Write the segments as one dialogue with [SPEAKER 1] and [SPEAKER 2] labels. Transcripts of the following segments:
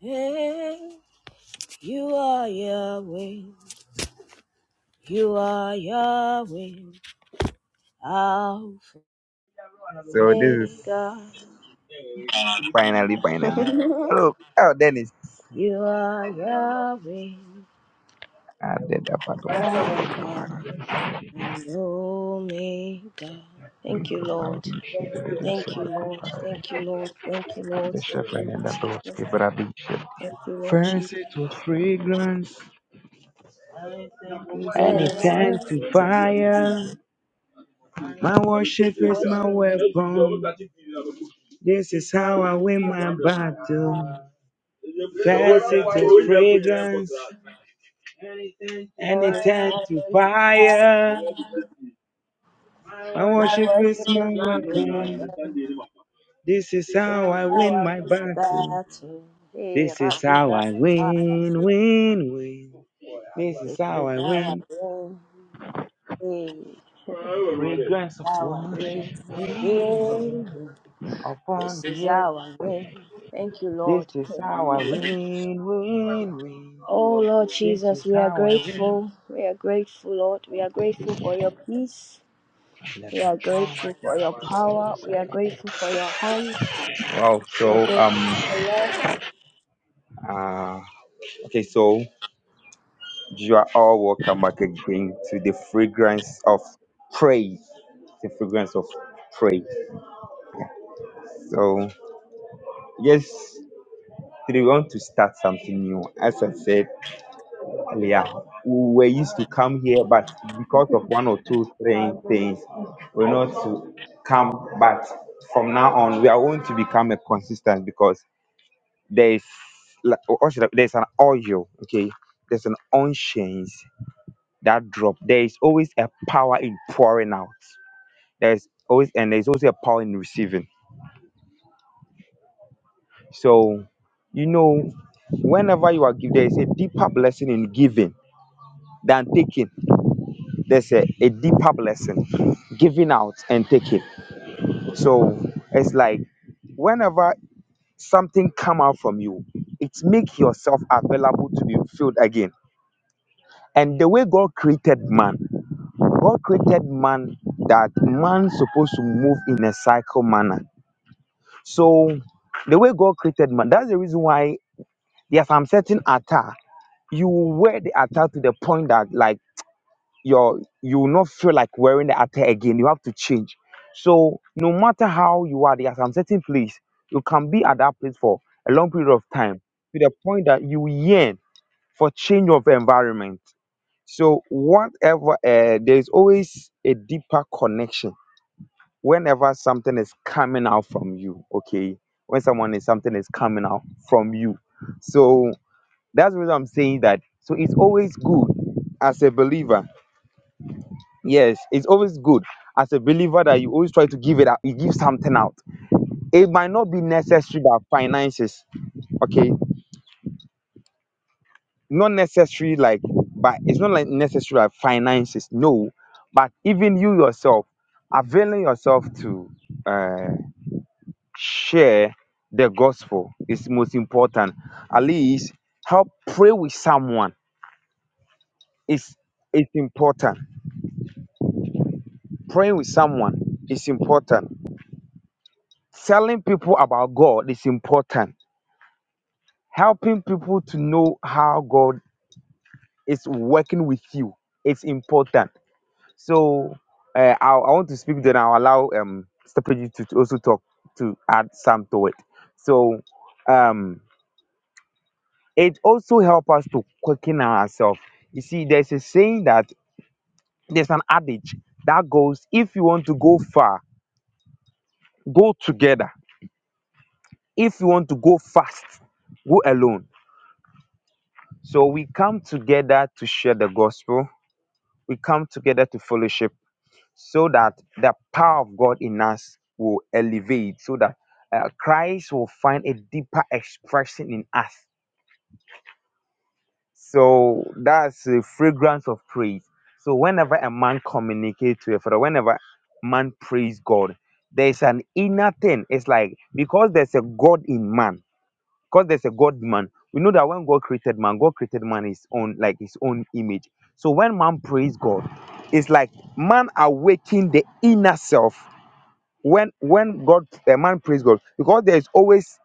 [SPEAKER 1] Hey, you are Yahweh, you are Yahweh, Alpha
[SPEAKER 2] So this is
[SPEAKER 1] God,
[SPEAKER 2] finally, finally. Look, oh Dennis.
[SPEAKER 1] you are Yahweh,
[SPEAKER 2] I did that part
[SPEAKER 1] Alpha
[SPEAKER 2] of
[SPEAKER 1] and Omega. Thank you,
[SPEAKER 2] the
[SPEAKER 1] Lord. Thank you, Lord. Thank you, Lord. Thank you, Lord. Thank you, Lord Jesus. Thank you, Lord
[SPEAKER 2] First
[SPEAKER 1] Jesus.
[SPEAKER 2] it was fragrance,
[SPEAKER 1] And
[SPEAKER 2] and
[SPEAKER 1] Then
[SPEAKER 2] it
[SPEAKER 1] it's time
[SPEAKER 2] turned to
[SPEAKER 1] to
[SPEAKER 2] fire. My worship is my
[SPEAKER 1] worship
[SPEAKER 2] weapon. This is how I win my
[SPEAKER 1] God.
[SPEAKER 2] battle. First it was fragrance, and
[SPEAKER 1] Then
[SPEAKER 2] it
[SPEAKER 1] it's
[SPEAKER 2] turned to
[SPEAKER 1] time to
[SPEAKER 2] fire.
[SPEAKER 1] fire.
[SPEAKER 2] My worship
[SPEAKER 1] My
[SPEAKER 2] is
[SPEAKER 1] worship is
[SPEAKER 2] my
[SPEAKER 1] my
[SPEAKER 2] weapon.
[SPEAKER 1] weapon.
[SPEAKER 2] This is
[SPEAKER 1] This
[SPEAKER 2] how
[SPEAKER 1] is
[SPEAKER 2] I
[SPEAKER 1] how I
[SPEAKER 2] win my
[SPEAKER 1] win my
[SPEAKER 2] battle.
[SPEAKER 1] battle. Hey,
[SPEAKER 2] This is
[SPEAKER 1] Rafi
[SPEAKER 2] how I
[SPEAKER 1] Zakata.
[SPEAKER 2] win, win, win. This
[SPEAKER 1] This
[SPEAKER 2] is how
[SPEAKER 1] is
[SPEAKER 2] I
[SPEAKER 1] how I
[SPEAKER 2] win.
[SPEAKER 1] win. Hey,
[SPEAKER 2] Fragrance of
[SPEAKER 1] how I
[SPEAKER 2] worship
[SPEAKER 1] win.
[SPEAKER 2] win
[SPEAKER 1] Win.
[SPEAKER 2] upon
[SPEAKER 1] This is
[SPEAKER 2] the earth.
[SPEAKER 1] how I win. Thank you,
[SPEAKER 2] This
[SPEAKER 1] Lord.
[SPEAKER 2] is how I win, win, win.
[SPEAKER 1] Oh, Lord
[SPEAKER 2] This
[SPEAKER 1] Jesus,
[SPEAKER 2] is
[SPEAKER 1] we are
[SPEAKER 2] how I win.
[SPEAKER 1] grateful. We are grateful, Lord. We are grateful for your peace. We are grateful for your
[SPEAKER 2] This
[SPEAKER 1] power. We are grateful for your hands.
[SPEAKER 2] Wow.
[SPEAKER 1] We are
[SPEAKER 2] So
[SPEAKER 1] grateful
[SPEAKER 2] um
[SPEAKER 1] for love.
[SPEAKER 2] uh okay. So You are all welcome back again to the fragrance of praise. The fragrance of praise. So, yes, today we want to start something new. As I said earlier, we were used to come here, but because of one or two, three things, we're not to come. But from now on, we are going to become a consistent because there is, like, what should I- there's an oil, okay? There's an unchanged that drop. There is always a power in pouring out. there's always and there's also a power in receiving so you know whenever you are giving there is a deeper blessing in giving than taking there's a, a deeper blessing giving out and taking so it's like whenever something come out from you it make yourself available to be filled again and the way god created man god created man that man supposed to move in a cycle manner so the way god created man that's the reason why there are some certain attire you will wear the attire to the point that like your you will not feel like wearing the attire again. You have to change. So no matter how you are there's some certain place, you can be at that place for a long period of time to the point that you yearn for change of environment. So whatever uh, there's always a deeper connection whenever something is coming out from you, okay? When someone is something is coming out from you. So that's what I'm saying that. So it's always good as a believer. Yes, it's always good as a believer that you always try to give it out. You give something out. It might not be necessary by finances. Okay, not necessary like, but it's not like necessary like finances. No, but even you yourself availing yourself to uh, share the gospel is most important. At least help pray with someone. It's it's important Praying with someone is important. Telling people about God is important. Helping people to know how God is working with you is important. So uh, I, I want to speak, then I'll allow um, Stephanie to, to also talk to add some to it. So um, it also helps us to quicken ourselves. You see, there's a saying that there's an adage that goes if you want to go far, go together. If you want to go fast, go alone So we come together to share the gospel. We come together to fellowship so that the power of God in us will elevate, so that uh, Christ will find a deeper expression in us. So that's the fragrance of praise. So whenever a man communicates to a father, whenever man praise God, there's an inner thing. It's like because there's a God in man, because there's a God man. We know that when God created man, God created man his own, like his own image. So when man prays God, it's like man awakening the inner self. When when God a man prays God, because there is always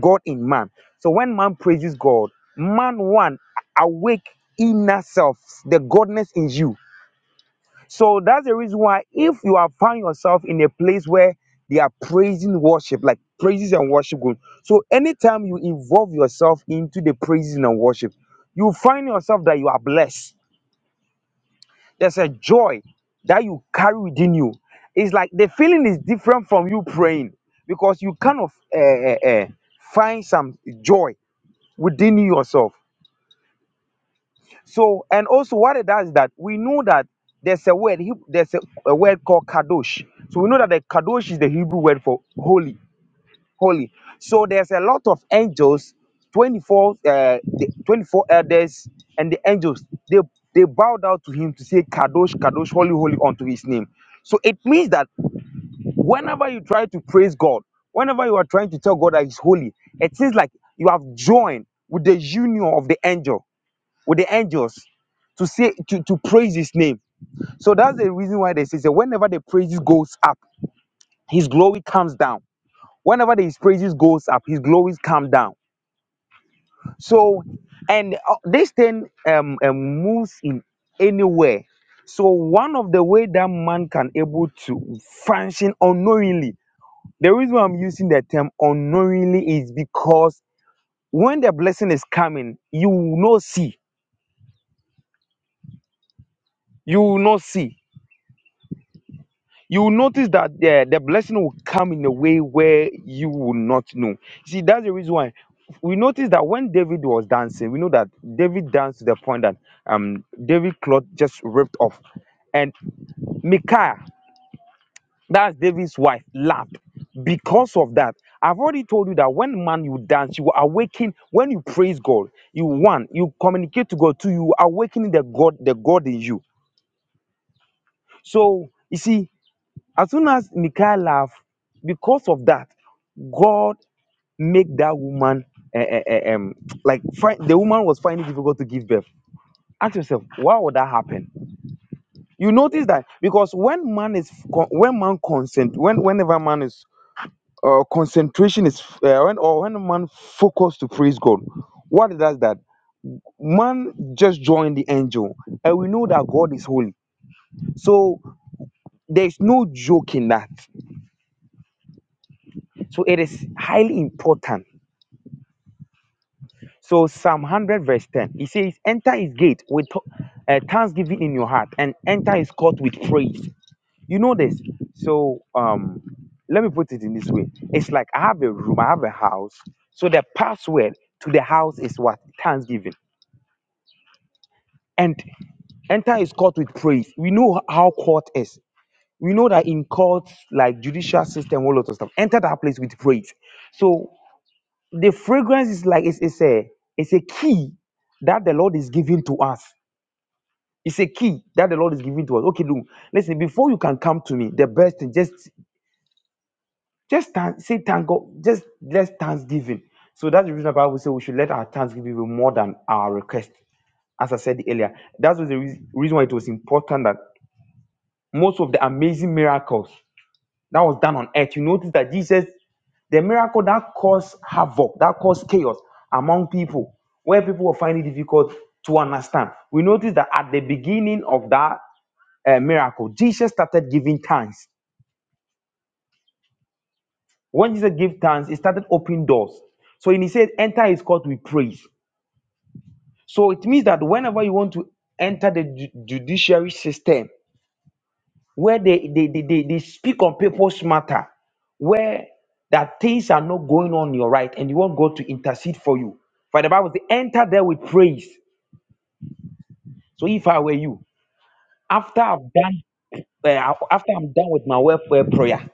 [SPEAKER 2] God in man. So when man praises God, man one awake inner self, the godness in you so that's the reason why if you have found yourself in a place where they are praising worship, like praises and worship good. So anytime you involve yourself into the praises and worship, you find yourself that you are blessed. There's a joy that you carry within you. It's like the feeling is different from you praying because you kind of uh, uh, uh, find some joy within yourself. So, and also what it does is that we know that there's a word, Heb- there's a, a word called kadosh. So we know that the kadosh is the Hebrew word for holy, holy. So there's a lot of angels, 24, uh, the 24 elders and the angels, they, they bow down to him to say kadosh, kadosh, holy, holy unto his name. So it means that whenever you try to praise God, whenever you are trying to tell God that he's holy, it seems like you have joined with the union of the angel with the angels to say to, to praise his name. So that's the reason why they say that whenever the praises goes up, his glory comes down. Whenever his praises goes up, his glories come down. So and uh, this thing um, um moves in anywhere. So one of the way that man can able to function unknowingly. The reason why I'm using the term unknowingly is because when the blessing is coming, you will not see. You will not see you will notice that the, the blessing will come in a way where you will not know. See, that's the reason why we notice that when David was dancing, we know that David danced to the point that um David cloth just ripped off. And Micaiah, that's David's wife, laughed. Because of that, I've already told you that when man you dance, you awaken. When you praise God, you one, you communicate to God. Two, you awaken the God, the God in you. So you see, As soon as Michal laughed, because of that, God make that woman eh, eh, eh, um, like fi- the woman was finding it difficult to give birth. Ask yourself, why would that happen? You notice that because when man is con- when man consent, when whenever man is uh, concentration is uh, when or when man focus to praise God, what it does that man just join the angel, and we know that God is holy. So there is no joke in that. So it is highly important So Psalm 100 verse 10, it says, enter his gate with uh, thanksgiving in your heart and enter his court with praise. You know this. So um, let me put it in this way. It's like I have a room, I have a house. So the password to the house is what? Thanksgiving. And enter his court with praise. We know how court is. We know that in courts, like judicial system, all lot of stuff, enter that place with praise. So the fragrance is like it's, it's a it's a key that the Lord is giving to us. It's a key that the Lord is giving to us. Okay, look, listen. Before you can come to me, the best thing just just thank, say thank God. Just let's thanksgiving. So that's the reason the Bible says we should let our thanksgiving be more than our request. As I said earlier, that was the reas- reason why it was important that most of the amazing miracles that was done on earth, you notice that Jesus, the miracle that caused havoc, that caused chaos among people, where people were finding it difficult to understand. We notice that at the beginning of that uh, miracle, Jesus started giving thanks. When Jesus gave thanks, he started opening doors. So and he said, enter his court with praise. So it means that whenever you want to enter the ju- judiciary system, where they, they, they, they, they speak on people's matter, where that things are not going on your right and you want God to intercede for you. For the Bible says, enter there with praise. So if I were you, after I've done, uh, after I'm done with my welfare prayer,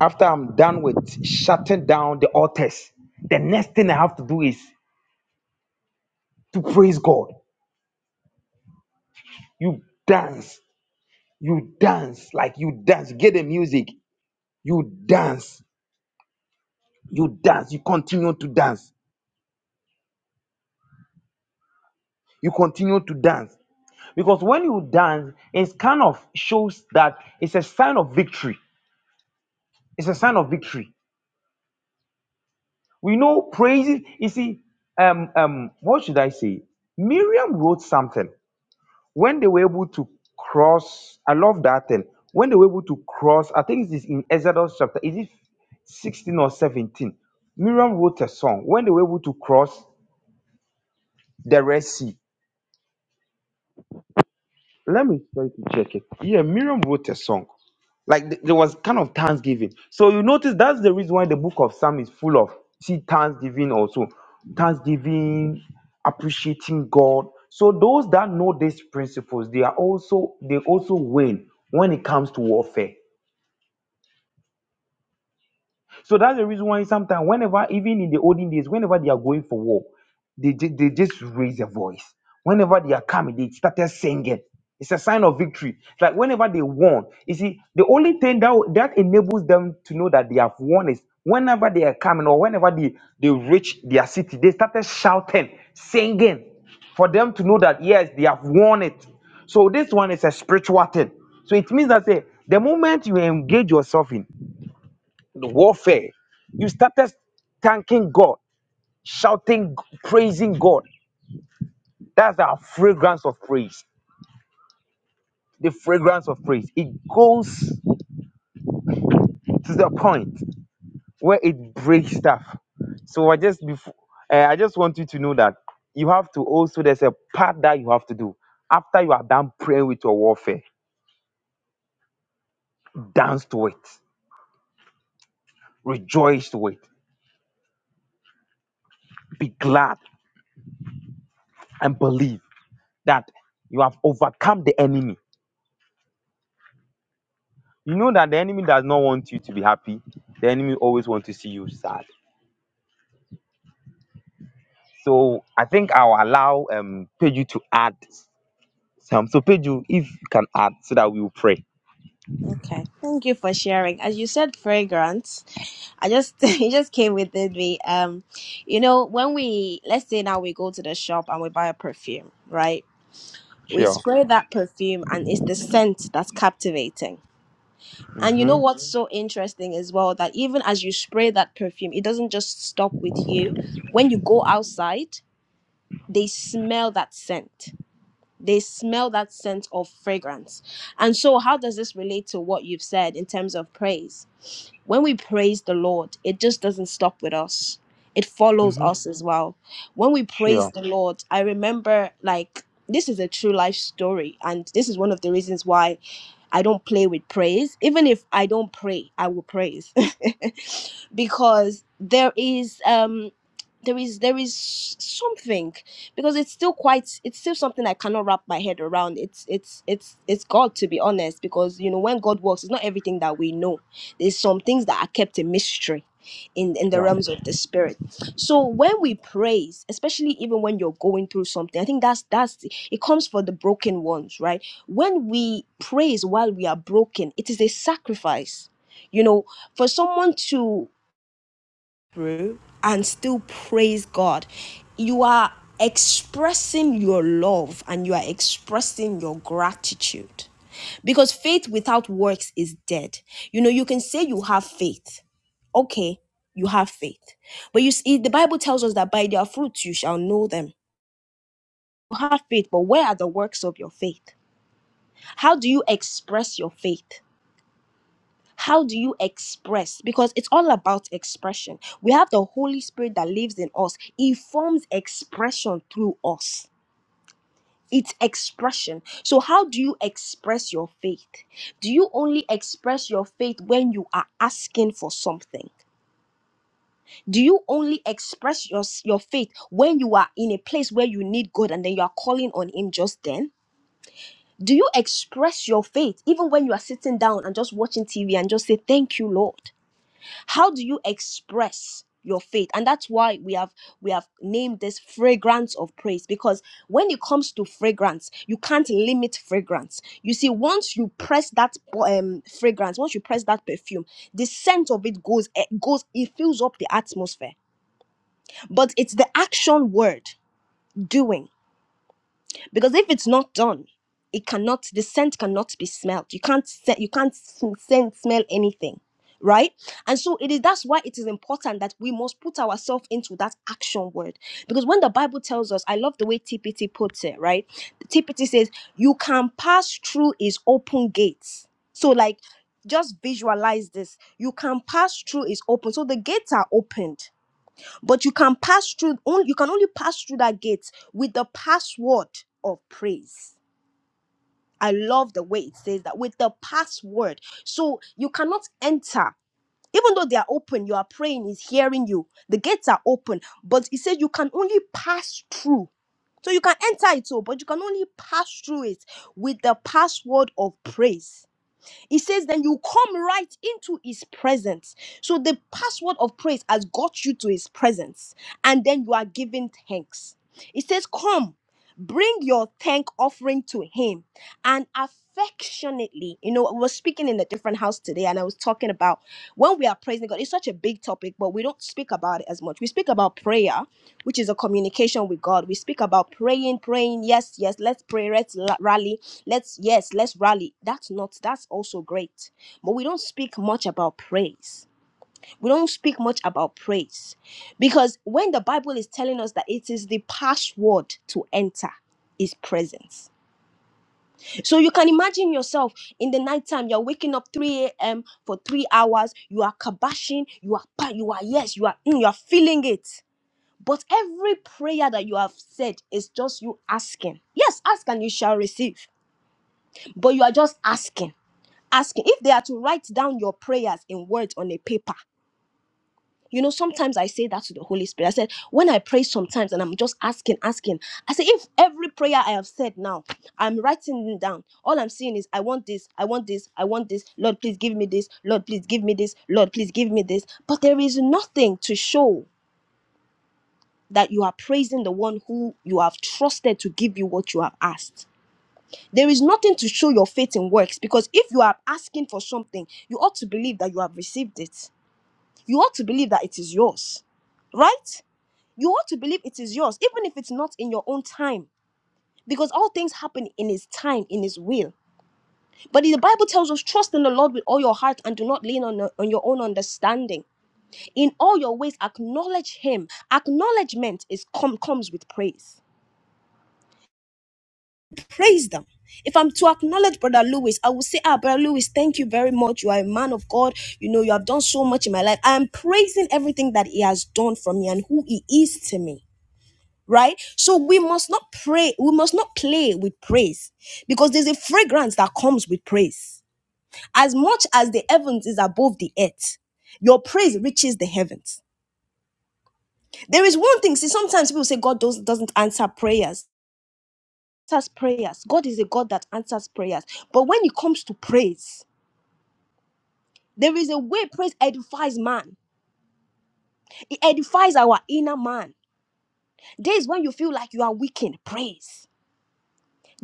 [SPEAKER 2] after I'm done with shutting down the altars, the next thing I have to do is to praise God. You dance, you dance, like you dance, get the music, you dance, you dance, you continue to dance you continue to dance because when you dance it kind of shows that it's a sign of victory it's a sign of victory we know praises you see um um what should i say miriam wrote something when they were able to cross i love that thing when they were able to cross i think it is in exodus chapter is it 16 or 17 miriam wrote a song when they were able to cross the red sea let me try to check it. Yeah, Miriam wrote a song. Like th- there was kind of thanksgiving. So you notice that's the reason why the book of Psalm is full of see thanksgiving also. Thanksgiving, appreciating God. So those that know these principles, they are also they also win when it comes to warfare. So that's the reason why sometimes, whenever, even in the olden days, whenever they are going for war, they, ju- they just raise their voice. Whenever they are coming, they started singing. It's a sign of victory. It's like whenever they won, you see, the only thing that that enables them to know that they have won is whenever they are coming or whenever they, they reach their city, they started shouting, singing, for them to know that yes, they have won it. So this one is a spiritual thing. So it means that say the moment you engage yourself in the warfare. You started thanking God, shouting, praising God. That's our fragrance of praise. The fragrance of praise. It goes to the point where it breaks stuff. So I just before, uh, I just want you to know that you have to also there's a part that you have to do after you are done praying with your warfare. Dance to it, rejoice to it, be glad and believe that you have overcome the enemy you know that the enemy does not want you to be happy. The enemy always wants to see you sad. So I think I'll allow um Peju to add some. So Peju, if you can add, so that we will pray.
[SPEAKER 1] Okay, thank you for sharing. As you said, fragrance. I just it just came within me. Um, you know, when we let's say now we go to the shop and we buy a perfume, right? We
[SPEAKER 2] Sure.
[SPEAKER 1] spray that perfume, and it's the scent that's captivating. And you know
[SPEAKER 2] Mm-hmm.
[SPEAKER 1] what's so interesting as well that even as you spray that perfume, it doesn't just stop with you. When you go outside, they smell that scent. They smell that scent of fragrance. And so, how does this relate to what you've said in terms of praise? When we praise the Lord, it just doesn't stop with us. It follows
[SPEAKER 2] Mm-hmm.
[SPEAKER 1] us as well. When we praise
[SPEAKER 2] Sure.
[SPEAKER 1] the Lord, I remember like this is a true life story and this is one of the reasons why I don't play with praise. Even if I don't pray, I will praise. because there is um there is there is something because it's still quite it's still something I cannot wrap my head around. It's it's it's it's God to be honest because you know when God works it's not everything that we know there's some things that are kept a mystery in, in the
[SPEAKER 2] Sure.
[SPEAKER 1] realms of the spirit. So when we praise, especially even when you're going through something, I think that's that's it comes for the broken ones, right? When we praise while we are broken, it is a sacrifice. You know, for someone to through and still praise God. You are expressing your love and you are expressing your gratitude. Because faith without works is dead. You know, you can say you have faith. Okay, you have faith. But you see, the Bible tells us that by their fruits you shall know them. You have faith, but where are the works of your faith? How do you express your faith? How do you express? Because it's all about expression. We have the Holy Spirit that lives in us, He forms expression through us. It's expression. So, how do you express your faith? Do you only express your faith when you are asking for something? Do you only express your, your faith when you are in a place where you need God and then you are calling on Him just then? Do you express your faith even when you are sitting down and just watching TV and just say, Thank you, Lord? how do you express your faith and that's why we have we have named this fragrance of praise because when it comes to fragrance you can't limit fragrance you see once you press that um fragrance once you press that perfume the scent of it goes it goes it fills up the atmosphere but it's the action word doing because if it's not done it cannot the scent cannot be smelled you can't se- you can't sm- scent smell anything right and so it is that's why it is important that we must put ourselves into that action word because when the bible tells us i love the way tpt puts it right tpt says you can pass through his open gates so like just visualize this you can pass through is open so the gates are opened but you can pass through, only, you can only pass through that gate with the password of praise. I love the way it says that with the password. So you cannot enter. Even though they are open, you are praying, is hearing you. The gates are open, but it says you can only pass through. So you can enter it all, but you can only pass through it with the password of praise. It says, then you come right into his presence. So the password of praise has got you to his presence, and then you are giving thanks. It says, come, bring your thank offering to him and affectionately. You know, I was speaking in a different house today, and I was talking about when we are praising God, it's such a big topic, but we don't speak about it as much. We speak about prayer, which is a communication with God. We speak about praying, praying, yes, yes, let's pray, let's la- rally let's yes let's rally that's not that's also great but we don't speak much about praise we don't speak much about praise because when the bible is telling us that it is the password to enter is presence so you can imagine yourself in the nighttime you're waking up 3 a.m for three hours you are kabashing you are pa- you are yes you are mm, you are feeling it but every prayer that you have said is just you asking yes ask and you shall receive but you are just asking asking if they are to write down your prayers in words on a paper you know sometimes i say that to the holy spirit i said when i pray sometimes and i'm just asking asking i say if every prayer i have said now i'm writing it down all i'm seeing is i want this i want this i want this lord please give me this lord please give me this lord please give me this but there is nothing to show that you are praising the one who you have trusted to give you what you have asked There is nothing to show your faith in works because if you are asking for something, you ought to believe that you have received it. You ought to believe that it is yours, right? You ought to believe it is yours, even if it's not in your own time, because all things happen in His time, in His will. But the Bible tells us, trust in the Lord with all your heart and do not lean on, on your own understanding. In all your ways, acknowledge Him. Acknowledgement is com- comes with praise praise them. If I'm to acknowledge Brother Lewis, I will say, Ah, Brother Lewis, thank you very much. You are a man of God. You know, you have done so much in my life. I am praising everything that he has done for me and who he is to me. Right? So we must not pray, we must not play with praise because there's a fragrance that comes with praise. As much as the heavens is above the earth, your praise reaches the heavens. There is one thing, see, sometimes people say God does, doesn't answer prayers. answers prayers. God is a God that answers prayers. But when it comes to praise, there is a way praise edifies man. It edifies our inner man. Days when you feel like you are weakened, praise.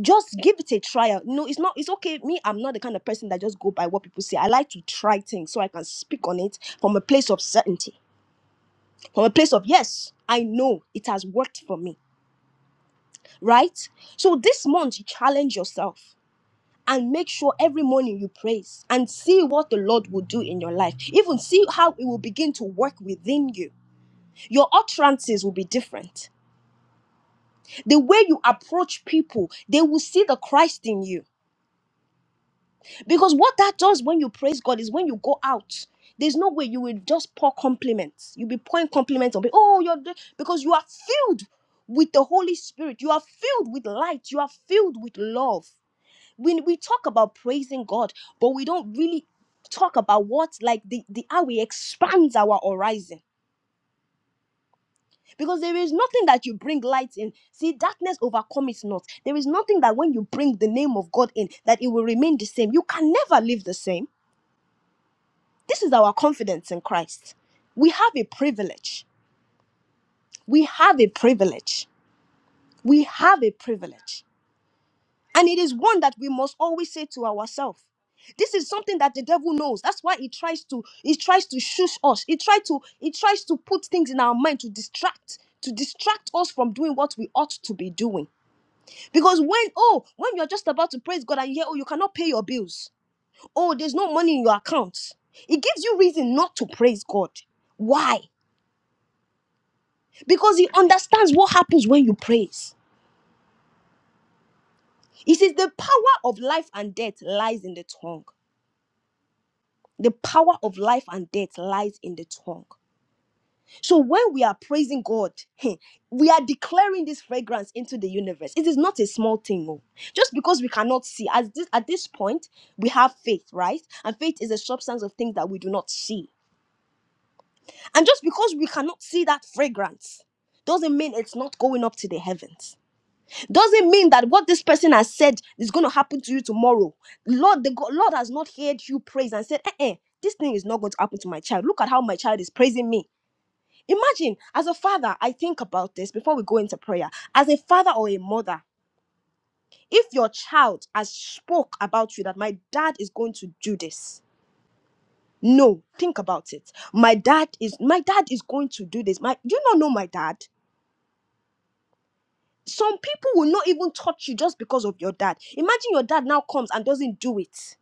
[SPEAKER 1] Just give it a trial. No, it's not. It's okay. Me, I'm not the kind of person that just go by what people say. I like to try things so I can speak on it from a place of certainty, from a place of yes, I know it has worked for me. Right. So this month, challenge yourself. and make sure every morning you praise and see what the Lord will do in your life. Even see how it will begin to work within you. Your utterances will be different. The way you approach people, they will see the Christ in you. Because what that does when you praise God is when you go out. There's no way you will just pour compliments. You'll be pouring compliments on people. Oh, you're the-" because you are filled with the Holy Spirit. You are filled with light. You are filled with love. We we talk about praising God, but we don't really talk about what like the, the how we expands our horizon. Because there is nothing that you bring light in. See, darkness overcome it not. There is nothing that when you bring the name of God in, that it will remain the same. You can never live the same. This is our confidence in Christ. We have a privilege. We have a privilege. We have a privilege And it is one that we must always say to ourselves. This is something that the devil knows. That's why he tries to he tries to shush us. He tries to he tries to put things in our mind to distract to distract us from doing what we ought to be doing. Because when oh when you're just about to praise God and you hear oh you cannot pay your bills oh there's no money in your account, it gives you reason not to praise God. Why? Because he understands what happens when you praise. He says the power of life and death lies in the tongue. The power of life and death lies in the tongue. So when we are praising God, heh, we are declaring this fragrance into the universe. It is not a small thing, oh. Just because we cannot see, as this at this point, we have faith, right? And faith is a substance of things that we do not see. And just because we cannot see that fragrance, doesn't mean it's not going up to the heavens doesn't mean that what this person has said is going to happen to you tomorrow. Lord, the God, Lord has not heard you praise and said, eh, eh, this thing is not going to happen to my child. Look at how my child is praising me. Imagine, as a father, I think about this before we go into prayer. As a father or a mother, if your child has spoke about you that my dad is going to do this, no, think about it. My dad is my dad is going to do this. My, do you not know my dad? Some people will not even touch you just because of your dad. Imagine your dad now comes and doesn't do it.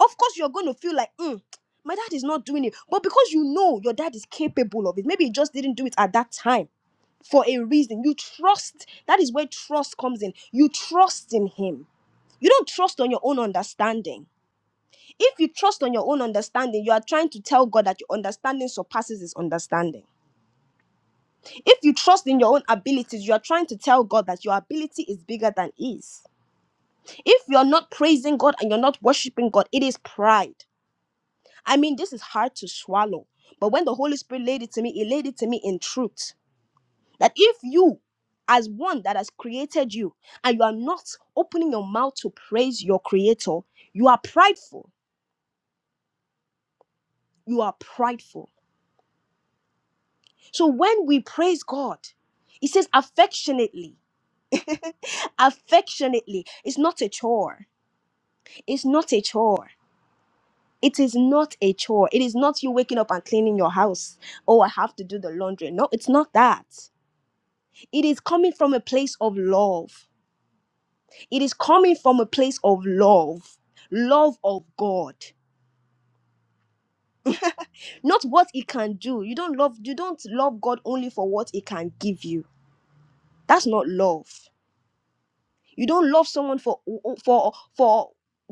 [SPEAKER 1] Of course, you're going to feel like, mm, my dad is not doing it. But because you know your dad is capable of it, maybe he just didn't do it at that time for a reason. You trust. That is where trust comes in. You trust in him. You don't trust on your own understanding. If you trust on your own understanding, you are trying to tell God that your understanding surpasses his understanding. If you trust in your own abilities, you are trying to tell God that your ability is bigger than his If you're not praising God and you're not worshiping God, it is pride. I mean, this is hard to swallow. But when the Holy Spirit laid it to me, it laid it to me in truth. That if you, as one that has created you, and you are not opening your mouth to praise your creator, you are prideful. You are prideful. So when we praise God, it says affectionately. Affectionately. It's not a chore. It's not a chore. It is not a chore. It is not you waking up and cleaning your house. Oh, I have to do the laundry. No, it's not that. It is coming from a place of love. It is coming from a place of love. Love of God. Not what it can do. You don't love you don't love God only for what it can give you. That's not love. You don't love someone for for for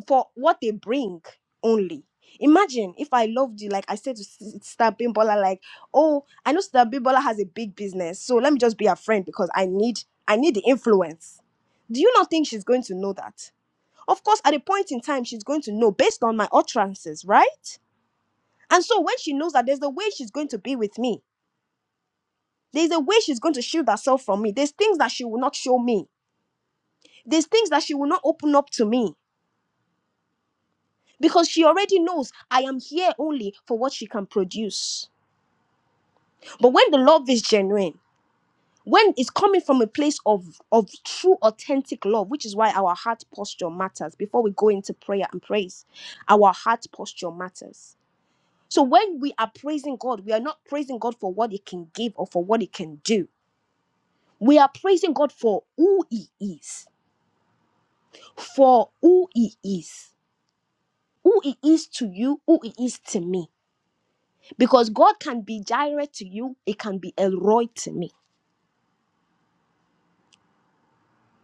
[SPEAKER 1] for what they bring only. Imagine if I loved you, like I said to S- Sister Bimbola, like, oh, I know Sister Bimbola has a big business, so let me just be her friend because I need I need the influence. Do you not think she's going to know that? Of course, at a point in time, she's going to know based on my utterances, right? And so when she knows that there's a way she's going to be with me, there's a way she's going to shield herself from me. There's things that she will not show me. There's things that she will not open up to me because she already knows I am here only for what she can produce. But when the love is genuine, when it's coming from a place of, of true, authentic love, which is why our heart posture matters. Before we go into prayer and praise, our heart posture matters. So when we are praising God, we are not praising God for what He can give or for what He can do. We are praising God for who He is, for who He is, who He is to you, who He is to me because God can be Jireh to you, it can be Elroy to me.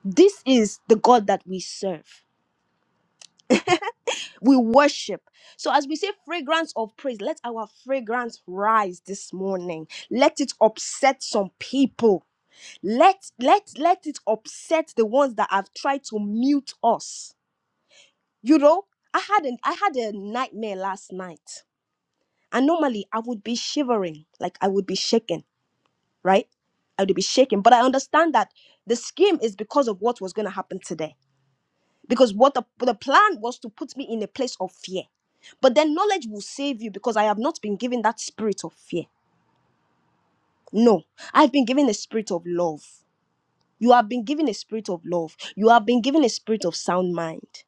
[SPEAKER 1] This is the God that we serve. We worship. So, as we say, fragrance of praise, let our fragrance rise this morning. Let it upset some people. Let let let it upset the ones that have tried to mute us. You know, I had an I had a nightmare last night, and normally I would be shivering, like I would be shaking. right? I would be shaken. But I understand that the scheme is because of what was going to happen today. Because what the, the plan was to put me in a place of fear. But then knowledge will save you because I have not been given that spirit of fear. No, I've been given a spirit of love. You have been given a spirit of love. You have been given a spirit of sound mind.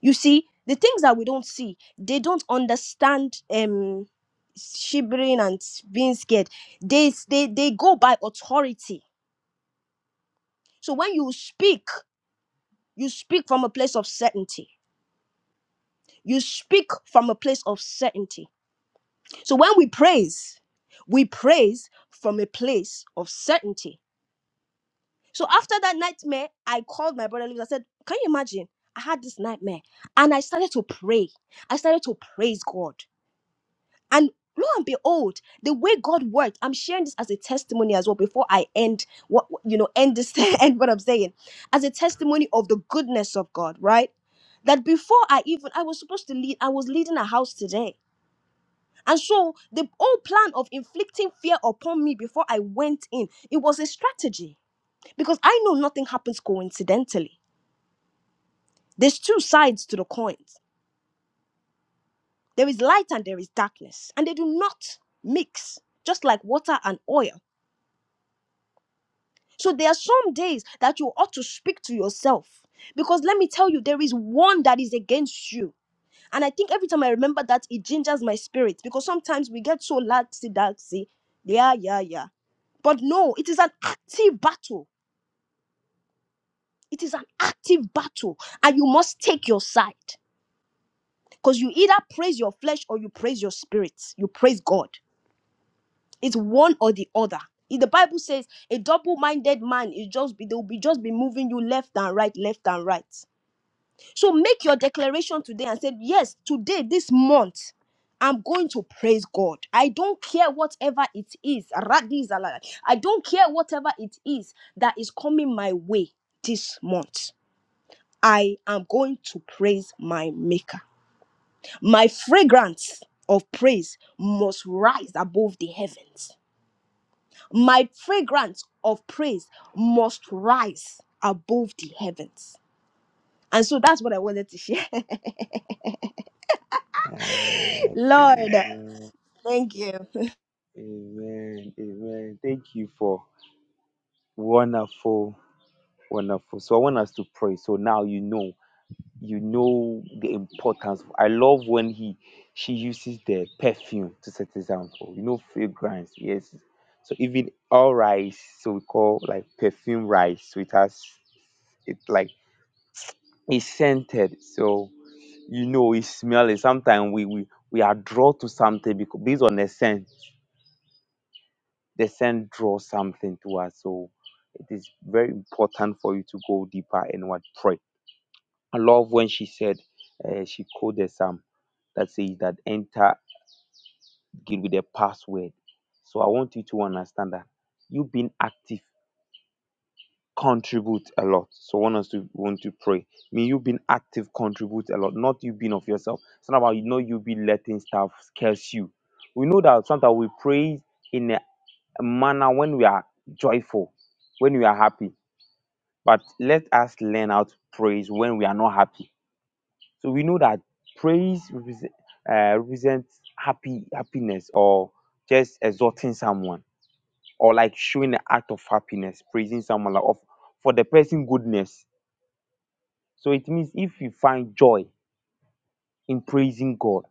[SPEAKER 1] You see, the things that we don't see, they don't understand um shivering and being scared. They they they go by authority. So when you speak You speak from a place of certainty. You speak from a place of certainty. So when we praise, we praise from a place of certainty. So after that nightmare, I called my brother Lewis. I said, Can you imagine? I had this nightmare and I started to pray. I started to praise God. And lo and behold, the way God worked, I'm sharing this as a testimony as well before I end what you know, end this end what I'm saying, as a testimony of the goodness of God, right? That before I even I was supposed to lead, I was leading a house today. And so the whole plan of inflicting fear upon me before I went in, it was a strategy. Because I know nothing happens coincidentally. There's two sides to the coins. There is light and there is darkness. And they do not mix, just like water and oil. So there are some days that you ought to speak to yourself. Because let me tell you, there is one that is against you. And I think every time I remember that, it gingers my spirit. Because sometimes we get so laxy daxy. Yeah, yeah, yeah. But no, it is an active battle. It is an active battle. And you must take your side. Because you either praise your flesh or you praise your spirit. You praise God. It's one or the other. If the Bible says a double-minded man is just be they'll be just be moving you left and right, left and right. So make your declaration today and say, Yes, today, this month, I'm going to praise God. I don't care whatever it is. Radi Zalala. I don't care whatever it is that is coming my way this month. I am going to praise my Maker. My fragrance of praise must rise above the heavens. My fragrance of praise must rise above the heavens. And so that's what I wanted to share.
[SPEAKER 2] Uh,
[SPEAKER 1] Lord.
[SPEAKER 2] amen.
[SPEAKER 1] Thank you.
[SPEAKER 2] Amen. Amen. Thank you for wonderful, wonderful. So I want us to pray. So now you know you know the importance. I love when he she uses the perfume to set example. You know, fragrance, yes. So even all rice, so we call like perfume rice. So it has it like it's scented. So you know it smell it. Sometimes we, we we are drawn to something because based on the scent. The scent draws something to us. So it is very important for you to go deeper in what prayer. I love when she said uh, she coded some that says that enter it with a password. So I want you to understand that you being active contribute a lot. So I want us to want to pray. May you being active contribute a lot, not you being of yourself. It's not about you know you be letting stuff curse you. We know that sometimes we pray in a manner when we are joyful, when we are happy. But let us learn how to praise when we are not happy So we know that praise represent, uh, represents happy happiness or just exalting someone or like showing an act of happiness, praising someone like of for the person goodness. So it means if you find joy in praising God,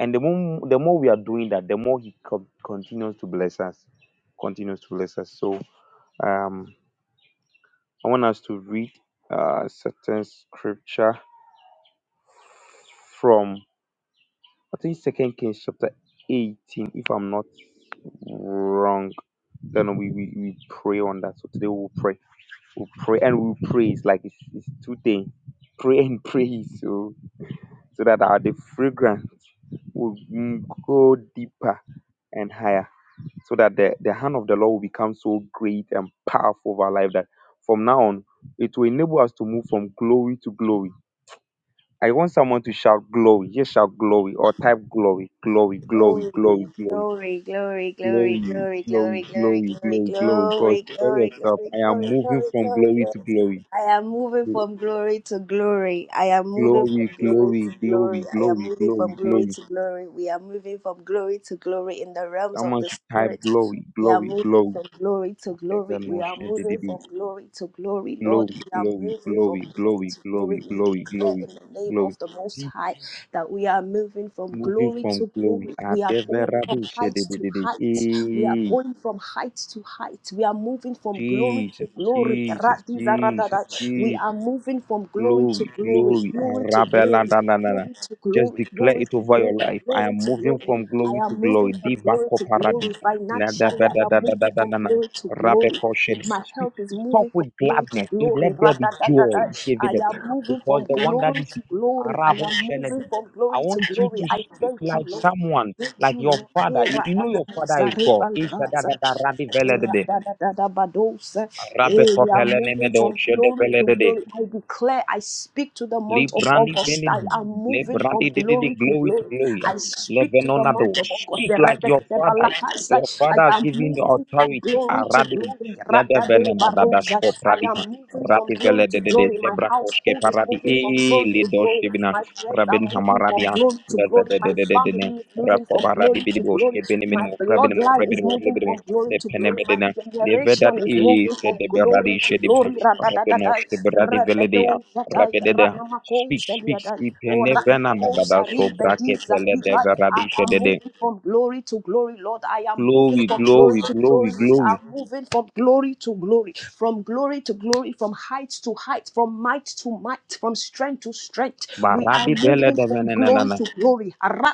[SPEAKER 2] and the more the more we are doing that, the more He co- continues to bless us, continues to bless us. So um, I want us to read uh, certain scripture from I think Second Kings chapter 18, if I'm not wrong. Then we, we, we pray on that. So today we'll pray. We'll pray and we'll praise. Like it's, it's two things. Pray and praise. So so that our the fragrance will mm, go deeper and higher. So that the, the hand of the Lord will become so great and powerful over our life that from now on it will enable us to move from glory to glory I want someone to shout glory. Just shout glory or type glory, glory, glory,
[SPEAKER 1] Glory,
[SPEAKER 2] glory, glory,
[SPEAKER 1] glory, glory, glory,
[SPEAKER 2] glory,
[SPEAKER 1] glory, glory,
[SPEAKER 2] glory,
[SPEAKER 1] glory,
[SPEAKER 2] glory,
[SPEAKER 1] glory,
[SPEAKER 2] glory, glory. God,
[SPEAKER 1] glory, glory,
[SPEAKER 2] tell
[SPEAKER 1] glory,
[SPEAKER 2] yourself,
[SPEAKER 1] glory,
[SPEAKER 2] I am
[SPEAKER 1] glory,
[SPEAKER 2] moving
[SPEAKER 1] glory,
[SPEAKER 2] from glory
[SPEAKER 1] glory.
[SPEAKER 2] to glory.
[SPEAKER 1] I am moving
[SPEAKER 2] Gl-
[SPEAKER 1] from glory to glory. I am moving from
[SPEAKER 2] Glory,
[SPEAKER 1] glory to
[SPEAKER 2] glory,
[SPEAKER 1] glory.
[SPEAKER 2] glory,
[SPEAKER 1] I am
[SPEAKER 2] glory,
[SPEAKER 1] moving from
[SPEAKER 2] glory,
[SPEAKER 1] glory
[SPEAKER 2] glory.
[SPEAKER 1] to glory. We are moving from glory to glory in the realms of
[SPEAKER 2] Someone
[SPEAKER 1] the
[SPEAKER 2] should type
[SPEAKER 1] spirit.
[SPEAKER 2] glory,
[SPEAKER 1] We are
[SPEAKER 2] glory,
[SPEAKER 1] moving
[SPEAKER 2] glory.
[SPEAKER 1] from glory to glory.
[SPEAKER 2] Ever
[SPEAKER 1] We
[SPEAKER 2] know,
[SPEAKER 1] are
[SPEAKER 2] share the
[SPEAKER 1] moving
[SPEAKER 2] day.
[SPEAKER 1] from glory to glory, Lord.
[SPEAKER 2] Glory,
[SPEAKER 1] We are
[SPEAKER 2] glory,
[SPEAKER 1] moving from
[SPEAKER 2] glory,
[SPEAKER 1] glory
[SPEAKER 2] glory,
[SPEAKER 1] to glory.
[SPEAKER 2] glory,
[SPEAKER 1] We
[SPEAKER 2] glory,
[SPEAKER 1] declare
[SPEAKER 2] glory,
[SPEAKER 1] in the name of
[SPEAKER 2] glory.
[SPEAKER 1] the Most
[SPEAKER 2] See,
[SPEAKER 1] High. that we are moving from
[SPEAKER 2] moving
[SPEAKER 1] glory
[SPEAKER 2] from
[SPEAKER 1] to
[SPEAKER 2] glory.
[SPEAKER 1] glory.
[SPEAKER 2] At
[SPEAKER 1] We are
[SPEAKER 2] ever,
[SPEAKER 1] going from
[SPEAKER 2] rabbi, share
[SPEAKER 1] height to
[SPEAKER 2] the
[SPEAKER 1] height. We are
[SPEAKER 2] day.
[SPEAKER 1] going from height to height. We are moving from glory to
[SPEAKER 2] Jesus,
[SPEAKER 1] glory. Ra
[SPEAKER 2] Jesus,
[SPEAKER 1] da
[SPEAKER 2] Jesus,
[SPEAKER 1] da. We are
[SPEAKER 2] Jesus,
[SPEAKER 1] moving from glory to
[SPEAKER 2] glory,
[SPEAKER 1] glory,
[SPEAKER 2] glory,
[SPEAKER 1] glory
[SPEAKER 2] and
[SPEAKER 1] to
[SPEAKER 2] Rabela
[SPEAKER 1] glory,
[SPEAKER 2] da da da da.
[SPEAKER 1] glory to
[SPEAKER 2] Just
[SPEAKER 1] glory,
[SPEAKER 2] declare
[SPEAKER 1] glory
[SPEAKER 2] it
[SPEAKER 1] to
[SPEAKER 2] over your
[SPEAKER 1] glory,
[SPEAKER 2] life. I am
[SPEAKER 1] glory to
[SPEAKER 2] moving
[SPEAKER 1] glory.
[SPEAKER 2] from
[SPEAKER 1] I
[SPEAKER 2] glory to
[SPEAKER 1] am moving
[SPEAKER 2] glory.
[SPEAKER 1] from glory
[SPEAKER 2] Dibako
[SPEAKER 1] to glory.
[SPEAKER 2] paradi. Na da
[SPEAKER 1] Financially,
[SPEAKER 2] da
[SPEAKER 1] I
[SPEAKER 2] da
[SPEAKER 1] am
[SPEAKER 2] da da da
[SPEAKER 1] moving
[SPEAKER 2] da
[SPEAKER 1] from
[SPEAKER 2] da. da.
[SPEAKER 1] glory to glory.
[SPEAKER 2] Rabeko shene.
[SPEAKER 1] My health is
[SPEAKER 2] Talk
[SPEAKER 1] moving from
[SPEAKER 2] with
[SPEAKER 1] glory to
[SPEAKER 2] gladness. It
[SPEAKER 1] glory.
[SPEAKER 2] let there be joy.
[SPEAKER 1] Ra-da-da-da-da. I
[SPEAKER 2] Shevede.
[SPEAKER 1] am moving from
[SPEAKER 2] Because the one that
[SPEAKER 1] glory
[SPEAKER 2] is
[SPEAKER 1] to glory. I
[SPEAKER 2] Arabo
[SPEAKER 1] am
[SPEAKER 2] shene.
[SPEAKER 1] moving from
[SPEAKER 2] I
[SPEAKER 1] glory
[SPEAKER 2] want
[SPEAKER 1] to
[SPEAKER 2] you
[SPEAKER 1] glory.
[SPEAKER 2] to
[SPEAKER 1] I
[SPEAKER 2] speak
[SPEAKER 1] thank you,
[SPEAKER 2] like
[SPEAKER 1] Lord.
[SPEAKER 2] someone,
[SPEAKER 1] Thank
[SPEAKER 2] like
[SPEAKER 1] you,
[SPEAKER 2] your
[SPEAKER 1] Lord.
[SPEAKER 2] father.
[SPEAKER 1] Eh,
[SPEAKER 2] You, you know
[SPEAKER 1] ra-da-da.
[SPEAKER 2] your father is God. Isha da
[SPEAKER 1] Zarebalgaza.
[SPEAKER 2] da da radi
[SPEAKER 1] Oh,
[SPEAKER 2] vele de
[SPEAKER 1] ra
[SPEAKER 2] de.
[SPEAKER 1] da da da da badosa.
[SPEAKER 2] Rabbe
[SPEAKER 1] Hey, we are
[SPEAKER 2] ne
[SPEAKER 1] moving
[SPEAKER 2] medo
[SPEAKER 1] from
[SPEAKER 2] shede
[SPEAKER 1] glory
[SPEAKER 2] pele
[SPEAKER 1] to
[SPEAKER 2] de.
[SPEAKER 1] glory. I declare, I speak to the month of
[SPEAKER 2] Librandi
[SPEAKER 1] August.
[SPEAKER 2] venin.
[SPEAKER 1] I am moving
[SPEAKER 2] Lebrandi
[SPEAKER 1] from
[SPEAKER 2] dididi
[SPEAKER 1] glory to
[SPEAKER 2] glory to
[SPEAKER 1] glory.
[SPEAKER 2] glory. ah.
[SPEAKER 1] I speak to the
[SPEAKER 2] Levenonado.
[SPEAKER 1] month of August.
[SPEAKER 2] Speak like your father. Your
[SPEAKER 1] Eredekedebalakasai.
[SPEAKER 2] father has
[SPEAKER 1] I am
[SPEAKER 2] given you
[SPEAKER 1] moving from
[SPEAKER 2] authority.
[SPEAKER 1] glory to
[SPEAKER 2] Aradim.
[SPEAKER 1] glory.
[SPEAKER 2] Lede venemadadash for
[SPEAKER 1] Radadebarozai. I
[SPEAKER 2] pradiha.
[SPEAKER 1] am moving from
[SPEAKER 2] Rati vele
[SPEAKER 1] glory to
[SPEAKER 2] de de de
[SPEAKER 1] glory. My
[SPEAKER 2] sebra koske
[SPEAKER 1] household is
[SPEAKER 2] paradi
[SPEAKER 1] moving from
[SPEAKER 2] e
[SPEAKER 1] glory to
[SPEAKER 2] lido
[SPEAKER 1] glory.
[SPEAKER 2] shibina
[SPEAKER 1] My friends are
[SPEAKER 2] rabin
[SPEAKER 1] moving from
[SPEAKER 2] hamaradia
[SPEAKER 1] glory to
[SPEAKER 2] leve
[SPEAKER 1] glory.
[SPEAKER 2] de de
[SPEAKER 1] My
[SPEAKER 2] de de de ne
[SPEAKER 1] family is moving
[SPEAKER 2] rako
[SPEAKER 1] from
[SPEAKER 2] baradi
[SPEAKER 1] glory to glory.
[SPEAKER 2] bidiboske
[SPEAKER 1] My
[SPEAKER 2] benimimo rabinimo
[SPEAKER 1] bloodline is
[SPEAKER 2] rabinimo
[SPEAKER 1] moving
[SPEAKER 2] libinimo
[SPEAKER 1] from glory
[SPEAKER 2] le
[SPEAKER 1] to glory. My
[SPEAKER 2] penemedina leve dat
[SPEAKER 1] generation is
[SPEAKER 2] e
[SPEAKER 1] moving
[SPEAKER 2] se
[SPEAKER 1] from
[SPEAKER 2] de beradi
[SPEAKER 1] glory to
[SPEAKER 2] shedibha
[SPEAKER 1] glory. Radadadadai,
[SPEAKER 2] rabinoske beradi vele
[SPEAKER 1] rebedo, shatai,
[SPEAKER 2] dea
[SPEAKER 1] ranamako,
[SPEAKER 2] Speak, speak,
[SPEAKER 1] sheliadai,
[SPEAKER 2] skip, and
[SPEAKER 1] o
[SPEAKER 2] never
[SPEAKER 1] raniko,
[SPEAKER 2] another so
[SPEAKER 1] sharibedi,
[SPEAKER 2] bracket, tele,
[SPEAKER 1] zadikai.
[SPEAKER 2] deva,
[SPEAKER 1] I
[SPEAKER 2] rabi,
[SPEAKER 1] am
[SPEAKER 2] shedede.
[SPEAKER 1] moving from glory to glory, Lord. I am moving
[SPEAKER 2] Glory,
[SPEAKER 1] from glory
[SPEAKER 2] glory,
[SPEAKER 1] to
[SPEAKER 2] glory,
[SPEAKER 1] glory. We are
[SPEAKER 2] glory.
[SPEAKER 1] moving from glory to glory, from glory to glory, from height to height, from might to might, from strength to strength. We are
[SPEAKER 2] Marabi, bele,
[SPEAKER 1] moving
[SPEAKER 2] deva,
[SPEAKER 1] from glory
[SPEAKER 2] nanana.
[SPEAKER 1] to glory.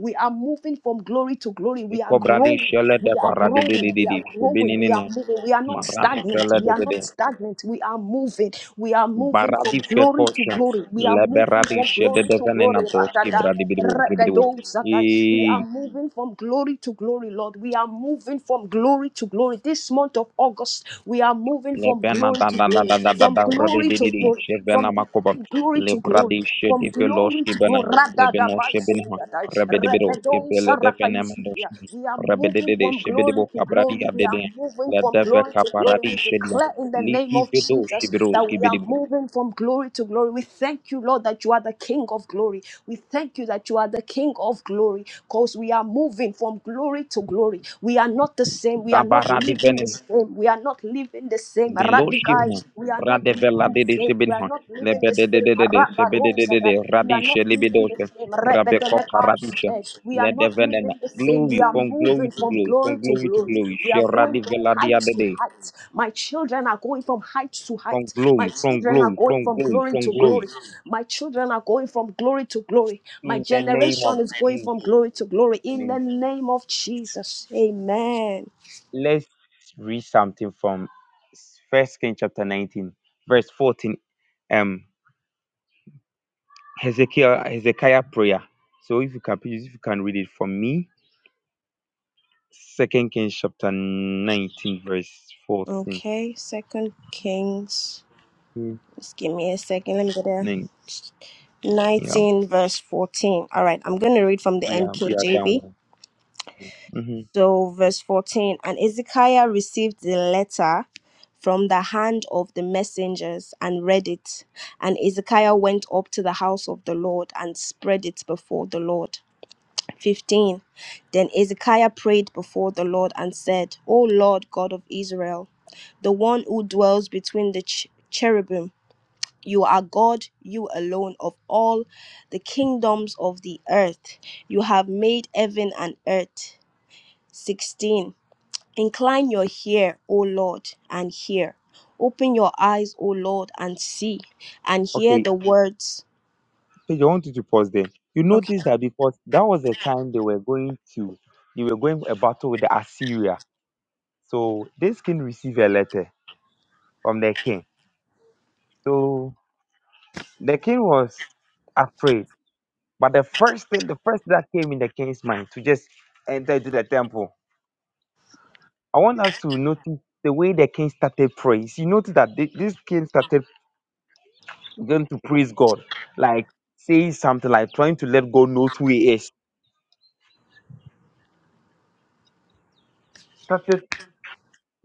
[SPEAKER 1] We are moving from glory to glory. We are
[SPEAKER 2] Nikobradi,
[SPEAKER 1] growing.
[SPEAKER 2] shele,
[SPEAKER 1] We are
[SPEAKER 2] deva, radi, di,
[SPEAKER 1] growing.
[SPEAKER 2] di, di,
[SPEAKER 1] We are
[SPEAKER 2] di.
[SPEAKER 1] growing. We are
[SPEAKER 2] Subinina,
[SPEAKER 1] moving. We are not
[SPEAKER 2] maradi,
[SPEAKER 1] stagnant.
[SPEAKER 2] fele,
[SPEAKER 1] We are
[SPEAKER 2] deva, de.
[SPEAKER 1] not stagnant. We are moving. We are moving from
[SPEAKER 2] Baradi,
[SPEAKER 1] glory to
[SPEAKER 2] fekosha.
[SPEAKER 1] glory. We are moving
[SPEAKER 2] Leberadi,
[SPEAKER 1] from
[SPEAKER 2] shede,
[SPEAKER 1] glory to
[SPEAKER 2] deva, nana,
[SPEAKER 1] glory.
[SPEAKER 2] doski,
[SPEAKER 1] Radadai,
[SPEAKER 2] bradi, bidibu, bidibu.
[SPEAKER 1] radadozadai. We are moving from glory to glory, Lord. We are moving from glory to glory. This month of August, we are moving from
[SPEAKER 2] Liti
[SPEAKER 1] glory to glory, from glory to glory from glory to glory, from glory to glory. Radadabazodiadai, rebedosarakaisukia. We are moving from glory to glory. We are moving from glory to glory. We declare in the name of
[SPEAKER 2] vedos,
[SPEAKER 1] Jesus that we are moving from glory to glory. We thank you, Lord, that you are the King of glory. We thank you that you are the King of glory because we are moving from glory to glory. We are not the same. We
[SPEAKER 2] da
[SPEAKER 1] are not
[SPEAKER 2] barra de
[SPEAKER 1] living the
[SPEAKER 2] venin,
[SPEAKER 1] same. We are not living the same same.
[SPEAKER 2] below shibna,
[SPEAKER 1] Radikai, we are not living
[SPEAKER 2] radevela
[SPEAKER 1] the
[SPEAKER 2] de de
[SPEAKER 1] same. We are
[SPEAKER 2] shibinha,
[SPEAKER 1] not living the
[SPEAKER 2] lebede de
[SPEAKER 1] same.
[SPEAKER 2] de de de, sebede de de de,
[SPEAKER 1] Rabarosada, we are not
[SPEAKER 2] radisha
[SPEAKER 1] living
[SPEAKER 2] libidos,
[SPEAKER 1] the same.
[SPEAKER 2] rabecopa
[SPEAKER 1] Rebedelekai,
[SPEAKER 2] radisha,
[SPEAKER 1] eh, we are
[SPEAKER 2] lede
[SPEAKER 1] not
[SPEAKER 2] venena,
[SPEAKER 1] living the same.
[SPEAKER 2] glory
[SPEAKER 1] We are
[SPEAKER 2] from glory
[SPEAKER 1] moving
[SPEAKER 2] to
[SPEAKER 1] from
[SPEAKER 2] glory, from
[SPEAKER 1] glory to
[SPEAKER 2] glory to
[SPEAKER 1] glory.
[SPEAKER 2] glory,
[SPEAKER 1] We
[SPEAKER 2] she
[SPEAKER 1] are going from
[SPEAKER 2] radivela dia
[SPEAKER 1] heights
[SPEAKER 2] de
[SPEAKER 1] to
[SPEAKER 2] de,
[SPEAKER 1] heights. My children are going from heights to
[SPEAKER 2] from
[SPEAKER 1] heights. My
[SPEAKER 2] glory, from
[SPEAKER 1] children are
[SPEAKER 2] glory,
[SPEAKER 1] going
[SPEAKER 2] from
[SPEAKER 1] from
[SPEAKER 2] glory,
[SPEAKER 1] glory to
[SPEAKER 2] from
[SPEAKER 1] glory.
[SPEAKER 2] glory.
[SPEAKER 1] My children are going from glory to glory. My
[SPEAKER 2] In the name
[SPEAKER 1] generation
[SPEAKER 2] of
[SPEAKER 1] is going from
[SPEAKER 2] Jesus.
[SPEAKER 1] glory to glory.
[SPEAKER 2] I
[SPEAKER 1] In
[SPEAKER 2] mean,
[SPEAKER 1] the name of Jesus. Amen.
[SPEAKER 2] let's read something from First King chapter 19, verse 14. Um, Hezekiah, Hezekiah prayer. So if you can please, if you can read it for me. Second Kings chapter 19, verse 14.
[SPEAKER 1] Okay, second Kings.
[SPEAKER 2] Mm.
[SPEAKER 1] Just give me a second. Let me go there.
[SPEAKER 2] Nin- Yeah,
[SPEAKER 1] 19 verse 14. All right, I'm going to read from the
[SPEAKER 2] yeah, yeah, that
[SPEAKER 1] NKJV.
[SPEAKER 2] one. hmm
[SPEAKER 1] So, verse 14 And Ezekiah received the letter from the hand of the messengers and read it. And Ezekiah went up to the house of the Lord and spread it before the Lord. 15 Then Ezekiah prayed before the Lord and said, O Lord God of Israel, the one who dwells between the ch- cherubim You are God, you alone of all the kingdoms of the earth. You have made heaven and earth. 16. Incline your ear, O Lord, and hear. Open your eyes, O Lord, and see, and hear
[SPEAKER 2] Okay,
[SPEAKER 1] the words.
[SPEAKER 2] Peju, I want you to pause there. You
[SPEAKER 1] Okay.
[SPEAKER 2] notice that because that was the time they were going to they were going a battle with the Assyria. So this king received a letter from the king. So the king was afraid. But the first thing, the first that came in the king's mind to just enter into the temple. I want us to notice the way the king started praise. You notice that thi- this king started going to praise God, like saying something like trying to let God know who he is. Started.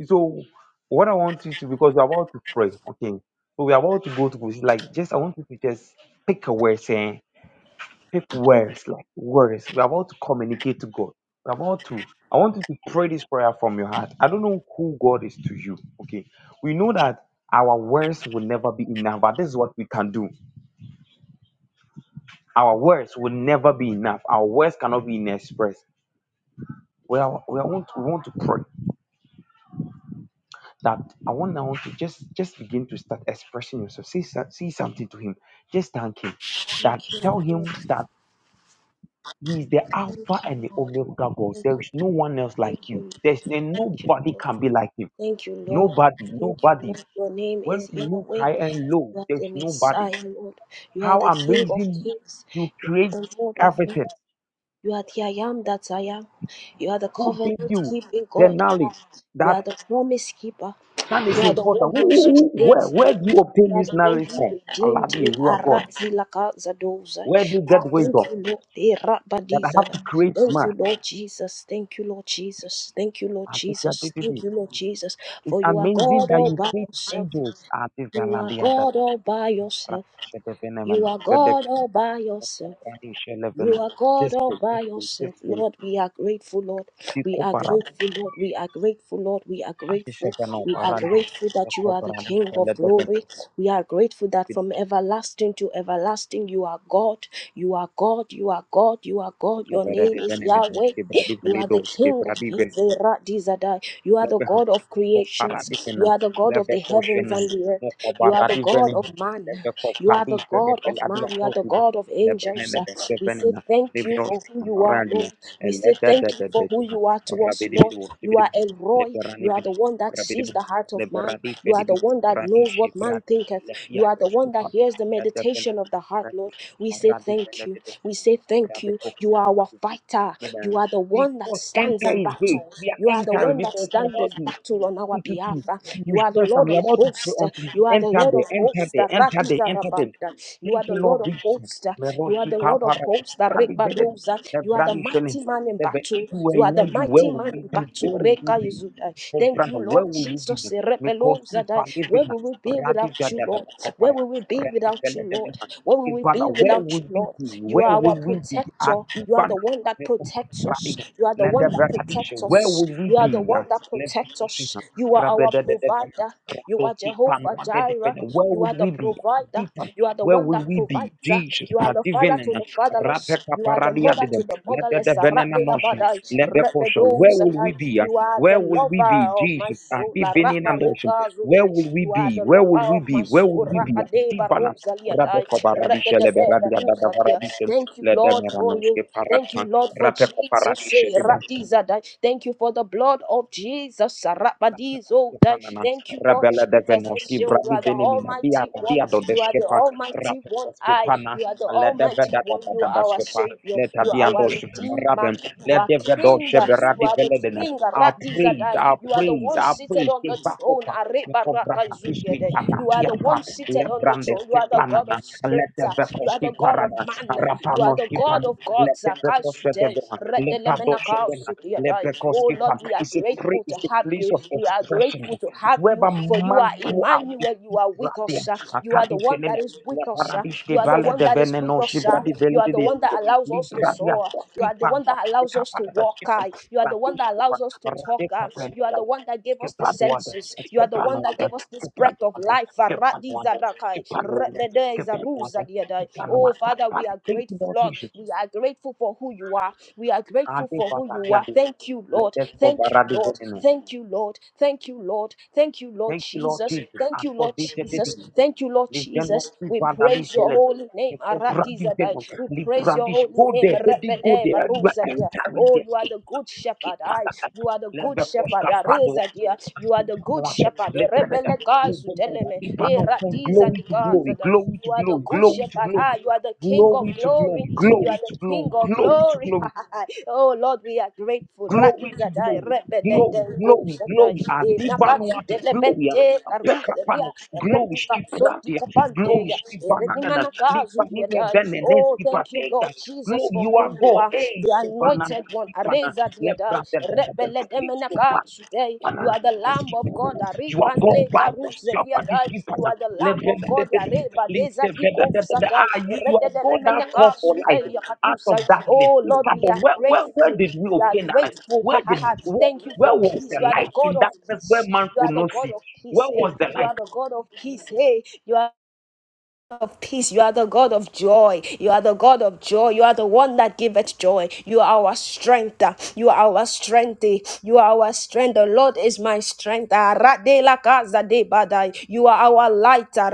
[SPEAKER 2] So what I want you to because we're about to pray, okay. So we're about to go to this, like just I want you to just pick a word saying pick words, like words. We're about to communicate to God. We're about to I want you to pray this prayer from your heart. I don't know who God is to you. Okay. We know that our words will never be enough, but this is what we can do. Our words will never be enough. Our words cannot be inexpressed. Well, we are- we want we want to pray. that I want now to just just begin to start expressing yourself. Say, so- say something to him. Just thank him. That
[SPEAKER 1] Thank
[SPEAKER 2] tell
[SPEAKER 1] you,
[SPEAKER 2] him
[SPEAKER 1] Lord.
[SPEAKER 2] that he is the
[SPEAKER 1] Thank
[SPEAKER 2] Alpha and
[SPEAKER 1] you,
[SPEAKER 2] the
[SPEAKER 1] Lord.
[SPEAKER 2] Omega God.
[SPEAKER 1] Thank
[SPEAKER 2] There
[SPEAKER 1] you,
[SPEAKER 2] is no one else like
[SPEAKER 1] thank
[SPEAKER 2] you.
[SPEAKER 1] you,
[SPEAKER 2] There's and
[SPEAKER 1] thank you,
[SPEAKER 2] nobody
[SPEAKER 1] Lord.
[SPEAKER 2] can be like him.
[SPEAKER 1] Thank you, Lord.
[SPEAKER 2] Nobody,
[SPEAKER 1] Thank you,
[SPEAKER 2] nobody.
[SPEAKER 1] Lord. Your name
[SPEAKER 2] When
[SPEAKER 1] is
[SPEAKER 2] you look
[SPEAKER 1] Yahweh.
[SPEAKER 2] high and low,
[SPEAKER 1] You are the
[SPEAKER 2] there's nobody.
[SPEAKER 1] Messiah, Lord. You are
[SPEAKER 2] How
[SPEAKER 1] the King of
[SPEAKER 2] amazing
[SPEAKER 1] kings.
[SPEAKER 2] you
[SPEAKER 1] You are
[SPEAKER 2] create
[SPEAKER 1] the Lord of lords.
[SPEAKER 2] everything.
[SPEAKER 1] You are the I am that I am. You are the
[SPEAKER 2] Who gave
[SPEAKER 1] covenant
[SPEAKER 2] you
[SPEAKER 1] keeping
[SPEAKER 2] the
[SPEAKER 1] God.
[SPEAKER 2] knowledge
[SPEAKER 1] You are
[SPEAKER 2] that
[SPEAKER 1] the promise keeper.
[SPEAKER 2] that
[SPEAKER 1] You
[SPEAKER 2] is
[SPEAKER 1] are the
[SPEAKER 2] important?
[SPEAKER 1] one
[SPEAKER 2] Who,
[SPEAKER 1] who
[SPEAKER 2] who- who- where,
[SPEAKER 1] sustains me.
[SPEAKER 2] where do you obtain
[SPEAKER 1] You are
[SPEAKER 2] this
[SPEAKER 1] the one
[SPEAKER 2] knowledge
[SPEAKER 1] who
[SPEAKER 2] from? Allah,
[SPEAKER 1] redeemed me.
[SPEAKER 2] you are God.
[SPEAKER 1] Arazilaka zadozai.
[SPEAKER 2] Where do you get
[SPEAKER 1] Ah, Thank
[SPEAKER 2] wisdom?
[SPEAKER 1] you, Lord.
[SPEAKER 2] That I have
[SPEAKER 1] Erabadizada.
[SPEAKER 2] to create
[SPEAKER 1] Thank
[SPEAKER 2] man.
[SPEAKER 1] you, Lord Jesus. Thank you, Lord Jesus. Thank you, Lord Jesus. Thank
[SPEAKER 2] Artificially.
[SPEAKER 1] you, Lord Jesus.
[SPEAKER 2] It's
[SPEAKER 1] For you are
[SPEAKER 2] amazing
[SPEAKER 1] God
[SPEAKER 2] that
[SPEAKER 1] all
[SPEAKER 2] you
[SPEAKER 1] by
[SPEAKER 2] create
[SPEAKER 1] yourself.
[SPEAKER 2] angels.
[SPEAKER 1] You are
[SPEAKER 2] Artificially.
[SPEAKER 1] God all by yourself. You
[SPEAKER 2] Shedevenemeno,
[SPEAKER 1] are God
[SPEAKER 2] shedevenemeno,
[SPEAKER 1] all by yourself.
[SPEAKER 2] rani
[SPEAKER 1] You
[SPEAKER 2] shelevene.
[SPEAKER 1] are God
[SPEAKER 2] This
[SPEAKER 1] all
[SPEAKER 2] way,
[SPEAKER 1] by
[SPEAKER 2] this way, this
[SPEAKER 1] yourself,
[SPEAKER 2] way.
[SPEAKER 1] Lord. We are grateful, Lord.
[SPEAKER 2] Di
[SPEAKER 1] We are
[SPEAKER 2] kopara,
[SPEAKER 1] grateful, Lord. We are grateful, Lord. We are grateful.
[SPEAKER 2] artificially,
[SPEAKER 1] We are
[SPEAKER 2] arani.
[SPEAKER 1] grateful
[SPEAKER 2] The
[SPEAKER 1] that you are the
[SPEAKER 2] koparani
[SPEAKER 1] King of
[SPEAKER 2] shelevene,
[SPEAKER 1] glory. We are grateful that
[SPEAKER 2] bit-
[SPEAKER 1] from everlasting to everlasting, you are God. You are God. You are God. You are God. Your
[SPEAKER 2] kabere
[SPEAKER 1] name is
[SPEAKER 2] devenemeno,
[SPEAKER 1] Yahweh. You are the King of
[SPEAKER 2] shebradi velido.
[SPEAKER 1] kings. Zera Dizadai. You are the
[SPEAKER 2] lebeha
[SPEAKER 1] God of
[SPEAKER 2] kopara
[SPEAKER 1] creations. You
[SPEAKER 2] divena
[SPEAKER 1] are the God of
[SPEAKER 2] leve
[SPEAKER 1] the heavens
[SPEAKER 2] koshena
[SPEAKER 1] and the earth. You
[SPEAKER 2] mokobara
[SPEAKER 1] are the God
[SPEAKER 2] divenena
[SPEAKER 1] of man.
[SPEAKER 2] leve
[SPEAKER 1] You are
[SPEAKER 2] kokadi
[SPEAKER 1] the
[SPEAKER 2] fede
[SPEAKER 1] God of man.
[SPEAKER 2] peladia
[SPEAKER 1] You are the
[SPEAKER 2] covid
[SPEAKER 1] God of
[SPEAKER 2] lebene
[SPEAKER 1] angels. Uh,
[SPEAKER 2] lebe
[SPEAKER 1] We say
[SPEAKER 2] sevenena
[SPEAKER 1] thank you
[SPEAKER 2] libros
[SPEAKER 1] for who you are,
[SPEAKER 2] kamaralia
[SPEAKER 1] Lord. We say
[SPEAKER 2] elede de
[SPEAKER 1] thank you
[SPEAKER 2] de de
[SPEAKER 1] for who
[SPEAKER 2] de
[SPEAKER 1] you are to us,
[SPEAKER 2] rabidi
[SPEAKER 1] Lord.
[SPEAKER 2] bidi
[SPEAKER 1] You
[SPEAKER 2] wosibidi
[SPEAKER 1] are El Roy.
[SPEAKER 2] leberani
[SPEAKER 1] You are the
[SPEAKER 2] bidi
[SPEAKER 1] one that
[SPEAKER 2] rabidi
[SPEAKER 1] sees the
[SPEAKER 2] bidi
[SPEAKER 1] heart of man.
[SPEAKER 2] leberadi
[SPEAKER 1] You
[SPEAKER 2] fede
[SPEAKER 1] are the
[SPEAKER 2] bidi
[SPEAKER 1] one that
[SPEAKER 2] radi
[SPEAKER 1] knows what man
[SPEAKER 2] shebiradi
[SPEAKER 1] thinketh.
[SPEAKER 2] lelia
[SPEAKER 1] You are the one
[SPEAKER 2] kostupa
[SPEAKER 1] that hears the
[SPEAKER 2] lede vena
[SPEAKER 1] meditation of the heart, Lord.
[SPEAKER 2] rakus
[SPEAKER 1] We say
[SPEAKER 2] maradi
[SPEAKER 1] thank
[SPEAKER 2] vena
[SPEAKER 1] you.
[SPEAKER 2] de de
[SPEAKER 1] We say thank
[SPEAKER 2] rabe
[SPEAKER 1] you. You are our fighter. You
[SPEAKER 2] Madam,
[SPEAKER 1] are the one that
[SPEAKER 2] Because
[SPEAKER 1] stands
[SPEAKER 2] enter
[SPEAKER 1] in
[SPEAKER 2] is gate.
[SPEAKER 1] battle.
[SPEAKER 2] We
[SPEAKER 1] You
[SPEAKER 2] are
[SPEAKER 1] are the
[SPEAKER 2] entering
[SPEAKER 1] one that
[SPEAKER 2] because we are
[SPEAKER 1] stands
[SPEAKER 2] about
[SPEAKER 1] this
[SPEAKER 2] to
[SPEAKER 1] battle on our
[SPEAKER 2] Two, two,
[SPEAKER 1] behalf.
[SPEAKER 2] two.
[SPEAKER 1] uh.
[SPEAKER 2] You
[SPEAKER 1] You are the
[SPEAKER 2] request
[SPEAKER 1] Lord
[SPEAKER 2] them.
[SPEAKER 1] of
[SPEAKER 2] You're about to pray
[SPEAKER 1] hosts. uh.
[SPEAKER 2] until you
[SPEAKER 1] You are the
[SPEAKER 2] enter
[SPEAKER 1] Lord of
[SPEAKER 2] there, enter
[SPEAKER 1] hosts.
[SPEAKER 2] there,
[SPEAKER 1] uh,
[SPEAKER 2] enter there, enter there.
[SPEAKER 1] Ratizarabata. You are
[SPEAKER 2] Thank
[SPEAKER 1] the
[SPEAKER 2] you,
[SPEAKER 1] Lord
[SPEAKER 2] Lord
[SPEAKER 1] of
[SPEAKER 2] Jesus.
[SPEAKER 1] hosts. uh. You are
[SPEAKER 2] Meroshi
[SPEAKER 1] the Lord of
[SPEAKER 2] kapara,
[SPEAKER 1] hosts. uh,
[SPEAKER 2] bradi bede,
[SPEAKER 1] Rebadoza.
[SPEAKER 2] the
[SPEAKER 1] You are the
[SPEAKER 2] bradi shene.
[SPEAKER 1] mighty man in
[SPEAKER 2] The ve-
[SPEAKER 1] battle.
[SPEAKER 2] If you were
[SPEAKER 1] You are
[SPEAKER 2] in
[SPEAKER 1] the
[SPEAKER 2] you, where
[SPEAKER 1] mighty
[SPEAKER 2] would
[SPEAKER 1] man
[SPEAKER 2] you
[SPEAKER 1] in
[SPEAKER 2] be? Where
[SPEAKER 1] battle.
[SPEAKER 2] would you
[SPEAKER 1] Reka
[SPEAKER 2] be?
[SPEAKER 1] Yezuda.
[SPEAKER 2] For
[SPEAKER 1] Thank
[SPEAKER 2] brother,
[SPEAKER 1] you,
[SPEAKER 2] where
[SPEAKER 1] Lord
[SPEAKER 2] will you be?
[SPEAKER 1] Jesus.
[SPEAKER 2] Because
[SPEAKER 1] Rebeloza
[SPEAKER 2] you
[SPEAKER 1] da.
[SPEAKER 2] believe
[SPEAKER 1] Where
[SPEAKER 2] in
[SPEAKER 1] will
[SPEAKER 2] us.
[SPEAKER 1] we be
[SPEAKER 2] Radi
[SPEAKER 1] without
[SPEAKER 2] vede
[SPEAKER 1] you,
[SPEAKER 2] de de
[SPEAKER 1] Lord? Where
[SPEAKER 2] kopara,
[SPEAKER 1] will we be
[SPEAKER 2] radi
[SPEAKER 1] without you,
[SPEAKER 2] vede de de
[SPEAKER 1] Lord?
[SPEAKER 2] ma.
[SPEAKER 1] Where will we
[SPEAKER 2] Brother,
[SPEAKER 1] be
[SPEAKER 2] where
[SPEAKER 1] without
[SPEAKER 2] would
[SPEAKER 1] you,
[SPEAKER 2] we
[SPEAKER 1] Lord?
[SPEAKER 2] be?
[SPEAKER 1] You
[SPEAKER 2] Where
[SPEAKER 1] are our
[SPEAKER 2] would we be? At
[SPEAKER 1] protector.
[SPEAKER 2] two
[SPEAKER 1] You are
[SPEAKER 2] banner,
[SPEAKER 1] the one that protects us. You are the
[SPEAKER 2] let the
[SPEAKER 1] one that
[SPEAKER 2] radish.
[SPEAKER 1] protects
[SPEAKER 2] Where
[SPEAKER 1] us.
[SPEAKER 2] would we
[SPEAKER 1] You are the
[SPEAKER 2] be?
[SPEAKER 1] one
[SPEAKER 2] Yes,
[SPEAKER 1] that
[SPEAKER 2] Let
[SPEAKER 1] protects
[SPEAKER 2] the
[SPEAKER 1] us. You are our provider. You are Jehovah Jireh.
[SPEAKER 2] where
[SPEAKER 1] You
[SPEAKER 2] would
[SPEAKER 1] are the
[SPEAKER 2] we be?
[SPEAKER 1] provider.
[SPEAKER 2] Adipa,
[SPEAKER 1] You are the
[SPEAKER 2] Where
[SPEAKER 1] one
[SPEAKER 2] will
[SPEAKER 1] that
[SPEAKER 2] we be?
[SPEAKER 1] provides.
[SPEAKER 2] Jesus,
[SPEAKER 1] You are the father to
[SPEAKER 2] Adivenena,
[SPEAKER 1] the fatherless.
[SPEAKER 2] Rapeka
[SPEAKER 1] You are the
[SPEAKER 2] Paradia
[SPEAKER 1] mother to
[SPEAKER 2] didem,
[SPEAKER 1] the
[SPEAKER 2] Let the
[SPEAKER 1] motherless.
[SPEAKER 2] adivinena,
[SPEAKER 1] Rabela
[SPEAKER 2] rapekaparadiadada,
[SPEAKER 1] badai,
[SPEAKER 2] Let the ledekosha.
[SPEAKER 1] rebedo
[SPEAKER 2] where will we
[SPEAKER 1] zakai.
[SPEAKER 2] be?
[SPEAKER 1] You are
[SPEAKER 2] Where
[SPEAKER 1] the
[SPEAKER 2] will we
[SPEAKER 1] lover
[SPEAKER 2] be?
[SPEAKER 1] of my
[SPEAKER 2] Jesus,
[SPEAKER 1] soul. La
[SPEAKER 2] adivinena
[SPEAKER 1] raba
[SPEAKER 2] nosha.
[SPEAKER 1] reka
[SPEAKER 2] where
[SPEAKER 1] zute.
[SPEAKER 2] will we
[SPEAKER 1] You are
[SPEAKER 2] be?
[SPEAKER 1] the
[SPEAKER 2] Where will
[SPEAKER 1] lover
[SPEAKER 2] we
[SPEAKER 1] of
[SPEAKER 2] be?
[SPEAKER 1] my
[SPEAKER 2] Where
[SPEAKER 1] soul.
[SPEAKER 2] will we be?
[SPEAKER 1] Rakadeba
[SPEAKER 2] Divana,
[SPEAKER 1] Barusa Liadai,
[SPEAKER 2] rabekobaradisha,
[SPEAKER 1] Rededede Barusa
[SPEAKER 2] leberadiadadavaradisim,
[SPEAKER 1] Thank you, Lord,
[SPEAKER 2] ledemera
[SPEAKER 1] for you.
[SPEAKER 2] noske
[SPEAKER 1] Thank you,
[SPEAKER 2] parata,
[SPEAKER 1] Lord, for Jesus. eh,
[SPEAKER 2] rapekoparadisha,
[SPEAKER 1] Radiza Dai. Thank you for the blood of Jesus. Sarapadizo Dai.
[SPEAKER 2] Panana,
[SPEAKER 1] Thank you, Lord
[SPEAKER 2] Rabella
[SPEAKER 1] Jesus.
[SPEAKER 2] de
[SPEAKER 1] Yes,
[SPEAKER 2] Venoski,
[SPEAKER 1] You
[SPEAKER 2] Brabi
[SPEAKER 1] are the
[SPEAKER 2] Venimina, Via
[SPEAKER 1] Almighty One.
[SPEAKER 2] Rabia do
[SPEAKER 1] You are the
[SPEAKER 2] Deskepa,
[SPEAKER 1] Almighty One. I.
[SPEAKER 2] Rapakoskepana,
[SPEAKER 1] You are the
[SPEAKER 2] Let the
[SPEAKER 1] Almighty
[SPEAKER 2] Veda
[SPEAKER 1] One. You
[SPEAKER 2] da
[SPEAKER 1] are our
[SPEAKER 2] Daskepa,
[SPEAKER 1] Savior.
[SPEAKER 2] let
[SPEAKER 1] You are our
[SPEAKER 2] Abiando
[SPEAKER 1] Redeemer.
[SPEAKER 2] Rabem,
[SPEAKER 1] You
[SPEAKER 2] let
[SPEAKER 1] are
[SPEAKER 2] the Vedo
[SPEAKER 1] King. You
[SPEAKER 2] Sheberabi
[SPEAKER 1] are the
[SPEAKER 2] Veledena,
[SPEAKER 1] King.
[SPEAKER 2] our
[SPEAKER 1] Radiza
[SPEAKER 2] praise,
[SPEAKER 1] Dai.
[SPEAKER 2] our
[SPEAKER 1] You are the
[SPEAKER 2] praise,
[SPEAKER 1] one
[SPEAKER 2] our
[SPEAKER 1] seated
[SPEAKER 2] praise,
[SPEAKER 1] on the
[SPEAKER 2] Shivakopa,
[SPEAKER 1] throne.
[SPEAKER 2] for Braha, Pishkitana,
[SPEAKER 1] You are the
[SPEAKER 2] Tiapa,
[SPEAKER 1] one seated
[SPEAKER 2] let
[SPEAKER 1] on the throne. You are the God
[SPEAKER 2] Brandeskepanana,
[SPEAKER 1] of
[SPEAKER 2] let
[SPEAKER 1] spirits.
[SPEAKER 2] the
[SPEAKER 1] uh, You are
[SPEAKER 2] Vekoski
[SPEAKER 1] the God of
[SPEAKER 2] Parana,
[SPEAKER 1] man. You are the
[SPEAKER 2] Rapanoski
[SPEAKER 1] God
[SPEAKER 2] Pana,
[SPEAKER 1] of
[SPEAKER 2] let
[SPEAKER 1] gods.
[SPEAKER 2] the
[SPEAKER 1] uh,
[SPEAKER 2] Vekoshe de
[SPEAKER 1] Oh
[SPEAKER 2] Leprekoski
[SPEAKER 1] Lord,
[SPEAKER 2] pam.
[SPEAKER 1] we are
[SPEAKER 2] It's a place,
[SPEAKER 1] grateful to
[SPEAKER 2] it's a
[SPEAKER 1] have
[SPEAKER 2] place
[SPEAKER 1] you.
[SPEAKER 2] of
[SPEAKER 1] We are
[SPEAKER 2] expression.
[SPEAKER 1] grateful to
[SPEAKER 2] It's
[SPEAKER 1] have
[SPEAKER 2] where
[SPEAKER 1] you,
[SPEAKER 2] whereby
[SPEAKER 1] for you
[SPEAKER 2] man
[SPEAKER 1] are
[SPEAKER 2] pour out It
[SPEAKER 1] Emmanuel. You
[SPEAKER 2] is
[SPEAKER 1] are with
[SPEAKER 2] radia.
[SPEAKER 1] us. uh, You are the
[SPEAKER 2] Akadi
[SPEAKER 1] one
[SPEAKER 2] felene.
[SPEAKER 1] that is
[SPEAKER 2] Le
[SPEAKER 1] with us. uh,
[SPEAKER 2] paradish de
[SPEAKER 1] You are the
[SPEAKER 2] vale
[SPEAKER 1] one
[SPEAKER 2] de
[SPEAKER 1] that is with
[SPEAKER 2] veneno
[SPEAKER 1] us.
[SPEAKER 2] shibra
[SPEAKER 1] uh,
[SPEAKER 2] di
[SPEAKER 1] You
[SPEAKER 2] vele
[SPEAKER 1] are
[SPEAKER 2] de
[SPEAKER 1] the one that
[SPEAKER 2] desire.
[SPEAKER 1] allows us to
[SPEAKER 2] Libra di
[SPEAKER 1] soar. You
[SPEAKER 2] aposki
[SPEAKER 1] are the
[SPEAKER 2] pam.
[SPEAKER 1] one that
[SPEAKER 2] The
[SPEAKER 1] allows us
[SPEAKER 2] capa
[SPEAKER 1] to
[SPEAKER 2] da
[SPEAKER 1] walk.
[SPEAKER 2] skipam.
[SPEAKER 1] uh, You are the one
[SPEAKER 2] Radish
[SPEAKER 1] that
[SPEAKER 2] de pam.
[SPEAKER 1] allows us to talk
[SPEAKER 2] Rade
[SPEAKER 1] talk. uh,
[SPEAKER 2] papel
[SPEAKER 1] You are
[SPEAKER 2] da.
[SPEAKER 1] the one that gave us the
[SPEAKER 2] Skipan wanda.
[SPEAKER 1] senses. You are the
[SPEAKER 2] Skipan
[SPEAKER 1] one that
[SPEAKER 2] wanda.
[SPEAKER 1] gave us this
[SPEAKER 2] Skipan
[SPEAKER 1] breath of
[SPEAKER 2] wanda.
[SPEAKER 1] life.
[SPEAKER 2] Skipan wanda. Skipan wanda. Skipan wanda. Skipan
[SPEAKER 1] Oh, Father, we
[SPEAKER 2] wanda.
[SPEAKER 1] are
[SPEAKER 2] Thank you,
[SPEAKER 1] grateful,
[SPEAKER 2] Lord
[SPEAKER 1] Lord.
[SPEAKER 2] Jesus.
[SPEAKER 1] We are grateful for who you are. We are grateful
[SPEAKER 2] Ade
[SPEAKER 1] for who you are.
[SPEAKER 2] fataliade.
[SPEAKER 1] Thank you,
[SPEAKER 2] Let
[SPEAKER 1] Lord.
[SPEAKER 2] us go
[SPEAKER 1] Thank you,
[SPEAKER 2] varadi
[SPEAKER 1] Lord.
[SPEAKER 2] veneno.
[SPEAKER 1] Thank you, Lord. Thank you, Lord. Thank you, Lord
[SPEAKER 2] Thank you, Lord
[SPEAKER 1] Jesus.
[SPEAKER 2] Jesus.
[SPEAKER 1] Thank
[SPEAKER 2] And
[SPEAKER 1] you,
[SPEAKER 2] for
[SPEAKER 1] Lord
[SPEAKER 2] this
[SPEAKER 1] Jesus.
[SPEAKER 2] dedicated,
[SPEAKER 1] Thank you, Lord
[SPEAKER 2] Livenos
[SPEAKER 1] Jesus. We praise
[SPEAKER 2] Ivadalish
[SPEAKER 1] your
[SPEAKER 2] Eled.
[SPEAKER 1] holy name.
[SPEAKER 2] Librandish,
[SPEAKER 1] Aradizadai. We praise your holy
[SPEAKER 2] go
[SPEAKER 1] name.
[SPEAKER 2] there, let it go there. You
[SPEAKER 1] Rebede,
[SPEAKER 2] are
[SPEAKER 1] dear.
[SPEAKER 2] entering
[SPEAKER 1] Oh,
[SPEAKER 2] the
[SPEAKER 1] you are
[SPEAKER 2] escape.
[SPEAKER 1] the good shepherd.
[SPEAKER 2] Keep
[SPEAKER 1] I
[SPEAKER 2] under.
[SPEAKER 1] you are the
[SPEAKER 2] Let
[SPEAKER 1] good
[SPEAKER 2] the
[SPEAKER 1] shepherd.
[SPEAKER 2] Poshka Padua
[SPEAKER 1] Areza dear. You are the good shepherd. Eh,
[SPEAKER 2] Lepereda.
[SPEAKER 1] Rebele gazu teleme.
[SPEAKER 2] Libano from
[SPEAKER 1] Eradiza
[SPEAKER 2] glory to
[SPEAKER 1] digaza
[SPEAKER 2] glory,
[SPEAKER 1] da.
[SPEAKER 2] glory to
[SPEAKER 1] You are the
[SPEAKER 2] glory,
[SPEAKER 1] good
[SPEAKER 2] glory to
[SPEAKER 1] shepherd. Ah,
[SPEAKER 2] glory,
[SPEAKER 1] you are the king of
[SPEAKER 2] glory to
[SPEAKER 1] glory.
[SPEAKER 2] glory,
[SPEAKER 1] You are
[SPEAKER 2] glory
[SPEAKER 1] the
[SPEAKER 2] to
[SPEAKER 1] king
[SPEAKER 2] glory,
[SPEAKER 1] of
[SPEAKER 2] glory to
[SPEAKER 1] glory.
[SPEAKER 2] glory
[SPEAKER 1] oh Lord, we are grateful.
[SPEAKER 2] glory to
[SPEAKER 1] Radiza da eh,
[SPEAKER 2] glory,
[SPEAKER 1] rebele de
[SPEAKER 2] glory, glory,
[SPEAKER 1] goza da.
[SPEAKER 2] glory,
[SPEAKER 1] E nakazu
[SPEAKER 2] adivanuate, glory,
[SPEAKER 1] telebente karuza
[SPEAKER 2] pekapano,
[SPEAKER 1] dia.
[SPEAKER 2] glory,
[SPEAKER 1] Redika so
[SPEAKER 2] skipratia,
[SPEAKER 1] dika pante
[SPEAKER 2] glory,
[SPEAKER 1] ya. E
[SPEAKER 2] skibanagana,
[SPEAKER 1] redimana gazu dia
[SPEAKER 2] lipanime
[SPEAKER 1] da.
[SPEAKER 2] benene,
[SPEAKER 1] Oh, thank you,
[SPEAKER 2] skipatega,
[SPEAKER 1] Lord Jesus,
[SPEAKER 2] glory,
[SPEAKER 1] for
[SPEAKER 2] you are
[SPEAKER 1] who you
[SPEAKER 2] God,
[SPEAKER 1] are,
[SPEAKER 2] eh,
[SPEAKER 1] the
[SPEAKER 2] sebanana,
[SPEAKER 1] anointed one.
[SPEAKER 2] skipana,
[SPEAKER 1] Areza diadai,
[SPEAKER 2] lebrate,
[SPEAKER 1] rebele demenaka today. You
[SPEAKER 2] leskopana,
[SPEAKER 1] are the Lamb of
[SPEAKER 2] leskipana,
[SPEAKER 1] God.
[SPEAKER 2] you are God
[SPEAKER 1] Aribande
[SPEAKER 2] by
[SPEAKER 1] karuze
[SPEAKER 2] yourself, and this
[SPEAKER 1] diadai. You
[SPEAKER 2] skipana,
[SPEAKER 1] are the Lamb of
[SPEAKER 2] lebrate,
[SPEAKER 1] God. Areba deza
[SPEAKER 2] leskipana,
[SPEAKER 1] diko satai.
[SPEAKER 2] ah, you, you are
[SPEAKER 1] Rededele
[SPEAKER 2] God that
[SPEAKER 1] menaka
[SPEAKER 2] call for life
[SPEAKER 1] today.
[SPEAKER 2] out of
[SPEAKER 1] Yakatusai.
[SPEAKER 2] darkness.
[SPEAKER 1] Oh,
[SPEAKER 2] In
[SPEAKER 1] Lord,
[SPEAKER 2] fact,
[SPEAKER 1] we are
[SPEAKER 2] where, where, where
[SPEAKER 1] grateful.
[SPEAKER 2] did we
[SPEAKER 1] We are
[SPEAKER 2] obtain that?
[SPEAKER 1] grateful.
[SPEAKER 2] Where
[SPEAKER 1] Ha ha
[SPEAKER 2] did
[SPEAKER 1] ha.
[SPEAKER 2] where,
[SPEAKER 1] Thank you
[SPEAKER 2] where
[SPEAKER 1] for
[SPEAKER 2] was
[SPEAKER 1] peace.
[SPEAKER 2] the
[SPEAKER 1] You are the
[SPEAKER 2] light
[SPEAKER 1] God
[SPEAKER 2] in
[SPEAKER 1] of
[SPEAKER 2] darkness where
[SPEAKER 1] peace.
[SPEAKER 2] man
[SPEAKER 1] You
[SPEAKER 2] could
[SPEAKER 1] are the
[SPEAKER 2] not
[SPEAKER 1] God
[SPEAKER 2] see?
[SPEAKER 1] of
[SPEAKER 2] Where
[SPEAKER 1] peace. Hey,
[SPEAKER 2] was the
[SPEAKER 1] you
[SPEAKER 2] light?
[SPEAKER 1] are the God of peace. Hey, you are of peace. You are the God of joy. You are the God of joy. You are the one that giveth joy. You are our strength. You are our strength. You are our strength. The Lord is my strength. Ah, You are our light. Ah,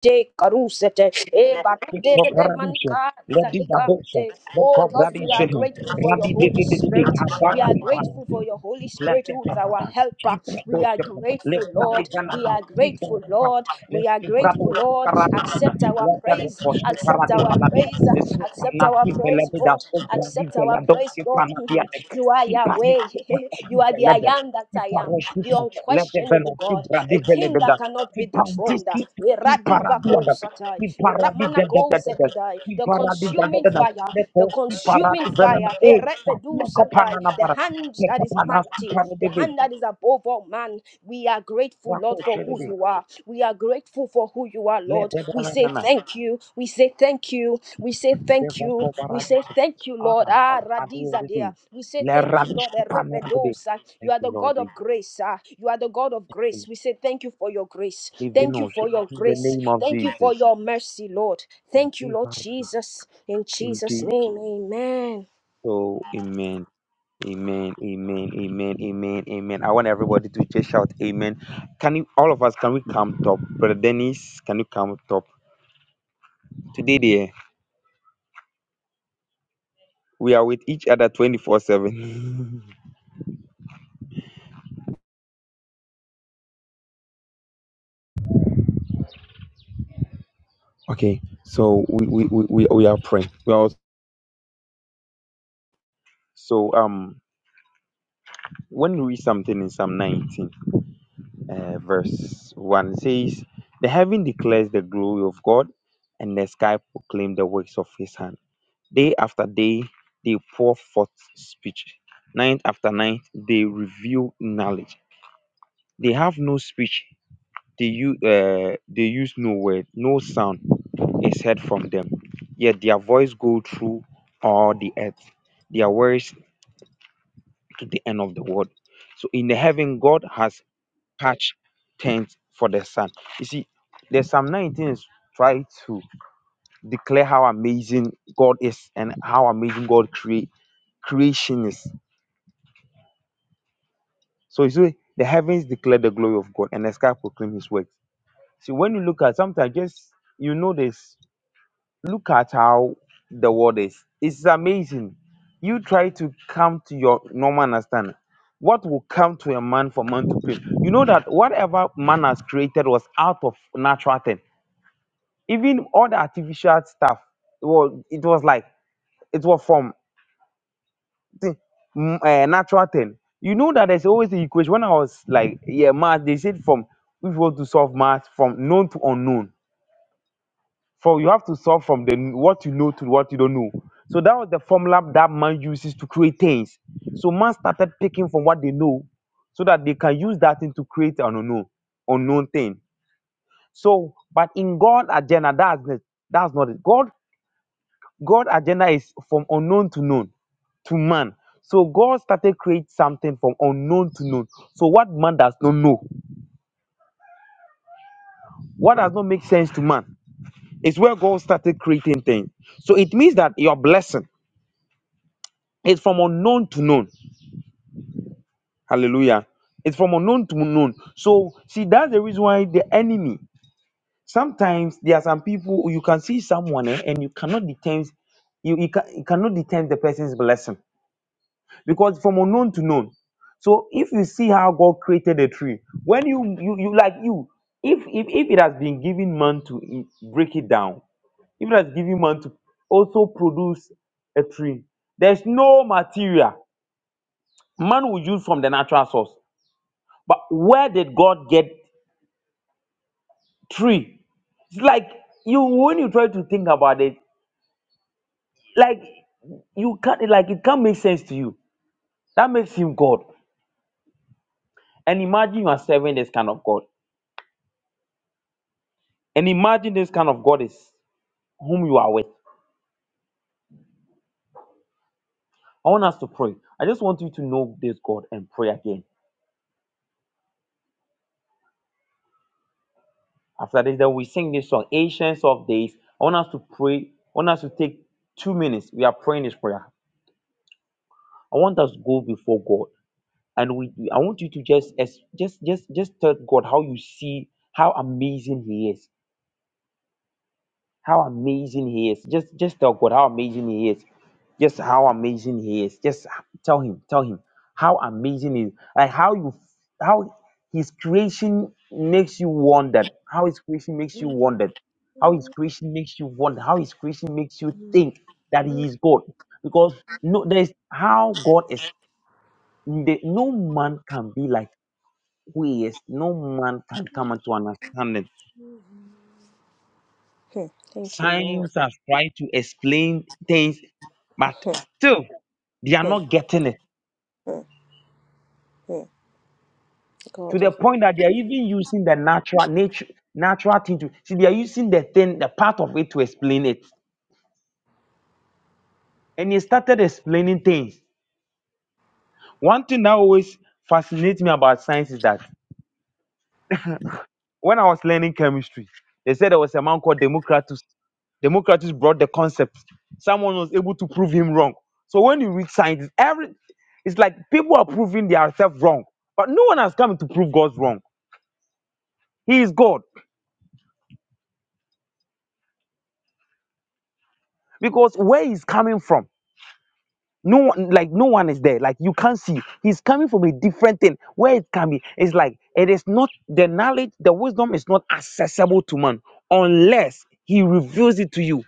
[SPEAKER 1] de karusete e barade de de
[SPEAKER 2] Koparadisha,
[SPEAKER 1] manika
[SPEAKER 2] Lady
[SPEAKER 1] zalika
[SPEAKER 2] Babosha,
[SPEAKER 1] de
[SPEAKER 2] the
[SPEAKER 1] oh lord we are
[SPEAKER 2] Kobradisha,
[SPEAKER 1] grateful for your
[SPEAKER 2] Rabbi
[SPEAKER 1] holy
[SPEAKER 2] Diddy,
[SPEAKER 1] spirit we are
[SPEAKER 2] Kabarabana,
[SPEAKER 1] grateful for your holy
[SPEAKER 2] let
[SPEAKER 1] spirit
[SPEAKER 2] that
[SPEAKER 1] who is our
[SPEAKER 2] happen.
[SPEAKER 1] helper
[SPEAKER 2] Keep
[SPEAKER 1] we
[SPEAKER 2] those
[SPEAKER 1] are
[SPEAKER 2] let
[SPEAKER 1] grateful lord
[SPEAKER 2] Pradigana,
[SPEAKER 1] we are
[SPEAKER 2] keep
[SPEAKER 1] grateful lord we
[SPEAKER 2] Let's
[SPEAKER 1] are
[SPEAKER 2] keep
[SPEAKER 1] grateful
[SPEAKER 2] Brabos to
[SPEAKER 1] lord
[SPEAKER 2] Paradina,
[SPEAKER 1] accept our
[SPEAKER 2] let that
[SPEAKER 1] praise
[SPEAKER 2] was to
[SPEAKER 1] accept our
[SPEAKER 2] Paradina,
[SPEAKER 1] praise
[SPEAKER 2] let's keep
[SPEAKER 1] accept our
[SPEAKER 2] Panaski
[SPEAKER 1] praise
[SPEAKER 2] Veleda,
[SPEAKER 1] lord
[SPEAKER 2] so Grandi
[SPEAKER 1] accept our praise
[SPEAKER 2] Veladoski
[SPEAKER 1] lord
[SPEAKER 2] Panadia,
[SPEAKER 1] You are
[SPEAKER 2] keep Panik,
[SPEAKER 1] Yahweh. You
[SPEAKER 2] keep
[SPEAKER 1] are the I
[SPEAKER 2] Veleda,
[SPEAKER 1] am that
[SPEAKER 2] keep
[SPEAKER 1] I am, the
[SPEAKER 2] Paroshita, let the
[SPEAKER 1] unquestionable God,
[SPEAKER 2] Veloki Grandi
[SPEAKER 1] a king that
[SPEAKER 2] Veleda,
[SPEAKER 1] cannot be
[SPEAKER 2] keep
[SPEAKER 1] dethroned.
[SPEAKER 2] Pantiski, keep
[SPEAKER 1] Eradibako
[SPEAKER 2] Paradia,
[SPEAKER 1] satai,
[SPEAKER 2] Ki paradi da da
[SPEAKER 1] eramanako
[SPEAKER 2] da da da.
[SPEAKER 1] zelidai,
[SPEAKER 2] Ki
[SPEAKER 1] The
[SPEAKER 2] paradi da da
[SPEAKER 1] consuming
[SPEAKER 2] da da.
[SPEAKER 1] fire,
[SPEAKER 2] Leko
[SPEAKER 1] the
[SPEAKER 2] si
[SPEAKER 1] consuming
[SPEAKER 2] paradi
[SPEAKER 1] fire,
[SPEAKER 2] velana e.
[SPEAKER 1] erebedu
[SPEAKER 2] Kakia kopana na
[SPEAKER 1] the
[SPEAKER 2] bara.
[SPEAKER 1] hand
[SPEAKER 2] Le
[SPEAKER 1] that is
[SPEAKER 2] kopana si
[SPEAKER 1] mighty, the
[SPEAKER 2] paradi ve.
[SPEAKER 1] hand that is above all man. We are grateful, Lord,
[SPEAKER 2] Rako
[SPEAKER 1] for who
[SPEAKER 2] shelebe.
[SPEAKER 1] you are. We are are grateful for who you are,
[SPEAKER 2] Le
[SPEAKER 1] Lord. We
[SPEAKER 2] bebana
[SPEAKER 1] say
[SPEAKER 2] na na.
[SPEAKER 1] thank you. We say thank you. We say thank
[SPEAKER 2] Seva
[SPEAKER 1] you.
[SPEAKER 2] ko
[SPEAKER 1] We
[SPEAKER 2] paradi
[SPEAKER 1] say
[SPEAKER 2] che.
[SPEAKER 1] thank you, Lord.
[SPEAKER 2] Ana of
[SPEAKER 1] Ah,
[SPEAKER 2] adi
[SPEAKER 1] Radiza dear.
[SPEAKER 2] redi.
[SPEAKER 1] We say
[SPEAKER 2] Le
[SPEAKER 1] thank you,
[SPEAKER 2] radish
[SPEAKER 1] Lord.
[SPEAKER 2] ki panu adi.
[SPEAKER 1] Erepedosa. You
[SPEAKER 2] Thank
[SPEAKER 1] are
[SPEAKER 2] you,
[SPEAKER 1] the
[SPEAKER 2] Lord.
[SPEAKER 1] God of grace. Ah, you are the God of grace.
[SPEAKER 2] Jesus.
[SPEAKER 1] We say thank you for your grace.
[SPEAKER 2] Le
[SPEAKER 1] Thank you
[SPEAKER 2] venoshe.
[SPEAKER 1] for your
[SPEAKER 2] In the
[SPEAKER 1] grace.
[SPEAKER 2] name of
[SPEAKER 1] Thank you for
[SPEAKER 2] Jesus.
[SPEAKER 1] your mercy, Lord. Thank you, Lord Jesus. In
[SPEAKER 2] In
[SPEAKER 1] Jesus'
[SPEAKER 2] Jesus.
[SPEAKER 1] name, amen.
[SPEAKER 2] Amen. Amen, amen, amen, amen, amen. I want everybody to just shout amen. Can you all of us can we come top? Brother Dennis, can you come top? Today dear, we are with each other 24-7. okay, so we we, we, we we are praying. We are also, so um when we read something in Psalm 19, uh, verse 1 it says, The heaven declares the glory of God, and the sky proclaim the works of his hand. Day after day, they pour forth speech. Night after night, they reveal knowledge. They have no speech. They use, uh, they use no word. No sound is heard from them. Yet their voice go through all the earth. Their words to the end of the world. So in the heaven, God has patched tents for the sun. You see, the Psalm 19 is try to declare how amazing God is and how amazing God create creation is. So you see, the heavens declare the glory of God and the sky proclaim his works. See, when you look at sometimes just you know this, look at how the world is. It's amazing. You try to come to your normal understanding. What will come to a man for man to claim? You know that whatever man has created was out of natural thing. Even all the artificial stuff, well, it was like it was from thing, mm, eh, natural thing. You know that there's always the equation. When I was like, yeah, math, they said from if you want to solve math from known to unknown. For you have to solve from the kn- what you know to what you don't know. So that was the formula that man uses to create things. So man started picking from what they know so that they can use that thing to create an unknown, unknown thing. So, but in God agenda, that's the- that's not it. God God agenda is from unknown to known. to man. So God started create something from unknown to known. So what man does not know, what does not make sense to man, is where God started creating things. So it means that your blessing is from unknown to known. Hallelujah. It's from unknown to known. So see, that's the reason why the enemy. Sometimes there are some people you can see someone eh, and you cannot determine you, you, can, you cannot determine the person's blessing because from unknown to known. So if you see how God created a tree, when you you, you like you, if, if if it has been given man to i- break it down, if it has given man to also produce a tree, there's no material man will use from the natural source. But where did God get tree? It's like you when you try to think about it, like you can't like it can't make sense to you. That makes him God. And imagine you are serving this kind of God. And imagine this kind of God is whom you are with. I want us to pray. I just want you to know this God and pray again. After this, then we sing this song, Ancients of Days. I want us to pray. I want us to take two minutes. We are praying this prayer. I want us to go before God, and we. I want you to just, as just, just, just tell God how you see how amazing He is. How amazing He is. Just, just tell God how amazing He is. just how amazing he is. Just tell him, tell him how amazing he is. Like how you how his creation makes you wonder. How his creation makes you wonder. How his creation makes you wonder. How his creation makes you think that he is God. Because no there's how God is the, no man can be like who he is. No man can come into understanding.
[SPEAKER 1] Hmm. Thank you, Lord.
[SPEAKER 2] Science has tried to explain things, but
[SPEAKER 1] Hmm,
[SPEAKER 2] still they are
[SPEAKER 1] hmm,
[SPEAKER 2] not getting it
[SPEAKER 1] hmm, hmm.
[SPEAKER 2] to
[SPEAKER 1] God
[SPEAKER 2] the
[SPEAKER 1] of
[SPEAKER 2] point that they are even using the natural nature natural thing to see they are using the thing the part of it to explain it and he started explaining things one thing that always fascinates me about science is that when i was learning chemistry they said there was a man called democritus democritus brought the concept someone was able to prove him wrong so when you read science every it's like people are proving themselves wrong but no one has come to prove god's wrong he is god because where he's coming from no one like no one is there like you can't see he's coming from a different thing where it can be it's like it is not the knowledge the wisdom is not accessible to man unless he reveals it to you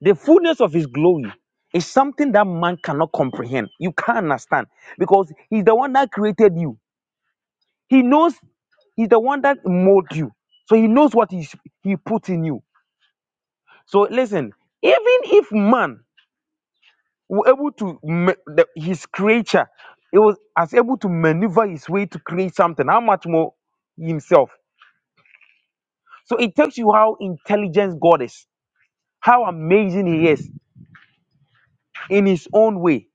[SPEAKER 2] the fullness of his glory is something that man cannot comprehend you can't understand because he's the one that created you he knows he's the one that molded you so he knows what he, he put in you so listen even if man were able to ma- the, his creature it was as able to maneuver his way to create something how much more himself so it tells you how intelligent god is how amazing he is in his own way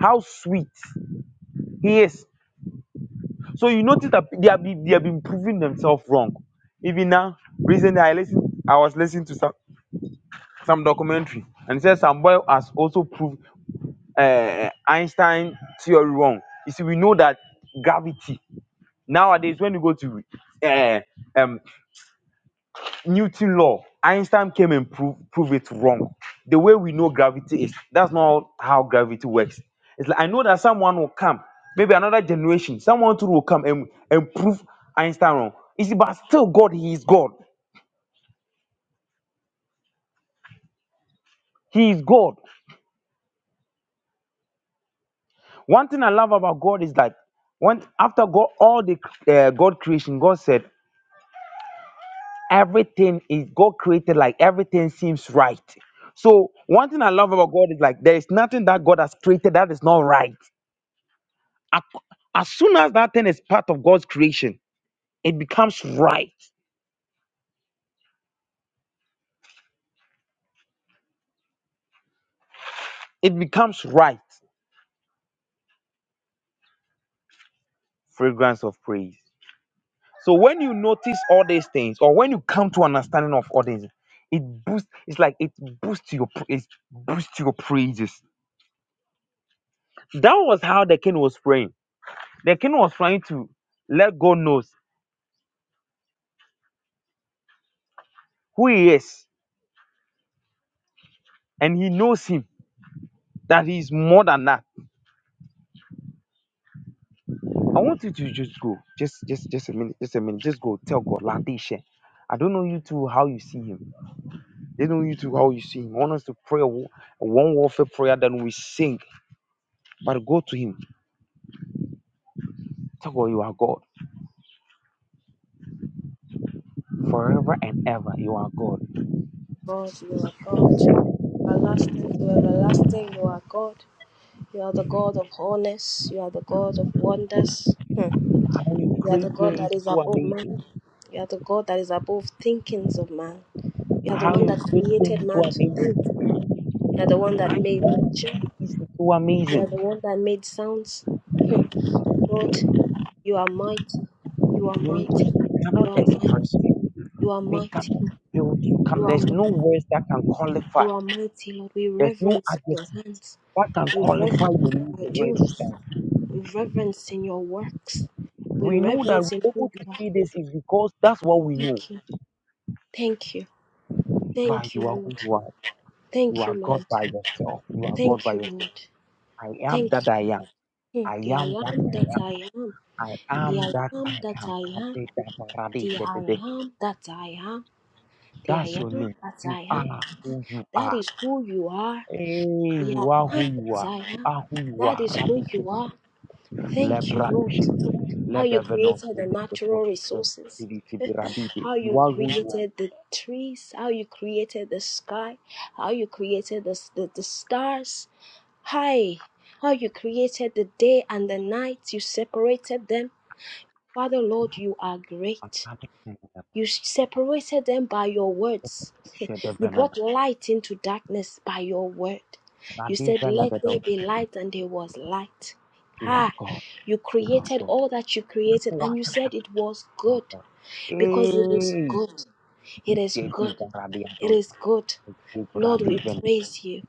[SPEAKER 2] how sweet he is so you notice that they have been, they have been proving themselves wrong even now recently i listened i was listening to some some documentary and it says some boy has also proved uh, einstein theory wrong you see we know that gravity Nowadays, when you go to uh, um, Newton law, Einstein came and prove, prove it wrong. The way we know gravity is, that's not how gravity works. It's like I know that someone will come, maybe another generation, someone too will come and, and prove Einstein wrong. You see, but still God, He is God. He is God. One thing I love about God is that when after God, all the uh, God creation, God said, everything is God created like everything seems right. So one thing I love about God is like there is nothing that God has created that is not right. Ac- As soon as that thing is part of God's creation, it becomes right. It becomes right. Fragrance of praise. So when you notice all these things, or when you come to understanding of all these, it boosts. It's like it boosts your pr- it boosts your praises. That was how the king was praying. The king was trying to let God knows who he is and he knows him that he's more than that. I want you to just go, just just just a minute, just a minute, just go tell God, Ladisha. I don't know you two how you see him. They know you two how you see him. I want us to pray a wa- a one warfare prayer that we sing, but go to him. Tell God you are God forever and ever. You are God.
[SPEAKER 1] God, you are God. Everlasting to everlasting, you are God. You are the God of wholeness. You are the God of wonders. Hmm.
[SPEAKER 2] How you
[SPEAKER 1] You are the
[SPEAKER 2] create
[SPEAKER 1] God
[SPEAKER 2] things
[SPEAKER 1] that is
[SPEAKER 2] so
[SPEAKER 1] above man.
[SPEAKER 2] amazing.
[SPEAKER 1] You are the God that is above thinkings of man. You are the
[SPEAKER 2] How
[SPEAKER 1] one
[SPEAKER 2] you
[SPEAKER 1] that
[SPEAKER 2] create
[SPEAKER 1] created
[SPEAKER 2] things so
[SPEAKER 1] man to
[SPEAKER 2] amazing.
[SPEAKER 1] think.
[SPEAKER 2] Mm.
[SPEAKER 1] You are the one
[SPEAKER 2] How
[SPEAKER 1] that made
[SPEAKER 2] you
[SPEAKER 1] nature.
[SPEAKER 2] create things so
[SPEAKER 1] You are the
[SPEAKER 2] amazing.
[SPEAKER 1] one that made sounds. Hmm. Lord, you are mighty. You are
[SPEAKER 2] We we
[SPEAKER 1] mighty. You
[SPEAKER 2] cannot
[SPEAKER 1] are mighty.
[SPEAKER 2] express. it.
[SPEAKER 1] You are
[SPEAKER 2] We
[SPEAKER 1] mighty. Lord.
[SPEAKER 2] can you, you can
[SPEAKER 1] You are
[SPEAKER 2] there's no
[SPEAKER 1] mighty.
[SPEAKER 2] words that can qualify.
[SPEAKER 1] You are mighty, Lord. We
[SPEAKER 2] There's no
[SPEAKER 1] reverence your
[SPEAKER 2] adjective
[SPEAKER 1] hands.
[SPEAKER 2] that can
[SPEAKER 1] We
[SPEAKER 2] qualify the
[SPEAKER 1] reverence
[SPEAKER 2] meaning
[SPEAKER 1] your
[SPEAKER 2] of your
[SPEAKER 1] doings.
[SPEAKER 2] existence.
[SPEAKER 1] reverence in your works. We
[SPEAKER 2] We know that
[SPEAKER 1] reverence in
[SPEAKER 2] we're
[SPEAKER 1] who
[SPEAKER 2] able
[SPEAKER 1] you
[SPEAKER 2] to
[SPEAKER 1] are.
[SPEAKER 2] see this is because that's what we know.
[SPEAKER 1] Thank you. Thank you.
[SPEAKER 2] But
[SPEAKER 1] Thank you,
[SPEAKER 2] you are
[SPEAKER 1] Lord.
[SPEAKER 2] who you are. You
[SPEAKER 1] Thank you,
[SPEAKER 2] are God
[SPEAKER 1] Lord.
[SPEAKER 2] by yourself. You are God
[SPEAKER 1] Thank
[SPEAKER 2] by
[SPEAKER 1] you,
[SPEAKER 2] yourself.
[SPEAKER 1] Lord.
[SPEAKER 2] I am
[SPEAKER 1] Thank
[SPEAKER 2] that
[SPEAKER 1] you.
[SPEAKER 2] I am.
[SPEAKER 1] Hmm.
[SPEAKER 2] I
[SPEAKER 1] The
[SPEAKER 2] am
[SPEAKER 1] I
[SPEAKER 2] that
[SPEAKER 1] am
[SPEAKER 2] I
[SPEAKER 1] that
[SPEAKER 2] am.
[SPEAKER 1] I am.
[SPEAKER 2] I
[SPEAKER 1] The
[SPEAKER 2] am
[SPEAKER 1] I
[SPEAKER 2] that
[SPEAKER 1] am
[SPEAKER 2] I
[SPEAKER 1] that
[SPEAKER 2] am.
[SPEAKER 1] I am. The I
[SPEAKER 2] Abedabaradeefedede.
[SPEAKER 1] am that I am. The
[SPEAKER 2] That's
[SPEAKER 1] I
[SPEAKER 2] your
[SPEAKER 1] am
[SPEAKER 2] name.
[SPEAKER 1] that
[SPEAKER 2] You
[SPEAKER 1] I am.
[SPEAKER 2] are who you
[SPEAKER 1] That
[SPEAKER 2] are.
[SPEAKER 1] is who you are.
[SPEAKER 2] Hey,
[SPEAKER 1] The
[SPEAKER 2] you are
[SPEAKER 1] I
[SPEAKER 2] who
[SPEAKER 1] am
[SPEAKER 2] you
[SPEAKER 1] that
[SPEAKER 2] are.
[SPEAKER 1] I
[SPEAKER 2] You
[SPEAKER 1] am.
[SPEAKER 2] are who you
[SPEAKER 1] That is who
[SPEAKER 2] are.
[SPEAKER 1] you are. Thank you,
[SPEAKER 2] Lepra
[SPEAKER 1] Lord.
[SPEAKER 2] shikli.
[SPEAKER 1] How
[SPEAKER 2] Let
[SPEAKER 1] you
[SPEAKER 2] the venom
[SPEAKER 1] created the
[SPEAKER 2] of the the
[SPEAKER 1] natural
[SPEAKER 2] conscious
[SPEAKER 1] resources
[SPEAKER 2] activity be radide.
[SPEAKER 1] how you
[SPEAKER 2] You are who you
[SPEAKER 1] created the trees, how you created the sky, how you created the, the, the stars. Hi, how you created the day and the night, you separated them. Father, Lord, you are
[SPEAKER 2] are.
[SPEAKER 1] great.
[SPEAKER 2] And can
[SPEAKER 1] You separated them by your words.
[SPEAKER 2] share the
[SPEAKER 1] You
[SPEAKER 2] venom.
[SPEAKER 1] brought light into darkness by your word. You
[SPEAKER 2] And this
[SPEAKER 1] said,
[SPEAKER 2] venom
[SPEAKER 1] Let
[SPEAKER 2] that
[SPEAKER 1] there be light, and there was light.
[SPEAKER 2] you are
[SPEAKER 1] Ah,
[SPEAKER 2] God.
[SPEAKER 1] you
[SPEAKER 2] You are
[SPEAKER 1] created
[SPEAKER 2] God.
[SPEAKER 1] all that you created, and
[SPEAKER 2] What
[SPEAKER 1] you said it was
[SPEAKER 2] are
[SPEAKER 1] good
[SPEAKER 2] God?
[SPEAKER 1] because it is
[SPEAKER 2] Hey,
[SPEAKER 1] good. It
[SPEAKER 2] this
[SPEAKER 1] is
[SPEAKER 2] is the
[SPEAKER 1] good. It
[SPEAKER 2] radiados.
[SPEAKER 1] is good.
[SPEAKER 2] Give
[SPEAKER 1] Lord, we
[SPEAKER 2] radiven.
[SPEAKER 1] praise you.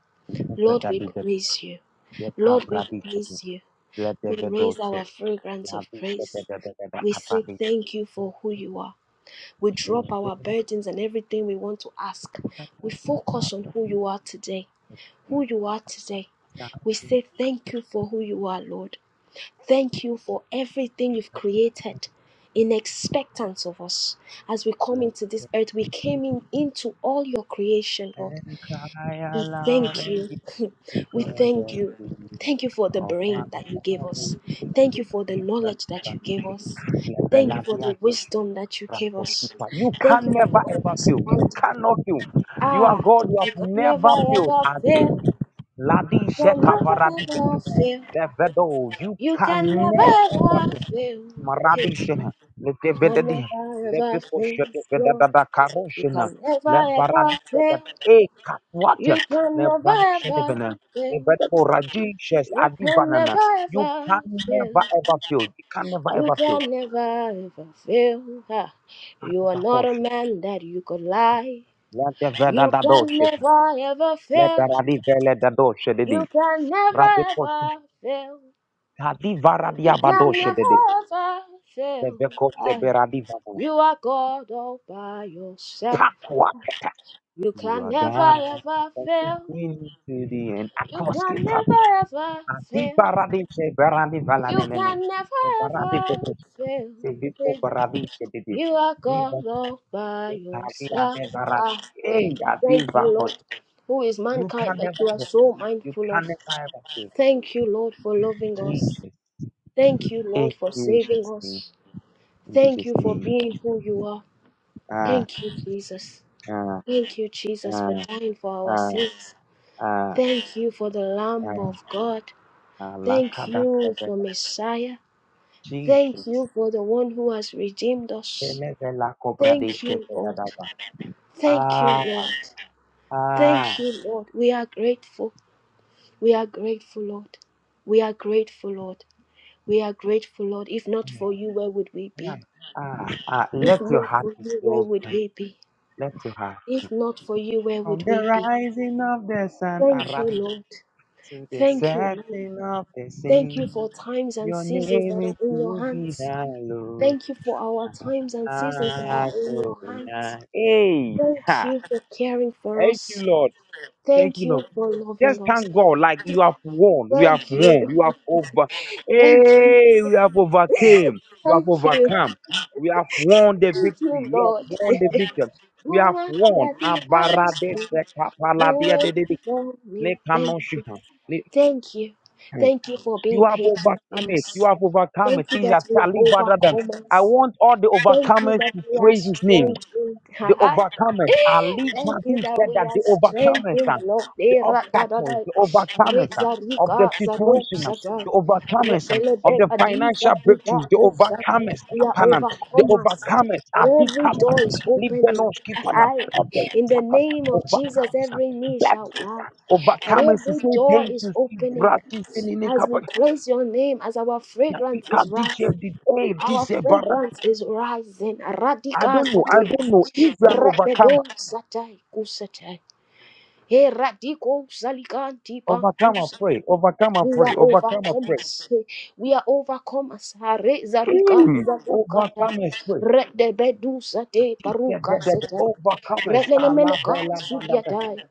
[SPEAKER 1] Lord,
[SPEAKER 2] Whether
[SPEAKER 1] we
[SPEAKER 2] the
[SPEAKER 1] praise you.
[SPEAKER 2] the cab
[SPEAKER 1] Lord, we
[SPEAKER 2] radish.
[SPEAKER 1] praise you.
[SPEAKER 2] Let the
[SPEAKER 1] We
[SPEAKER 2] venom
[SPEAKER 1] raise
[SPEAKER 2] say.
[SPEAKER 1] our fragrance of
[SPEAKER 2] Radish. The the
[SPEAKER 1] praise.
[SPEAKER 2] the the the
[SPEAKER 1] We say
[SPEAKER 2] apathy.
[SPEAKER 1] thank you for who you are. We drop
[SPEAKER 2] Let the
[SPEAKER 1] our burdens and everything we want to ask.
[SPEAKER 2] venom.
[SPEAKER 1] We focus on who you are today. Who you are today. We say thank you for who you are, Lord. Thank you for everything you've created in expectance of us. As we come
[SPEAKER 2] Let
[SPEAKER 1] into this
[SPEAKER 2] the
[SPEAKER 1] earth, we
[SPEAKER 2] venom.
[SPEAKER 1] came in into all your creation, Lord.
[SPEAKER 2] and cry
[SPEAKER 1] We
[SPEAKER 2] aloud
[SPEAKER 1] thank
[SPEAKER 2] and
[SPEAKER 1] you.
[SPEAKER 2] give God
[SPEAKER 1] we
[SPEAKER 2] the
[SPEAKER 1] thank you.
[SPEAKER 2] glory.
[SPEAKER 1] Thank you for the
[SPEAKER 2] of our
[SPEAKER 1] brain that you gave us. Thank you for the knowledge that you gave
[SPEAKER 2] salvation.
[SPEAKER 1] us. Thank you for the wisdom that you gave us.
[SPEAKER 2] You
[SPEAKER 1] Thank you
[SPEAKER 2] can
[SPEAKER 1] for
[SPEAKER 2] never
[SPEAKER 1] the
[SPEAKER 2] ever fail. You
[SPEAKER 1] understanding.
[SPEAKER 2] cannot fail. You are
[SPEAKER 1] Ah,
[SPEAKER 2] God. You
[SPEAKER 1] you
[SPEAKER 2] have
[SPEAKER 1] can never
[SPEAKER 2] never failed.
[SPEAKER 1] ever
[SPEAKER 2] I
[SPEAKER 1] fail.
[SPEAKER 2] think Ladi
[SPEAKER 1] You can
[SPEAKER 2] Sheta
[SPEAKER 1] never ever
[SPEAKER 2] Paradiso.
[SPEAKER 1] fail.
[SPEAKER 2] Levedo. You
[SPEAKER 1] You can
[SPEAKER 2] can
[SPEAKER 1] never
[SPEAKER 2] never fail.
[SPEAKER 1] ever fail. Hey.
[SPEAKER 2] Maradishina,
[SPEAKER 1] You
[SPEAKER 2] Lete
[SPEAKER 1] can
[SPEAKER 2] Vedadi,
[SPEAKER 1] never ever
[SPEAKER 2] Lepico
[SPEAKER 1] fail,
[SPEAKER 2] Shete
[SPEAKER 1] Lord.
[SPEAKER 2] Vedada
[SPEAKER 1] You
[SPEAKER 2] Karoshina,
[SPEAKER 1] can never
[SPEAKER 2] Le
[SPEAKER 1] ever
[SPEAKER 2] Baradisha, da
[SPEAKER 1] fail.
[SPEAKER 2] E
[SPEAKER 1] You
[SPEAKER 2] Katwata,
[SPEAKER 1] can
[SPEAKER 2] Le
[SPEAKER 1] never ever
[SPEAKER 2] Bradishina, Le
[SPEAKER 1] fail.
[SPEAKER 2] Vedabo Radishes
[SPEAKER 1] You can never
[SPEAKER 2] Adivanana. You
[SPEAKER 1] ever
[SPEAKER 2] can
[SPEAKER 1] fail.
[SPEAKER 2] never ever fail. You can never
[SPEAKER 1] You
[SPEAKER 2] ever fail.
[SPEAKER 1] can never ever fail. Ha. You are not a
[SPEAKER 2] Arabakoshe,
[SPEAKER 1] man that you could lie.
[SPEAKER 2] Lete
[SPEAKER 1] You
[SPEAKER 2] Vedada
[SPEAKER 1] can
[SPEAKER 2] Doshe,
[SPEAKER 1] never ever
[SPEAKER 2] Le
[SPEAKER 1] fail.
[SPEAKER 2] Baradi Vele Dadoshe
[SPEAKER 1] You
[SPEAKER 2] Dedi,
[SPEAKER 1] can never
[SPEAKER 2] Rabikoche,
[SPEAKER 1] ever fail.
[SPEAKER 2] Tadi
[SPEAKER 1] You
[SPEAKER 2] Varadia
[SPEAKER 1] can
[SPEAKER 2] Badoshe Dedi,
[SPEAKER 1] never ever
[SPEAKER 2] Le
[SPEAKER 1] fail.
[SPEAKER 2] Vekoche
[SPEAKER 1] Aye.
[SPEAKER 2] Beradi Vanana.
[SPEAKER 1] You are God all by yourself.
[SPEAKER 2] Pakwa
[SPEAKER 1] You
[SPEAKER 2] You
[SPEAKER 1] can
[SPEAKER 2] are
[SPEAKER 1] never
[SPEAKER 2] God.
[SPEAKER 1] ever fail.
[SPEAKER 2] Continue to the end.
[SPEAKER 1] You can
[SPEAKER 2] Akoski pati.
[SPEAKER 1] never ever
[SPEAKER 2] Adi
[SPEAKER 1] fail.
[SPEAKER 2] baradi se baradi
[SPEAKER 1] You
[SPEAKER 2] valane nene.
[SPEAKER 1] can never
[SPEAKER 2] Se baradi
[SPEAKER 1] ever
[SPEAKER 2] bebe.
[SPEAKER 1] fail.
[SPEAKER 2] Se vipo
[SPEAKER 1] fail.
[SPEAKER 2] baradi se bebe.
[SPEAKER 1] You are
[SPEAKER 2] Liba
[SPEAKER 1] God all by
[SPEAKER 2] se kari
[SPEAKER 1] yourself.
[SPEAKER 2] ade baradi.
[SPEAKER 1] Ah,
[SPEAKER 2] Hey, adi
[SPEAKER 1] thank you,
[SPEAKER 2] bakot.
[SPEAKER 1] Lord. Who is
[SPEAKER 2] You
[SPEAKER 1] mankind
[SPEAKER 2] can
[SPEAKER 1] that
[SPEAKER 2] never
[SPEAKER 1] you are
[SPEAKER 2] fail.
[SPEAKER 1] so
[SPEAKER 2] You
[SPEAKER 1] mindful of?
[SPEAKER 2] can never ever fail.
[SPEAKER 1] Thank you, Lord, for loving us.
[SPEAKER 2] Jesus.
[SPEAKER 1] Thank you,
[SPEAKER 2] In
[SPEAKER 1] Lord, for saving
[SPEAKER 2] Jesus' name.
[SPEAKER 1] us.
[SPEAKER 2] In
[SPEAKER 1] Thank
[SPEAKER 2] Jesus'
[SPEAKER 1] you for
[SPEAKER 2] name.
[SPEAKER 1] being who you are.
[SPEAKER 2] Ah,
[SPEAKER 1] Thank you, Jesus.
[SPEAKER 2] ah,
[SPEAKER 1] Thank you, Jesus, for
[SPEAKER 2] ah,
[SPEAKER 1] dying for our
[SPEAKER 2] ah,
[SPEAKER 1] sins.
[SPEAKER 2] ah,
[SPEAKER 1] Thank you for the Lamb
[SPEAKER 2] ah.
[SPEAKER 1] of God.
[SPEAKER 2] ah,
[SPEAKER 1] Thank
[SPEAKER 2] Lakada
[SPEAKER 1] you for
[SPEAKER 2] sebeda.
[SPEAKER 1] Messiah. Thank
[SPEAKER 2] Jesus.
[SPEAKER 1] you for the one who has redeemed us.
[SPEAKER 2] Ele vela kobra
[SPEAKER 1] Thank
[SPEAKER 2] deshke
[SPEAKER 1] you,
[SPEAKER 2] vela
[SPEAKER 1] Lord.
[SPEAKER 2] daba.
[SPEAKER 1] Thank you,
[SPEAKER 2] Ah,
[SPEAKER 1] Lord. Thank
[SPEAKER 2] ah,
[SPEAKER 1] you, Lord. We are grateful. We are grateful, Lord. We are grateful, Lord. We are grateful, Lord. If not for
[SPEAKER 2] yeah,
[SPEAKER 1] you, where would we be?
[SPEAKER 2] yeah, ah, ah.
[SPEAKER 1] If
[SPEAKER 2] Let your
[SPEAKER 1] not
[SPEAKER 2] heart
[SPEAKER 1] for
[SPEAKER 2] be
[SPEAKER 1] you, where
[SPEAKER 2] so
[SPEAKER 1] would
[SPEAKER 2] kind.
[SPEAKER 1] we be?
[SPEAKER 2] Let your heart.
[SPEAKER 1] If not for you, where would
[SPEAKER 2] From the
[SPEAKER 1] we be?
[SPEAKER 2] rising of the sun, I
[SPEAKER 1] Thank you,
[SPEAKER 2] rally
[SPEAKER 1] Lord.
[SPEAKER 2] to the
[SPEAKER 1] Thank you, Lord.
[SPEAKER 2] setting of the sun.
[SPEAKER 1] Thank you for times and
[SPEAKER 2] Your
[SPEAKER 1] seasons that are
[SPEAKER 2] name is
[SPEAKER 1] in your
[SPEAKER 2] to be
[SPEAKER 1] hands.
[SPEAKER 2] hallowed.
[SPEAKER 1] Thank you for our times and seasons that are
[SPEAKER 2] Ah, ah, ah,
[SPEAKER 1] in your
[SPEAKER 2] ah.
[SPEAKER 1] hands.
[SPEAKER 2] Hey,
[SPEAKER 1] Thank
[SPEAKER 2] ha.
[SPEAKER 1] you for caring for
[SPEAKER 2] Thank
[SPEAKER 1] us.
[SPEAKER 2] you, Lord. Thank
[SPEAKER 1] Thank
[SPEAKER 2] you, Lord.
[SPEAKER 1] you for
[SPEAKER 2] Just
[SPEAKER 1] loving us.
[SPEAKER 2] thank God, like you have won, we have
[SPEAKER 1] Thank
[SPEAKER 2] won,
[SPEAKER 1] you.
[SPEAKER 2] you have over,
[SPEAKER 1] Thank you.
[SPEAKER 2] hey, we have overcame, we have
[SPEAKER 1] Thank you.
[SPEAKER 2] overcome, we have won the victory,
[SPEAKER 1] Thank you,
[SPEAKER 2] we
[SPEAKER 1] Lord.
[SPEAKER 2] have won the victim, we have
[SPEAKER 1] Woman,
[SPEAKER 2] won.
[SPEAKER 1] that the highest
[SPEAKER 2] Abarade
[SPEAKER 1] thing
[SPEAKER 2] sekapaladia
[SPEAKER 1] doing
[SPEAKER 2] dedede,
[SPEAKER 1] for me. Thank you.
[SPEAKER 2] lekanoshiha, le-
[SPEAKER 1] Thank you.
[SPEAKER 2] hmm.
[SPEAKER 1] Thank you for
[SPEAKER 2] You
[SPEAKER 1] being
[SPEAKER 2] have
[SPEAKER 1] patient
[SPEAKER 2] overcome
[SPEAKER 1] with
[SPEAKER 2] it, you
[SPEAKER 1] us.
[SPEAKER 2] have overcome it.
[SPEAKER 1] Thank you
[SPEAKER 2] These
[SPEAKER 1] that
[SPEAKER 2] are
[SPEAKER 1] we are
[SPEAKER 2] Talibadadam. I
[SPEAKER 1] overcomers.
[SPEAKER 2] want all the
[SPEAKER 1] Thank you
[SPEAKER 2] overcomers
[SPEAKER 1] that
[SPEAKER 2] to
[SPEAKER 1] we are
[SPEAKER 2] praise his name.
[SPEAKER 1] strong
[SPEAKER 2] The
[SPEAKER 1] strengthened.
[SPEAKER 2] overcomers. Ali
[SPEAKER 1] Thank you
[SPEAKER 2] Padu
[SPEAKER 1] that
[SPEAKER 2] said
[SPEAKER 1] we
[SPEAKER 2] that
[SPEAKER 1] are
[SPEAKER 2] the overcomers, uh,
[SPEAKER 1] strengthened, Lord.
[SPEAKER 2] the
[SPEAKER 1] Eh, ra, da, da,
[SPEAKER 2] obstacles,
[SPEAKER 1] da.
[SPEAKER 2] the
[SPEAKER 1] Re,
[SPEAKER 2] overcomers uh,
[SPEAKER 1] za, ri,
[SPEAKER 2] of the
[SPEAKER 1] ga, za, ro,
[SPEAKER 2] situation, uh,
[SPEAKER 1] za, da.
[SPEAKER 2] the
[SPEAKER 1] Re,
[SPEAKER 2] overcomers
[SPEAKER 1] de,
[SPEAKER 2] um,
[SPEAKER 1] le,
[SPEAKER 2] of
[SPEAKER 1] de,
[SPEAKER 2] the
[SPEAKER 1] ba, di, za,
[SPEAKER 2] financial
[SPEAKER 1] di, ga,
[SPEAKER 2] breakthroughs, the
[SPEAKER 1] go, za.
[SPEAKER 2] overcomers,
[SPEAKER 1] We are
[SPEAKER 2] Apanam, the
[SPEAKER 1] overcomers.
[SPEAKER 2] overcomers,
[SPEAKER 1] That
[SPEAKER 2] are Ali
[SPEAKER 1] every
[SPEAKER 2] Kappa,
[SPEAKER 1] door is opening.
[SPEAKER 2] Libenoski Panam,
[SPEAKER 1] I, in the name of Jesus,
[SPEAKER 2] overcomers. uh,
[SPEAKER 1] every knee
[SPEAKER 2] That
[SPEAKER 1] shall
[SPEAKER 2] is
[SPEAKER 1] bow.
[SPEAKER 2] uh,
[SPEAKER 1] That
[SPEAKER 2] overcomers to
[SPEAKER 1] every
[SPEAKER 2] say
[SPEAKER 1] door
[SPEAKER 2] thank
[SPEAKER 1] is
[SPEAKER 2] you,
[SPEAKER 1] opening.
[SPEAKER 2] Brati Finini
[SPEAKER 1] As
[SPEAKER 2] Kappa.
[SPEAKER 1] we place your name, as our fragrance
[SPEAKER 2] I
[SPEAKER 1] is rising. Our fragrance is rising. Radika
[SPEAKER 2] don't know. I
[SPEAKER 1] sate.
[SPEAKER 2] don't know. If you're an overcomer.
[SPEAKER 1] Rebedo satai kusatai. Hey, radiko salikanti
[SPEAKER 2] Overcome and
[SPEAKER 1] bantus.
[SPEAKER 2] pray. Overcome and
[SPEAKER 1] We
[SPEAKER 2] pray.
[SPEAKER 1] are
[SPEAKER 2] Overcome and pray.
[SPEAKER 1] overcomers. We are overcomers. Hare zarika
[SPEAKER 2] Mm.
[SPEAKER 1] zaruka.
[SPEAKER 2] Overcome and pray.
[SPEAKER 1] Redebedu sate
[SPEAKER 2] If The, the,
[SPEAKER 1] paruka
[SPEAKER 2] the, the
[SPEAKER 1] satai.
[SPEAKER 2] overcomers are la
[SPEAKER 1] Redenemeneka
[SPEAKER 2] bella bella bella.
[SPEAKER 1] sudiatai.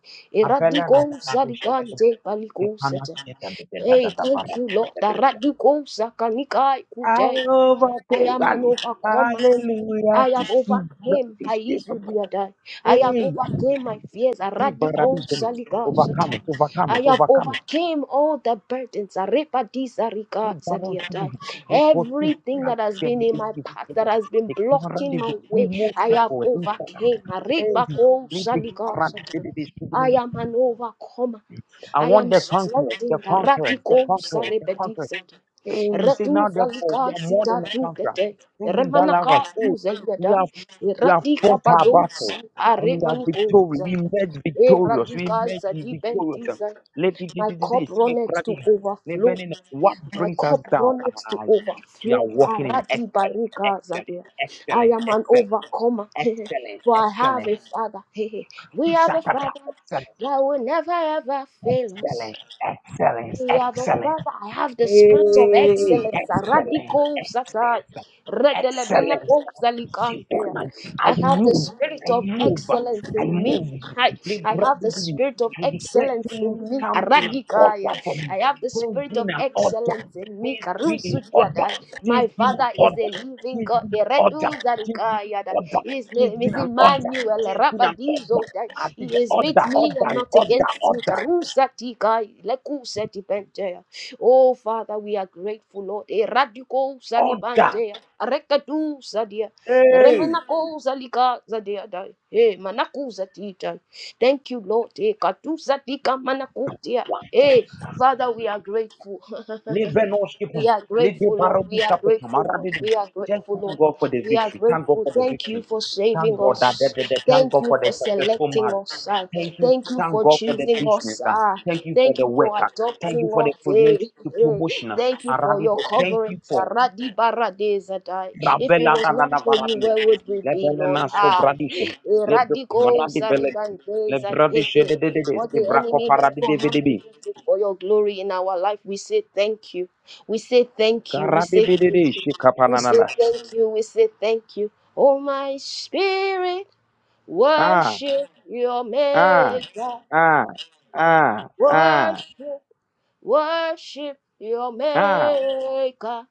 [SPEAKER 2] Apella
[SPEAKER 1] Eradiko
[SPEAKER 2] na tapadisha de de
[SPEAKER 1] salikante
[SPEAKER 2] de
[SPEAKER 1] paliku satai.
[SPEAKER 2] panasita de de da
[SPEAKER 1] Hey,
[SPEAKER 2] da da
[SPEAKER 1] thank
[SPEAKER 2] bara
[SPEAKER 1] you, Lord.
[SPEAKER 2] de de de.
[SPEAKER 1] Radiko sakanikai
[SPEAKER 2] I
[SPEAKER 1] kute. I
[SPEAKER 2] overcame.
[SPEAKER 1] am an
[SPEAKER 2] Ali.
[SPEAKER 1] overcomer.
[SPEAKER 2] Hallelujah.
[SPEAKER 1] I have overcame
[SPEAKER 2] Tisibradish.
[SPEAKER 1] I die. I have
[SPEAKER 2] Hey.
[SPEAKER 1] overcame my fears. A radical
[SPEAKER 2] Tisibradish.
[SPEAKER 1] saliga
[SPEAKER 2] Overcome it.
[SPEAKER 1] satan.
[SPEAKER 2] Overcome
[SPEAKER 1] I
[SPEAKER 2] it.
[SPEAKER 1] have
[SPEAKER 2] Overcome it.
[SPEAKER 1] overcame all the burdens. A repadi sariga zalia
[SPEAKER 2] Barosidi, Rekosi,
[SPEAKER 1] Everything that has been in my
[SPEAKER 2] Benedisti,
[SPEAKER 1] path that
[SPEAKER 2] the
[SPEAKER 1] has been blocking
[SPEAKER 2] Marandi,
[SPEAKER 1] my
[SPEAKER 2] we
[SPEAKER 1] way,
[SPEAKER 2] move
[SPEAKER 1] I
[SPEAKER 2] step
[SPEAKER 1] have
[SPEAKER 2] forward. we step up.
[SPEAKER 1] overcame. A
[SPEAKER 2] Every
[SPEAKER 1] rebako
[SPEAKER 2] Olympic
[SPEAKER 1] saliga
[SPEAKER 2] Marandi,
[SPEAKER 1] satan.
[SPEAKER 2] Benedisti,
[SPEAKER 1] I am an overcomer.
[SPEAKER 2] I
[SPEAKER 1] I
[SPEAKER 2] want
[SPEAKER 1] am
[SPEAKER 2] the conquerors, the
[SPEAKER 1] strengthened. A
[SPEAKER 2] conquerors, the
[SPEAKER 1] radical
[SPEAKER 2] conquerors, the
[SPEAKER 1] sarepedi
[SPEAKER 2] conquerors. Hey, he said,
[SPEAKER 1] Retu
[SPEAKER 2] now therefore we
[SPEAKER 1] Falika
[SPEAKER 2] are more
[SPEAKER 1] Sita
[SPEAKER 2] than a
[SPEAKER 1] Tu
[SPEAKER 2] conqueror.
[SPEAKER 1] Kete,
[SPEAKER 2] Through him that love us.
[SPEAKER 1] Remanaka
[SPEAKER 2] Hey,
[SPEAKER 1] Tu
[SPEAKER 2] we
[SPEAKER 1] Zayada,
[SPEAKER 2] have we have fought
[SPEAKER 1] Ratika
[SPEAKER 2] our
[SPEAKER 1] Bados,
[SPEAKER 2] battle and we are
[SPEAKER 1] Aremaniko
[SPEAKER 2] victorious. We
[SPEAKER 1] Zay,
[SPEAKER 2] made victorious. We
[SPEAKER 1] Eradika
[SPEAKER 2] made the victorious. Um,
[SPEAKER 1] Zadibentiza.
[SPEAKER 2] let it- it-
[SPEAKER 1] My
[SPEAKER 2] it- it- it
[SPEAKER 1] cup
[SPEAKER 2] escape
[SPEAKER 1] runneth
[SPEAKER 2] right
[SPEAKER 1] to
[SPEAKER 2] here. Let
[SPEAKER 1] overflow.
[SPEAKER 2] burn What
[SPEAKER 1] My
[SPEAKER 2] brings us
[SPEAKER 1] cup
[SPEAKER 2] down?
[SPEAKER 1] runneth to
[SPEAKER 2] Ah, We are
[SPEAKER 1] overflow.
[SPEAKER 2] walking in
[SPEAKER 1] Aradi
[SPEAKER 2] excellence,
[SPEAKER 1] barika zadia.
[SPEAKER 2] excellence,
[SPEAKER 1] I
[SPEAKER 2] excellence,
[SPEAKER 1] am an
[SPEAKER 2] excellence,
[SPEAKER 1] overcomer, for I have
[SPEAKER 2] excellence, excellence.
[SPEAKER 1] a father. We have a
[SPEAKER 2] Shakata,
[SPEAKER 1] father
[SPEAKER 2] Excellence,
[SPEAKER 1] that will never ever fail us.
[SPEAKER 2] excellence, excellence,
[SPEAKER 1] We have the
[SPEAKER 2] excellence.
[SPEAKER 1] Father. I have the spirit of
[SPEAKER 2] Hey,
[SPEAKER 1] excellence.
[SPEAKER 2] excellent,
[SPEAKER 1] Radical Satai.
[SPEAKER 2] excellent, sir. excellent.
[SPEAKER 1] Redelebeleko
[SPEAKER 2] Sir. Sit
[SPEAKER 1] Salikante.
[SPEAKER 2] down. and I
[SPEAKER 1] I have the
[SPEAKER 2] move,
[SPEAKER 1] spirit
[SPEAKER 2] I
[SPEAKER 1] of
[SPEAKER 2] move,
[SPEAKER 1] excellence
[SPEAKER 2] I
[SPEAKER 1] in me.
[SPEAKER 2] move.
[SPEAKER 1] I, I
[SPEAKER 2] Libra,
[SPEAKER 1] have the spirit of
[SPEAKER 2] I declare
[SPEAKER 1] excellence
[SPEAKER 2] things
[SPEAKER 1] in me.
[SPEAKER 2] come in an
[SPEAKER 1] Radikaya.
[SPEAKER 2] order for
[SPEAKER 1] I
[SPEAKER 2] me.
[SPEAKER 1] have the
[SPEAKER 2] Things
[SPEAKER 1] spirit
[SPEAKER 2] be in
[SPEAKER 1] of
[SPEAKER 2] an order.
[SPEAKER 1] excellence in me.
[SPEAKER 2] Things be in order.
[SPEAKER 1] Karusutiada.
[SPEAKER 2] Things
[SPEAKER 1] My
[SPEAKER 2] be in an
[SPEAKER 1] Father is
[SPEAKER 2] order.
[SPEAKER 1] a living
[SPEAKER 2] Things
[SPEAKER 1] God.
[SPEAKER 2] be in an order.
[SPEAKER 1] Eredu
[SPEAKER 2] Things be in an
[SPEAKER 1] Zarikaya.
[SPEAKER 2] order.
[SPEAKER 1] His name
[SPEAKER 2] Things
[SPEAKER 1] name
[SPEAKER 2] be in
[SPEAKER 1] is
[SPEAKER 2] an order.
[SPEAKER 1] Emmanuel.
[SPEAKER 2] Things be in an
[SPEAKER 1] Rabadizo.
[SPEAKER 2] order.
[SPEAKER 1] that
[SPEAKER 2] I think
[SPEAKER 1] He
[SPEAKER 2] the
[SPEAKER 1] is with
[SPEAKER 2] order,
[SPEAKER 1] me and
[SPEAKER 2] order,
[SPEAKER 1] not
[SPEAKER 2] order,
[SPEAKER 1] against me.
[SPEAKER 2] order,
[SPEAKER 1] Karusa tika, lekusa tipentea. Oh, Father, we are grateful, Lord. Eradiko
[SPEAKER 2] order.
[SPEAKER 1] saribantea. Arekatu sadia.
[SPEAKER 2] Hey.
[SPEAKER 1] Remanako salika sadia dai. eh manakuza tita. Thank you, Lord. Eh, katusa tika manakutia.
[SPEAKER 2] what?
[SPEAKER 1] eh Father, we are grateful.
[SPEAKER 2] Levenos
[SPEAKER 1] We
[SPEAKER 2] kipum.
[SPEAKER 1] are
[SPEAKER 2] Lede
[SPEAKER 1] grateful, Lord. We
[SPEAKER 2] barobi
[SPEAKER 1] are
[SPEAKER 2] kapotum.
[SPEAKER 1] grateful, Lord.
[SPEAKER 2] Aradidum.
[SPEAKER 1] We are
[SPEAKER 2] Just
[SPEAKER 1] grateful,
[SPEAKER 2] thank
[SPEAKER 1] Lord.
[SPEAKER 2] God for the
[SPEAKER 1] We are
[SPEAKER 2] victory. Thank God
[SPEAKER 1] grateful.
[SPEAKER 2] for the
[SPEAKER 1] Thank you
[SPEAKER 2] victory.
[SPEAKER 1] for
[SPEAKER 2] Thank
[SPEAKER 1] saving
[SPEAKER 2] God that,
[SPEAKER 1] us.
[SPEAKER 2] that, that, that- thank
[SPEAKER 1] Thank
[SPEAKER 2] God
[SPEAKER 1] you
[SPEAKER 2] for the
[SPEAKER 1] for
[SPEAKER 2] successful
[SPEAKER 1] selecting
[SPEAKER 2] marriage.
[SPEAKER 1] us. ah.
[SPEAKER 2] Thank you.
[SPEAKER 1] Thank you
[SPEAKER 2] Thank
[SPEAKER 1] for
[SPEAKER 2] God for the
[SPEAKER 1] choosing us.
[SPEAKER 2] business. And
[SPEAKER 1] ah.
[SPEAKER 2] thank you for
[SPEAKER 1] Thank
[SPEAKER 2] the
[SPEAKER 1] you for
[SPEAKER 2] worker. Thank
[SPEAKER 1] adopting
[SPEAKER 2] you for the
[SPEAKER 1] us. eh,
[SPEAKER 2] promotion. The
[SPEAKER 1] eh.
[SPEAKER 2] promotion.
[SPEAKER 1] Thank you for your
[SPEAKER 2] Aradido. Thank
[SPEAKER 1] covering.
[SPEAKER 2] you for
[SPEAKER 1] Zaradi barade zadai. If it
[SPEAKER 2] Rabela
[SPEAKER 1] was not
[SPEAKER 2] Danana
[SPEAKER 1] for you,
[SPEAKER 2] Barabia.
[SPEAKER 1] where would we be, Lord?
[SPEAKER 2] Levelena so
[SPEAKER 1] Ah,
[SPEAKER 2] bradisha.
[SPEAKER 1] Eh,
[SPEAKER 2] Lebe
[SPEAKER 1] radico
[SPEAKER 2] maradi vele.
[SPEAKER 1] zaribande za- eh,
[SPEAKER 2] Lebradisha
[SPEAKER 1] eh.
[SPEAKER 2] de de de de.
[SPEAKER 1] What
[SPEAKER 2] Se
[SPEAKER 1] the
[SPEAKER 2] brako
[SPEAKER 1] enemy meant
[SPEAKER 2] paradi
[SPEAKER 1] for
[SPEAKER 2] de
[SPEAKER 1] harm,
[SPEAKER 2] de
[SPEAKER 1] you
[SPEAKER 2] de.
[SPEAKER 1] used it for your glory in our life. We say thank you. We say thank you. We
[SPEAKER 2] Karadi
[SPEAKER 1] say
[SPEAKER 2] de de de.
[SPEAKER 1] thank you. We say
[SPEAKER 2] Shikapananana.
[SPEAKER 1] thank you. We say thank you. Oh, my spirit,
[SPEAKER 2] Ah.
[SPEAKER 1] worship your
[SPEAKER 2] ah.
[SPEAKER 1] maker.
[SPEAKER 2] Ah, ah, ah,
[SPEAKER 1] Worship, worship your
[SPEAKER 2] ah.
[SPEAKER 1] maker.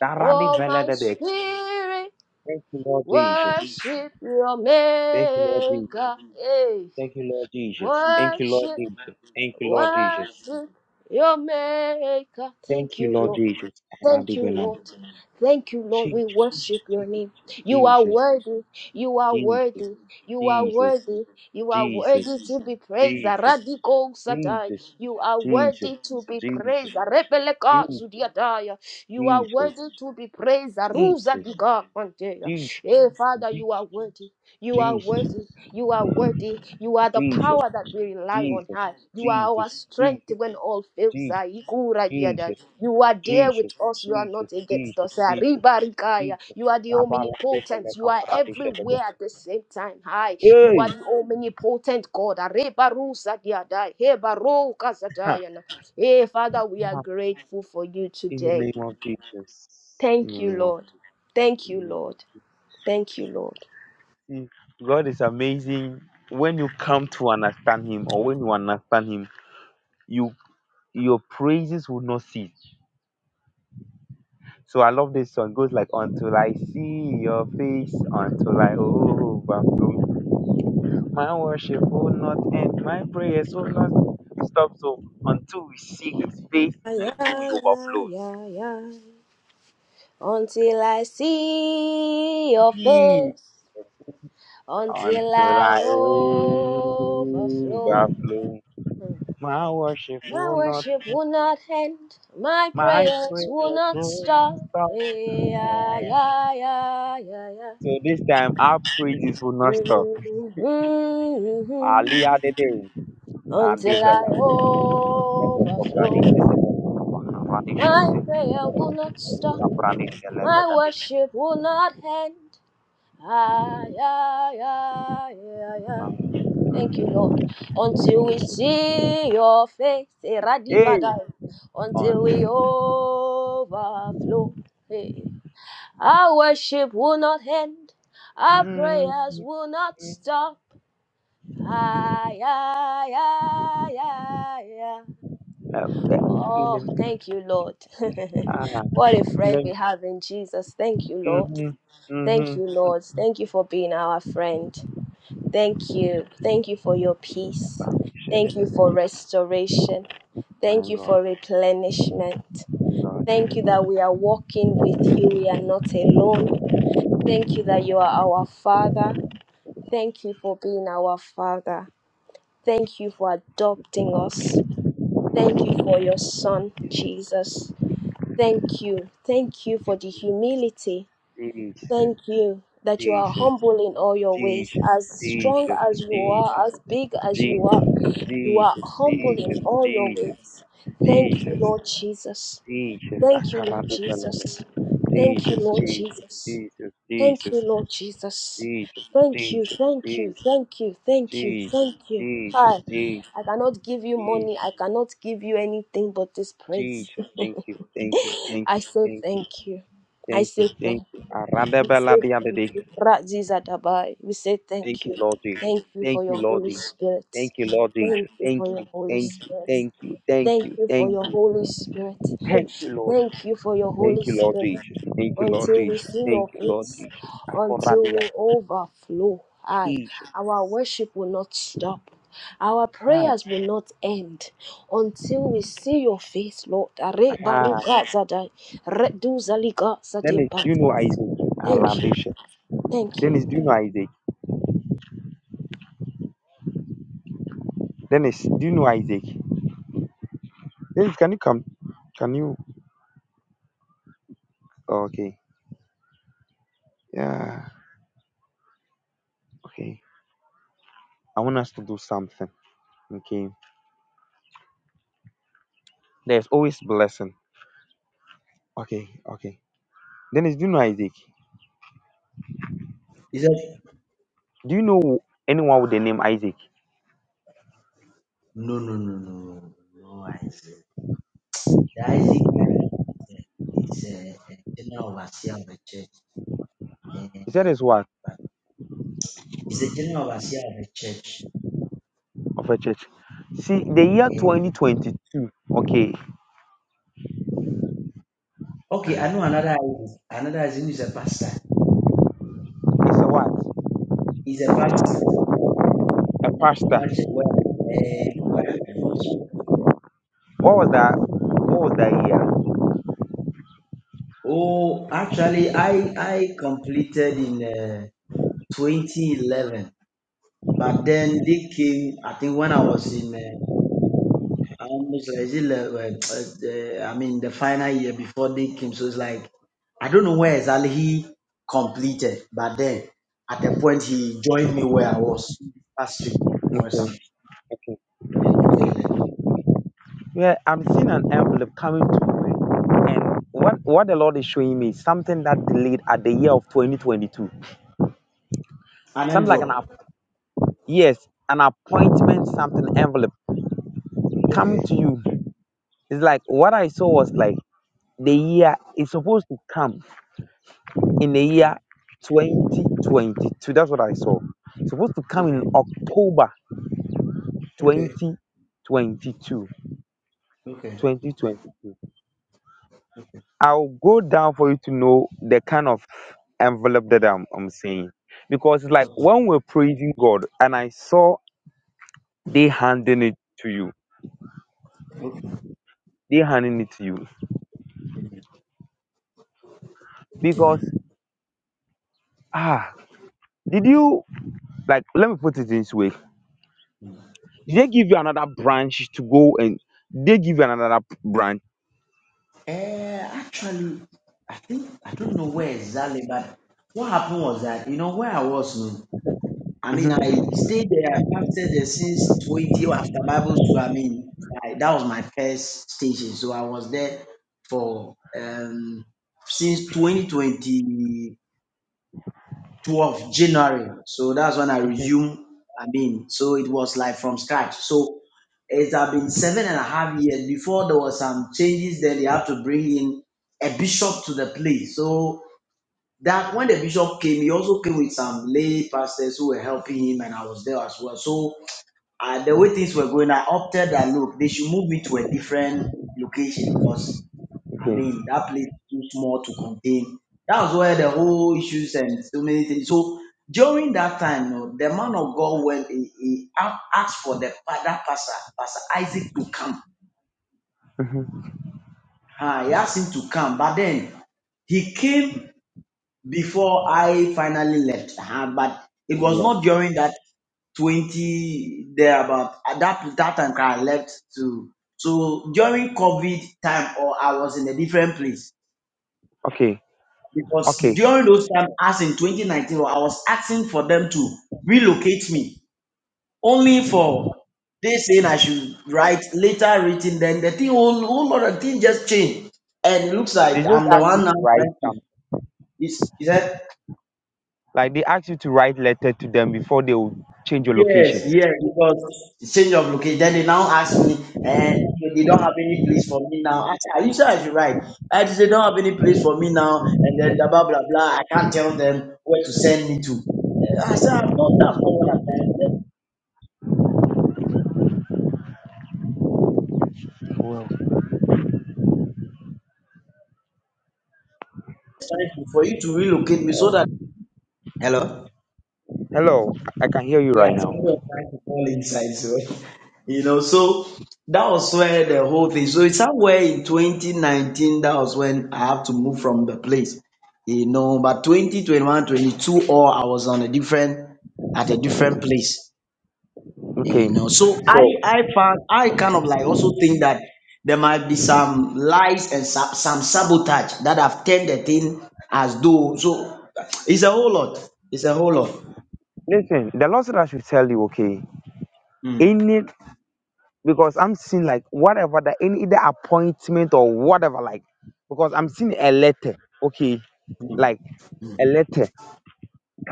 [SPEAKER 2] Darani
[SPEAKER 1] Oh, my
[SPEAKER 2] veledebek.
[SPEAKER 1] spirit,
[SPEAKER 2] Thank you, Lord Jesus.
[SPEAKER 1] worship your
[SPEAKER 2] Thank you, Lord Jesus.
[SPEAKER 1] maker. Hey,
[SPEAKER 2] Thank you, Lord Jesus. Thank you, Lord
[SPEAKER 1] worship,
[SPEAKER 2] Jesus. Thank you, Lord Jesus.
[SPEAKER 1] worship your maker. Thank
[SPEAKER 2] Thank you,
[SPEAKER 1] you,
[SPEAKER 2] Lord
[SPEAKER 1] Lord.
[SPEAKER 2] Jesus.
[SPEAKER 1] Thank
[SPEAKER 2] Arandi
[SPEAKER 1] you,
[SPEAKER 2] velad.
[SPEAKER 1] Lord. Thank you, Lord.
[SPEAKER 2] Jesus,
[SPEAKER 1] We worship your name. You are
[SPEAKER 2] Jesus,
[SPEAKER 1] worthy. You
[SPEAKER 2] Jesus,
[SPEAKER 1] are
[SPEAKER 2] Jesus,
[SPEAKER 1] worthy. You are worthy. You are
[SPEAKER 2] Jesus,
[SPEAKER 1] worthy to be praised.
[SPEAKER 2] Jesus,
[SPEAKER 1] Radical
[SPEAKER 2] Jesus,
[SPEAKER 1] Satai.
[SPEAKER 2] Jesus,
[SPEAKER 1] You are
[SPEAKER 2] Jesus,
[SPEAKER 1] worthy to be praised.
[SPEAKER 2] Jesus,
[SPEAKER 1] Rebeleka
[SPEAKER 2] Jesus,
[SPEAKER 1] Zudiataya. You are
[SPEAKER 2] Jesus,
[SPEAKER 1] worthy to be praised. Arusa Dika Manteya.
[SPEAKER 2] Jesus.
[SPEAKER 1] Hey, Father, you are worthy. You are
[SPEAKER 2] Jesus,
[SPEAKER 1] worthy. You are worthy. You are
[SPEAKER 2] Jesus,
[SPEAKER 1] the
[SPEAKER 2] Jesus,
[SPEAKER 1] power that we rely on.
[SPEAKER 2] Jesus,
[SPEAKER 1] High. You are our
[SPEAKER 2] Jesus, Jesus,
[SPEAKER 1] strength when all fails.
[SPEAKER 2] Jesus,
[SPEAKER 1] ah. Ikura diada.
[SPEAKER 2] Jesus,
[SPEAKER 1] You are there with
[SPEAKER 2] Jesus,
[SPEAKER 1] us. You are
[SPEAKER 2] Jesus,
[SPEAKER 1] not against
[SPEAKER 2] Jesus,
[SPEAKER 1] us. ah.
[SPEAKER 2] Jesus,
[SPEAKER 1] Ribarikaya.
[SPEAKER 2] Jesus.
[SPEAKER 1] You are the omnipotent. You are
[SPEAKER 2] Rabalakifenekaparadishedebe.
[SPEAKER 1] everywhere at the same time. Hi. You
[SPEAKER 2] Hey,
[SPEAKER 1] are the omnipotent God. ah. Rebarusa diada. Hebaroka zadayana. Hey, Father, we are grateful for you
[SPEAKER 2] in the
[SPEAKER 1] today.
[SPEAKER 2] name of Jesus, in
[SPEAKER 1] Thank
[SPEAKER 2] the
[SPEAKER 1] you,
[SPEAKER 2] name of
[SPEAKER 1] Lord. Thank you,
[SPEAKER 2] Jesus.
[SPEAKER 1] Lord. Thank you,
[SPEAKER 2] See, God is amazing. When you come to understand Him, or when you understand Him, you your praises will not cease. So I love this song. It goes like, "Until I see your face, until I overflow." My worship will not end. My prayers will not stop so until we see his face,
[SPEAKER 1] Lord.
[SPEAKER 2] until we overflows.
[SPEAKER 1] until I see your
[SPEAKER 2] Mm,
[SPEAKER 1] face, until
[SPEAKER 2] Until
[SPEAKER 1] I
[SPEAKER 2] I
[SPEAKER 1] overflow.
[SPEAKER 2] overflow.
[SPEAKER 1] Hmm.
[SPEAKER 2] My worship
[SPEAKER 1] My
[SPEAKER 2] will not
[SPEAKER 1] worship
[SPEAKER 2] end.
[SPEAKER 1] will not end, my
[SPEAKER 2] My
[SPEAKER 1] prayers
[SPEAKER 2] prayers
[SPEAKER 1] will not
[SPEAKER 2] will not
[SPEAKER 1] stop.
[SPEAKER 2] stop. Yeah,
[SPEAKER 1] Yeah,
[SPEAKER 2] yeah, yeah.
[SPEAKER 1] yeah, yeah, yeah, yeah.
[SPEAKER 2] So this time our praises will not stop.
[SPEAKER 1] Mhm.
[SPEAKER 2] Ali Adede. Ali
[SPEAKER 1] Until
[SPEAKER 2] Vela.
[SPEAKER 1] I overflow, my prayer will not stop, my worship will not end. Ay, ay, ay, ay, ay. Thank you, Lord. Until we see your face, eh,
[SPEAKER 2] Hey,
[SPEAKER 1] radivada. until we
[SPEAKER 2] on
[SPEAKER 1] overflow. Hey. Our worship will not end, our prayers will not stop. Ay, ay, ay, ay, ay.
[SPEAKER 2] uh, in
[SPEAKER 1] Oh,
[SPEAKER 2] the
[SPEAKER 1] thank you, Lord.
[SPEAKER 2] ah
[SPEAKER 1] what a friend
[SPEAKER 2] let
[SPEAKER 1] we have in Jesus. Thank you, Lord.
[SPEAKER 2] mhm
[SPEAKER 1] Thank you,
[SPEAKER 2] mhm
[SPEAKER 1] Lord. Thank you for being our friend. Thank you. Thank you for your peace. Thank you for
[SPEAKER 2] Shalom.
[SPEAKER 1] restoration.
[SPEAKER 2] my
[SPEAKER 1] Thank you
[SPEAKER 2] God
[SPEAKER 1] for replenishment.
[SPEAKER 2] God
[SPEAKER 1] Thank you that we are walking with you. We are not alone. Thank you that you are our Father. Thank you for being our Father. Thank you for adopting us. Thank you for your Son, Jesus. Thank you. Thank you for the humility
[SPEAKER 2] Jesus
[SPEAKER 1] Thank you that you are
[SPEAKER 2] Jesus
[SPEAKER 1] humble in all your ways,
[SPEAKER 2] Jesus
[SPEAKER 1] as strong
[SPEAKER 2] Jesus
[SPEAKER 1] as you are,
[SPEAKER 2] Jesus
[SPEAKER 1] as big as you are.
[SPEAKER 2] Jesus
[SPEAKER 1] You are
[SPEAKER 2] Jesus
[SPEAKER 1] humble in all your
[SPEAKER 2] Jesus
[SPEAKER 1] ways.
[SPEAKER 2] Jesus
[SPEAKER 1] Thank you,
[SPEAKER 2] Jesus
[SPEAKER 1] Lord Jesus.
[SPEAKER 2] Jesus
[SPEAKER 1] Thank you, Lord
[SPEAKER 2] Akarabbi Shalom.
[SPEAKER 1] Jesus. Thank you,
[SPEAKER 2] Jesus
[SPEAKER 1] Lord
[SPEAKER 2] Jesus
[SPEAKER 1] Jesus.
[SPEAKER 2] Jesus
[SPEAKER 1] Thank
[SPEAKER 2] Jesus
[SPEAKER 1] you, Lord Jesus.
[SPEAKER 2] Jesus
[SPEAKER 1] Thank you, thank you,
[SPEAKER 2] Jesus
[SPEAKER 1] thank you, thank you,
[SPEAKER 2] Jesus
[SPEAKER 1] thank you.
[SPEAKER 2] Jesus
[SPEAKER 1] Hi,
[SPEAKER 2] Jesus
[SPEAKER 1] I cannot give you
[SPEAKER 2] Jesus
[SPEAKER 1] money. I cannot give you anything but this praise.
[SPEAKER 2] Jesus thank you thank you thank
[SPEAKER 1] I
[SPEAKER 2] you
[SPEAKER 1] say
[SPEAKER 2] thank you
[SPEAKER 1] thank you. I
[SPEAKER 2] Thank
[SPEAKER 1] say
[SPEAKER 2] you.
[SPEAKER 1] thank you.
[SPEAKER 2] Thank you.
[SPEAKER 1] We say
[SPEAKER 2] Arandabeladiadede.
[SPEAKER 1] thank you. Razizadabai. We say thank
[SPEAKER 2] Thank you,
[SPEAKER 1] you.
[SPEAKER 2] Lord Jesus.
[SPEAKER 1] Thank you for
[SPEAKER 2] Thank
[SPEAKER 1] your
[SPEAKER 2] you, Lord
[SPEAKER 1] Holy
[SPEAKER 2] Jesus.
[SPEAKER 1] Spirit.
[SPEAKER 2] Thank you, Lord
[SPEAKER 1] Thank
[SPEAKER 2] Jesus.
[SPEAKER 1] you
[SPEAKER 2] Thank
[SPEAKER 1] for your
[SPEAKER 2] you.
[SPEAKER 1] Holy
[SPEAKER 2] Thank you.
[SPEAKER 1] Spirit.
[SPEAKER 2] Thank you. Thank
[SPEAKER 1] Thank
[SPEAKER 2] you.
[SPEAKER 1] you for
[SPEAKER 2] Thank
[SPEAKER 1] your
[SPEAKER 2] you.
[SPEAKER 1] Holy Spirit.
[SPEAKER 2] Thank you, Lord.
[SPEAKER 1] Thank you for your
[SPEAKER 2] Thank
[SPEAKER 1] Holy
[SPEAKER 2] you, Lord
[SPEAKER 1] Spirit.
[SPEAKER 2] Jesus. Thank you, Lord
[SPEAKER 1] Until we
[SPEAKER 2] Jesus.
[SPEAKER 1] see
[SPEAKER 2] Thank
[SPEAKER 1] your
[SPEAKER 2] you, Lord
[SPEAKER 1] face,
[SPEAKER 2] Jesus.
[SPEAKER 1] until
[SPEAKER 2] Akoradia.
[SPEAKER 1] we overflow. Aye. Our worship will not stop. Our
[SPEAKER 2] Ah,
[SPEAKER 1] prayers will not end until we see your face, Lord. Are-
[SPEAKER 2] ah.
[SPEAKER 1] Baruch
[SPEAKER 2] ah.
[SPEAKER 1] Zadai. Redu Zalika
[SPEAKER 2] Dennis, do you
[SPEAKER 1] Satimpata.
[SPEAKER 2] know Isaac?
[SPEAKER 1] Thank you.
[SPEAKER 2] Alandisha.
[SPEAKER 1] Thank you.
[SPEAKER 2] Dennis, do you know Isaac? Dennis, do you know Isaac? Dennis, can you come? Can you? Oh, okay. Yeah. Okay. I want us to do something. Okay. There's always blessing. Okay. Okay Dennis, do you know Isaac?
[SPEAKER 3] He said,
[SPEAKER 2] Do you know anyone with the name Isaac?
[SPEAKER 3] No, no, no, no, no, Isaac. The Isaac I'm looking at is a, a general overseer of the church. eh,
[SPEAKER 2] He said it's what
[SPEAKER 3] but he's a general overseer of the church.
[SPEAKER 2] of a church. See, the year
[SPEAKER 3] eh.
[SPEAKER 2] 2022, okay, uh,
[SPEAKER 3] okay, I know another Isaac. Another Isaac is a pastor.
[SPEAKER 2] it's a what?
[SPEAKER 3] He's a pastor.
[SPEAKER 2] A
[SPEAKER 3] In my
[SPEAKER 2] pastor.
[SPEAKER 3] former church where, eh, where I was.
[SPEAKER 2] What was that? What was that year?
[SPEAKER 3] Oh, actually, I I completed in uh, 2011. But then they came, I think when I was in uh, Um, it's like- is it like, uh, uh, I mean, the final year before they came, so it's like I don't know where exactly he completed, but then at a point he joined me where I was last week for some
[SPEAKER 2] Okay, okay.
[SPEAKER 3] uh, before he left.
[SPEAKER 2] Yeah, I'm seeing an envelope coming to me, and what what the Lord is showing me is something that delayed at the year of 2022.
[SPEAKER 3] An
[SPEAKER 2] Something like an app-
[SPEAKER 3] envelope.
[SPEAKER 2] yes, an appointment, something envelope coming
[SPEAKER 3] Okay.
[SPEAKER 2] to you. It's like what I saw was like the year is supposed to come in the year
[SPEAKER 3] Okay.
[SPEAKER 2] 2022. That's what I saw. It's Supposed to come in
[SPEAKER 3] Okay.
[SPEAKER 2] October
[SPEAKER 3] Okay.
[SPEAKER 2] 2022.
[SPEAKER 3] Okay.
[SPEAKER 2] 2022. I'll go down for you to know the kind of envelope that I'm, I'm saying. Because it's like
[SPEAKER 3] Okay.
[SPEAKER 2] when we're praising God and I saw they handing it to you,
[SPEAKER 3] Okay.
[SPEAKER 2] they handing it to you. Because,
[SPEAKER 3] Amen.
[SPEAKER 2] ah, did you, like, let me put it this way.
[SPEAKER 3] Amen.
[SPEAKER 2] Did they give you another branch to go and they give you another branch?
[SPEAKER 3] Uh, actually, I think I don't know where exactly, but what happened was that you know where I was. no, I mean,
[SPEAKER 2] hmm
[SPEAKER 3] I stayed there, I fasted there since 20 or after Bible school. I mean, I, that was my first station. So I was there for um, since 2012, January. So that's when I resumed. I mean, so it was like from scratch. So it has been seven and a half years. Before there was some changes, then they had to bring in a bishop to the place. So that when the bishop came, he also came with some lay pastors who were helping him, and I was there as well. So uh, the way things were going, I opted that look, they should move me to a different location because I mean that place is too small to contain. That was where the whole issues and so many things. So during that time, you know, the man of God went, he, he a- asked for the pa- that pastor, Pastor Isaac, to come.
[SPEAKER 2] hmm
[SPEAKER 3] Uh, he asked him to come, but then he came before I finally left. Uh-huh. But it was not during that 20 there about at that that time I left to so during COVID time or I was in a different place
[SPEAKER 2] Okay,
[SPEAKER 3] because
[SPEAKER 2] okay.
[SPEAKER 3] during those time as in 2019 I was asking for them to relocate me only for they saying I should write later written then the thing whole, whole lot of thing just changed and it looks
[SPEAKER 2] They
[SPEAKER 3] like
[SPEAKER 2] just
[SPEAKER 3] I'm the
[SPEAKER 2] ask you
[SPEAKER 3] one now
[SPEAKER 2] to write
[SPEAKER 3] trying to
[SPEAKER 2] some,
[SPEAKER 3] is is that
[SPEAKER 2] like they ask you to write letter to them before they will change your location.
[SPEAKER 3] Yes, yes, because change of location. Then they now ask me, and they don't have any place for me now. I said, Are you sure I should write? I said, They don't have any place for me now. And then blah, blah, blah. blah. I can't tell them where to send me to. I said, I'm not, that's not what I'm trying to
[SPEAKER 2] Well,
[SPEAKER 3] trying to- for you to relocate me so
[SPEAKER 2] uh,
[SPEAKER 3] that. Hello?
[SPEAKER 2] Hello, I can hear you
[SPEAKER 3] Yeah,
[SPEAKER 2] right now.
[SPEAKER 3] somebody was trying to fall inside, so you know, so that was where the whole thing. So it's somewhere in 2019 that was when I have to move from the place, you know. But 2021, 22, or I was on a different at a different place,
[SPEAKER 2] Okay,
[SPEAKER 3] you know. So I
[SPEAKER 2] so
[SPEAKER 3] I found I kind of like also think that there might be some lies and some, some sabotage that have turned the thing as though. So it's a whole lot. It's a whole lot.
[SPEAKER 2] listen, the Lord said I should tell you, okay,
[SPEAKER 3] Mm,
[SPEAKER 2] any because I'm seeing like whatever that any either appointment or whatever, like because I'm seeing a letter, okay,
[SPEAKER 3] mm,
[SPEAKER 2] like
[SPEAKER 3] mm,
[SPEAKER 2] a letter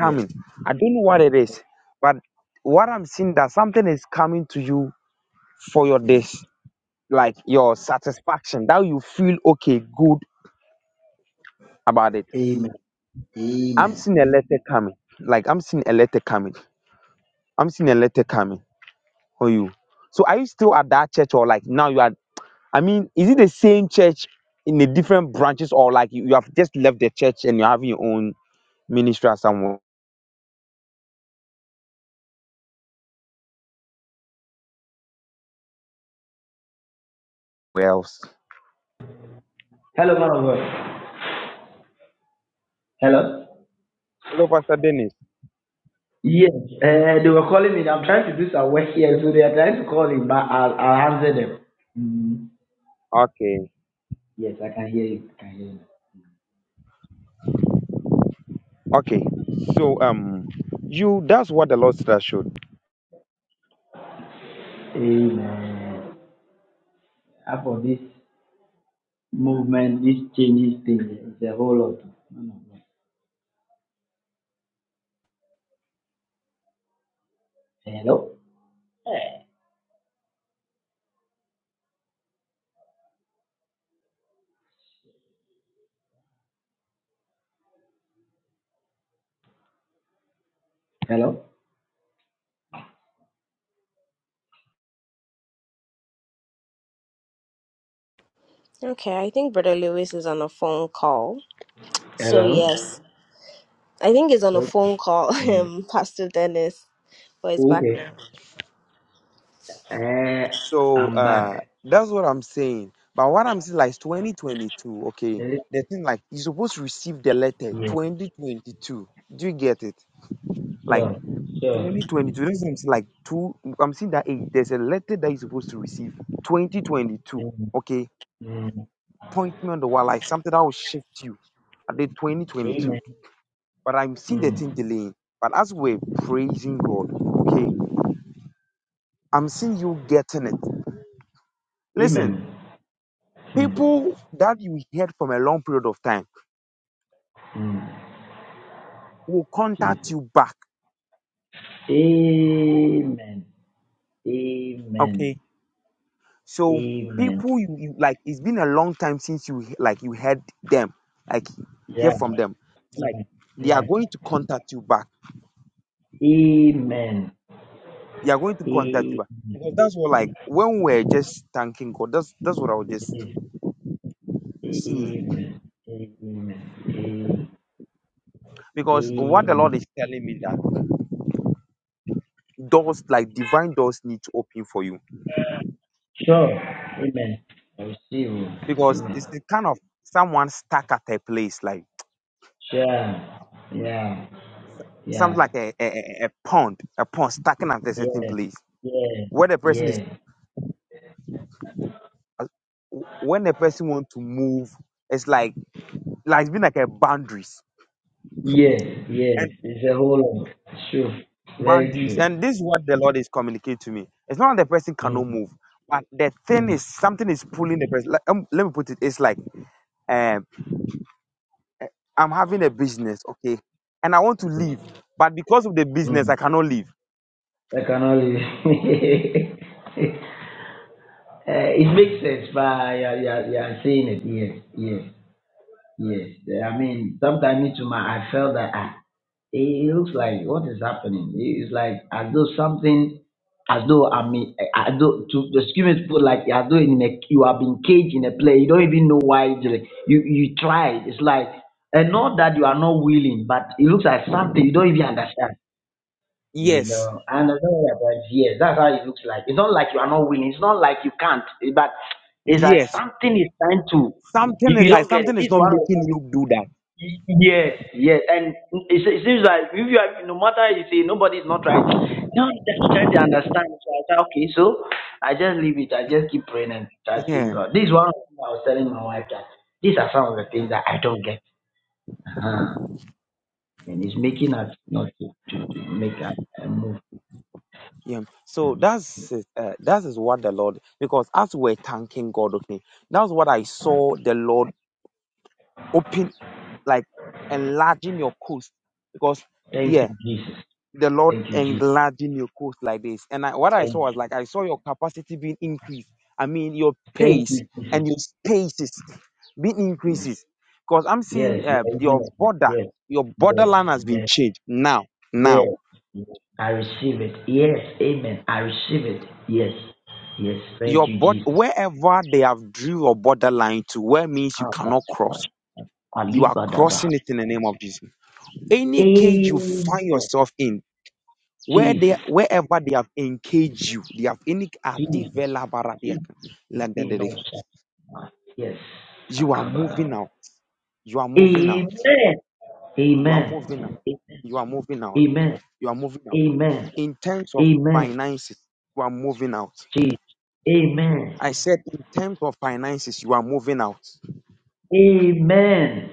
[SPEAKER 3] yes.
[SPEAKER 2] I don't know what it is, but what I'm seeing that something is coming to you for your this. like your satisfaction that you feel okay good about it
[SPEAKER 3] Amen.
[SPEAKER 2] i'm
[SPEAKER 3] Amen.
[SPEAKER 2] seeing a letter coming like i'm seeing a letter coming i'm seeing a letter coming for you so are you still at that church or like now you are i mean is it the same church in the different branches or like you, you have just left the church and you're having your own ministry at somewhere else
[SPEAKER 3] Hello, man of God. Hello.
[SPEAKER 2] hello pastor dennis
[SPEAKER 3] Yes, uh, they were calling me. I'm trying to do some work here, so they are trying to call me, but I'll, I'll answer them. Mm,
[SPEAKER 2] okay
[SPEAKER 3] yes, I can hear you. I can
[SPEAKER 2] okay so um you that's what the lord said I should.
[SPEAKER 3] hear you. Amen. As for this movement, this changes things, it's a whole lot. Man of God. Hello. Hello. Hello.
[SPEAKER 1] Okay, I think Brother Lewis is on a phone call. So
[SPEAKER 3] Hello?
[SPEAKER 1] yes, I think he's on a phone call.
[SPEAKER 3] Yeah.
[SPEAKER 1] Um, Pastor Dennis, but he's back
[SPEAKER 3] Okay.
[SPEAKER 1] now.
[SPEAKER 3] Uh,
[SPEAKER 2] So
[SPEAKER 3] I'm back.
[SPEAKER 2] uh that's what I'm saying. But what I'm saying like 2022, okay.
[SPEAKER 3] Yes.
[SPEAKER 2] The thing like you're supposed to receive the letter 2022. Do you get it? Like
[SPEAKER 3] Sure. Sure.
[SPEAKER 2] 2022. That's what I'm saying. Like two I'm seeing that hey, there's a letter that you're supposed to receive. 2022.
[SPEAKER 3] Mm,
[SPEAKER 2] Okay.
[SPEAKER 3] mm,
[SPEAKER 2] Point me on the wall, like something that will shift you at the 2022.
[SPEAKER 3] Amen.
[SPEAKER 2] But I'm seeing the
[SPEAKER 3] Mm.
[SPEAKER 2] thing delaying. But as we're praising God, okay, I'm seeing you getting it. Listen,
[SPEAKER 3] Amen. Hmm.
[SPEAKER 2] people that you heard from a long period of time
[SPEAKER 3] Hmm.
[SPEAKER 2] will
[SPEAKER 3] Jesus.
[SPEAKER 2] contact you back.
[SPEAKER 3] Amen. Amen.
[SPEAKER 2] Okay. So
[SPEAKER 3] Amen.
[SPEAKER 2] people you, you like it's been a long time since you he- like you heard them, like hear
[SPEAKER 3] Yeah.
[SPEAKER 2] from them.
[SPEAKER 3] Yeah.
[SPEAKER 2] Like they are
[SPEAKER 3] Yeah.
[SPEAKER 2] going to contact you back.
[SPEAKER 3] Amen.
[SPEAKER 2] They are going to contact you
[SPEAKER 3] Amen.
[SPEAKER 2] back. Because that's what like when we're just thanking God, that's that's what I was just
[SPEAKER 3] Yes.
[SPEAKER 2] seeing.
[SPEAKER 3] Amen. Amen. Amen.
[SPEAKER 2] Because what the Lord
[SPEAKER 3] Amen.
[SPEAKER 2] is telling me that doors like divine doors need to open for you.
[SPEAKER 3] Sure. Amen. I receive. you.
[SPEAKER 2] Because
[SPEAKER 3] Amen.
[SPEAKER 2] it's the kind of someone stuck at a place like
[SPEAKER 3] Sure. Yeah.
[SPEAKER 2] something
[SPEAKER 3] Yeah.
[SPEAKER 2] like a, a, a a pond, a pond stacking at a certain
[SPEAKER 3] Yeah.
[SPEAKER 2] place
[SPEAKER 3] Yeah.
[SPEAKER 2] where the person
[SPEAKER 3] Yeah.
[SPEAKER 2] is. When the person want to move, it's like like it's been like a boundaries
[SPEAKER 3] Yes. Yes.
[SPEAKER 2] and
[SPEAKER 3] It's a whole lot. It's true. Very
[SPEAKER 2] boundaries,
[SPEAKER 3] true.
[SPEAKER 2] and this is what the Lord is communicating to me. It's not that the person cannot move, but the
[SPEAKER 3] Mm.
[SPEAKER 2] thing is something is pulling the person. Like, um, let me put it: it's like um, I'm having a business, okay, and I want to leave, but because of the business,
[SPEAKER 3] Mm.
[SPEAKER 2] I cannot leave.
[SPEAKER 3] I cannot. leave. uh, it makes sense, but yeah, yeah, yeah, I'm saying it. Yes, yes, yes. Eh, I mean, sometimes me too, my I felt that ah, it it looks like what is happening. It- It's like as though something, as though I mean, eh, as though to the me to put like as though in a you have been caged in a play. You don't even know why. It's like, you you try. It's like and not that you are not willing, but it looks like something you don't even understand. You
[SPEAKER 2] Yes,
[SPEAKER 3] know, and don't worry about yes, that's how it looks like. It's not like you are not winning. It's not like you can't. eh, But it's like
[SPEAKER 2] yes,
[SPEAKER 3] something is trying to.
[SPEAKER 2] something is
[SPEAKER 3] You, you
[SPEAKER 2] like
[SPEAKER 3] don't get
[SPEAKER 2] something
[SPEAKER 3] it.
[SPEAKER 2] is
[SPEAKER 3] This
[SPEAKER 2] not
[SPEAKER 3] one of
[SPEAKER 2] making
[SPEAKER 3] the
[SPEAKER 2] you do
[SPEAKER 3] y- yes, yes, and it, se- it seems like if you are, no matter you say nobody is not trying. No, they're not trying to understand. So I said, okay, so I just leave it. I just keep praying and trusting
[SPEAKER 2] that.
[SPEAKER 3] God. This is one of the things I was telling my wife that these are some of the things that I don't get. Uh-huh. And it's making us not to, to, to make us uh, move.
[SPEAKER 2] Yeah. So that's it, uh, that is what the Lord because as we're thanking God, okay, that's what I saw the Lord open like enlarging your coast because
[SPEAKER 3] Thank
[SPEAKER 2] yeah
[SPEAKER 3] you, Jesus.
[SPEAKER 2] the lord
[SPEAKER 3] Thank you, Jesus.
[SPEAKER 2] enlarging your coast like this and I, what i saw
[SPEAKER 3] Thank you,
[SPEAKER 2] was like i saw your capacity being increased i mean your
[SPEAKER 3] thank
[SPEAKER 2] pace
[SPEAKER 3] you,
[SPEAKER 2] and
[SPEAKER 3] Jesus.
[SPEAKER 2] your spaces being increases because i'm seeing
[SPEAKER 3] Yes, you
[SPEAKER 2] uh,
[SPEAKER 3] are using
[SPEAKER 2] your
[SPEAKER 3] of me.
[SPEAKER 2] border
[SPEAKER 3] Yes,
[SPEAKER 2] your
[SPEAKER 3] yes,
[SPEAKER 2] borderline has been
[SPEAKER 3] yes,
[SPEAKER 2] changed now
[SPEAKER 3] yes.
[SPEAKER 2] now
[SPEAKER 3] yes. I receive it. Yes, amen. I receive it. Yes, yes. Thank
[SPEAKER 2] your
[SPEAKER 3] you,
[SPEAKER 2] body
[SPEAKER 3] Jesus.
[SPEAKER 2] wherever they have drew your borderline to where means you cannot cross you are
[SPEAKER 3] Alibadaba.
[SPEAKER 2] crossing it in the name of jesus any cage you
[SPEAKER 3] Amen.
[SPEAKER 2] find yourself in where they
[SPEAKER 3] Jesus,
[SPEAKER 2] wherever they have encaged you they have any
[SPEAKER 3] Jesus,
[SPEAKER 2] adivelabaradia,
[SPEAKER 3] Jesus. We
[SPEAKER 2] lagadede.
[SPEAKER 3] know Shaddai. Yes.
[SPEAKER 2] you are moving
[SPEAKER 3] Shakabadaba.
[SPEAKER 2] out you are moving
[SPEAKER 3] Amen.
[SPEAKER 2] out you are
[SPEAKER 3] Amen.
[SPEAKER 2] moving out you are moving out
[SPEAKER 3] Amen.
[SPEAKER 2] you are moving out
[SPEAKER 3] Amen.
[SPEAKER 2] in terms of
[SPEAKER 3] Amen.
[SPEAKER 2] finances you are moving out
[SPEAKER 3] Jesus. Amen.
[SPEAKER 2] i said in terms of finances you are moving out
[SPEAKER 3] Amen.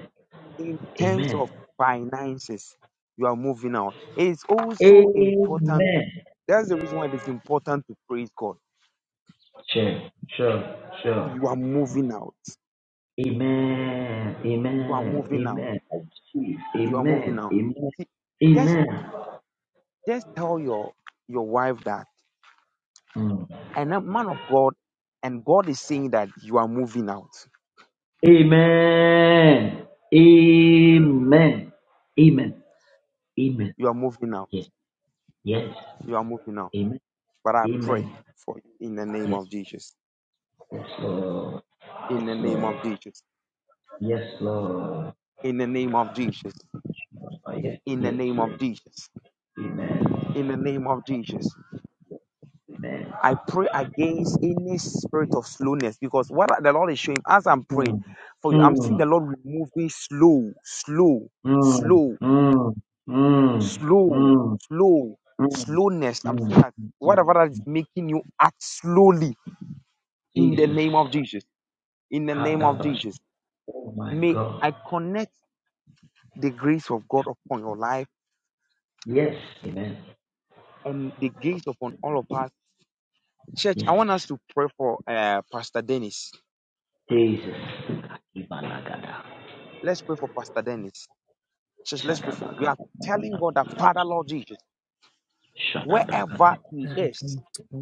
[SPEAKER 2] in terms
[SPEAKER 3] Amen.
[SPEAKER 2] of finances, you are moving out. It's also important.
[SPEAKER 3] Amen.
[SPEAKER 2] That's the reason why it's important to praise God.
[SPEAKER 3] Sure. Sure. Sure.
[SPEAKER 2] You are moving out.
[SPEAKER 3] Amen.
[SPEAKER 2] You are
[SPEAKER 3] Amen.
[SPEAKER 2] moving out.
[SPEAKER 3] Amen. I receive.
[SPEAKER 2] You are moving
[SPEAKER 3] Amen.
[SPEAKER 2] out.
[SPEAKER 3] Amen.
[SPEAKER 2] See, just
[SPEAKER 3] Amen.
[SPEAKER 2] just tell your your wife that
[SPEAKER 3] Mm.
[SPEAKER 2] and a man of God, and God is saying that you are moving out.
[SPEAKER 3] Amen. Amen. Amen. Amen.
[SPEAKER 2] You are moving out.
[SPEAKER 3] Yes. Yes.
[SPEAKER 2] You are moving out.
[SPEAKER 3] Amen.
[SPEAKER 2] But I pray
[SPEAKER 3] Amen.
[SPEAKER 2] for you in the name
[SPEAKER 3] Yes.
[SPEAKER 2] of Jesus.
[SPEAKER 3] Yes, Lord.
[SPEAKER 2] In
[SPEAKER 3] Yes,
[SPEAKER 2] the name of
[SPEAKER 3] Lord.
[SPEAKER 2] Jesus.
[SPEAKER 3] Yes, Lord.
[SPEAKER 2] In the name of Jesus.
[SPEAKER 3] Oh, yes.
[SPEAKER 2] In the
[SPEAKER 3] Yes.
[SPEAKER 2] name
[SPEAKER 3] Yes.
[SPEAKER 2] of Jesus
[SPEAKER 3] Amen.
[SPEAKER 2] in the name of Jesus.
[SPEAKER 3] Amen.
[SPEAKER 2] I pray against any spirit of slowness because what the Lord is showing as I'm
[SPEAKER 3] Hmm.
[SPEAKER 2] praying for you, I'm seeing
[SPEAKER 3] Hmm.
[SPEAKER 2] the Lord removing slow, slow,
[SPEAKER 3] Mm,
[SPEAKER 2] slow,
[SPEAKER 3] mm, mm, mm,
[SPEAKER 2] slow, slow,
[SPEAKER 3] mm,
[SPEAKER 2] slowness. I'm
[SPEAKER 3] mm,
[SPEAKER 2] seeing that
[SPEAKER 3] mm.
[SPEAKER 2] whatever that is making you act slowly in the
[SPEAKER 3] Jesus.
[SPEAKER 2] name of Jesus, in the name of
[SPEAKER 3] Kadabash.
[SPEAKER 2] Jesus,
[SPEAKER 3] Oh my
[SPEAKER 2] may
[SPEAKER 3] God.
[SPEAKER 2] I connect the grace of God upon your life
[SPEAKER 3] Yes. Amen.
[SPEAKER 2] and the grace upon all of us. Church, I
[SPEAKER 3] Yes.
[SPEAKER 2] want us to pray for uh, Pastor Dennis.
[SPEAKER 3] Jesus. Ibalagada.
[SPEAKER 2] Let's pray for Pastor Dennis. Just let's pray for. We are telling
[SPEAKER 3] Shadabagada.
[SPEAKER 2] God that Father Lord Jesus,
[SPEAKER 3] Shadabagada.
[SPEAKER 2] wherever He is,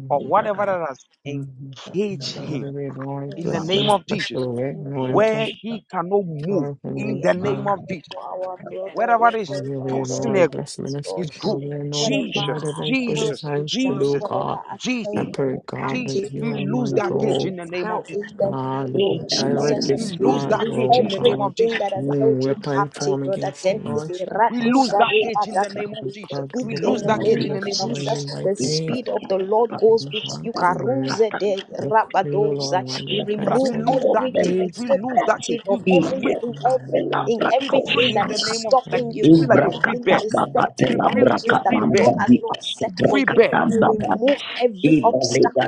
[SPEAKER 2] or whatever
[SPEAKER 3] Ibragada.
[SPEAKER 2] that has engaged Him,
[SPEAKER 4] Very Lord,
[SPEAKER 2] in
[SPEAKER 4] bless
[SPEAKER 2] the
[SPEAKER 1] Yes,
[SPEAKER 4] me in
[SPEAKER 2] name
[SPEAKER 4] a
[SPEAKER 3] Masha.
[SPEAKER 2] of Jesus,
[SPEAKER 4] special way,
[SPEAKER 1] in the name of
[SPEAKER 4] anointing.
[SPEAKER 2] where
[SPEAKER 3] Yasha.
[SPEAKER 2] He cannot move,
[SPEAKER 4] Lord, we
[SPEAKER 2] in
[SPEAKER 1] we
[SPEAKER 4] thank
[SPEAKER 2] the
[SPEAKER 1] are
[SPEAKER 2] name
[SPEAKER 4] you.
[SPEAKER 2] of
[SPEAKER 3] Makada.
[SPEAKER 1] praying
[SPEAKER 2] Jesus,
[SPEAKER 1] for our brother. We
[SPEAKER 2] wherever it
[SPEAKER 1] are
[SPEAKER 2] is
[SPEAKER 4] Have
[SPEAKER 1] praying
[SPEAKER 4] your
[SPEAKER 1] for our
[SPEAKER 4] way,
[SPEAKER 1] brother
[SPEAKER 2] posting a-
[SPEAKER 4] Lord. Bless me in
[SPEAKER 1] Dennis,
[SPEAKER 4] a
[SPEAKER 2] His
[SPEAKER 1] Lord.
[SPEAKER 4] special
[SPEAKER 2] growth,
[SPEAKER 4] way, Lord.
[SPEAKER 1] Whatever
[SPEAKER 4] The
[SPEAKER 2] Jesus,
[SPEAKER 4] whatever
[SPEAKER 1] I've
[SPEAKER 4] he put
[SPEAKER 1] held
[SPEAKER 4] his
[SPEAKER 2] Jesus,
[SPEAKER 1] him
[SPEAKER 4] hands to
[SPEAKER 1] down,
[SPEAKER 4] do,
[SPEAKER 2] Jesus,
[SPEAKER 1] whatever
[SPEAKER 4] God.
[SPEAKER 1] I've held
[SPEAKER 2] Jesus,
[SPEAKER 4] I
[SPEAKER 1] him
[SPEAKER 4] pray, God, that
[SPEAKER 2] Jesus,
[SPEAKER 1] captive,
[SPEAKER 2] we
[SPEAKER 4] you,
[SPEAKER 1] We
[SPEAKER 2] lose
[SPEAKER 4] my
[SPEAKER 2] that
[SPEAKER 1] release
[SPEAKER 2] cage in
[SPEAKER 4] God,
[SPEAKER 2] the
[SPEAKER 1] it
[SPEAKER 2] name
[SPEAKER 1] now
[SPEAKER 2] of
[SPEAKER 1] in
[SPEAKER 2] Jesus.
[SPEAKER 1] the name
[SPEAKER 4] God,
[SPEAKER 1] of
[SPEAKER 3] In the
[SPEAKER 4] direct
[SPEAKER 3] name
[SPEAKER 1] Jesus.
[SPEAKER 3] of
[SPEAKER 2] We
[SPEAKER 4] his
[SPEAKER 1] We
[SPEAKER 2] lose
[SPEAKER 4] path,
[SPEAKER 3] Jesus.
[SPEAKER 2] that
[SPEAKER 1] release
[SPEAKER 2] cage
[SPEAKER 4] oh
[SPEAKER 2] in the name
[SPEAKER 1] everything
[SPEAKER 3] Ibragada.
[SPEAKER 4] God.
[SPEAKER 2] of Jesus.
[SPEAKER 1] that has
[SPEAKER 4] No
[SPEAKER 1] held you
[SPEAKER 4] weapon
[SPEAKER 1] captive,
[SPEAKER 4] form
[SPEAKER 1] brother.
[SPEAKER 4] against the
[SPEAKER 1] Then is a
[SPEAKER 4] Lord shall
[SPEAKER 2] We lose
[SPEAKER 1] raduza
[SPEAKER 4] prosper.
[SPEAKER 2] that
[SPEAKER 3] Yasha.
[SPEAKER 2] cage in
[SPEAKER 1] repada.
[SPEAKER 2] the name of
[SPEAKER 4] The
[SPEAKER 1] We
[SPEAKER 2] Jesus.
[SPEAKER 4] God
[SPEAKER 1] speak
[SPEAKER 2] We
[SPEAKER 4] look
[SPEAKER 1] in
[SPEAKER 2] lose
[SPEAKER 1] the
[SPEAKER 2] that
[SPEAKER 4] to you
[SPEAKER 2] cage
[SPEAKER 1] name
[SPEAKER 2] in
[SPEAKER 3] Almighty
[SPEAKER 2] the
[SPEAKER 1] of
[SPEAKER 4] this
[SPEAKER 2] name of Jesus.
[SPEAKER 1] Jesus.
[SPEAKER 4] morning by
[SPEAKER 1] The
[SPEAKER 4] faith.
[SPEAKER 1] speed of the Lord
[SPEAKER 3] Ibragada.
[SPEAKER 1] goes with you. Karuze
[SPEAKER 3] Shadabagada.
[SPEAKER 1] de
[SPEAKER 4] We pray, O
[SPEAKER 1] rabadoza.
[SPEAKER 4] Lord, on the
[SPEAKER 1] We
[SPEAKER 3] Ibrakata
[SPEAKER 4] repentance
[SPEAKER 2] We
[SPEAKER 1] remove
[SPEAKER 4] I give
[SPEAKER 2] lose that
[SPEAKER 1] everything.
[SPEAKER 2] cage.
[SPEAKER 1] We
[SPEAKER 4] praise.
[SPEAKER 2] We
[SPEAKER 1] take
[SPEAKER 2] lose that cage.
[SPEAKER 1] captive of
[SPEAKER 2] We break.
[SPEAKER 1] everything,
[SPEAKER 4] Amen.
[SPEAKER 1] everything,
[SPEAKER 2] We
[SPEAKER 4] Yeah.
[SPEAKER 2] free
[SPEAKER 1] everything
[SPEAKER 2] in
[SPEAKER 1] that
[SPEAKER 2] the
[SPEAKER 1] is
[SPEAKER 2] name of like
[SPEAKER 1] stopping
[SPEAKER 2] we
[SPEAKER 1] you,
[SPEAKER 2] free like a
[SPEAKER 4] um,
[SPEAKER 2] free
[SPEAKER 1] everything that
[SPEAKER 2] bed.
[SPEAKER 1] is setting
[SPEAKER 2] We free like a
[SPEAKER 1] boundaries that
[SPEAKER 2] free
[SPEAKER 1] the
[SPEAKER 2] bed.
[SPEAKER 1] Lord has not set for for
[SPEAKER 2] Free
[SPEAKER 1] you.
[SPEAKER 2] bed.
[SPEAKER 1] You remove every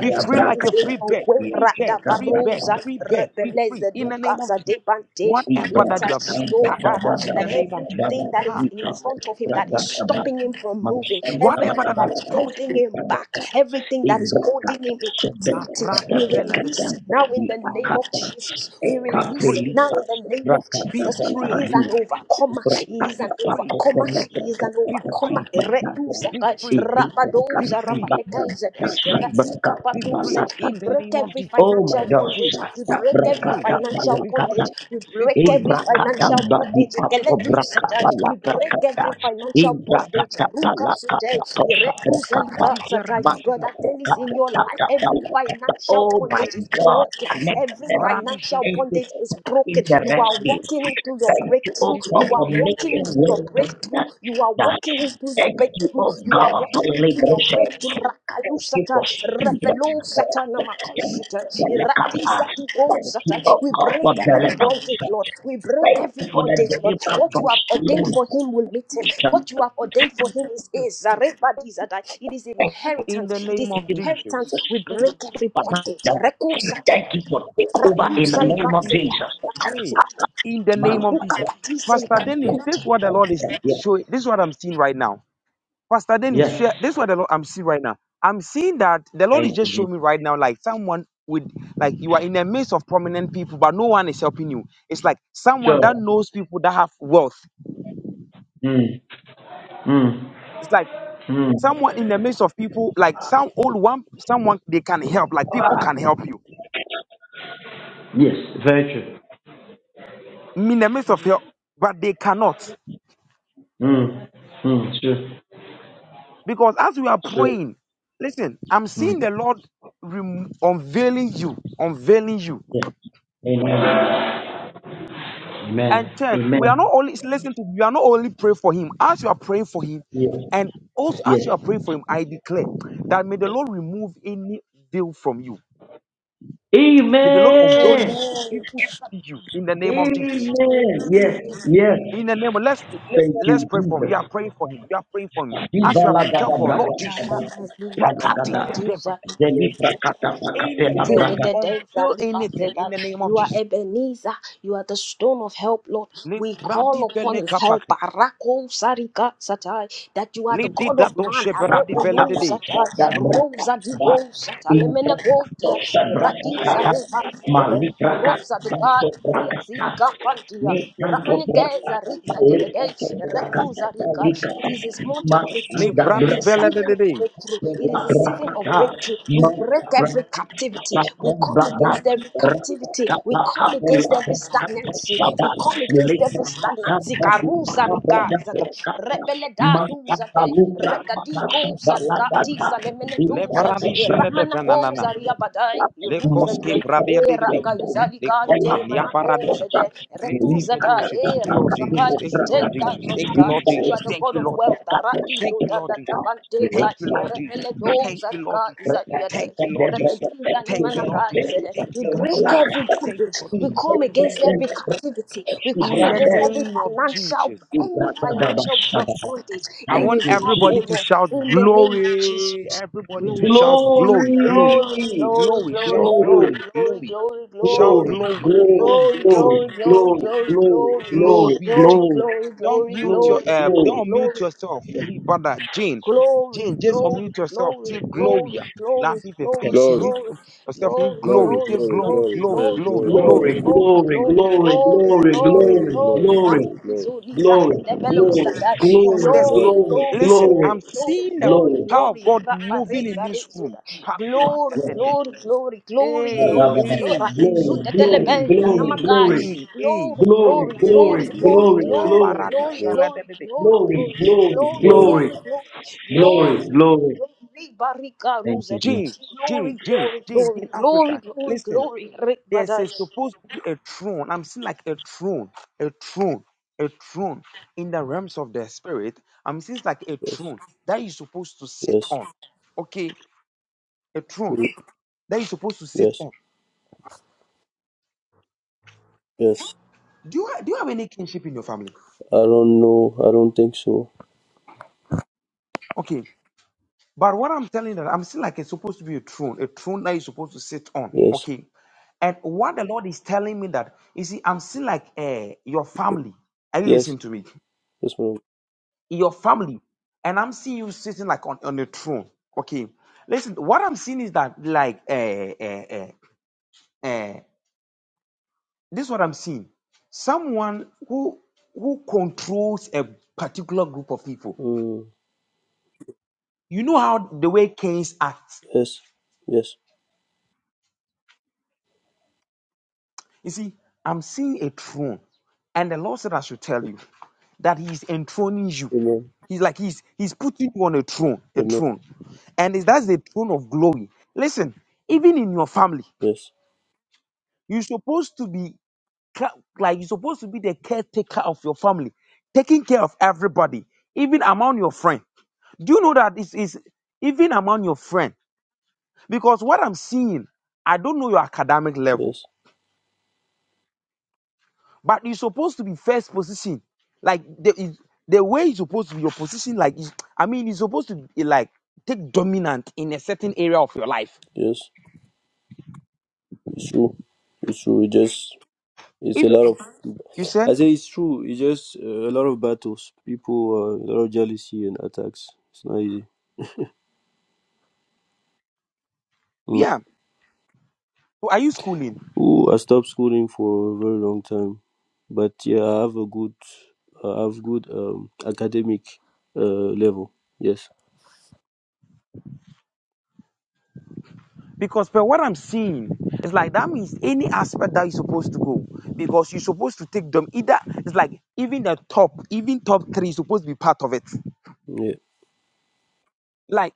[SPEAKER 2] Be free
[SPEAKER 1] that
[SPEAKER 2] like
[SPEAKER 1] is
[SPEAKER 2] a
[SPEAKER 1] in
[SPEAKER 2] free
[SPEAKER 1] your
[SPEAKER 2] bed.
[SPEAKER 1] way.
[SPEAKER 2] Free bed. Free bed.
[SPEAKER 1] Radabarosa,
[SPEAKER 2] Free bed. Be free in the
[SPEAKER 1] rebelezeduka,
[SPEAKER 2] name of Jesus.
[SPEAKER 1] zadebante. We
[SPEAKER 2] Whatever that you
[SPEAKER 3] Ibrahim
[SPEAKER 2] have
[SPEAKER 1] intercede, oh
[SPEAKER 2] stuck
[SPEAKER 1] Father,
[SPEAKER 2] in the
[SPEAKER 1] that
[SPEAKER 2] name of Jesus.
[SPEAKER 1] everything that is
[SPEAKER 2] Huh?
[SPEAKER 1] in front of him that is stopping him from moving,
[SPEAKER 2] Whatever
[SPEAKER 1] everything
[SPEAKER 2] that
[SPEAKER 1] that
[SPEAKER 2] was
[SPEAKER 1] is
[SPEAKER 2] supposed
[SPEAKER 1] holding
[SPEAKER 2] to
[SPEAKER 1] him back, everything that is holding
[SPEAKER 3] Ibrakata
[SPEAKER 1] him in
[SPEAKER 2] that
[SPEAKER 1] captivity,
[SPEAKER 3] subrakata
[SPEAKER 2] brandy
[SPEAKER 1] we
[SPEAKER 2] fell under,
[SPEAKER 1] release it now in the name of
[SPEAKER 3] brakata
[SPEAKER 1] Jesus. We
[SPEAKER 2] be
[SPEAKER 1] release it
[SPEAKER 2] free.
[SPEAKER 1] now
[SPEAKER 3] ekapelita
[SPEAKER 1] in the name of
[SPEAKER 3] subrakata
[SPEAKER 2] Be
[SPEAKER 1] Jesus. He
[SPEAKER 2] free.
[SPEAKER 1] is
[SPEAKER 3] baladi
[SPEAKER 1] an overcomer. He is
[SPEAKER 3] ibrakata
[SPEAKER 2] Be
[SPEAKER 1] an
[SPEAKER 2] free.
[SPEAKER 1] overcomer. Koma
[SPEAKER 3] pakopelete
[SPEAKER 1] Shiza Nova
[SPEAKER 2] Be
[SPEAKER 3] kata
[SPEAKER 1] Koma
[SPEAKER 2] free.
[SPEAKER 3] kombata
[SPEAKER 1] Reduza
[SPEAKER 2] Be
[SPEAKER 1] Kai
[SPEAKER 2] free.
[SPEAKER 3] izibrakata
[SPEAKER 2] Be
[SPEAKER 1] Rabadoza
[SPEAKER 2] free.
[SPEAKER 1] Rabalekaiza
[SPEAKER 3] kombata
[SPEAKER 2] Be free.
[SPEAKER 1] Raika
[SPEAKER 3] subrakata
[SPEAKER 2] Be
[SPEAKER 1] Patusa.
[SPEAKER 2] free
[SPEAKER 1] We
[SPEAKER 2] in the
[SPEAKER 3] balakata
[SPEAKER 1] break
[SPEAKER 2] name of
[SPEAKER 1] every
[SPEAKER 2] Jesus.
[SPEAKER 3] Oh my
[SPEAKER 1] financial
[SPEAKER 2] Be
[SPEAKER 3] gosh,
[SPEAKER 2] free.
[SPEAKER 1] bondage. We break
[SPEAKER 2] Be
[SPEAKER 1] every
[SPEAKER 2] free.
[SPEAKER 3] brakata
[SPEAKER 1] financial
[SPEAKER 2] Be
[SPEAKER 3] balakata
[SPEAKER 1] bondage.
[SPEAKER 2] free.
[SPEAKER 1] We
[SPEAKER 2] Be
[SPEAKER 1] break
[SPEAKER 2] free.
[SPEAKER 1] every
[SPEAKER 3] Ibrakata
[SPEAKER 2] Be
[SPEAKER 1] financial
[SPEAKER 2] free.
[SPEAKER 3] badi
[SPEAKER 1] bondage.
[SPEAKER 2] Be
[SPEAKER 3] asto
[SPEAKER 2] free.
[SPEAKER 1] Keleduza Kai.
[SPEAKER 3] brakata la
[SPEAKER 1] We break
[SPEAKER 3] brakata.
[SPEAKER 1] every financial bondage.
[SPEAKER 3] Ibrakata
[SPEAKER 1] Aruka
[SPEAKER 3] palakata
[SPEAKER 1] Sute.
[SPEAKER 3] tosha
[SPEAKER 1] Ireduza Liga
[SPEAKER 3] brakata.
[SPEAKER 2] Ati
[SPEAKER 1] Sakai.
[SPEAKER 3] Manta
[SPEAKER 2] beranishele.
[SPEAKER 1] Brother Dennis,
[SPEAKER 3] brakata
[SPEAKER 1] in your life,
[SPEAKER 3] tata
[SPEAKER 1] every
[SPEAKER 3] palakata.
[SPEAKER 1] financial
[SPEAKER 3] Oh my
[SPEAKER 1] bondage is
[SPEAKER 3] God,
[SPEAKER 1] broken.
[SPEAKER 3] connect
[SPEAKER 1] Every
[SPEAKER 3] them.
[SPEAKER 1] financial
[SPEAKER 2] Radishele
[SPEAKER 3] Thank you
[SPEAKER 2] nide.
[SPEAKER 1] bondage
[SPEAKER 3] for
[SPEAKER 1] is
[SPEAKER 3] in
[SPEAKER 1] broken.
[SPEAKER 3] the
[SPEAKER 1] You are
[SPEAKER 3] rescue
[SPEAKER 1] walking into your
[SPEAKER 3] Thank you, oh
[SPEAKER 1] breakthrough. You
[SPEAKER 3] God,
[SPEAKER 1] are
[SPEAKER 3] for
[SPEAKER 2] Dibenoshidi.
[SPEAKER 1] walking
[SPEAKER 3] making
[SPEAKER 1] into your
[SPEAKER 3] way in
[SPEAKER 1] breakthrough.
[SPEAKER 3] that.
[SPEAKER 1] You are
[SPEAKER 3] that.
[SPEAKER 1] walking into your
[SPEAKER 3] Thank you,
[SPEAKER 1] breakthrough.
[SPEAKER 3] oh
[SPEAKER 1] You are
[SPEAKER 3] God, for
[SPEAKER 1] walking into your
[SPEAKER 3] liberation.
[SPEAKER 1] breakthrough. Rakayu
[SPEAKER 3] Thank you
[SPEAKER 1] Satan,
[SPEAKER 3] for speed. Thank
[SPEAKER 1] Rapelo Satan, Namakai Satan, Irati Satan, Go
[SPEAKER 3] you,
[SPEAKER 1] Satan.
[SPEAKER 3] oh
[SPEAKER 1] We
[SPEAKER 3] God,
[SPEAKER 1] break
[SPEAKER 3] for
[SPEAKER 2] Ishele
[SPEAKER 1] every bondage,
[SPEAKER 3] deliverance.
[SPEAKER 2] maradishele.
[SPEAKER 1] Lord. We break
[SPEAKER 3] Thank
[SPEAKER 1] every
[SPEAKER 3] you for that
[SPEAKER 1] bondage, Lord.
[SPEAKER 3] deliverance
[SPEAKER 1] What
[SPEAKER 3] from
[SPEAKER 1] you have ordained
[SPEAKER 3] Shalom.
[SPEAKER 1] for him will meet him. What you have
[SPEAKER 2] Mm,
[SPEAKER 1] ordained for
[SPEAKER 2] mm,
[SPEAKER 1] him is
[SPEAKER 2] mm.
[SPEAKER 1] his. Zareba Dizadai. It is
[SPEAKER 2] In
[SPEAKER 1] inheritance.
[SPEAKER 2] the
[SPEAKER 1] It
[SPEAKER 2] name
[SPEAKER 1] is
[SPEAKER 2] of
[SPEAKER 3] Shalom,
[SPEAKER 1] inheritance.
[SPEAKER 2] Jesus.
[SPEAKER 1] We break every bondage. Reko Satan,
[SPEAKER 3] Thank you for take over
[SPEAKER 2] In
[SPEAKER 1] Raku
[SPEAKER 2] the
[SPEAKER 3] in the
[SPEAKER 2] name
[SPEAKER 1] Salika
[SPEAKER 2] of
[SPEAKER 3] name of
[SPEAKER 2] Jesus.
[SPEAKER 3] Jesus.
[SPEAKER 2] Hey.
[SPEAKER 1] Satan
[SPEAKER 2] In the name of Jesus. Pastor Dennis, this is what the Lord is
[SPEAKER 3] Yes,
[SPEAKER 2] showing. This is what I'm seeing right now Pastor Dennis,
[SPEAKER 3] yes.
[SPEAKER 2] share, this is what the Lord I'm seeing right now. I'm seeing that the Lord is
[SPEAKER 3] Thank you,
[SPEAKER 2] just showing me
[SPEAKER 3] Jesus.
[SPEAKER 2] right now, like someone with, like you are in the midst of prominent people, but no one is helping you. It's like someone
[SPEAKER 3] Sure.
[SPEAKER 2] that knows people that have wealth.
[SPEAKER 3] Mm, mm,
[SPEAKER 2] It's like
[SPEAKER 3] mm.
[SPEAKER 2] someone in the midst of people, like some old one, someone they can help, like people can help you
[SPEAKER 3] Yes, very true.
[SPEAKER 2] I'm in the midst of help, but they cannot
[SPEAKER 3] Mm, mm, true,
[SPEAKER 2] because as we are
[SPEAKER 3] true.
[SPEAKER 2] praying, listen, I'm
[SPEAKER 3] Mm,
[SPEAKER 2] seeing the Lord rem- unveiling you, unveiling you.
[SPEAKER 3] yeah. Amen. Amen.
[SPEAKER 2] And third, we are not
[SPEAKER 3] Amen.
[SPEAKER 2] only listen to we are not only pray for him as you are praying for him,
[SPEAKER 3] Yes.
[SPEAKER 2] and also
[SPEAKER 3] Yes.
[SPEAKER 2] as you are praying for him, I declare that may the Lord remove any veil from you. May the Lord unveil you
[SPEAKER 3] Amen.
[SPEAKER 2] for people to see you in the name of Jesus.
[SPEAKER 3] Amen. Yes. Yes.
[SPEAKER 2] In the name of let's let,
[SPEAKER 3] Thank
[SPEAKER 2] let's
[SPEAKER 3] you,
[SPEAKER 2] pray for him. You
[SPEAKER 3] Jesus.
[SPEAKER 2] are praying for him. You are praying for him. As you are
[SPEAKER 3] Zivala
[SPEAKER 2] praying, tell
[SPEAKER 3] gada
[SPEAKER 2] God, Lord
[SPEAKER 3] braga
[SPEAKER 2] Jesus,
[SPEAKER 3] gada,
[SPEAKER 2] let that be
[SPEAKER 3] gada,
[SPEAKER 2] the devil.
[SPEAKER 3] zeli prakata
[SPEAKER 2] any
[SPEAKER 3] pakapela
[SPEAKER 2] veil,
[SPEAKER 3] braga,
[SPEAKER 2] we unveil anything in the name of
[SPEAKER 1] you are
[SPEAKER 2] Jesus.
[SPEAKER 1] Ebenezer, you are the stone of help, Lord.
[SPEAKER 2] Le
[SPEAKER 1] We call
[SPEAKER 2] bradi
[SPEAKER 1] upon
[SPEAKER 2] vele
[SPEAKER 1] his help.
[SPEAKER 2] kapaka.
[SPEAKER 1] Barako sarika satai. that you are
[SPEAKER 2] Le
[SPEAKER 1] the
[SPEAKER 2] di
[SPEAKER 1] God of
[SPEAKER 2] dado
[SPEAKER 1] man.
[SPEAKER 2] shebradi
[SPEAKER 3] rakata
[SPEAKER 2] vele de de.
[SPEAKER 1] Arepeluzata,
[SPEAKER 3] pakata braga
[SPEAKER 1] Rosa di
[SPEAKER 3] gada,
[SPEAKER 1] Bosata,
[SPEAKER 3] intrakato
[SPEAKER 1] Lemenecotia,
[SPEAKER 3] shabraka
[SPEAKER 1] Radiza
[SPEAKER 3] gada,
[SPEAKER 1] Rebandia,
[SPEAKER 3] mali braga
[SPEAKER 1] Rosa de God,
[SPEAKER 3] tanto
[SPEAKER 1] Ria
[SPEAKER 3] braga gada,
[SPEAKER 1] Zidica Pantia,
[SPEAKER 3] ni tanto braga
[SPEAKER 1] Ramanikeza
[SPEAKER 3] gada,
[SPEAKER 1] Riza de
[SPEAKER 3] le
[SPEAKER 1] the day,
[SPEAKER 3] tanto braga
[SPEAKER 1] Rebuza
[SPEAKER 3] gada, li
[SPEAKER 1] Rica. It
[SPEAKER 3] gada,
[SPEAKER 1] is a month of
[SPEAKER 2] Le
[SPEAKER 1] breakthrough.
[SPEAKER 3] mashanda
[SPEAKER 1] It is
[SPEAKER 2] brandi
[SPEAKER 1] a
[SPEAKER 3] braga
[SPEAKER 2] vele
[SPEAKER 1] season
[SPEAKER 2] de
[SPEAKER 3] gada,
[SPEAKER 1] of
[SPEAKER 2] de.
[SPEAKER 1] breakthrough. It is a season of
[SPEAKER 3] Thank
[SPEAKER 1] breakthrough. We break every captivity stagnancy. We come against every captivity. We come against every stagnancy. We come against every stagnancy. Karusa rika zaga. Rebele da duza de. Reda di kosa rika tisa lemene
[SPEAKER 2] Le
[SPEAKER 1] duza.
[SPEAKER 2] paradi
[SPEAKER 1] E
[SPEAKER 2] shele de
[SPEAKER 1] Ramana
[SPEAKER 2] venanana.
[SPEAKER 1] kosa ria badai.
[SPEAKER 2] Le
[SPEAKER 1] Iruza
[SPEAKER 2] koski
[SPEAKER 1] dia.
[SPEAKER 2] vradia
[SPEAKER 1] Era
[SPEAKER 2] didibi.
[SPEAKER 1] kaizali
[SPEAKER 2] Le
[SPEAKER 1] kante
[SPEAKER 2] kopan ya
[SPEAKER 1] mana
[SPEAKER 2] paradika.
[SPEAKER 1] kosa de.
[SPEAKER 2] Le
[SPEAKER 1] Retuza
[SPEAKER 2] divedo shit. Thank you, Lord
[SPEAKER 1] da. God,
[SPEAKER 2] Jesus. Thank you,
[SPEAKER 1] dead
[SPEAKER 2] Lord
[SPEAKER 1] God,
[SPEAKER 2] Jesus.
[SPEAKER 1] money
[SPEAKER 2] Thank you,
[SPEAKER 1] God.
[SPEAKER 2] Lord
[SPEAKER 1] You are
[SPEAKER 2] Jesus.
[SPEAKER 1] the
[SPEAKER 2] Thank
[SPEAKER 1] God
[SPEAKER 2] you,
[SPEAKER 1] of
[SPEAKER 2] Lord
[SPEAKER 1] wealth.
[SPEAKER 2] Jesus. Thank
[SPEAKER 1] Aradido,
[SPEAKER 2] you,
[SPEAKER 1] da,
[SPEAKER 2] Lord
[SPEAKER 1] da, da,
[SPEAKER 2] Jesus.
[SPEAKER 1] ba, de,
[SPEAKER 2] Thank
[SPEAKER 1] God.
[SPEAKER 2] you, Lord Jesus.
[SPEAKER 1] Erepele,
[SPEAKER 3] you.
[SPEAKER 1] those
[SPEAKER 2] Thank
[SPEAKER 1] are
[SPEAKER 2] you, Lord
[SPEAKER 1] God.
[SPEAKER 2] Jesus.
[SPEAKER 1] is
[SPEAKER 3] Thank
[SPEAKER 1] that you are
[SPEAKER 2] Thank
[SPEAKER 1] the-
[SPEAKER 2] you, Lord Jesus.
[SPEAKER 1] Erepediza, ni,
[SPEAKER 2] Thank you,
[SPEAKER 1] mana,
[SPEAKER 2] Lord
[SPEAKER 1] God, is
[SPEAKER 2] Jesus.
[SPEAKER 1] that
[SPEAKER 2] Thank
[SPEAKER 1] We
[SPEAKER 2] you, Lord Jesus.
[SPEAKER 1] break every
[SPEAKER 2] Thank you,
[SPEAKER 1] bondage.
[SPEAKER 2] Lord
[SPEAKER 1] We
[SPEAKER 2] Jesus.
[SPEAKER 1] come against every captivity. We come
[SPEAKER 2] In the
[SPEAKER 1] against every
[SPEAKER 2] name of
[SPEAKER 1] financial,
[SPEAKER 2] Jesus.
[SPEAKER 1] any financial bondage
[SPEAKER 2] I
[SPEAKER 1] in
[SPEAKER 2] want
[SPEAKER 1] his
[SPEAKER 3] you,
[SPEAKER 1] life,
[SPEAKER 3] Jesus.
[SPEAKER 2] everybody to
[SPEAKER 1] amen.
[SPEAKER 2] shout
[SPEAKER 1] In the name of
[SPEAKER 2] glory.
[SPEAKER 1] Jesus.
[SPEAKER 2] Everybody to
[SPEAKER 1] Glory.
[SPEAKER 2] shout glory, glory,
[SPEAKER 1] Glory,
[SPEAKER 3] Glory,
[SPEAKER 1] glory,
[SPEAKER 2] glory, shout
[SPEAKER 1] glory, glory,
[SPEAKER 3] glory,
[SPEAKER 2] glory,
[SPEAKER 1] glory,
[SPEAKER 2] glory,
[SPEAKER 1] glory,
[SPEAKER 2] shout
[SPEAKER 1] glory.
[SPEAKER 3] glory,
[SPEAKER 2] glory,
[SPEAKER 3] glory,
[SPEAKER 2] glory,
[SPEAKER 3] glory,
[SPEAKER 2] glory,
[SPEAKER 3] glory,
[SPEAKER 2] glory,
[SPEAKER 3] glory, glory,
[SPEAKER 2] glory. Jane,
[SPEAKER 3] glory,
[SPEAKER 2] don't mute your
[SPEAKER 3] glory,
[SPEAKER 2] uh,
[SPEAKER 3] glory.
[SPEAKER 2] don't mute yourself, free brother Jane. Jane, just unmute yourself. Say glory. Like if Latif, face you
[SPEAKER 5] Glory,
[SPEAKER 2] mute yourself in
[SPEAKER 5] glory,
[SPEAKER 2] glory. Say
[SPEAKER 5] glory,
[SPEAKER 2] glory,
[SPEAKER 5] glory,
[SPEAKER 2] glory,
[SPEAKER 5] glory,
[SPEAKER 2] glory,
[SPEAKER 5] glory, glory,
[SPEAKER 2] glory.
[SPEAKER 3] Glory, glory, glory, glory, glory,
[SPEAKER 5] glory, glory,
[SPEAKER 3] glory,
[SPEAKER 5] glory,
[SPEAKER 3] glory, glory,
[SPEAKER 2] Because there's
[SPEAKER 5] glory,
[SPEAKER 3] glory, glory,
[SPEAKER 2] listen,
[SPEAKER 3] glory,
[SPEAKER 2] I'm seeing the
[SPEAKER 3] glory.
[SPEAKER 2] power of God moving in this room.
[SPEAKER 1] Glory,
[SPEAKER 3] Yes,
[SPEAKER 1] glory, glory, glory,
[SPEAKER 3] Glory,
[SPEAKER 2] Hey,
[SPEAKER 5] glory,
[SPEAKER 1] glory,
[SPEAKER 2] hey,
[SPEAKER 1] glory.
[SPEAKER 3] glory,
[SPEAKER 2] hey,
[SPEAKER 1] Zuta
[SPEAKER 3] glory,
[SPEAKER 2] hey,
[SPEAKER 1] telebeza
[SPEAKER 2] hey,
[SPEAKER 1] namakai.
[SPEAKER 3] glory,
[SPEAKER 2] hey, hey.
[SPEAKER 1] Glory,
[SPEAKER 3] glory,
[SPEAKER 5] glory,
[SPEAKER 1] glory,
[SPEAKER 5] glory,
[SPEAKER 1] glory,
[SPEAKER 3] glory,
[SPEAKER 1] glory,
[SPEAKER 5] glory,
[SPEAKER 3] glory,
[SPEAKER 1] glory,
[SPEAKER 5] glory,
[SPEAKER 3] glory,
[SPEAKER 1] glory,
[SPEAKER 5] glory.
[SPEAKER 1] glory,
[SPEAKER 2] Kabaradishaladadede.
[SPEAKER 1] glory,
[SPEAKER 3] glory, glory,
[SPEAKER 1] glory, glory,
[SPEAKER 5] glory.
[SPEAKER 3] glory,
[SPEAKER 1] glory, glory,
[SPEAKER 3] glory,
[SPEAKER 1] glory.
[SPEAKER 3] glory.
[SPEAKER 1] Glory, barika
[SPEAKER 3] Thank
[SPEAKER 1] ruza
[SPEAKER 3] you, Jesus.
[SPEAKER 2] Jane,
[SPEAKER 1] Glory,
[SPEAKER 2] Jane, Jane,
[SPEAKER 1] glory,
[SPEAKER 2] Jane,
[SPEAKER 1] glory,
[SPEAKER 2] Jane,
[SPEAKER 1] glory,
[SPEAKER 2] Africa.
[SPEAKER 1] glory,
[SPEAKER 2] Listen,
[SPEAKER 1] glory. Rick
[SPEAKER 2] there's
[SPEAKER 1] badai.
[SPEAKER 2] a, supposed to be a throne. I'm seeing like a throne, a throne, a throne in the realms of the spirit. I'm seeing it's like a
[SPEAKER 5] Yes,
[SPEAKER 2] throne that you're supposed to
[SPEAKER 5] yes,
[SPEAKER 2] sit on. Okay, a throne
[SPEAKER 5] mm,
[SPEAKER 2] that you're supposed to sit
[SPEAKER 5] yes,
[SPEAKER 2] on.
[SPEAKER 5] yes.
[SPEAKER 2] Do you, ha- do you have any kinship in your family?
[SPEAKER 5] I don't know. I don't think so.
[SPEAKER 2] Okay. But what I'm telling you, that I'm still like it's supposed to be a throne, a throne that you're supposed to sit on.
[SPEAKER 5] Yes,
[SPEAKER 2] Okay. And what the Lord is telling me that you see, I'm still like uh, your family. Are you
[SPEAKER 5] yes,
[SPEAKER 2] listening to me?
[SPEAKER 5] yes, madam.
[SPEAKER 2] Your family. And I'm seeing you sitting like on, on a throne. Okay. Listen, what I'm seeing is that like uh, uh, uh, uh, this is what I'm seeing. Someone who who controls a particular group of people.
[SPEAKER 5] Mm,
[SPEAKER 2] You know how the way kings act
[SPEAKER 5] yes, yes.
[SPEAKER 2] You see, I'm seeing a throne, and the Lord said I should tell you that He is enthroning you.
[SPEAKER 5] Amen.
[SPEAKER 2] He's like He's He's putting you on a throne, a
[SPEAKER 5] Amen.
[SPEAKER 2] throne, and is that's the throne of glory. Listen, even in your family,
[SPEAKER 5] Yes,
[SPEAKER 2] you're supposed to be ca- like you're supposed to be the caretaker of your family, taking care of everybody, even among your friends. Do you know that this is even among your friends? Because what I'm seeing, I don't know your academic level.
[SPEAKER 5] yes,
[SPEAKER 2] But you're supposed to be first position. Like the the way you supposed to be your position, like is I mean, you supposed to be like take dominant in a certain area of your life.
[SPEAKER 5] yes. It's true. It's true. It just. It's a
[SPEAKER 2] If
[SPEAKER 5] lot of
[SPEAKER 2] you said,
[SPEAKER 5] I say it's true. It's just uh, a lot of battles, people, uh, a lot of jealousy and attacks. It's not easy. Mm.
[SPEAKER 2] yeah. So are you schooling?
[SPEAKER 5] Ooh, I stopped schooling for a very long time, but yeah, I have a good, I have good um, academic uh, level. Yes.
[SPEAKER 2] Because per what I'm seeing, it's like that means any aspect that you're supposed to go. Because you're supposed to take them either it's like even the top, even top three is supposed to be part of it.
[SPEAKER 5] Yeah.
[SPEAKER 2] Like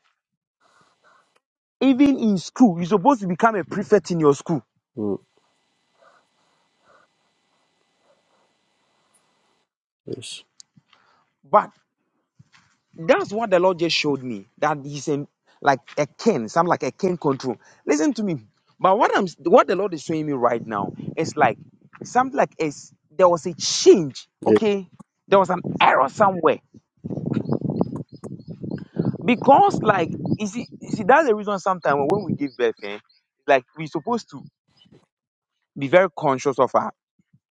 [SPEAKER 2] even in school, you're supposed to become a prefect in your school.
[SPEAKER 5] Mm. Yes.
[SPEAKER 2] but. That's what the Lord just showed me. That he's in like a cane, some like a cane control. Listen to me. But what I'm what the Lord is showing me right now is like something like is there was a change,
[SPEAKER 5] Yeah.
[SPEAKER 2] okay? There was an error somewhere. Because like you see, you see that's the reason sometimes when we give birth, eh, like we're supposed to be very conscious of our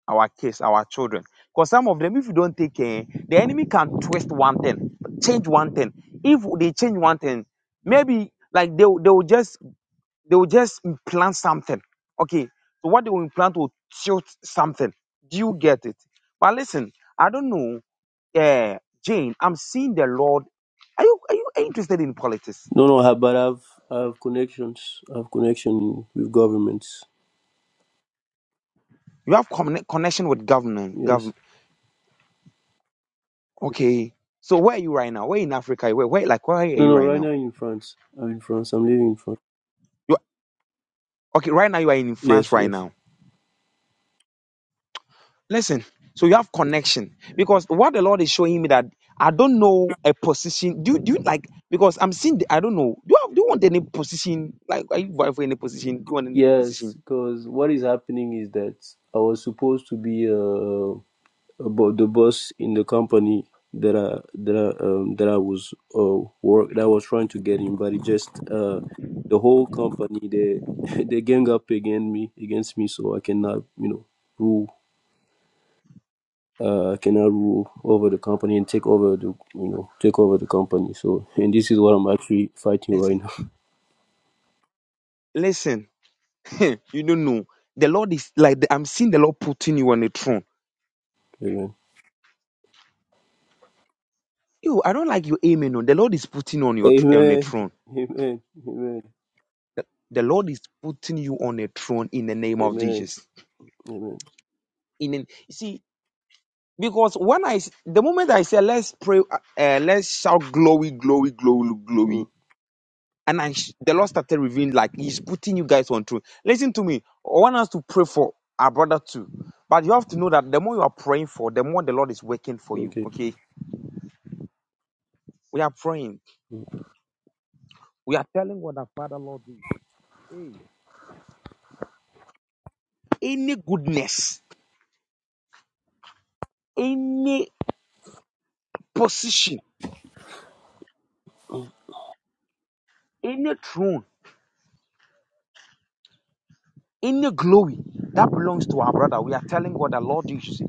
[SPEAKER 2] our kids, our children. Because some of them, if you don't take care, the enemy can twist one thing, change one thing. If they change one thing, maybe like they will- they will just they will just implant something. Okay, so what they will implant will tilt something. Do you get it? But listen, I don't know, uh, Jane. I'm seeing the Lord. Are you are you interested in politics?
[SPEAKER 5] No, no, I, but I've I have connections. I have connection with governments.
[SPEAKER 2] You have conne- connection with government,
[SPEAKER 5] Yes.
[SPEAKER 2] government. Okay, so where are you right now? Where in Africa? Where where like where are
[SPEAKER 5] No,
[SPEAKER 2] you
[SPEAKER 5] no.
[SPEAKER 2] right
[SPEAKER 5] Right
[SPEAKER 2] now?
[SPEAKER 5] now in France. I'm in France. I'm living in France.
[SPEAKER 2] Okay, right now you are in France
[SPEAKER 5] Yes.
[SPEAKER 2] right
[SPEAKER 5] Yes.
[SPEAKER 2] now. Listen, so you have connection because what the Lord is showing me that I don't know a position. Do you, do you like because I'm seeing the, I don't know. Do you have, do you want any position? Like are you vying for any position? Do you want any
[SPEAKER 5] Yes,
[SPEAKER 2] position?
[SPEAKER 5] because what is happening is that I was supposed to be uh, about the boss in the company that I that I, um, that I was uh, work that I was trying to get in, but it just uh, the whole company they they gang up against me against me, so I cannot you know rule uh, I cannot rule over the company and take over the you know take over the company. So and this is what I'm actually fighting right
[SPEAKER 2] Listen,
[SPEAKER 5] now.
[SPEAKER 2] listen. you don't know. The Lord is like the- I'm seeing the Lord putting you on a throne. You, I don't like your amen. on. The Lord is putting you on your tr- on a
[SPEAKER 5] Amen. Amen.
[SPEAKER 2] throne.
[SPEAKER 5] Amen. Amen.
[SPEAKER 2] The Lord is putting you on a throne in the name of
[SPEAKER 5] Amen.
[SPEAKER 2] Jesus.
[SPEAKER 5] Amen.
[SPEAKER 2] In an, you see, because when I, the moment I said let's pray, uh, uh, let's shout glory, glory, glory,
[SPEAKER 5] Mm.
[SPEAKER 2] glory, and I sh- the Lord started revealing like He's putting you guys on truth. Listen to me. I want us to pray for our brother too, but you have to know that the more you are praying for, the more the Lord is working for you.
[SPEAKER 5] Okay.
[SPEAKER 2] Okay, we are praying.
[SPEAKER 5] You
[SPEAKER 2] We are telling what our Father Lord is. Hey, any goodness, any position, any throne. Any glory that belongs to our brother, we are telling God that Lord Jesus,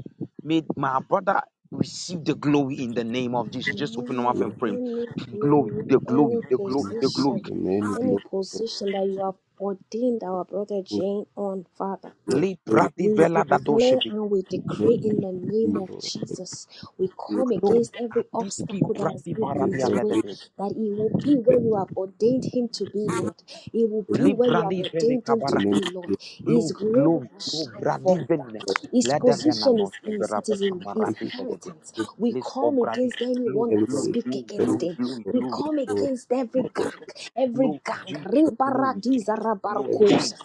[SPEAKER 2] may my brother receive the glory in the name of Jesus. Just open your mouth and
[SPEAKER 5] have
[SPEAKER 2] pray.
[SPEAKER 1] Any
[SPEAKER 2] Glory, the
[SPEAKER 1] glory,
[SPEAKER 2] glory,
[SPEAKER 1] any
[SPEAKER 2] the glory, the
[SPEAKER 1] position,
[SPEAKER 2] glory.
[SPEAKER 5] many
[SPEAKER 1] any
[SPEAKER 5] glorious
[SPEAKER 1] position that you have ordained our brother
[SPEAKER 5] Lord.
[SPEAKER 1] Jane on, Father.
[SPEAKER 5] Pray
[SPEAKER 2] Le bradi
[SPEAKER 1] We
[SPEAKER 5] for
[SPEAKER 2] vela da
[SPEAKER 5] this
[SPEAKER 1] declare
[SPEAKER 2] doshebi.
[SPEAKER 1] and we
[SPEAKER 5] name,
[SPEAKER 1] decree in the name of
[SPEAKER 5] Lord.
[SPEAKER 1] Jesus. We
[SPEAKER 5] Pray
[SPEAKER 1] come
[SPEAKER 2] Glory.
[SPEAKER 1] against every
[SPEAKER 2] Adiski
[SPEAKER 1] obstacle that has
[SPEAKER 2] bradi
[SPEAKER 1] been
[SPEAKER 5] pray
[SPEAKER 1] in
[SPEAKER 2] baradia
[SPEAKER 1] his
[SPEAKER 5] for us
[SPEAKER 1] way,
[SPEAKER 2] ledebe.
[SPEAKER 1] that he will be where you have ordained him to be, Lord. He will be
[SPEAKER 2] Le
[SPEAKER 1] where you have
[SPEAKER 2] bradi vele
[SPEAKER 1] ordained him to
[SPEAKER 5] in the
[SPEAKER 2] kabaraha.
[SPEAKER 1] be,
[SPEAKER 5] name.
[SPEAKER 1] Lord. His
[SPEAKER 2] Glory,
[SPEAKER 1] glory
[SPEAKER 2] glory,
[SPEAKER 1] will
[SPEAKER 2] glory.
[SPEAKER 1] shine
[SPEAKER 2] Bradi
[SPEAKER 1] forth.
[SPEAKER 2] velina.
[SPEAKER 1] His
[SPEAKER 2] Lede vena
[SPEAKER 1] position is
[SPEAKER 2] nosh
[SPEAKER 1] his, it
[SPEAKER 2] eberapa
[SPEAKER 1] is in his
[SPEAKER 5] Thank you,
[SPEAKER 2] kamaradi velede.
[SPEAKER 1] inheritance. We
[SPEAKER 2] Let's go,
[SPEAKER 1] come
[SPEAKER 2] Brady.
[SPEAKER 1] against anyone
[SPEAKER 2] Glory,
[SPEAKER 1] that
[SPEAKER 2] glory,
[SPEAKER 5] everybody.
[SPEAKER 1] speak
[SPEAKER 2] glory,
[SPEAKER 1] against
[SPEAKER 5] Thank
[SPEAKER 2] glory,
[SPEAKER 1] him.
[SPEAKER 2] glory,
[SPEAKER 1] We
[SPEAKER 2] glory.
[SPEAKER 1] come
[SPEAKER 5] you for
[SPEAKER 1] against every gang, every
[SPEAKER 2] Glory,
[SPEAKER 1] gang.
[SPEAKER 2] Jesus, glory, Jesus,
[SPEAKER 1] Rebaradiza
[SPEAKER 2] glory,
[SPEAKER 5] everything
[SPEAKER 1] rabarkosa.
[SPEAKER 2] Jesus,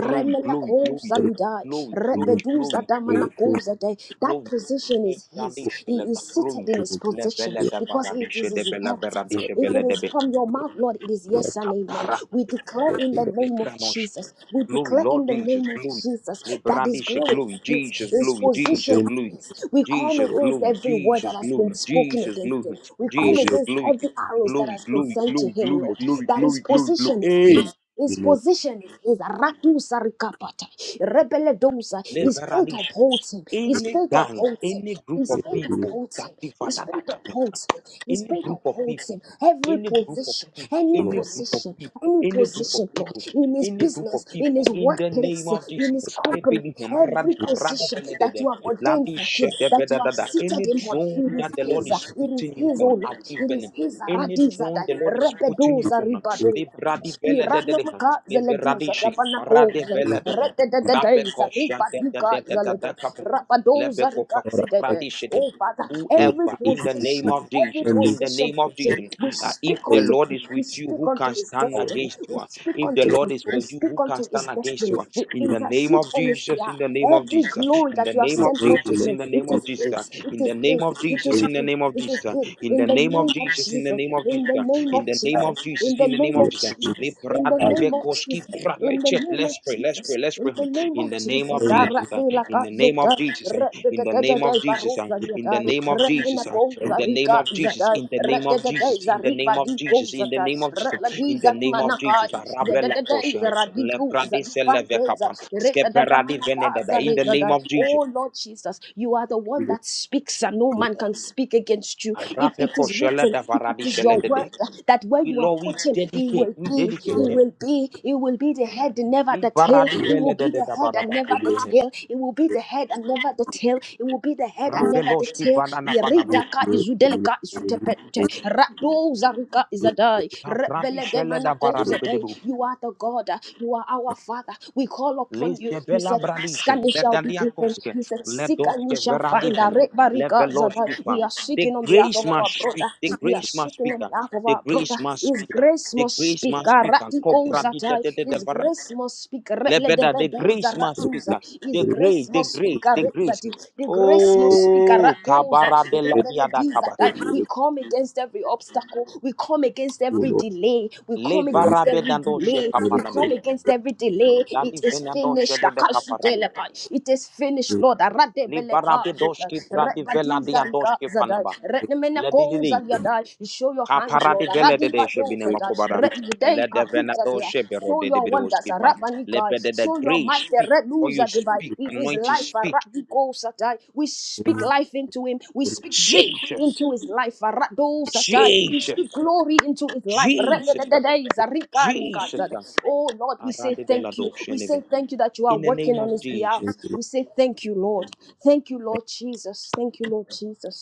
[SPEAKER 2] glory, glory, glory,
[SPEAKER 5] that is
[SPEAKER 1] lidai.
[SPEAKER 2] glory,
[SPEAKER 5] in
[SPEAKER 2] glory,
[SPEAKER 5] the
[SPEAKER 1] Rebeduza
[SPEAKER 2] glory,
[SPEAKER 5] name. Pray for us
[SPEAKER 1] damanakosa dai. That
[SPEAKER 2] glory.
[SPEAKER 1] position
[SPEAKER 2] Le
[SPEAKER 1] is his.
[SPEAKER 2] gradisce,
[SPEAKER 1] He
[SPEAKER 2] le
[SPEAKER 1] is
[SPEAKER 2] gabrui,
[SPEAKER 1] seated in
[SPEAKER 5] in the
[SPEAKER 1] his
[SPEAKER 5] name of the
[SPEAKER 2] le
[SPEAKER 1] position
[SPEAKER 2] belle de
[SPEAKER 1] because it
[SPEAKER 2] varadisce,
[SPEAKER 1] is
[SPEAKER 2] de
[SPEAKER 1] his
[SPEAKER 2] bella
[SPEAKER 1] inheritance.
[SPEAKER 2] veradice,
[SPEAKER 1] If
[SPEAKER 2] belle
[SPEAKER 1] it
[SPEAKER 2] de
[SPEAKER 1] is
[SPEAKER 2] be.
[SPEAKER 1] from your mouth, Lord, it is yes and amen.
[SPEAKER 2] Capara,
[SPEAKER 1] We declare in the
[SPEAKER 2] le
[SPEAKER 1] name of
[SPEAKER 2] granosce.
[SPEAKER 1] Jesus. We
[SPEAKER 2] Glory,
[SPEAKER 1] declare
[SPEAKER 2] Lord
[SPEAKER 1] in the
[SPEAKER 2] Jesus,
[SPEAKER 1] name of
[SPEAKER 2] glory.
[SPEAKER 1] Jesus
[SPEAKER 2] Le
[SPEAKER 1] that His
[SPEAKER 2] brandisce,
[SPEAKER 1] glory
[SPEAKER 2] glory,
[SPEAKER 1] is His,
[SPEAKER 2] Jesus,
[SPEAKER 1] His
[SPEAKER 2] glory,
[SPEAKER 1] position
[SPEAKER 2] Jesus,
[SPEAKER 5] name of
[SPEAKER 2] glory.
[SPEAKER 1] is His. We come
[SPEAKER 2] Jesus,
[SPEAKER 1] against
[SPEAKER 2] glory,
[SPEAKER 1] every word that
[SPEAKER 2] Jesus,
[SPEAKER 1] has been
[SPEAKER 2] glory,
[SPEAKER 1] spoken
[SPEAKER 2] Jesus,
[SPEAKER 1] against Him.
[SPEAKER 2] glory,
[SPEAKER 1] We
[SPEAKER 5] the
[SPEAKER 1] come
[SPEAKER 5] Lord.
[SPEAKER 2] Jesus,
[SPEAKER 1] against
[SPEAKER 2] glory,
[SPEAKER 1] every arrows that
[SPEAKER 2] glory,
[SPEAKER 1] has been
[SPEAKER 2] glory,
[SPEAKER 1] sent to
[SPEAKER 2] glory,
[SPEAKER 1] Him,
[SPEAKER 2] glory,
[SPEAKER 1] Lord.
[SPEAKER 5] It's
[SPEAKER 2] glory,
[SPEAKER 1] That His
[SPEAKER 2] glory, glory, glory.
[SPEAKER 1] position is
[SPEAKER 5] made in the
[SPEAKER 2] Hey!
[SPEAKER 1] His. His
[SPEAKER 5] name of the Lord.
[SPEAKER 1] position is is Rakusa Rikapata, Rebele Dosa.
[SPEAKER 5] Pray
[SPEAKER 2] le
[SPEAKER 1] His faith
[SPEAKER 2] verani
[SPEAKER 1] upholds him. His
[SPEAKER 2] Any
[SPEAKER 1] faith
[SPEAKER 2] gang,
[SPEAKER 1] upholds him.
[SPEAKER 2] any group
[SPEAKER 1] His
[SPEAKER 2] of
[SPEAKER 1] faith
[SPEAKER 2] people.
[SPEAKER 1] upholds him.
[SPEAKER 2] Any
[SPEAKER 1] His faith upholds him. His faith
[SPEAKER 2] group of
[SPEAKER 1] upholds
[SPEAKER 2] people.
[SPEAKER 1] him. Every
[SPEAKER 2] Any group of
[SPEAKER 1] position,
[SPEAKER 2] people.
[SPEAKER 1] any
[SPEAKER 5] for
[SPEAKER 2] Any
[SPEAKER 5] us.
[SPEAKER 2] group of
[SPEAKER 1] position,
[SPEAKER 2] people.
[SPEAKER 1] any
[SPEAKER 2] Any group of
[SPEAKER 1] position, Lord,
[SPEAKER 2] people.
[SPEAKER 1] in his
[SPEAKER 2] any group of
[SPEAKER 1] business, in
[SPEAKER 2] people,
[SPEAKER 1] his
[SPEAKER 2] In the name
[SPEAKER 1] workplace,
[SPEAKER 2] of
[SPEAKER 1] in
[SPEAKER 2] Jesus,
[SPEAKER 1] his
[SPEAKER 2] let
[SPEAKER 1] company,
[SPEAKER 2] building him.
[SPEAKER 1] every
[SPEAKER 2] Maradishe,
[SPEAKER 1] position
[SPEAKER 2] maradivela, the
[SPEAKER 1] that
[SPEAKER 2] the.
[SPEAKER 1] you have ordained for
[SPEAKER 2] Labish,
[SPEAKER 1] him,
[SPEAKER 2] the
[SPEAKER 1] that
[SPEAKER 2] the
[SPEAKER 1] you
[SPEAKER 2] the
[SPEAKER 1] have
[SPEAKER 2] the.
[SPEAKER 1] seated
[SPEAKER 2] Any
[SPEAKER 1] him on,
[SPEAKER 2] drone
[SPEAKER 1] it is
[SPEAKER 2] that the Lord
[SPEAKER 1] his. uh,
[SPEAKER 2] is
[SPEAKER 1] It is
[SPEAKER 2] putting you
[SPEAKER 1] his,
[SPEAKER 2] on,
[SPEAKER 1] oh
[SPEAKER 2] I
[SPEAKER 1] Lord.
[SPEAKER 2] give
[SPEAKER 1] It
[SPEAKER 2] them.
[SPEAKER 1] is his. uh,
[SPEAKER 2] Any
[SPEAKER 1] Radiza
[SPEAKER 2] drone
[SPEAKER 1] that
[SPEAKER 2] the Lord is putting you
[SPEAKER 1] rebedoza
[SPEAKER 2] on, the
[SPEAKER 1] ribadoza.
[SPEAKER 2] maradivela, the the the.
[SPEAKER 1] Iranamaka zeleduza
[SPEAKER 2] Maradishik,
[SPEAKER 1] rabanakoze.
[SPEAKER 2] maradivela, the the.
[SPEAKER 1] Redededeza
[SPEAKER 2] Rabekosha, the the the the
[SPEAKER 1] ribaduka
[SPEAKER 2] the.
[SPEAKER 1] Rabadoza Rikazidede.
[SPEAKER 5] Thank
[SPEAKER 1] Oh Father,
[SPEAKER 5] you for every
[SPEAKER 1] every
[SPEAKER 2] Whoever in the name
[SPEAKER 5] condition,
[SPEAKER 1] position,
[SPEAKER 2] of
[SPEAKER 1] every
[SPEAKER 2] Jesus,
[SPEAKER 5] family,
[SPEAKER 2] in the
[SPEAKER 1] position
[SPEAKER 2] name
[SPEAKER 1] for
[SPEAKER 2] of
[SPEAKER 1] him,
[SPEAKER 2] Jesus,
[SPEAKER 1] we
[SPEAKER 2] uh, if
[SPEAKER 1] speak
[SPEAKER 2] the
[SPEAKER 1] unto
[SPEAKER 5] external
[SPEAKER 2] Lord
[SPEAKER 1] him,
[SPEAKER 2] is
[SPEAKER 1] we
[SPEAKER 2] with you,
[SPEAKER 1] speak
[SPEAKER 2] who
[SPEAKER 1] unto
[SPEAKER 2] can
[SPEAKER 1] his
[SPEAKER 2] stand
[SPEAKER 5] power.
[SPEAKER 1] destiny,
[SPEAKER 2] against you?
[SPEAKER 1] we
[SPEAKER 2] Uh,
[SPEAKER 1] speak
[SPEAKER 2] If the
[SPEAKER 1] unto
[SPEAKER 5] We are
[SPEAKER 1] him,
[SPEAKER 2] Lord is for
[SPEAKER 1] we
[SPEAKER 2] you,
[SPEAKER 1] speak
[SPEAKER 2] who can
[SPEAKER 1] unto his
[SPEAKER 2] stand against
[SPEAKER 1] destiny,
[SPEAKER 5] so
[SPEAKER 2] you? Uh,
[SPEAKER 1] we
[SPEAKER 2] In the name
[SPEAKER 1] intercede
[SPEAKER 2] of
[SPEAKER 1] on his
[SPEAKER 2] Jesus, in
[SPEAKER 1] behalf.
[SPEAKER 2] the name of
[SPEAKER 1] Every
[SPEAKER 2] Jesus, uh,
[SPEAKER 1] glory
[SPEAKER 2] in
[SPEAKER 1] that
[SPEAKER 2] the
[SPEAKER 1] you have
[SPEAKER 2] name
[SPEAKER 1] sent
[SPEAKER 2] of
[SPEAKER 5] thankful,
[SPEAKER 1] forth to
[SPEAKER 2] Jesus,
[SPEAKER 5] Lord,
[SPEAKER 1] him,
[SPEAKER 2] in the
[SPEAKER 1] it
[SPEAKER 2] name
[SPEAKER 5] in the name of the Lord.
[SPEAKER 1] is
[SPEAKER 2] of Jesus, uh,
[SPEAKER 1] his, it
[SPEAKER 2] in
[SPEAKER 1] is
[SPEAKER 2] the name
[SPEAKER 1] his,
[SPEAKER 2] of
[SPEAKER 1] it
[SPEAKER 2] Jesus,
[SPEAKER 1] is
[SPEAKER 2] in the
[SPEAKER 1] his,
[SPEAKER 2] name of
[SPEAKER 1] this is
[SPEAKER 2] Jesus, uh,
[SPEAKER 1] it.
[SPEAKER 2] in
[SPEAKER 1] In
[SPEAKER 2] the
[SPEAKER 1] the
[SPEAKER 2] name of
[SPEAKER 1] name of
[SPEAKER 2] Jesus, in the
[SPEAKER 1] Jesus.
[SPEAKER 2] name of
[SPEAKER 1] In
[SPEAKER 2] Jesus,
[SPEAKER 1] the
[SPEAKER 2] uh,
[SPEAKER 1] name
[SPEAKER 2] in
[SPEAKER 1] of
[SPEAKER 2] the name of
[SPEAKER 1] Jesus.
[SPEAKER 2] Jesus,
[SPEAKER 1] In the
[SPEAKER 2] in the name
[SPEAKER 1] name
[SPEAKER 5] We
[SPEAKER 2] of
[SPEAKER 1] of
[SPEAKER 5] are thankful, Lord,
[SPEAKER 2] Jesus. Le
[SPEAKER 1] Jesus. In the
[SPEAKER 5] in
[SPEAKER 2] bradi
[SPEAKER 1] name of
[SPEAKER 2] vekoski
[SPEAKER 1] Jesus.
[SPEAKER 2] pra-
[SPEAKER 1] In the
[SPEAKER 2] Let's pray,
[SPEAKER 1] name of
[SPEAKER 2] let's pray, let's
[SPEAKER 1] Jesus.
[SPEAKER 2] pray. Let's
[SPEAKER 1] In
[SPEAKER 2] pray
[SPEAKER 1] the name of
[SPEAKER 2] in the name
[SPEAKER 5] the
[SPEAKER 2] of
[SPEAKER 1] Jesus.
[SPEAKER 5] name of the Lord.
[SPEAKER 2] Jesus, uh,
[SPEAKER 1] Arabela
[SPEAKER 2] in the name
[SPEAKER 1] kazota.
[SPEAKER 2] of Jesus, uh, in the name
[SPEAKER 1] Redededede
[SPEAKER 2] of Jesus, uh,
[SPEAKER 1] baruza
[SPEAKER 2] in the
[SPEAKER 1] niatai.
[SPEAKER 2] name of
[SPEAKER 1] Remina
[SPEAKER 2] Jesus, uh, in
[SPEAKER 1] kouza
[SPEAKER 2] the name
[SPEAKER 1] rika
[SPEAKER 2] of Jesus,
[SPEAKER 1] zatai.
[SPEAKER 2] in the name of
[SPEAKER 1] Rededede
[SPEAKER 2] Jesus, in the
[SPEAKER 1] zariba
[SPEAKER 2] name of
[SPEAKER 1] di
[SPEAKER 2] Jesus,
[SPEAKER 1] kouza
[SPEAKER 2] in the
[SPEAKER 1] tai.
[SPEAKER 2] name of Jesus, in the
[SPEAKER 1] Reladiza
[SPEAKER 2] name of Jesus,
[SPEAKER 1] imanakai.
[SPEAKER 2] uh, Rabela
[SPEAKER 1] Zededede
[SPEAKER 2] Kosha,
[SPEAKER 1] zaradiku
[SPEAKER 2] Lebrade
[SPEAKER 1] zadipangeza.
[SPEAKER 2] Selevekapa, Skeperadi
[SPEAKER 1] Rededadamanaka
[SPEAKER 2] Venedada, in the name
[SPEAKER 1] zaregadai.
[SPEAKER 2] of
[SPEAKER 1] Oh
[SPEAKER 2] Jesus,
[SPEAKER 1] Lord Jesus, you are the
[SPEAKER 5] We
[SPEAKER 1] one
[SPEAKER 5] are
[SPEAKER 1] that speaks and no man can speak against against you.
[SPEAKER 2] uh,
[SPEAKER 1] If it
[SPEAKER 2] Rapeko
[SPEAKER 1] is
[SPEAKER 2] Shele
[SPEAKER 1] written, if it
[SPEAKER 2] Davaradi
[SPEAKER 1] is your
[SPEAKER 2] Shele
[SPEAKER 1] word
[SPEAKER 2] Dede.
[SPEAKER 1] that where
[SPEAKER 2] we
[SPEAKER 1] you are
[SPEAKER 2] Lord, we
[SPEAKER 1] put him, he
[SPEAKER 2] dedicate,
[SPEAKER 1] will
[SPEAKER 2] we
[SPEAKER 1] be,
[SPEAKER 2] dedicate
[SPEAKER 1] he
[SPEAKER 2] him.
[SPEAKER 1] will be, he will be the head and never the tail.
[SPEAKER 2] Libaradi
[SPEAKER 1] He will
[SPEAKER 2] Vele
[SPEAKER 1] be
[SPEAKER 2] Dede
[SPEAKER 1] the head and never
[SPEAKER 2] Dabarabaka,
[SPEAKER 1] the tail. He will be the head and never the tail. He will be the head and never the
[SPEAKER 2] Rabeloshki
[SPEAKER 1] tail.
[SPEAKER 2] Banana Vanaba.
[SPEAKER 1] Iridaka izudeleka izutepete. Rado zarika izadai.
[SPEAKER 2] Tabradi
[SPEAKER 1] Rebele
[SPEAKER 2] Shele
[SPEAKER 1] demanako
[SPEAKER 2] Davaradi Bedebu.
[SPEAKER 1] zadai. You are the God. You are our Father. We call upon you.
[SPEAKER 2] Lise
[SPEAKER 1] You
[SPEAKER 2] bela
[SPEAKER 1] said, ask
[SPEAKER 2] bradiche,
[SPEAKER 1] and it shall be given.
[SPEAKER 2] bedaliakoske,
[SPEAKER 1] You said, seek and you
[SPEAKER 2] ledoske
[SPEAKER 1] shall find.
[SPEAKER 2] veradiven,
[SPEAKER 1] Arebarika
[SPEAKER 2] leveloski
[SPEAKER 1] zadai.
[SPEAKER 2] pan.
[SPEAKER 1] We are
[SPEAKER 2] The
[SPEAKER 1] seeking speaking on behalf
[SPEAKER 2] grace
[SPEAKER 1] of our
[SPEAKER 2] must speak.
[SPEAKER 1] brother.
[SPEAKER 2] The
[SPEAKER 1] We are
[SPEAKER 2] grace must
[SPEAKER 1] speaking
[SPEAKER 2] speak.
[SPEAKER 1] on
[SPEAKER 2] uh,
[SPEAKER 1] behalf of
[SPEAKER 2] The
[SPEAKER 1] our brother.
[SPEAKER 2] grace must
[SPEAKER 1] His
[SPEAKER 2] speak. uh,
[SPEAKER 1] grace
[SPEAKER 2] The
[SPEAKER 1] must
[SPEAKER 2] grace
[SPEAKER 1] speak.
[SPEAKER 2] must speak. uh,
[SPEAKER 1] Karatiko
[SPEAKER 2] Cobra di de
[SPEAKER 1] zatai.
[SPEAKER 2] de de de
[SPEAKER 1] His
[SPEAKER 2] vara-
[SPEAKER 1] grace must speak.
[SPEAKER 2] lebeda. The grace must speak.
[SPEAKER 1] Reledebedezaratuza.
[SPEAKER 2] uh, The
[SPEAKER 1] His
[SPEAKER 2] grace,
[SPEAKER 1] grace
[SPEAKER 2] the
[SPEAKER 1] must speak.
[SPEAKER 2] grace, the grace.
[SPEAKER 1] Arezati. The grace must speak.
[SPEAKER 2] Oh,
[SPEAKER 1] Aratuza.
[SPEAKER 2] kabara de la diada kaba.
[SPEAKER 1] Rebeledizatai. We come against every obstacle. We come against
[SPEAKER 5] faithful,
[SPEAKER 1] every
[SPEAKER 5] Lord,
[SPEAKER 1] delay. We
[SPEAKER 2] Le
[SPEAKER 1] come against
[SPEAKER 2] varabe
[SPEAKER 1] every
[SPEAKER 2] dandoshe
[SPEAKER 1] delay.
[SPEAKER 5] in the name of the
[SPEAKER 1] We
[SPEAKER 5] Lord.
[SPEAKER 2] kapanana.
[SPEAKER 1] come against every delay.
[SPEAKER 2] Landi
[SPEAKER 1] It is
[SPEAKER 2] venandoshe
[SPEAKER 1] finished.
[SPEAKER 2] de de kaparadi.
[SPEAKER 1] Akasutelepai. It is finished, Lord.
[SPEAKER 2] Li
[SPEAKER 1] Aradebeleka.
[SPEAKER 2] barabe doski bradi vela diadoski panaba.
[SPEAKER 1] Rebadizarika. Retnemena goes
[SPEAKER 2] Ledididi.
[SPEAKER 1] and yada. Show your hands, Lord.
[SPEAKER 2] Aparadi vele de de
[SPEAKER 1] Radiba goes
[SPEAKER 2] shebine
[SPEAKER 1] and
[SPEAKER 2] makobara.
[SPEAKER 1] Retnidei
[SPEAKER 2] Lede
[SPEAKER 1] kahuza
[SPEAKER 2] venado
[SPEAKER 1] dea.
[SPEAKER 2] shebero
[SPEAKER 1] Show
[SPEAKER 2] de de
[SPEAKER 1] your
[SPEAKER 2] bido
[SPEAKER 1] wonders, Rabani
[SPEAKER 2] Let
[SPEAKER 1] guy.
[SPEAKER 2] the de
[SPEAKER 1] Show your
[SPEAKER 2] grace
[SPEAKER 1] master,
[SPEAKER 2] speak.
[SPEAKER 1] red
[SPEAKER 2] Or you
[SPEAKER 1] loser
[SPEAKER 2] speak.
[SPEAKER 1] In his
[SPEAKER 2] Anointed
[SPEAKER 1] life,
[SPEAKER 2] speak.
[SPEAKER 1] Radi goes and die. We speak
[SPEAKER 5] Amen.
[SPEAKER 1] life into him. We speak victory
[SPEAKER 2] Jesus.
[SPEAKER 1] into his life, Rados and We
[SPEAKER 2] Jesus.
[SPEAKER 1] speak glory into his life.
[SPEAKER 2] Jesus.
[SPEAKER 1] Retnidei zarika rika
[SPEAKER 2] Jesus.
[SPEAKER 1] zada. Oh Lord, we say
[SPEAKER 2] Aradi
[SPEAKER 1] thank you.
[SPEAKER 2] velado
[SPEAKER 1] We say
[SPEAKER 2] sheneve.
[SPEAKER 1] thank you that you are
[SPEAKER 2] In the
[SPEAKER 1] working
[SPEAKER 2] name
[SPEAKER 1] on
[SPEAKER 2] of
[SPEAKER 1] his behalf.
[SPEAKER 2] Jesus.
[SPEAKER 1] We say thank you, Lord. Thank you, Lord Jesus. Thank you, Lord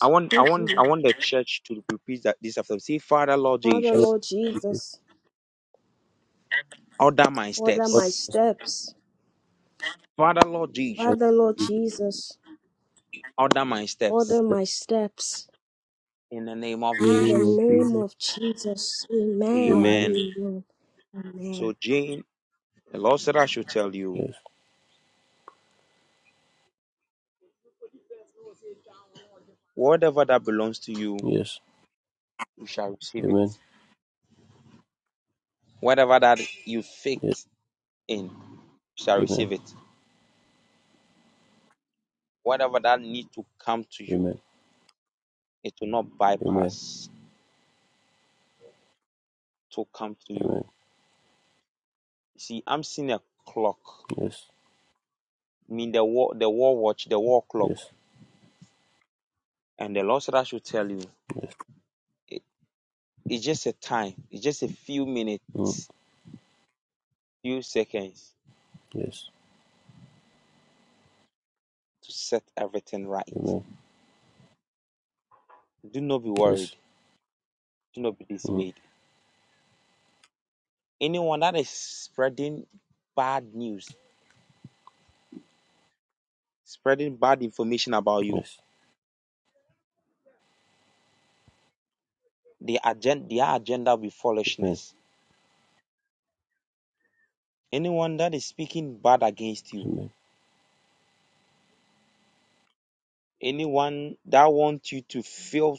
[SPEAKER 2] I want I
[SPEAKER 1] Thank
[SPEAKER 2] want
[SPEAKER 1] you.
[SPEAKER 2] I want the church to repeat that this after. Say, Father Lord
[SPEAKER 1] Father,
[SPEAKER 5] Father,
[SPEAKER 2] Jesus,
[SPEAKER 1] Lord Jesus,
[SPEAKER 2] order my
[SPEAKER 1] order
[SPEAKER 5] Father,
[SPEAKER 1] my
[SPEAKER 2] steps.
[SPEAKER 1] steps.
[SPEAKER 2] Father Lord Jesus,
[SPEAKER 5] Lord,
[SPEAKER 1] Father, Lord Jesus,
[SPEAKER 2] order my
[SPEAKER 1] order
[SPEAKER 2] steps.
[SPEAKER 1] my steps.
[SPEAKER 2] In the name of
[SPEAKER 5] in
[SPEAKER 1] In
[SPEAKER 5] the
[SPEAKER 1] the
[SPEAKER 5] name
[SPEAKER 2] Jesus.
[SPEAKER 5] of
[SPEAKER 1] name
[SPEAKER 5] Jesus.
[SPEAKER 1] of Jesus, amen.
[SPEAKER 5] Amen.
[SPEAKER 2] Amen.
[SPEAKER 1] Amen.
[SPEAKER 2] So,
[SPEAKER 1] Amen.
[SPEAKER 2] Jane, the Lord said, I should tell you,
[SPEAKER 5] Yes.
[SPEAKER 2] whatever that belongs to you,
[SPEAKER 5] Yes.
[SPEAKER 2] you shall receive it.
[SPEAKER 5] Amen.
[SPEAKER 2] Whatever that you
[SPEAKER 5] Yes.
[SPEAKER 2] faith in, you shall
[SPEAKER 5] Amen.
[SPEAKER 2] receive it. Whatever that need to come to you,
[SPEAKER 5] Amen.
[SPEAKER 2] it will not
[SPEAKER 5] Amen.
[SPEAKER 2] bypass to come to you.
[SPEAKER 5] Amen.
[SPEAKER 2] You see, I'm seeing a clock.
[SPEAKER 5] Yes.
[SPEAKER 2] I mean the war the war watch, the war clock.
[SPEAKER 5] Yes.
[SPEAKER 2] And the Lord said I should tell you,
[SPEAKER 5] Yes.
[SPEAKER 2] it, it's just a time, it's just a few
[SPEAKER 5] Mm.
[SPEAKER 2] minutes, few seconds
[SPEAKER 5] Yes.
[SPEAKER 2] to set everything right.
[SPEAKER 5] Amen.
[SPEAKER 2] Do not be worried.
[SPEAKER 5] Yes.
[SPEAKER 2] Do not be
[SPEAKER 5] Mm.
[SPEAKER 2] dismayed. Anyone that is spreading bad news, spreading bad information about you,
[SPEAKER 5] Yes.
[SPEAKER 2] the agenda, their agenda will be
[SPEAKER 5] Amen.
[SPEAKER 2] foolishness. Anyone that is speaking bad against you,
[SPEAKER 5] Amen.
[SPEAKER 2] anyone that wants you to feel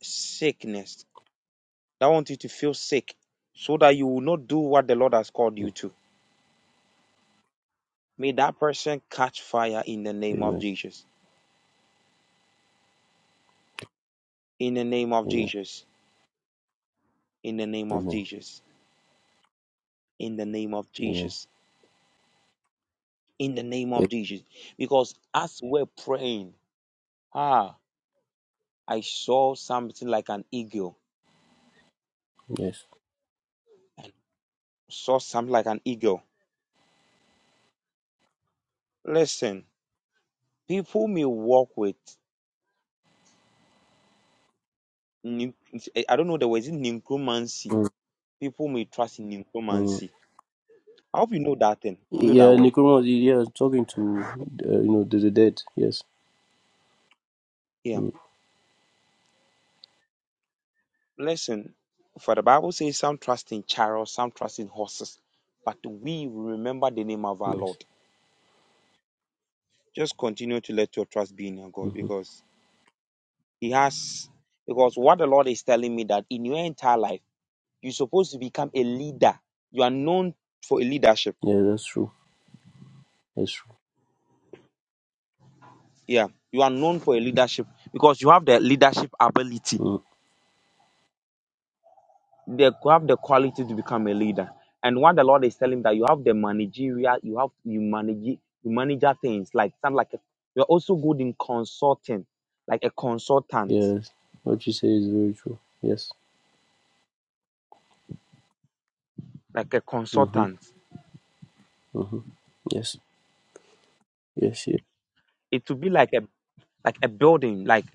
[SPEAKER 2] sickness, that wants you to feel sick, so that you will not do what the Lord has called you to. May that person catch fire in the name of
[SPEAKER 5] Amen.
[SPEAKER 2] Jesus. In the name of
[SPEAKER 5] Amen.
[SPEAKER 2] Jesus. In the name of
[SPEAKER 5] Amen.
[SPEAKER 2] Jesus. In the name of
[SPEAKER 5] Amen.
[SPEAKER 2] Jesus. In the name
[SPEAKER 5] Eh,
[SPEAKER 2] of Jesus. Because as we're praying, Ah, I saw something like an eagle.
[SPEAKER 5] Yes.
[SPEAKER 2] I saw something like an eagle. Listen, people may walk with, nu- I don't know the word, is it necromancy?
[SPEAKER 5] Mm.
[SPEAKER 2] People may trust in
[SPEAKER 5] Mm.
[SPEAKER 2] necromancy. I hope you know that thing. You know that
[SPEAKER 5] Yeah,
[SPEAKER 2] word.
[SPEAKER 5] Nicodemus. Yeah, talking to uh, you know the, the dead. Yes.
[SPEAKER 2] Yeah.
[SPEAKER 5] Mm.
[SPEAKER 2] Listen, for the Bible says some trust in chariots, some trust in horses, but we remember the name of our
[SPEAKER 5] Yes.
[SPEAKER 2] Lord. Just continue to let your trust be in your God
[SPEAKER 5] Mm-hmm.
[SPEAKER 2] because He has, because what the Lord is telling me that in your entire life, You're supposed to become a leader. You are known for a leadership.
[SPEAKER 5] Yeah, that's true. That's true.
[SPEAKER 2] Yeah, you are known for a leadership because you have the leadership ability.
[SPEAKER 5] Mm.
[SPEAKER 2] They have the quality to become a leader. And what the Lord is telling that you have the managerial, you have you manage you manage things like something like a, you're also good in consulting, like a consultant,
[SPEAKER 5] Yes. What you say is very true. Yes.
[SPEAKER 2] like a
[SPEAKER 5] Mm-hmm.
[SPEAKER 2] consultant.
[SPEAKER 5] Mm-hmm. Yes. Yes, yes,
[SPEAKER 2] It will be like a like a building, like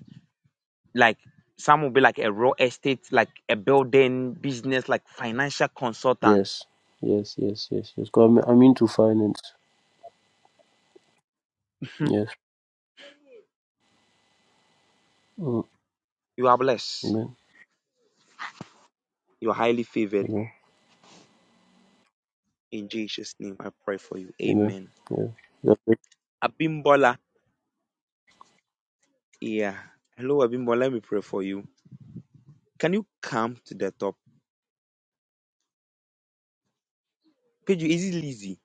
[SPEAKER 2] like some will be like a real estate, like a building business, like financial consultants
[SPEAKER 5] yes, yes, yes, yes. yes. God, I'm, I'm into finance. Yes. Mm.
[SPEAKER 2] You are blessed.
[SPEAKER 5] Amen.
[SPEAKER 2] You are highly favored.
[SPEAKER 5] Amen.
[SPEAKER 2] In Jesus' name, I pray for you.
[SPEAKER 5] Amen.
[SPEAKER 2] Amen.
[SPEAKER 5] Yeah.
[SPEAKER 2] Abimbola. Yeah. Hello, Abimbola. Let me pray for you. Can you come to the top? Page, is it Lizzy?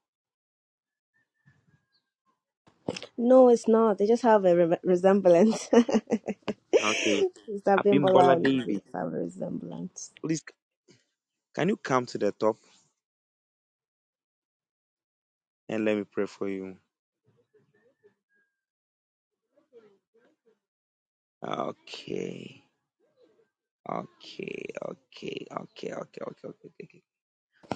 [SPEAKER 1] No, it's not. They just have a re- resemblance. Mr.
[SPEAKER 2] Okay.
[SPEAKER 1] Bimbola
[SPEAKER 2] Abimbola
[SPEAKER 1] and Mrs.
[SPEAKER 2] David.
[SPEAKER 1] have a resemblance.
[SPEAKER 2] Please, can you come to the top and let me pray for you? Okay. Okay. Okay. Okay. Okay. Okay. Okay. Okay. okay.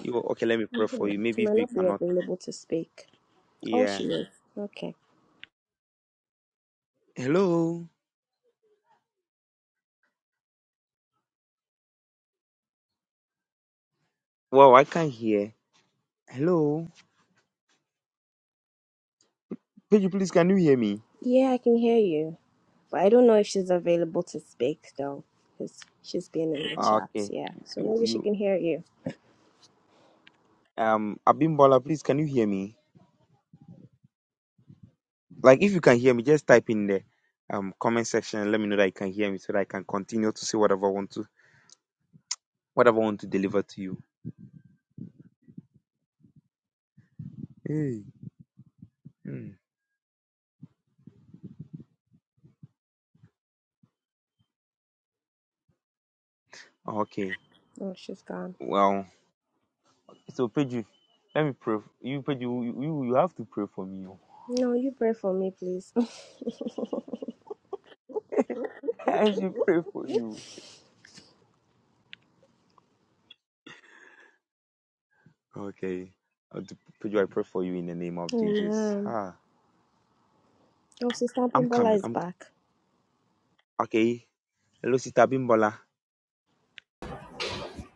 [SPEAKER 2] You okay? Let me pray for
[SPEAKER 1] Hmm,
[SPEAKER 2] you.
[SPEAKER 1] She
[SPEAKER 2] Maybe if
[SPEAKER 1] might
[SPEAKER 2] you
[SPEAKER 1] not be
[SPEAKER 2] cannot.
[SPEAKER 1] available to speak. Oh,
[SPEAKER 2] Yeah.
[SPEAKER 1] she is. Okay.
[SPEAKER 2] Hello. Wow, I can't hear. Hello. Page, please, can you hear me?
[SPEAKER 1] Yeah, I can hear you. But I don't know if she's available to speak though, because she's been in the
[SPEAKER 2] Ah,
[SPEAKER 1] chat.
[SPEAKER 2] Okay.
[SPEAKER 1] Yeah. So
[SPEAKER 2] You,
[SPEAKER 1] maybe she
[SPEAKER 2] you
[SPEAKER 1] can hear you.
[SPEAKER 2] um Abimbola, please can you hear me? Like if you can hear me, just type in the um comment section and let me know that you can hear me so that I can continue to say whatever I want to whatever I want to deliver to you. Hey. mm. Okay.
[SPEAKER 1] Oh, she's gone.
[SPEAKER 2] Well, so Pedro, let me pray. f- You Pedro, you, you you have to pray for me. oh.
[SPEAKER 1] No, you pray for me, please.
[SPEAKER 2] I should pray for you. Okay. I'll do- Pedro, I pray for you in the name of Jesus.
[SPEAKER 1] Amen.
[SPEAKER 2] Ah,
[SPEAKER 1] Oh, Sister
[SPEAKER 2] I'm
[SPEAKER 1] Pimbola
[SPEAKER 2] coming.
[SPEAKER 1] is
[SPEAKER 2] I'm
[SPEAKER 1] back.
[SPEAKER 2] okay. Hello, Sister Abimbola.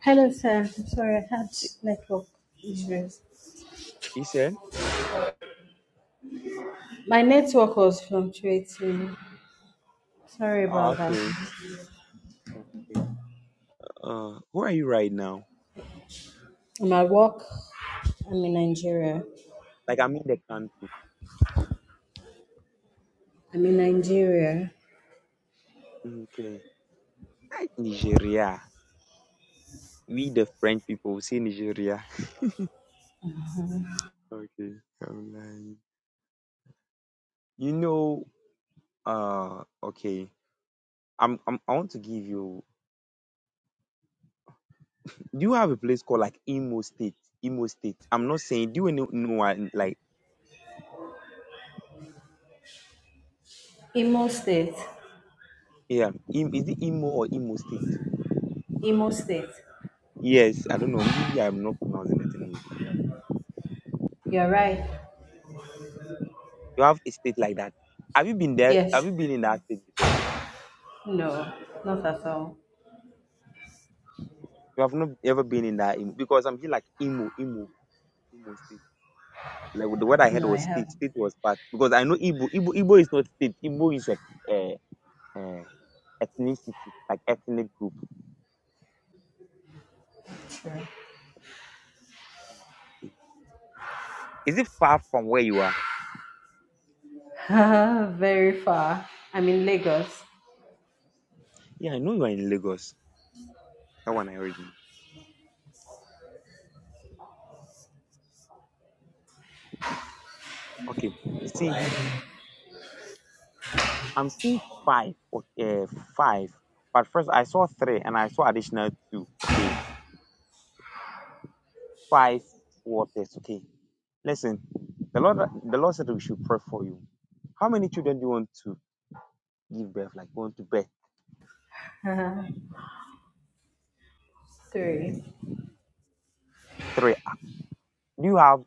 [SPEAKER 6] Hello, sir. I'm Sorry, I had network issues.
[SPEAKER 2] You said?
[SPEAKER 6] My network was fluctuating. Sorry
[SPEAKER 2] Ah,
[SPEAKER 6] about that.
[SPEAKER 2] okay. Uh, where are you right now?
[SPEAKER 6] I'm at work. I'm in Nigeria.
[SPEAKER 2] Like I'm in the country.
[SPEAKER 6] I'm in Nigeria.
[SPEAKER 2] Mm, Okay. Like Nigeria. We the French people we say Nigeria. Okay. I'm lying. You know, uh okay. I'm, I'm I want to give you do you have a place called like Imo State? Imo State. I'm not saying do you know, know uh, like
[SPEAKER 6] Imo State.
[SPEAKER 2] yeah, Im, is it Imo or Imo State?
[SPEAKER 6] Imo State.
[SPEAKER 2] Yes, I don't know. Maybe I'm not pronouncing it anyway.
[SPEAKER 6] You're right.
[SPEAKER 2] You have a state like that. Have you been there? Have
[SPEAKER 6] Yes.
[SPEAKER 2] you been in that state before?
[SPEAKER 6] No, not at all.
[SPEAKER 2] You have not ever been in that Imo because I'm here like Imo, Imo. Imo State. Like the word I heard
[SPEAKER 6] No, I
[SPEAKER 2] was state.
[SPEAKER 6] haven't.
[SPEAKER 2] State was part because I know Igbo. Igbo, Igbo is not state. Igbo is a uh, uh, ethnicity, like ethnic group.
[SPEAKER 6] Sure.
[SPEAKER 2] Is it far from where you are?
[SPEAKER 6] Very far. I'm in Lagos.
[SPEAKER 2] Yeah, I know you are in Lagos. That one I already know. Okay, you see, I'm seeing five. Okay, uh, five. But first, I saw three, and I saw additional two. Okay, five waters. Okay, listen. The Lord, the Lord said we should pray for you. How many children do you want to give birth? Like, want to birth?
[SPEAKER 6] Three.
[SPEAKER 2] Three. Do you have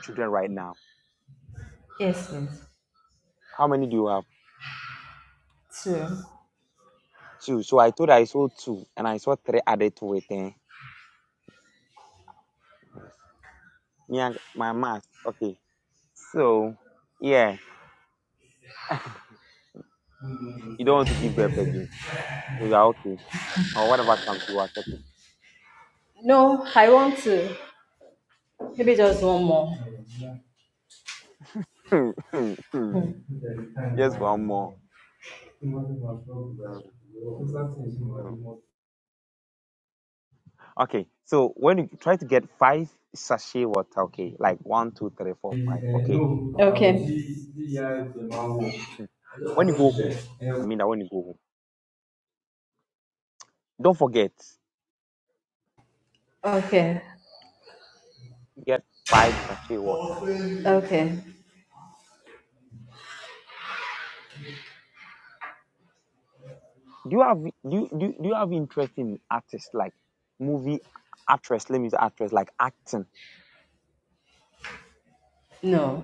[SPEAKER 2] children right now?
[SPEAKER 6] Yes, please.
[SPEAKER 2] How many do you have?
[SPEAKER 6] Two.
[SPEAKER 2] Two. So I told her I sold two, and I saw three added to it. Eh? Me and my math. Okay. So, yeah, you don't want to give birth again. So you are okay. Or whatever comes, you accept it.
[SPEAKER 6] No, I want to. Maybe just one more.
[SPEAKER 2] Just one more. Mm, mm.
[SPEAKER 6] みたいな感じの車とかそうぐらい複雑にしてもらいもうえーの
[SPEAKER 2] Okay. So when you try to get five sachet water, okay, like one, two, three, four, five, okay.
[SPEAKER 6] Okay.
[SPEAKER 2] Mm. When you go home, I mean that when you go home, don't forget,
[SPEAKER 6] Okay.
[SPEAKER 2] get five sachet water.
[SPEAKER 6] Okay.
[SPEAKER 2] do you have do you, do, you- do you have interest in artists like movie actress let me say actress like acting
[SPEAKER 6] No.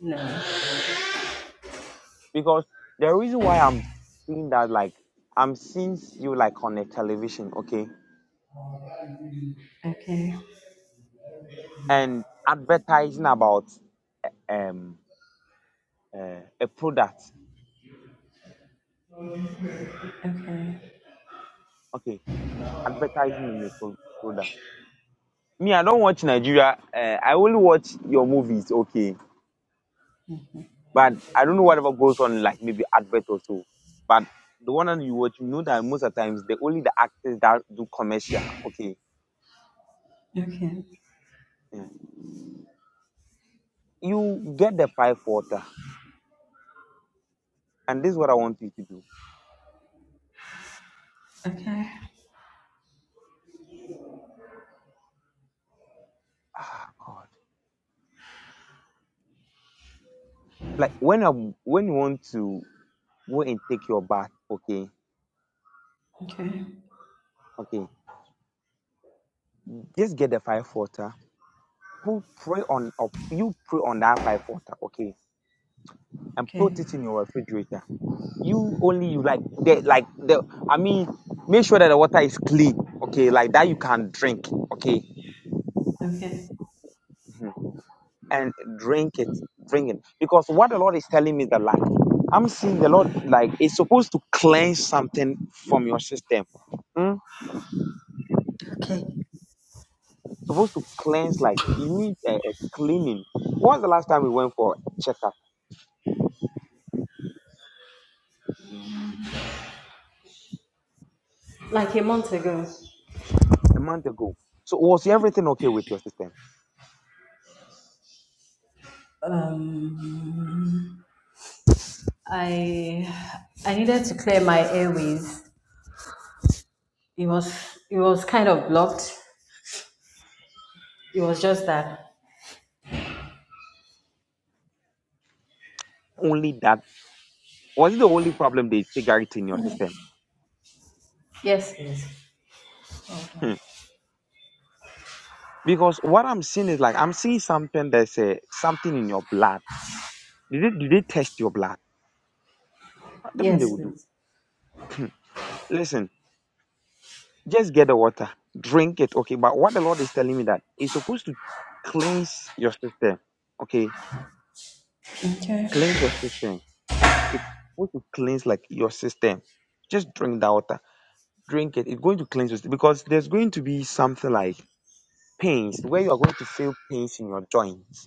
[SPEAKER 6] No.
[SPEAKER 2] because the reason why i'm seeing that like i'm seeing you like on a television okay
[SPEAKER 6] Okay.
[SPEAKER 2] and advertising about um uh, a product
[SPEAKER 6] Okay.
[SPEAKER 2] okay advertising on a pro- product me i don't watch nigeria uh, i only watch your movies okay But I don't know whatever goes on, like maybe advert or so. But the one that you watch, you know that most of the times the only the actors that do commercial. Okay,
[SPEAKER 6] Okay.
[SPEAKER 2] Mm. you get the pipe water, and this is what I want you to do.
[SPEAKER 6] Okay.
[SPEAKER 2] Ah, God. Like when I when you want to go and take your bath, okay,
[SPEAKER 6] Okay.
[SPEAKER 2] okay, just get the five water. Put pray on, or you pray on that five water, okay and
[SPEAKER 6] Okay.
[SPEAKER 2] put it in your refrigerator. You only you like the like the I mean make sure that the water is clean, okay, like that you can drink, okay,
[SPEAKER 6] Okay.
[SPEAKER 2] and drink it, drink it. Because what the Lord is telling me is that like I'm seeing the Lord like it's supposed to cleanse something from your system. Mm? Supposed to cleanse like you need a, a cleaning. When was the last time we went for checkup?
[SPEAKER 6] Like a month ago,
[SPEAKER 2] A month ago. So was everything okay with your system?
[SPEAKER 6] um, I I needed to clear my airways. It was it was kind of blocked. It was just that
[SPEAKER 2] Only that was it the only problem they figure it in your system?
[SPEAKER 6] Yes, please. Okay.
[SPEAKER 2] Because what I'm seeing is like I'm seeing something that's a something in your blood. Did they, did they test your blood? Ah, Definitely they
[SPEAKER 6] Yes,
[SPEAKER 2] will do.
[SPEAKER 6] please.
[SPEAKER 2] Listen, just get the water, drink it, okay. But what the Lord is telling me that it's supposed to cleanse your system, okay?
[SPEAKER 6] Okay.
[SPEAKER 2] Cleanse your system. It's supposed to cleanse like your system. Just drink that water, drink it. It's going to cleanse your system because there's going to be something like pains where you are going to feel pains in your joints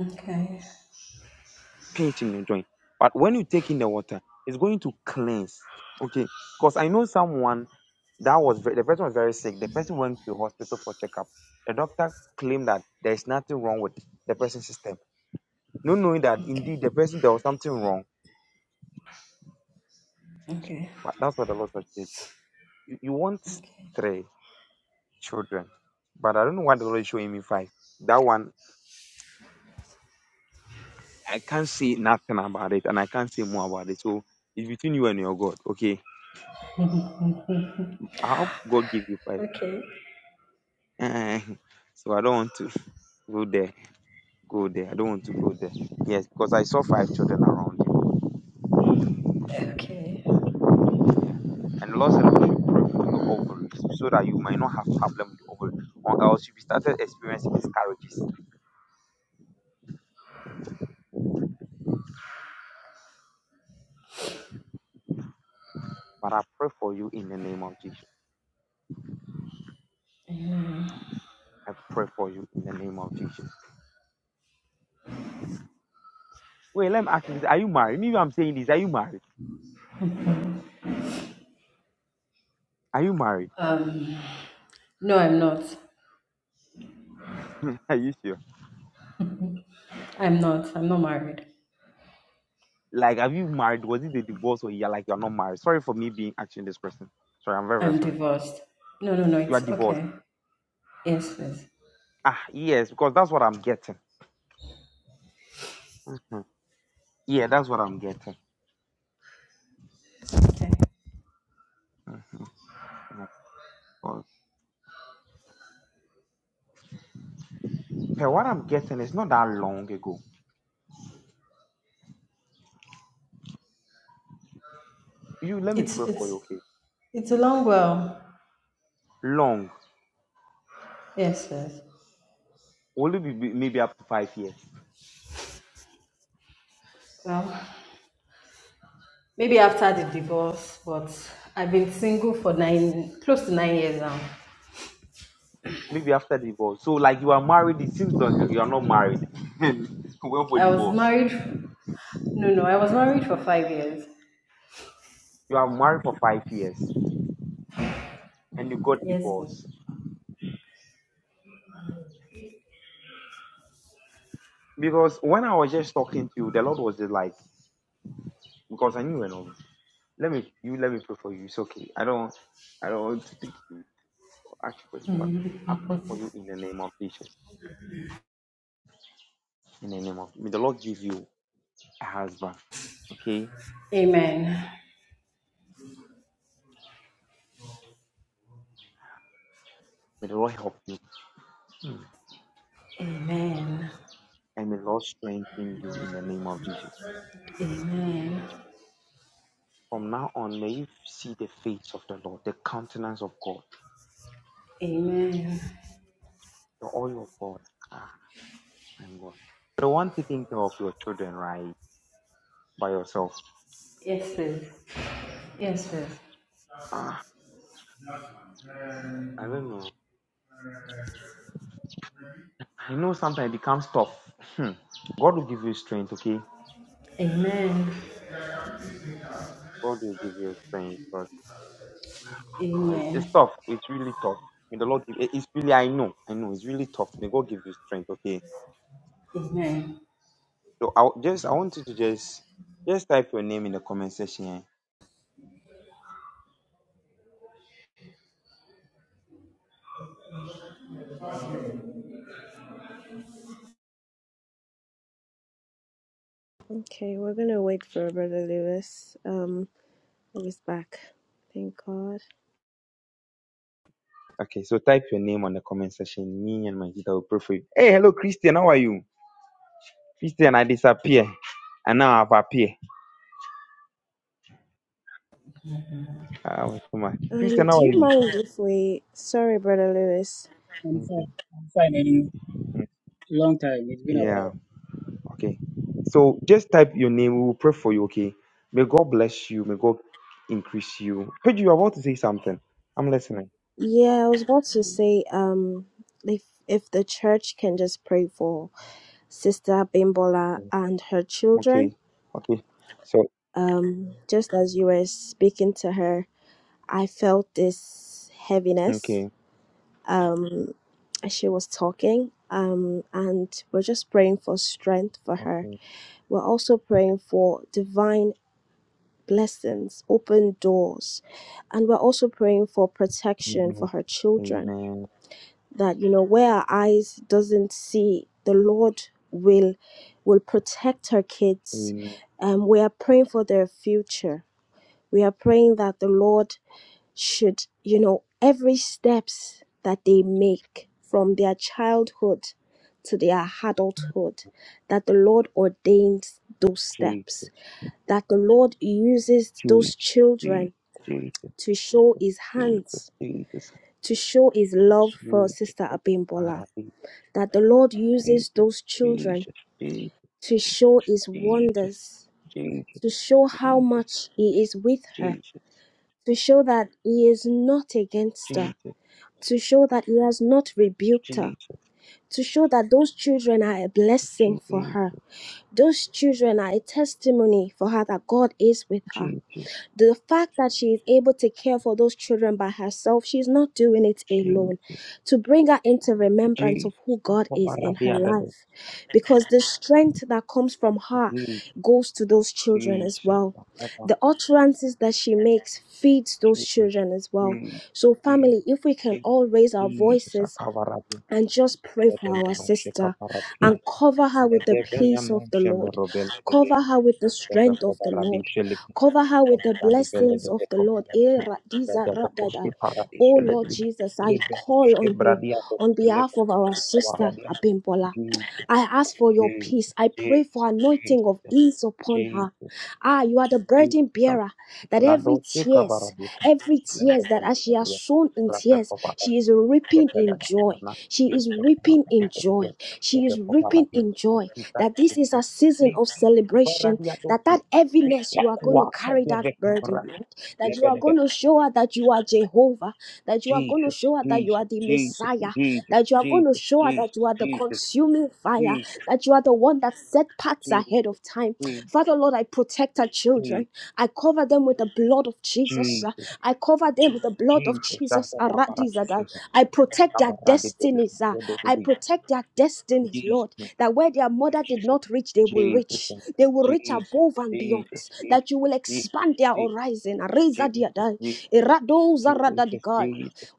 [SPEAKER 6] Okay.
[SPEAKER 2] Painting you're doing. But when you take in the water, it's going to cleanse. Okay. Because I know someone that was ve- the person was very sick. The person went to the hospital for checkup. The doctor claimed that there is nothing wrong with the person's system, not knowing that
[SPEAKER 6] Okay.
[SPEAKER 2] indeed the person there was something wrong.
[SPEAKER 6] Okay.
[SPEAKER 2] But that's what the Lord was saying. You, you want
[SPEAKER 6] Okay.
[SPEAKER 2] three children, but I don't know why the Lord is showing me five. That one I can't say nothing about it, and I can't say more about it. So it's between you and your God. Okay, I hope God give you five
[SPEAKER 6] Okay.
[SPEAKER 2] Eh, so I don't want to go there, go there. I don't want to go there. Yes, because I saw five children around you.
[SPEAKER 6] Okay.
[SPEAKER 2] And the Lord said we should pray for your ovaries so that you might not have problem with the ovaries. Or else you be started experiencing miscarriages. But I pray for you in the name of Jesus. I pray for you in the name of Jesus. Wait, let me ask you this. Are you married? Maybe I'm saying this. Are you married? Are you married?
[SPEAKER 6] Um no, I'm not.
[SPEAKER 2] are you sure?
[SPEAKER 6] I'm not. I'm not married.
[SPEAKER 2] Like, have you married? Was it a divorce or you're like you're not married? Sorry for me being asking this question. Sorry, I'm very, very
[SPEAKER 6] I'm
[SPEAKER 2] sorry.
[SPEAKER 6] divorced. No, no, no.
[SPEAKER 2] You are
[SPEAKER 6] It's
[SPEAKER 2] divorced.
[SPEAKER 6] okay. Yes, please.
[SPEAKER 2] Ah, yes, because that's what I'm getting. Mm. Yeah, that's what I'm getting.
[SPEAKER 6] Okay.
[SPEAKER 2] Mhm. Because hey, what I'm getting is not that long ago. You let me
[SPEAKER 6] It's
[SPEAKER 2] pray for you,
[SPEAKER 6] it's
[SPEAKER 2] okay?
[SPEAKER 6] it's a long while.
[SPEAKER 2] Long,
[SPEAKER 6] Yes, yes.
[SPEAKER 2] only be, be- maybe up to five years,
[SPEAKER 6] Well, maybe after the divorce, but I've been single for nine, close to nine years now.
[SPEAKER 2] maybe after divorce. So like you are married, it seems like you are not married. Went for
[SPEAKER 6] I was
[SPEAKER 2] divorce.
[SPEAKER 6] married. No, no, I was married for five years.
[SPEAKER 2] You are married for five years and you got
[SPEAKER 6] Yes,
[SPEAKER 2] divorced. Because when I was just talking to you, the Lord was just like, because I knew you were not. Let me, you let me pray for you. It's okay. I don't, I don't want to. speak. ask you first I pray for you in the name of Jesus. In the name of may the Lord give you a husband. Okay?
[SPEAKER 6] Amen.
[SPEAKER 2] May the Lord help you
[SPEAKER 6] Amen.
[SPEAKER 2] and may the Lord strengthen you in the name of Jesus.
[SPEAKER 6] Amen.
[SPEAKER 2] From now on, may you see the face of the Lord, the countenance of God,
[SPEAKER 6] Amen.
[SPEAKER 2] the oil of God. Ah, my God. You don't want taking care of your children, right? By yourself.
[SPEAKER 6] Yes, sis. Yes, sis.
[SPEAKER 2] I don't know. I know sometimes it becomes tough. Hmm. God will give you strength, okay?
[SPEAKER 6] Amen.
[SPEAKER 2] God will give you strength. God Uh, it's,
[SPEAKER 6] Amen.
[SPEAKER 2] it's tough. It's really tough. May the Lord give it- it's really I know. I know it's really tough. May God give you strength. Okay.
[SPEAKER 6] Amen.
[SPEAKER 2] So I just I want you to just just type your name in the comment section. eh.
[SPEAKER 1] Okay, we're gonna wait for Brother Lewis. Um, he's back. Thank God.
[SPEAKER 2] Okay, so type your name on the comment section. Me and my sister will pray for you. Hey, hello Christian, how are you? Christian, I disappear. And now I've appeared. Ah, wait, come on.
[SPEAKER 1] Um,
[SPEAKER 2] Christian, how
[SPEAKER 1] do
[SPEAKER 2] are
[SPEAKER 1] you
[SPEAKER 2] you?
[SPEAKER 1] mind if we? Sorry, Brother Lewis.
[SPEAKER 7] I'm
[SPEAKER 2] Okay.
[SPEAKER 7] fine. I'm fine in
[SPEAKER 2] mm,
[SPEAKER 7] long time. It's been a while.
[SPEAKER 2] Yeah. Okay. So just type your
[SPEAKER 7] Mm,
[SPEAKER 2] name. We will pray for you. Okay. May God bless you. May God increase you. Pedro, you are about to say something. I'm listening.
[SPEAKER 1] Yeah, I was about to say. Um, if if the church can just pray for Sister Bimbola and her children
[SPEAKER 2] Okay. Okay. So,
[SPEAKER 1] Um, just as you were speaking to her, I felt this heaviness.
[SPEAKER 2] okay.
[SPEAKER 1] Um, as she was talking, um, and we're just praying for strength for her.
[SPEAKER 2] Okay.
[SPEAKER 1] We're also praying for divine blessings, open doors, and we're also praying for protection for
[SPEAKER 2] Amen.
[SPEAKER 1] her children.
[SPEAKER 2] Amen.
[SPEAKER 1] That you know, where our eyes doesn't see, the Lord will will protect her kids.
[SPEAKER 2] Amen.
[SPEAKER 1] Um, we are praying for their future We are praying that the Lord should, you know, every steps that they make from their childhood to their adulthood, that the Lord ordains those steps,
[SPEAKER 2] Jesus.
[SPEAKER 1] that the Lord uses those
[SPEAKER 2] Jesus.
[SPEAKER 1] children
[SPEAKER 2] Jesus.
[SPEAKER 1] to show his
[SPEAKER 2] Jesus.
[SPEAKER 1] hands,
[SPEAKER 2] Jesus. Jesus.
[SPEAKER 1] to show his love for Sister
[SPEAKER 2] Jesus.
[SPEAKER 1] Abimbola,
[SPEAKER 2] Arabi.
[SPEAKER 1] that the Lord uses
[SPEAKER 2] Jesus.
[SPEAKER 1] those children
[SPEAKER 2] Jesus. Jesus.
[SPEAKER 1] to show his
[SPEAKER 2] Jesus.
[SPEAKER 1] wonders,
[SPEAKER 2] Jesus. Jesus.
[SPEAKER 1] to show how
[SPEAKER 2] Jesus.
[SPEAKER 1] much he is with
[SPEAKER 2] Jesus. Jesus. Jesus. Jesus.
[SPEAKER 1] her
[SPEAKER 2] Jesus.
[SPEAKER 1] to show that he is not
[SPEAKER 2] Jesus. Jesus. Jesus.
[SPEAKER 1] against her, to show that he has not rebuked her, to show that those children are a blessing for her.
[SPEAKER 2] Jesus.
[SPEAKER 1] Those children are a testimony for her that God is with her. The fact that she is able to care for those children by herself, she's not doing it alone. To bring her into remembrance of who God is in her life, because the strength that comes from her goes to those children as well.
[SPEAKER 2] Jesus.
[SPEAKER 1] The utterances that she makes feeds those
[SPEAKER 2] Jesus,
[SPEAKER 1] children as well. So, family,
[SPEAKER 2] Jesus,
[SPEAKER 1] if we can all raise our
[SPEAKER 2] Jesus,
[SPEAKER 1] voices
[SPEAKER 2] Akavarati,
[SPEAKER 1] and just pray for our
[SPEAKER 2] Edemeno,
[SPEAKER 1] sister
[SPEAKER 2] Shekaparati,
[SPEAKER 1] and cover her with the peace of
[SPEAKER 2] Nedevenemo,
[SPEAKER 1] the Lord.
[SPEAKER 2] Shemerobelede,
[SPEAKER 1] Cover her with the strength of the
[SPEAKER 2] Devekobaradi,
[SPEAKER 1] Lord.
[SPEAKER 2] Shelik,
[SPEAKER 1] Cover her with the
[SPEAKER 2] Nobaradi,
[SPEAKER 1] blessings of
[SPEAKER 2] Velede,
[SPEAKER 1] the Lord.
[SPEAKER 2] Kobaradi,
[SPEAKER 1] Eh, ra- these are ra- da- da.
[SPEAKER 2] Ledevekoski Paradi,
[SPEAKER 1] Oh Lord
[SPEAKER 2] Sheledi,
[SPEAKER 1] Jesus, I call
[SPEAKER 2] Libenoske
[SPEAKER 1] on you
[SPEAKER 2] Bradiado,
[SPEAKER 1] on behalf
[SPEAKER 2] Leve,
[SPEAKER 1] of our sister
[SPEAKER 2] Shekavaradi,
[SPEAKER 1] Abimbola.
[SPEAKER 2] Jesus,
[SPEAKER 1] I ask for your peace.
[SPEAKER 2] Jesus,
[SPEAKER 1] I pray for
[SPEAKER 2] Jesus,
[SPEAKER 1] anointing of ease upon her.
[SPEAKER 2] Jesus,
[SPEAKER 1] Ah, you are the burden
[SPEAKER 2] Jesus,
[SPEAKER 1] bearer that every
[SPEAKER 2] Brando,
[SPEAKER 1] tears tears,
[SPEAKER 2] Shekavaradi,
[SPEAKER 1] every tears that as she has sown in tears,
[SPEAKER 2] Ledevekobaradi,
[SPEAKER 1] she is reaping
[SPEAKER 2] Skepele
[SPEAKER 1] in joy.
[SPEAKER 2] Kanama,
[SPEAKER 1] She
[SPEAKER 2] Lake
[SPEAKER 1] is reaping in joy.
[SPEAKER 2] Matape,
[SPEAKER 1] She
[SPEAKER 2] Sebe
[SPEAKER 1] is reaping
[SPEAKER 2] Poparadi,
[SPEAKER 1] in joy.
[SPEAKER 2] Oskipa,
[SPEAKER 1] That this is
[SPEAKER 2] Sidia,
[SPEAKER 1] a season
[SPEAKER 2] Lake
[SPEAKER 1] of celebration.
[SPEAKER 2] Varadia
[SPEAKER 1] That
[SPEAKER 2] Doki,
[SPEAKER 1] that heaviness you
[SPEAKER 2] Lake
[SPEAKER 1] are going to
[SPEAKER 2] Quata
[SPEAKER 1] carry
[SPEAKER 2] de
[SPEAKER 1] that burden,
[SPEAKER 2] Vecamrata,
[SPEAKER 1] Lord. That you are
[SPEAKER 2] Lebelebe,
[SPEAKER 1] going to show her that you are Jehovah. That you are going to
[SPEAKER 2] Jesus,
[SPEAKER 1] show her that you are
[SPEAKER 2] Jesus,
[SPEAKER 1] the
[SPEAKER 2] Jesus,
[SPEAKER 1] Messiah.
[SPEAKER 2] Jesus,
[SPEAKER 1] That you are going to
[SPEAKER 2] Jesus,
[SPEAKER 1] show her that
[SPEAKER 2] Jesus,
[SPEAKER 1] you are the
[SPEAKER 2] Jesus,
[SPEAKER 1] consuming fire.
[SPEAKER 2] Jesus,
[SPEAKER 1] That you are the one that set
[SPEAKER 2] Jesus,
[SPEAKER 1] parts ahead of time.
[SPEAKER 2] Jesus,
[SPEAKER 1] Father, Lord, I protect our
[SPEAKER 2] Jesus,
[SPEAKER 1] children. I cover them with the blood of Jesus. uh,
[SPEAKER 2] Jesus,
[SPEAKER 1] I cover them with the blood of
[SPEAKER 2] Jesus,
[SPEAKER 1] Jesus.
[SPEAKER 2] Santa Barbara, Jesus,
[SPEAKER 1] I protect
[SPEAKER 2] Santa
[SPEAKER 1] their
[SPEAKER 2] Barbara,
[SPEAKER 1] destinies. uh, I protect their destinies, Lord,
[SPEAKER 2] Jesus,
[SPEAKER 1] that where their mother did
[SPEAKER 2] Jesus,
[SPEAKER 1] not reach, they will reach.
[SPEAKER 2] Jesus,
[SPEAKER 1] They will reach
[SPEAKER 2] Jesus,
[SPEAKER 1] above and beyond.
[SPEAKER 2] Jesus,
[SPEAKER 1] That you will
[SPEAKER 2] Jesus,
[SPEAKER 1] expand their
[SPEAKER 2] Jesus,
[SPEAKER 1] horizon.
[SPEAKER 2] Jesus, Jesus,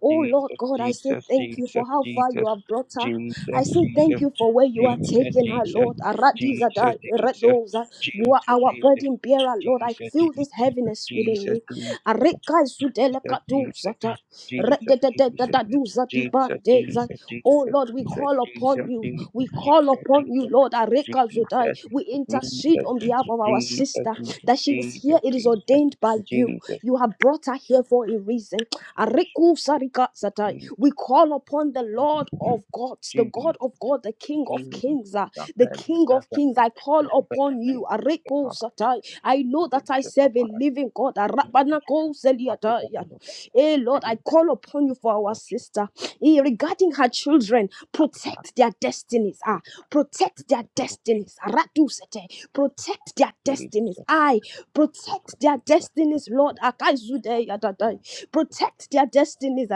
[SPEAKER 1] Oh, Lord God, I say thank you for for how far you have brought her. I say thank you for where you are taking her, Lord. Aradizada, Redoza. You are our burden bearer, Lord. I feel this heaviness within me. Areka sudelekaduzata, rededededadaduzadibadeza. Oh Lord, we call upon you. We call upon you, Lord. Areka zudai. We intercede on behalf of our sister that she is here. It is ordained by you. You have brought her here for a reason. Ariku sarika satai. We call upon the Lord of gods, the
[SPEAKER 2] Judy,
[SPEAKER 1] God of God, the King of
[SPEAKER 2] Judy,
[SPEAKER 1] kings, ah, the
[SPEAKER 2] Zapen,
[SPEAKER 1] King of
[SPEAKER 2] Defen,
[SPEAKER 1] kings. I call
[SPEAKER 2] Robert,
[SPEAKER 1] upon you.
[SPEAKER 2] Yakov,
[SPEAKER 1] Ariku
[SPEAKER 2] Kepama,
[SPEAKER 1] satai. I know
[SPEAKER 2] Kari,
[SPEAKER 1] that I serve a
[SPEAKER 2] Shekapara,
[SPEAKER 1] living God.
[SPEAKER 2] Judy,
[SPEAKER 1] Arabanako
[SPEAKER 2] Zapati,
[SPEAKER 1] seliatai.
[SPEAKER 2] Benet,
[SPEAKER 1] Eh, Lord, I
[SPEAKER 2] Judy,
[SPEAKER 1] call upon you for our
[SPEAKER 2] Sasha,
[SPEAKER 1] sister. Eh, regarding her children,
[SPEAKER 2] Zapata,
[SPEAKER 1] protect their destinies. Ah,
[SPEAKER 2] Judy,
[SPEAKER 1] protect their
[SPEAKER 2] Revolution,
[SPEAKER 1] destinies. Aratu sete. Protect their
[SPEAKER 2] Judy,
[SPEAKER 1] destinies.
[SPEAKER 2] Joseph,
[SPEAKER 1] I
[SPEAKER 2] Kukra,
[SPEAKER 1] protect their
[SPEAKER 2] Tisha,
[SPEAKER 1] destinies, Lord. Akaizude yadadai. Protect their destinies.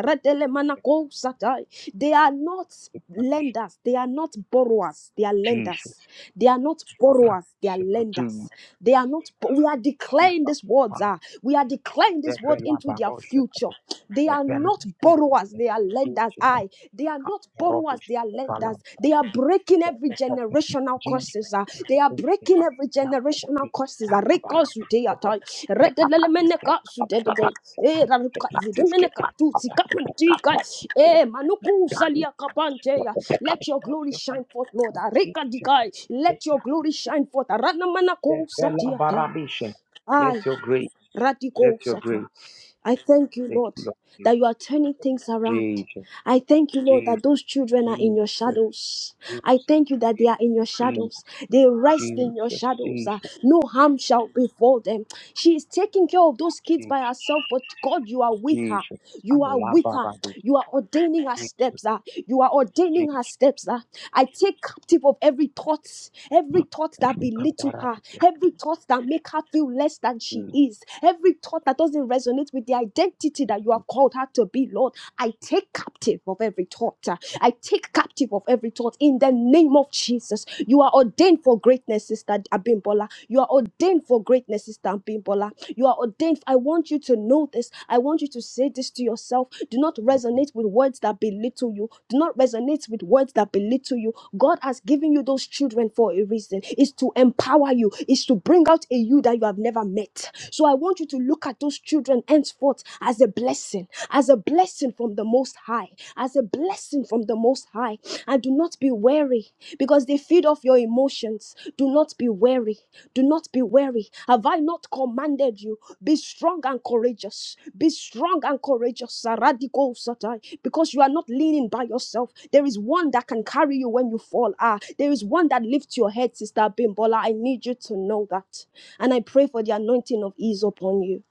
[SPEAKER 1] They are not lenders. They are not borrowers. They are lenders.
[SPEAKER 2] Jesus,
[SPEAKER 1] They are not
[SPEAKER 2] Robert,
[SPEAKER 1] borrowers. They are
[SPEAKER 2] Sheba, Judy,
[SPEAKER 1] lenders. They are not. We are declaring
[SPEAKER 2] Ifa,
[SPEAKER 1] these words.
[SPEAKER 2] Kopa,
[SPEAKER 1] ah. we are declaring this word
[SPEAKER 2] Deve,
[SPEAKER 1] into their
[SPEAKER 2] Labarosha,
[SPEAKER 1] future.
[SPEAKER 2] Kapa,
[SPEAKER 1] They are
[SPEAKER 2] Deve,
[SPEAKER 1] not borrowers, they are lenders.
[SPEAKER 2] Nisi,
[SPEAKER 1] I. They are not borrowers,
[SPEAKER 2] Robish,
[SPEAKER 1] they are
[SPEAKER 2] the
[SPEAKER 1] lenders.
[SPEAKER 2] Balam,
[SPEAKER 1] They are breaking every generational curses. ah. They are breaking every generational curses. ah. Rekosuteata, redelemenekasutedede, eh, rarukazidemenekatutsikapantika, eh, manukusaliakapanteya. Let your glory shine forth, Lord. ah.
[SPEAKER 2] Jesus,
[SPEAKER 1] Rekadikai, Let your glory shine forth. ah. Ranamanakousatiata, I.
[SPEAKER 2] let your grace, let your
[SPEAKER 1] Radikousata.
[SPEAKER 2] grace
[SPEAKER 1] I thank you,
[SPEAKER 2] take
[SPEAKER 1] Lord,
[SPEAKER 2] you. up.
[SPEAKER 1] that you are turning things around.
[SPEAKER 2] Jesus,
[SPEAKER 1] I thank you, Lord,
[SPEAKER 2] Jesus,
[SPEAKER 1] that those children are in your
[SPEAKER 2] Jesus,
[SPEAKER 1] shadows. I thank you that
[SPEAKER 2] Jesus,
[SPEAKER 1] they are in your
[SPEAKER 2] Jesus,
[SPEAKER 1] shadows. They rest in
[SPEAKER 2] Jesus,
[SPEAKER 1] your shadows. ah.
[SPEAKER 2] Jesus,
[SPEAKER 1] no harm shall befall them. She is taking care of those kids
[SPEAKER 2] Jesus,
[SPEAKER 1] by herself, but God, you are with her.
[SPEAKER 2] Jesus.
[SPEAKER 1] You are with her.
[SPEAKER 2] Alabarabisha,
[SPEAKER 1] You are ordaining our
[SPEAKER 2] Jesus,
[SPEAKER 1] steps. ah. You are
[SPEAKER 2] Jesus.
[SPEAKER 1] ordaining our steps. ah. I take captive of every thought, every thought that belittle her,
[SPEAKER 2] Ikabarabisha,
[SPEAKER 1] every thought that make her feel less than she
[SPEAKER 2] Jesus.
[SPEAKER 1] is, every thought that doesn't resonate with the identity that you have called her to be, Lord. I take captive of every thought. ah. I take captive of every thought in the name of Jesus. You are ordained for greatness, Sister Abimbola. You are ordained for greatness, Sister Abimbola. You are ordained. I want you to know this. I want you to say this to yourself. Do not resonate with words that belittle you. Do not resonate with words that belittle you. God has given you those children for a reason. It's to empower you, it's to bring out a you that you have never met. So I want you to look at those children henceforth as a blessing, as a blessing from the Most High, as a blessing from from the Most High. And do not be weary because they feed off your emotions. Do not be weary. Do not be weary. Have I not commanded you? Be strong and courageous. Be strong and courageous. Radical satai. Because you are not leaning by yourself. There is one that can carry you when you fall. Ah, there is one that lifts your head, Sister Bimbola. I need you to know that. And I pray for the anointing of ease upon you.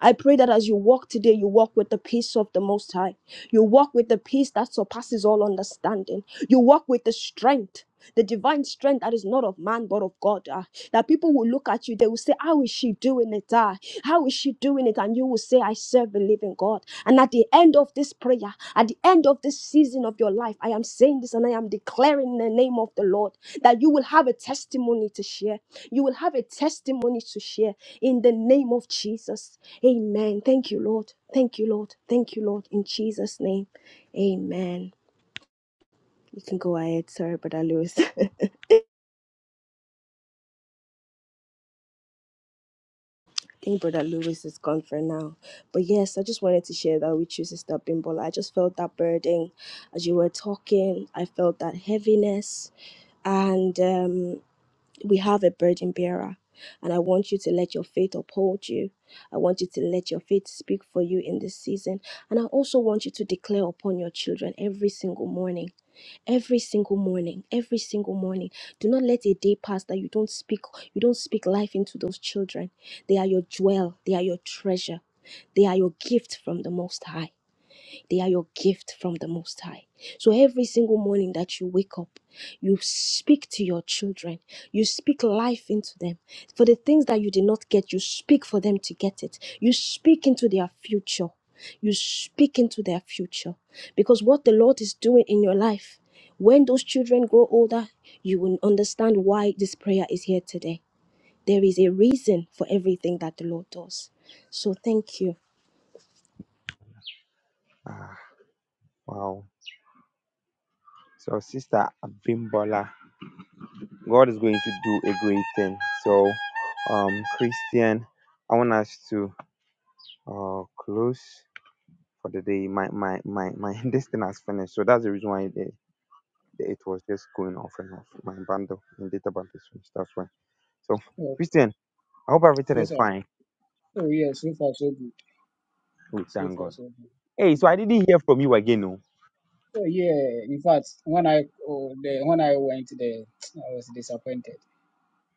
[SPEAKER 1] I pray that as you walk today, you walk with the peace of the Most High. You walk with the peace that surpasses all understanding. You walk with the strength the divine strength that is not of man but of God. ah. that people will look at you, they will say, How is she doing it? ah? How is she doing it? And you will say, I serve a living God. And at the end of this prayer, at the end of this season of your life, I am saying this and I am declaring in the name of the Lord that you will have a testimony to share. You will have a testimony to share in the name of Jesus. Amen. Thank you, Lord. Thank you, Lord. Thank you, Lord. In Jesus' name, amen. You can go ahead. Sorry, Brother Lewis. I think Brother Lewis is gone for now. But yes, I just wanted to share that with you, Sister Bimbola. I just felt that burden as you were talking. I felt that heaviness. And um, we have a burden bearer. And I want you to let your faith uphold you. I want you to let your faith speak for you in this season. And I also want you to declare upon your children every single morning every single morning every single morning do not let a day pass that you don't speak you don't speak life into those children they are your jewel they are your treasure they are your gift from the most high they are your gift from the Most High. So every single morning that you wake up, you speak to your children. You speak life into them. For the things that you did not get, you speak for them to get it. You speak into their future. You speak into their future. Because what the Lord is doing in your life, when those children grow older, you will understand why this prayer is here today. There is a reason for everything that the Lord does. So thank you.
[SPEAKER 2] Ah, wow. So, Sister Abimbola, God is going to do a great thing. So, um, Christian, I want us to uh, close for the day. My my my my this thing has finished, so that's the reason why the, the, it was just going off and off. My bundle and data bundle switch. That's why. So,
[SPEAKER 7] Okay.
[SPEAKER 2] Christian, I hope everything
[SPEAKER 7] Yes,
[SPEAKER 2] is
[SPEAKER 7] sir.
[SPEAKER 2] fine.
[SPEAKER 7] Oh, yeah. So far, so good.
[SPEAKER 2] We
[SPEAKER 7] So
[SPEAKER 2] thank
[SPEAKER 7] far,
[SPEAKER 2] God.
[SPEAKER 7] so good.
[SPEAKER 2] Hey, so I
[SPEAKER 7] Yes.
[SPEAKER 2] didn't hear from you again. Oh,
[SPEAKER 7] Oh, yeah. In fact, when I oh, the, when I went there, I was disappointed.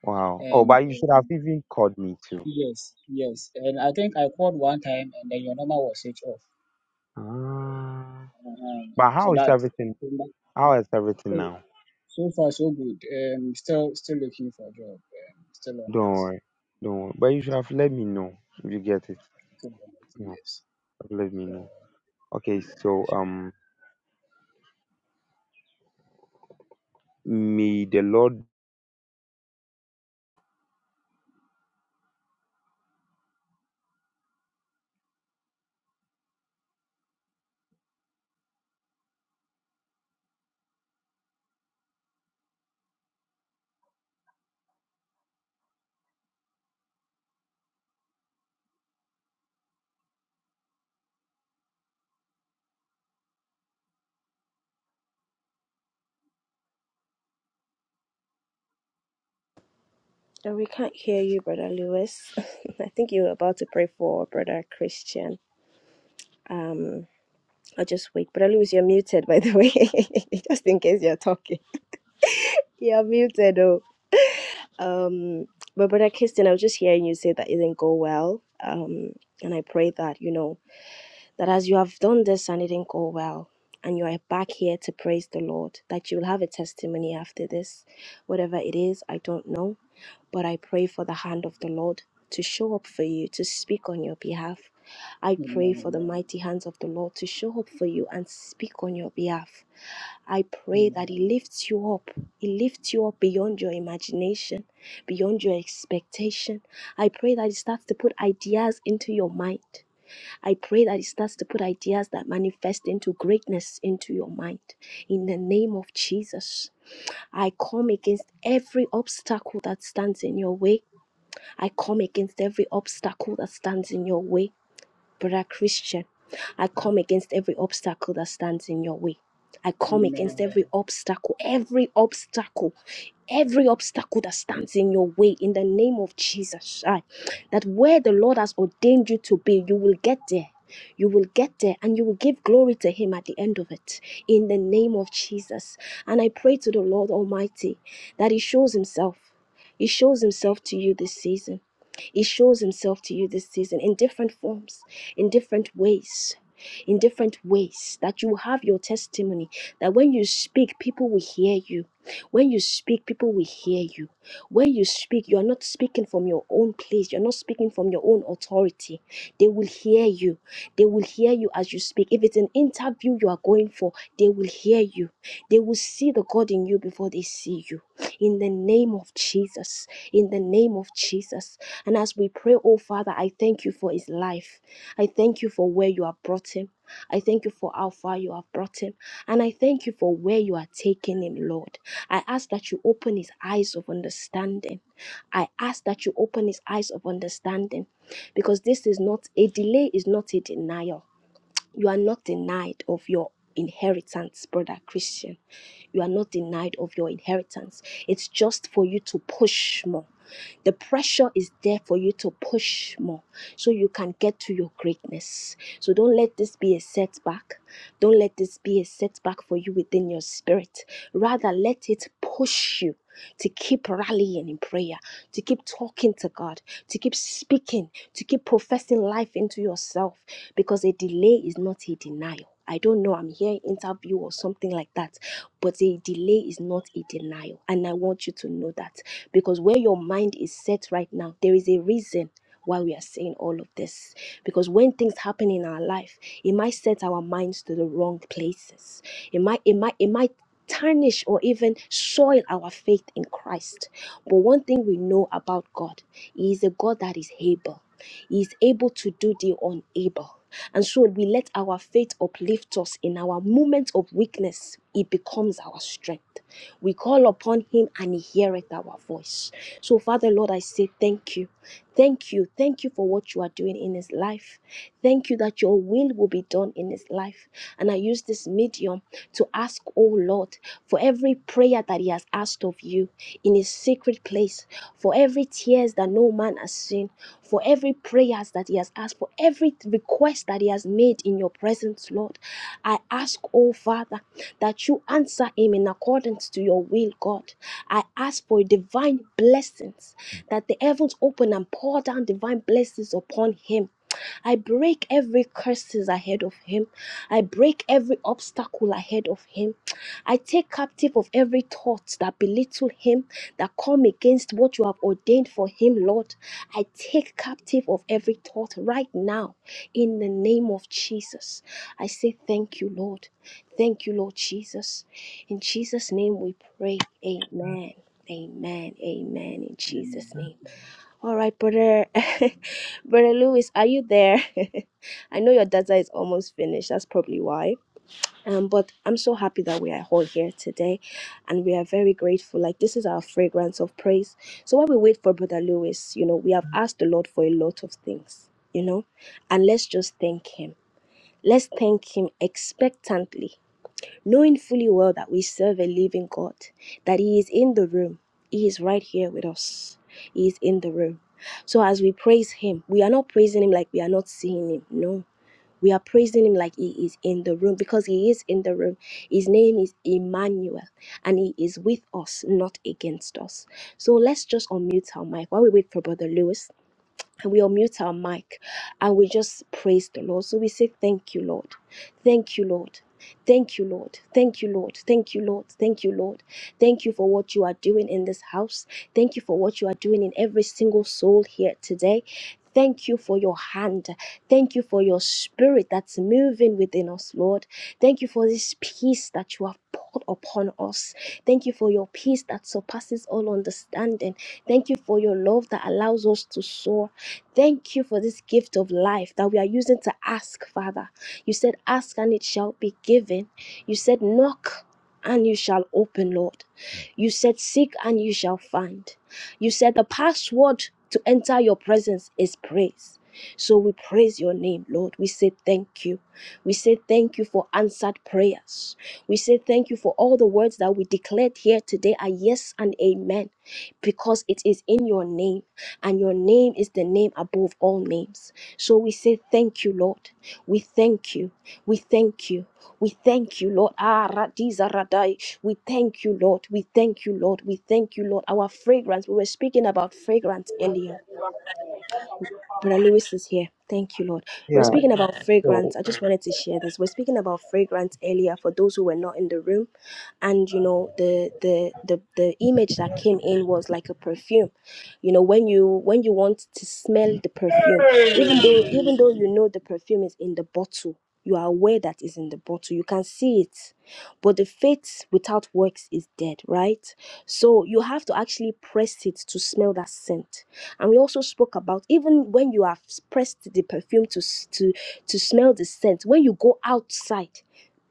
[SPEAKER 2] wow. Oh,
[SPEAKER 7] And
[SPEAKER 2] but you should have
[SPEAKER 7] um,
[SPEAKER 2] even called me too.
[SPEAKER 7] yes, yes. And I think I called one time, and then your number was switched off.
[SPEAKER 2] Ah.
[SPEAKER 7] Um,
[SPEAKER 2] But
[SPEAKER 7] so
[SPEAKER 2] how is
[SPEAKER 7] that
[SPEAKER 2] everything? How is everything
[SPEAKER 7] oh,
[SPEAKER 2] now?
[SPEAKER 7] so far, so good. Um, still, still looking for a job. Um, still on
[SPEAKER 2] Don't
[SPEAKER 7] it.
[SPEAKER 2] worry. Don't worry. But you should have let me know if you get it.
[SPEAKER 7] Still on it.
[SPEAKER 2] No,
[SPEAKER 7] Yes.
[SPEAKER 2] let me
[SPEAKER 7] Yeah.
[SPEAKER 2] know. Okay,
[SPEAKER 7] Yeah.
[SPEAKER 2] so
[SPEAKER 7] Sure.
[SPEAKER 2] um may the Lord
[SPEAKER 1] No, we can't hear you, Brother Lewis. I think you were about to pray for Brother Christian. Um, I'll just wait. Brother Lewis, you're muted, by the way, just in case you're talking. You're muted, oh. Um, but Brother Christian, I was just hearing you say that it didn't go well. Um, and I pray that, you know. that as you have done this and it didn't go well, and you are back here to praise the Lord, that you will have a testimony after this. Whatever it is, I don't know, but I pray for the hand of the Lord to show up for you, to speak on your behalf. I pray for
[SPEAKER 7] Amen.
[SPEAKER 1] the mighty hands of the Lord to show up for you and speak on your behalf. I pray that
[SPEAKER 7] Amen.
[SPEAKER 1] He lifts you up. He lifts you up beyond your imagination, beyond your expectation. I pray that He starts to put ideas into your mind. I pray that it starts to put ideas that manifest into greatness into your mind. In the name of Jesus, I come against every obstacle that stands in your way. I come against every obstacle that stands in your way. Brother Christian, I come against every obstacle that stands in your way. I come against
[SPEAKER 7] Amen.
[SPEAKER 1] every obstacle, every obstacle, every obstacle that stands in your way in the name of Jesus. I, that where the Lord has ordained you to be, you will get there. You will get there and you will give glory to Him at the end of it in the name of Jesus. And I pray to the Lord Almighty that He shows Himself. He shows Himself to you this season he shows himself to you this season in different forms, in different ways. In different ways, that you have your testimony, that when you speak, people will hear you. When you speak, people will hear you. When you speak, you are not speaking from your own place, you're not speaking from your own authority. They will hear you. They will hear you as you speak. If it's an interview you are going for, they will hear you. They will see the God in you before they see you. In the name of Jesus. In the name of Jesus. And as we pray, oh Father, I thank you for his life. I thank you for where you have brought him. I thank you for how far you have brought him. And I thank you for where you are taking him, Lord. I ask that you open his eyes of understanding. I ask that you open his eyes of understanding because this is not a delay, is not a denial. You are not denied of your inheritance, brother Christian. You are not denied of your inheritance. It's just for you to push more. The pressure is there for you to push more so you can get to your greatness. So don't let this be a setback. Don't let this be a setback for you within your spirit. Rather, let it push you to keep rallying in prayer, to keep talking to God, to keep speaking, to keep professing life into yourself because a delay is not a denial. I don't know, I'm here interview or something like that. But a delay is not a denial. And I want you to know that because where your mind is set right now, there is a reason why we are saying all of this. Because when things happen in our life, it might set our minds to the wrong places. It might, it might, it might tarnish or even soil our faith in Christ. But one thing we know about God, He is a God that is able. He is able to do the unable. And so we let our faith uplift us in our moments of weakness. It becomes our strength. We call upon him and he heareth our voice. So, Father, Lord, I say thank you. Thank you. Thank you for what you are doing in his life. Thank you that your will will be done in his life. And I use this medium to ask, oh Lord, for every prayer that he has asked of you in his secret place, for every tears that no man has seen, for every prayers that he has asked, for every request that he has made in your presence, Lord. I ask, oh Father, that you answer him in accordance to your will, God. I ask for divine blessings, that the heavens open and pour down divine blessings upon him. I break every curses ahead of him. I break every obstacle ahead of him. I take captive of every thought that belittle him, that come against what you have ordained for him, Lord. I take captive of every thought right now in the name of Jesus. I say thank you, Lord. Thank you, Lord Jesus. In Jesus' name we pray. Amen. Amen. Amen. In
[SPEAKER 7] Amen.
[SPEAKER 1] Jesus' name. All right, brother. brother Lewis, are you there? I know your data is almost finished. That's probably why. Um, but I'm so happy that we are all here today and we are very grateful. Like, this is our fragrance of praise. So, while we wait for Brother Lewis, you know, we have asked the Lord for a lot of things, you know, and let's just thank Him. Let's thank Him expectantly, knowing fully well that we serve a living God, that He is in the room, He is right here with us, He is in the room. So, as we praise Him, we are not praising Him like we are not seeing Him. No, we are praising him like he is in the room because he is in the room. His name is Emmanuel and he is with us, not against us. So let's just unmute our mic while we wait for Brother Lewis and we unmute our mic and we just praise the Lord. So we say, Thank you, Lord. Thank you, Lord. Thank you, Lord. Thank you, Lord. Thank you, Lord. Thank you, Lord. Thank you for what you are doing in this house. Thank you for what you are doing in every single soul here today. Thank you for your hand. Thank you for your spirit that's moving within us, Lord. Thank you for this peace that you have poured upon us. Thank you for your peace that surpasses all understanding. Thank you for your love that allows us to soar. Thank you for this gift of life that we are using to ask, Father. You said, Ask and it shall be given. You said, Knock and you shall open, Lord. You said, Seek and you shall find. You said, The password to enter your presence is praise. So we praise your name, Lord. We say thank you. We say thank you for answered prayers. We say thank you for all the words that we declared here today are yes and amen because it is in your name and your name is the name above all names. So we say thank you, Lord. We thank you. We thank you. We thank you, Lord. Ah, Radiza Radai. We thank you, Lord. We thank you, Lord. We thank you, Lord. Our fragrance, we were speaking about fragrance earlier. Brother Lewis is here. Thank you, Lord. We're
[SPEAKER 2] Yeah.
[SPEAKER 1] speaking about fragrance. I just wanted to share this. We're speaking about fragrance earlier for those who were not in the room, and you know the the the the image that came in was like a perfume. You know when you when you want to smell the perfume, even though even though you know the perfume is in the bottle, you are aware that is in the bottle. You can see it, but the faith without works is dead, right? So you have to actually press it to smell that scent and we also spoke about even when you have pressed the perfume to s- to to smell the scent when you go outside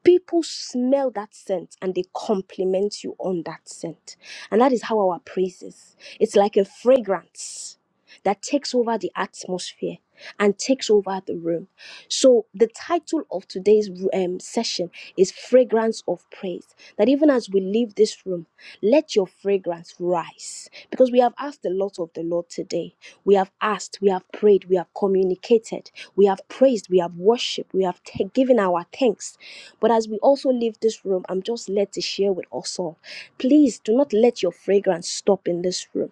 [SPEAKER 1] people smell that scent and they compliment you on that scent and that is how our praise is it's like a fragrance that takes over the atmosphere and takes over the room so, the title of today's um, session is Fragrance of Praise. That even as we leave this room, let your fragrance rise. Because we have asked a lot of the Lord today. We have asked, we have prayed, we have communicated, we have praised, we have worshiped, we have ta- given our thanks. But as we also leave this room, I'm just led to share with us all. Please do not let your fragrance stop in this room.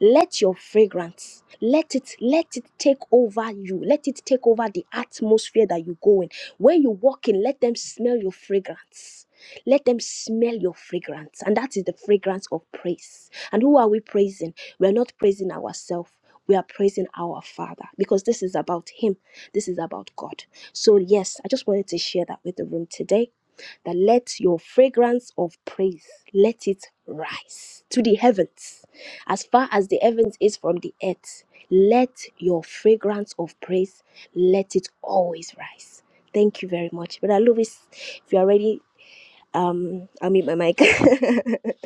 [SPEAKER 1] Let your fragrance, let it, let it take over you. Let it take over the atmosphere that you go in. When you walk in, let them smell your fragrance. Let them smell your fragrance. And that is the fragrance of praise. And who are we praising? We're not praising ourselves. We are praising our Father because this is about Him. This is about God. So, yes, I just wanted to share that with the room today that let your fragrance of praise let it rise to the heavens as far as the heavens is from the earth, let your fragrance of praise let it always rise. Thank you very much. Brother Louis, if you are ready, um, I'll mute my mic.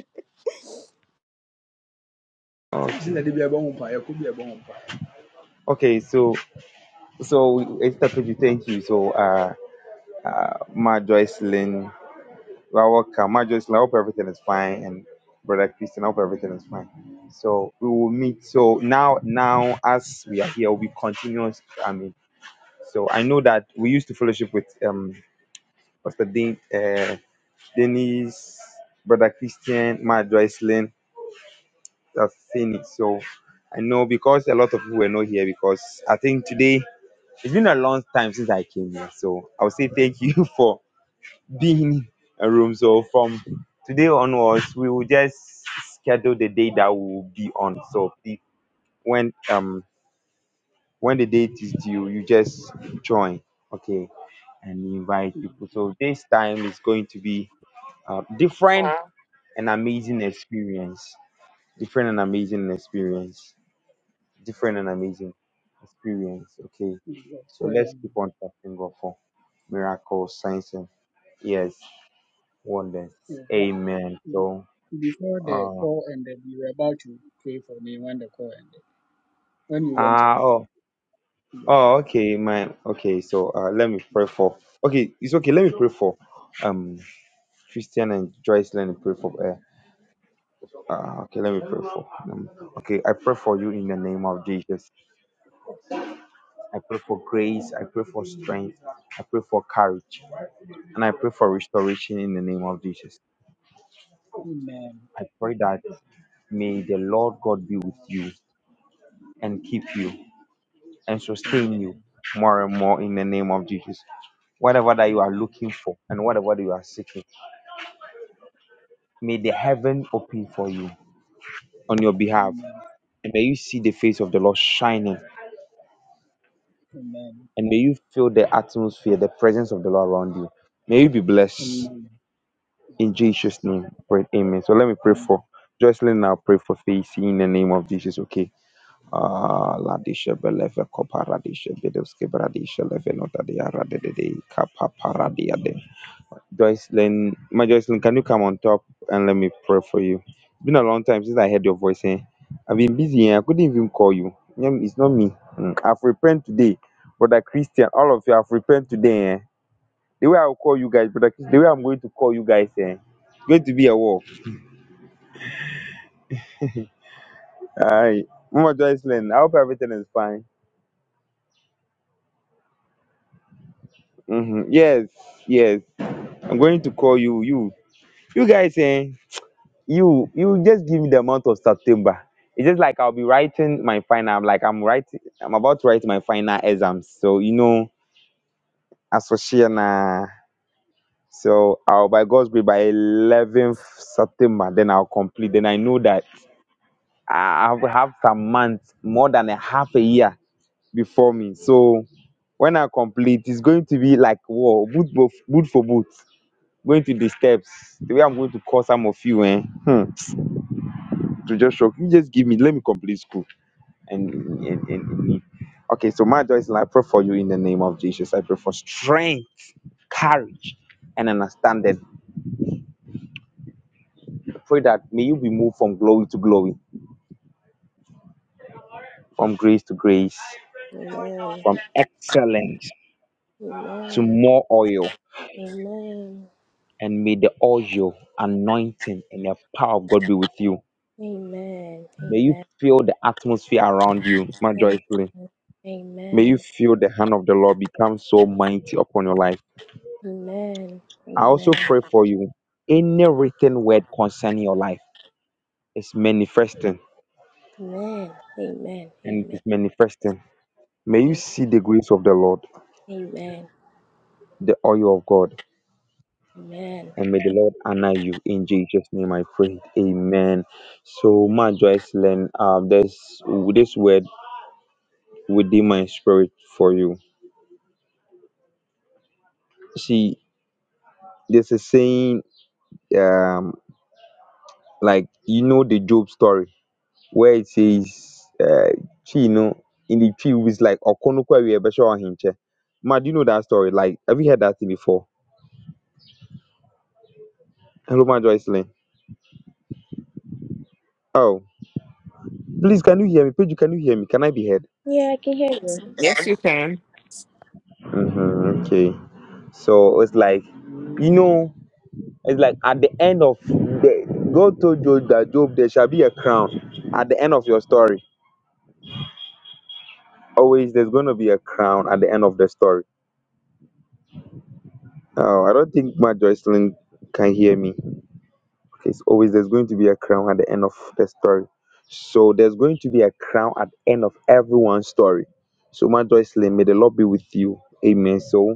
[SPEAKER 2] Sin na de bi ɛbɔ ho mpa, yɛkɔ bi ɛbɔ ho mpa. Okay, so so it's a pretty thank you. So uh my Joycelyn. You are welcome. Marjorie, I hope everything is fine. And Brother Christian, I hope everything is fine. So we will meet. So now, now as we are here, we continue. I mean, so I know that we used to fellowship with um Pastor Den, uh, Dennis, Brother Christian, Marjorie, Lynn, Tafini. So I know because a lot of people were not here because I think today it's been a long time since I came here. So I will say thank you for being a room. So from today onwards, we will just schedule the day that we will be on. So pe- when um when the date is due, you just join, okay, and invite
[SPEAKER 7] Yes,
[SPEAKER 2] people. So this time is going to be uh,
[SPEAKER 4] uh,
[SPEAKER 2] different and amazing experience. Different and amazing experience. Different and amazing experience. Okay.
[SPEAKER 7] yes.
[SPEAKER 2] So let's
[SPEAKER 7] Um,
[SPEAKER 2] keep on trusting God for miracles, signs, and yes, wonders.
[SPEAKER 7] yes, but
[SPEAKER 2] Amen.
[SPEAKER 7] um,
[SPEAKER 2] So
[SPEAKER 7] before the
[SPEAKER 2] Uh,
[SPEAKER 7] call ended, you were about to pray for me when the call ended, when you went
[SPEAKER 2] ah,
[SPEAKER 7] off.
[SPEAKER 2] oh,
[SPEAKER 7] Yes.
[SPEAKER 2] oh, okay, my, okay. So, uh, let me pray for. Okay, it's okay. Let me pray for. Um, Christian and Joyce, let me pray for. Uh, uh, okay, let me pray for. Um, okay, I pray for you in the name of Jesus. I pray for grace. I pray for strength. I pray for courage, and I pray for restoration in the name of Jesus.
[SPEAKER 7] Amen.
[SPEAKER 2] I pray that may the Lord God be with you and keep you. and sustain you
[SPEAKER 7] Amen.
[SPEAKER 2] more and more in the name of Jesus. Whatever that you are
[SPEAKER 7] Amen.
[SPEAKER 2] looking for and whatever that you are seeking, may the heaven open for you on your behalf.
[SPEAKER 7] Amen.
[SPEAKER 2] And may you see the face of the Lord shining.
[SPEAKER 7] Amen.
[SPEAKER 2] And may you feel the atmosphere, the presence of the Lord around you. May you be blessed
[SPEAKER 7] Amen.
[SPEAKER 2] in Jesus'
[SPEAKER 7] Jesus.
[SPEAKER 2] name. I Pray. Amen. So let me pray for Jocelyn now. Pray for Faith in the name of Jesus. Okay. Ah, Ladisha Beleve Coparadisha Bedevske Bradisha Levenota de Arade de Capa Paradia de Joycelyn, my Joycelyn, can you come on top and let me pray for you? It's been a long time since I heard your voice. Eh? I've been busy. Eh? I couldn't even call you. Nyam, It's not me. Mm, I've repented today, brother Christian. All of you have repented today. Eh? The way I will call you guys, brother Christian, the way I'm going to call you guys, eh? it's going to be a war. Aye, Mama Joycelyn, I hope everything is fine. hmm Yes, yes. I'm going to call you. You, you guys, eh? you you just give me the month of September. It's just like I'll be writing my final. Like I'm writing, I'm about to write my final exams. So you know, as for share na. So I'll by God's grace by 11th September, then I'll complete. Then I know that I have have some months, more than a half a year before me. So when I complete, it's going to be like whoa, boot for boot for boot. Going to the steps, the way I'm going to call some of you, eh? hmm, to just shock you. Just give me, let me complete school. and in, in, in need. Okay, so my joy is I pray for you in the name of Jesus. I pray for strength, courage, and understanding. I pray that may you be moved from glory to glory, from grace to grace, from excellence to
[SPEAKER 1] Amen.
[SPEAKER 2] more oil.
[SPEAKER 1] Amen. Amen.
[SPEAKER 2] And may the oil, anointing, and the power of God be with you.
[SPEAKER 1] Amen.
[SPEAKER 2] May you feel the atmosphere around you, my
[SPEAKER 1] Amen.
[SPEAKER 2] joyfully. May you
[SPEAKER 1] Amen.
[SPEAKER 2] feel the hand of the Lord become so mighty upon your life.
[SPEAKER 1] Amen.
[SPEAKER 2] I
[SPEAKER 1] Amen.
[SPEAKER 2] also pray for you. Any written word concerning your life. It's manifesting
[SPEAKER 1] Amen. Amen. Amen.
[SPEAKER 2] and it is
[SPEAKER 1] Amen.
[SPEAKER 2] manifesting. May you
[SPEAKER 1] Amen.
[SPEAKER 2] see the grace of the Lord,
[SPEAKER 1] Amen.
[SPEAKER 2] the oil of God,
[SPEAKER 1] Amen.
[SPEAKER 2] and may the Lord honor you. In Jesus' name I pray. Amen. So, my Joyce Len, um, there's this word within my spirit for you. See, there's a saying, um, like, you know, the Job story where it says, uh, "Chi, you know, in the tree, it's like, Okonokwa, we Ma, do you know that story? Like, have you heard that thing before? Hello, my Joyce Len. Oh. Please, can you hear me? Pedro, can you hear me? Can I be heard?
[SPEAKER 1] Yeah, I can hear you.
[SPEAKER 4] Yes, you can.
[SPEAKER 2] hmm okay. So it's like, you know, it's like at the end of the God told Job that Job, there shall be a crown at the end of your story. Always, there's going to be a crown at the end of the story. Oh, I don't think my Joycelyn can hear me. It's always there's going to be a crown at the end of the story. So there's going to be a crown at the end of everyone's story. So my Joycelyn, may the Lord be with you. Amen. So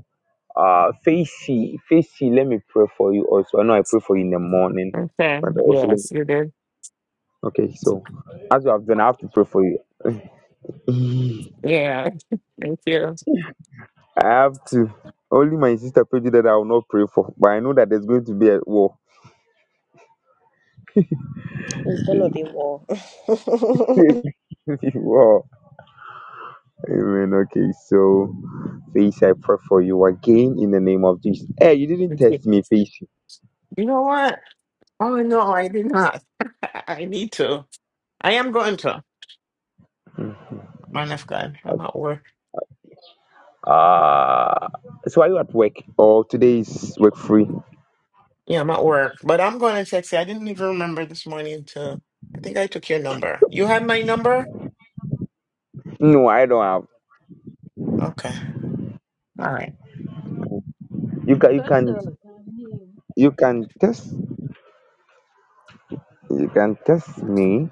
[SPEAKER 2] Uh, Facey, Facey, let me pray for you also. I know I pray for you in the morning,
[SPEAKER 4] Okay.
[SPEAKER 2] but also, let me-
[SPEAKER 4] Yes, you did.
[SPEAKER 2] okay, so as you have done, I have to pray for you.
[SPEAKER 4] Yeah. Thank you.
[SPEAKER 2] I have to. Only my sister prayed you that I will not pray for, but I know that there's going to be a war.
[SPEAKER 1] It's gonna be war.
[SPEAKER 2] war. Amen. Okay, so Facey, I pray for you again in the name of Jesus. Hey, you didn't
[SPEAKER 4] Thank you
[SPEAKER 2] test me, Facey.
[SPEAKER 4] You know what? Oh no, I did not. I need to. I am going to. Man of God, I'm at work.
[SPEAKER 2] Uh, so are you at work or today is work free?
[SPEAKER 4] Yeah, I'm at work, but I'm going to text you. I didn't even remember this morning to. I think I took your number. You had my number.
[SPEAKER 2] No, I don't have.
[SPEAKER 4] Okay. All right.
[SPEAKER 2] You can, you
[SPEAKER 8] Pastor
[SPEAKER 2] can,
[SPEAKER 8] nani
[SPEAKER 2] you can test. You can text me,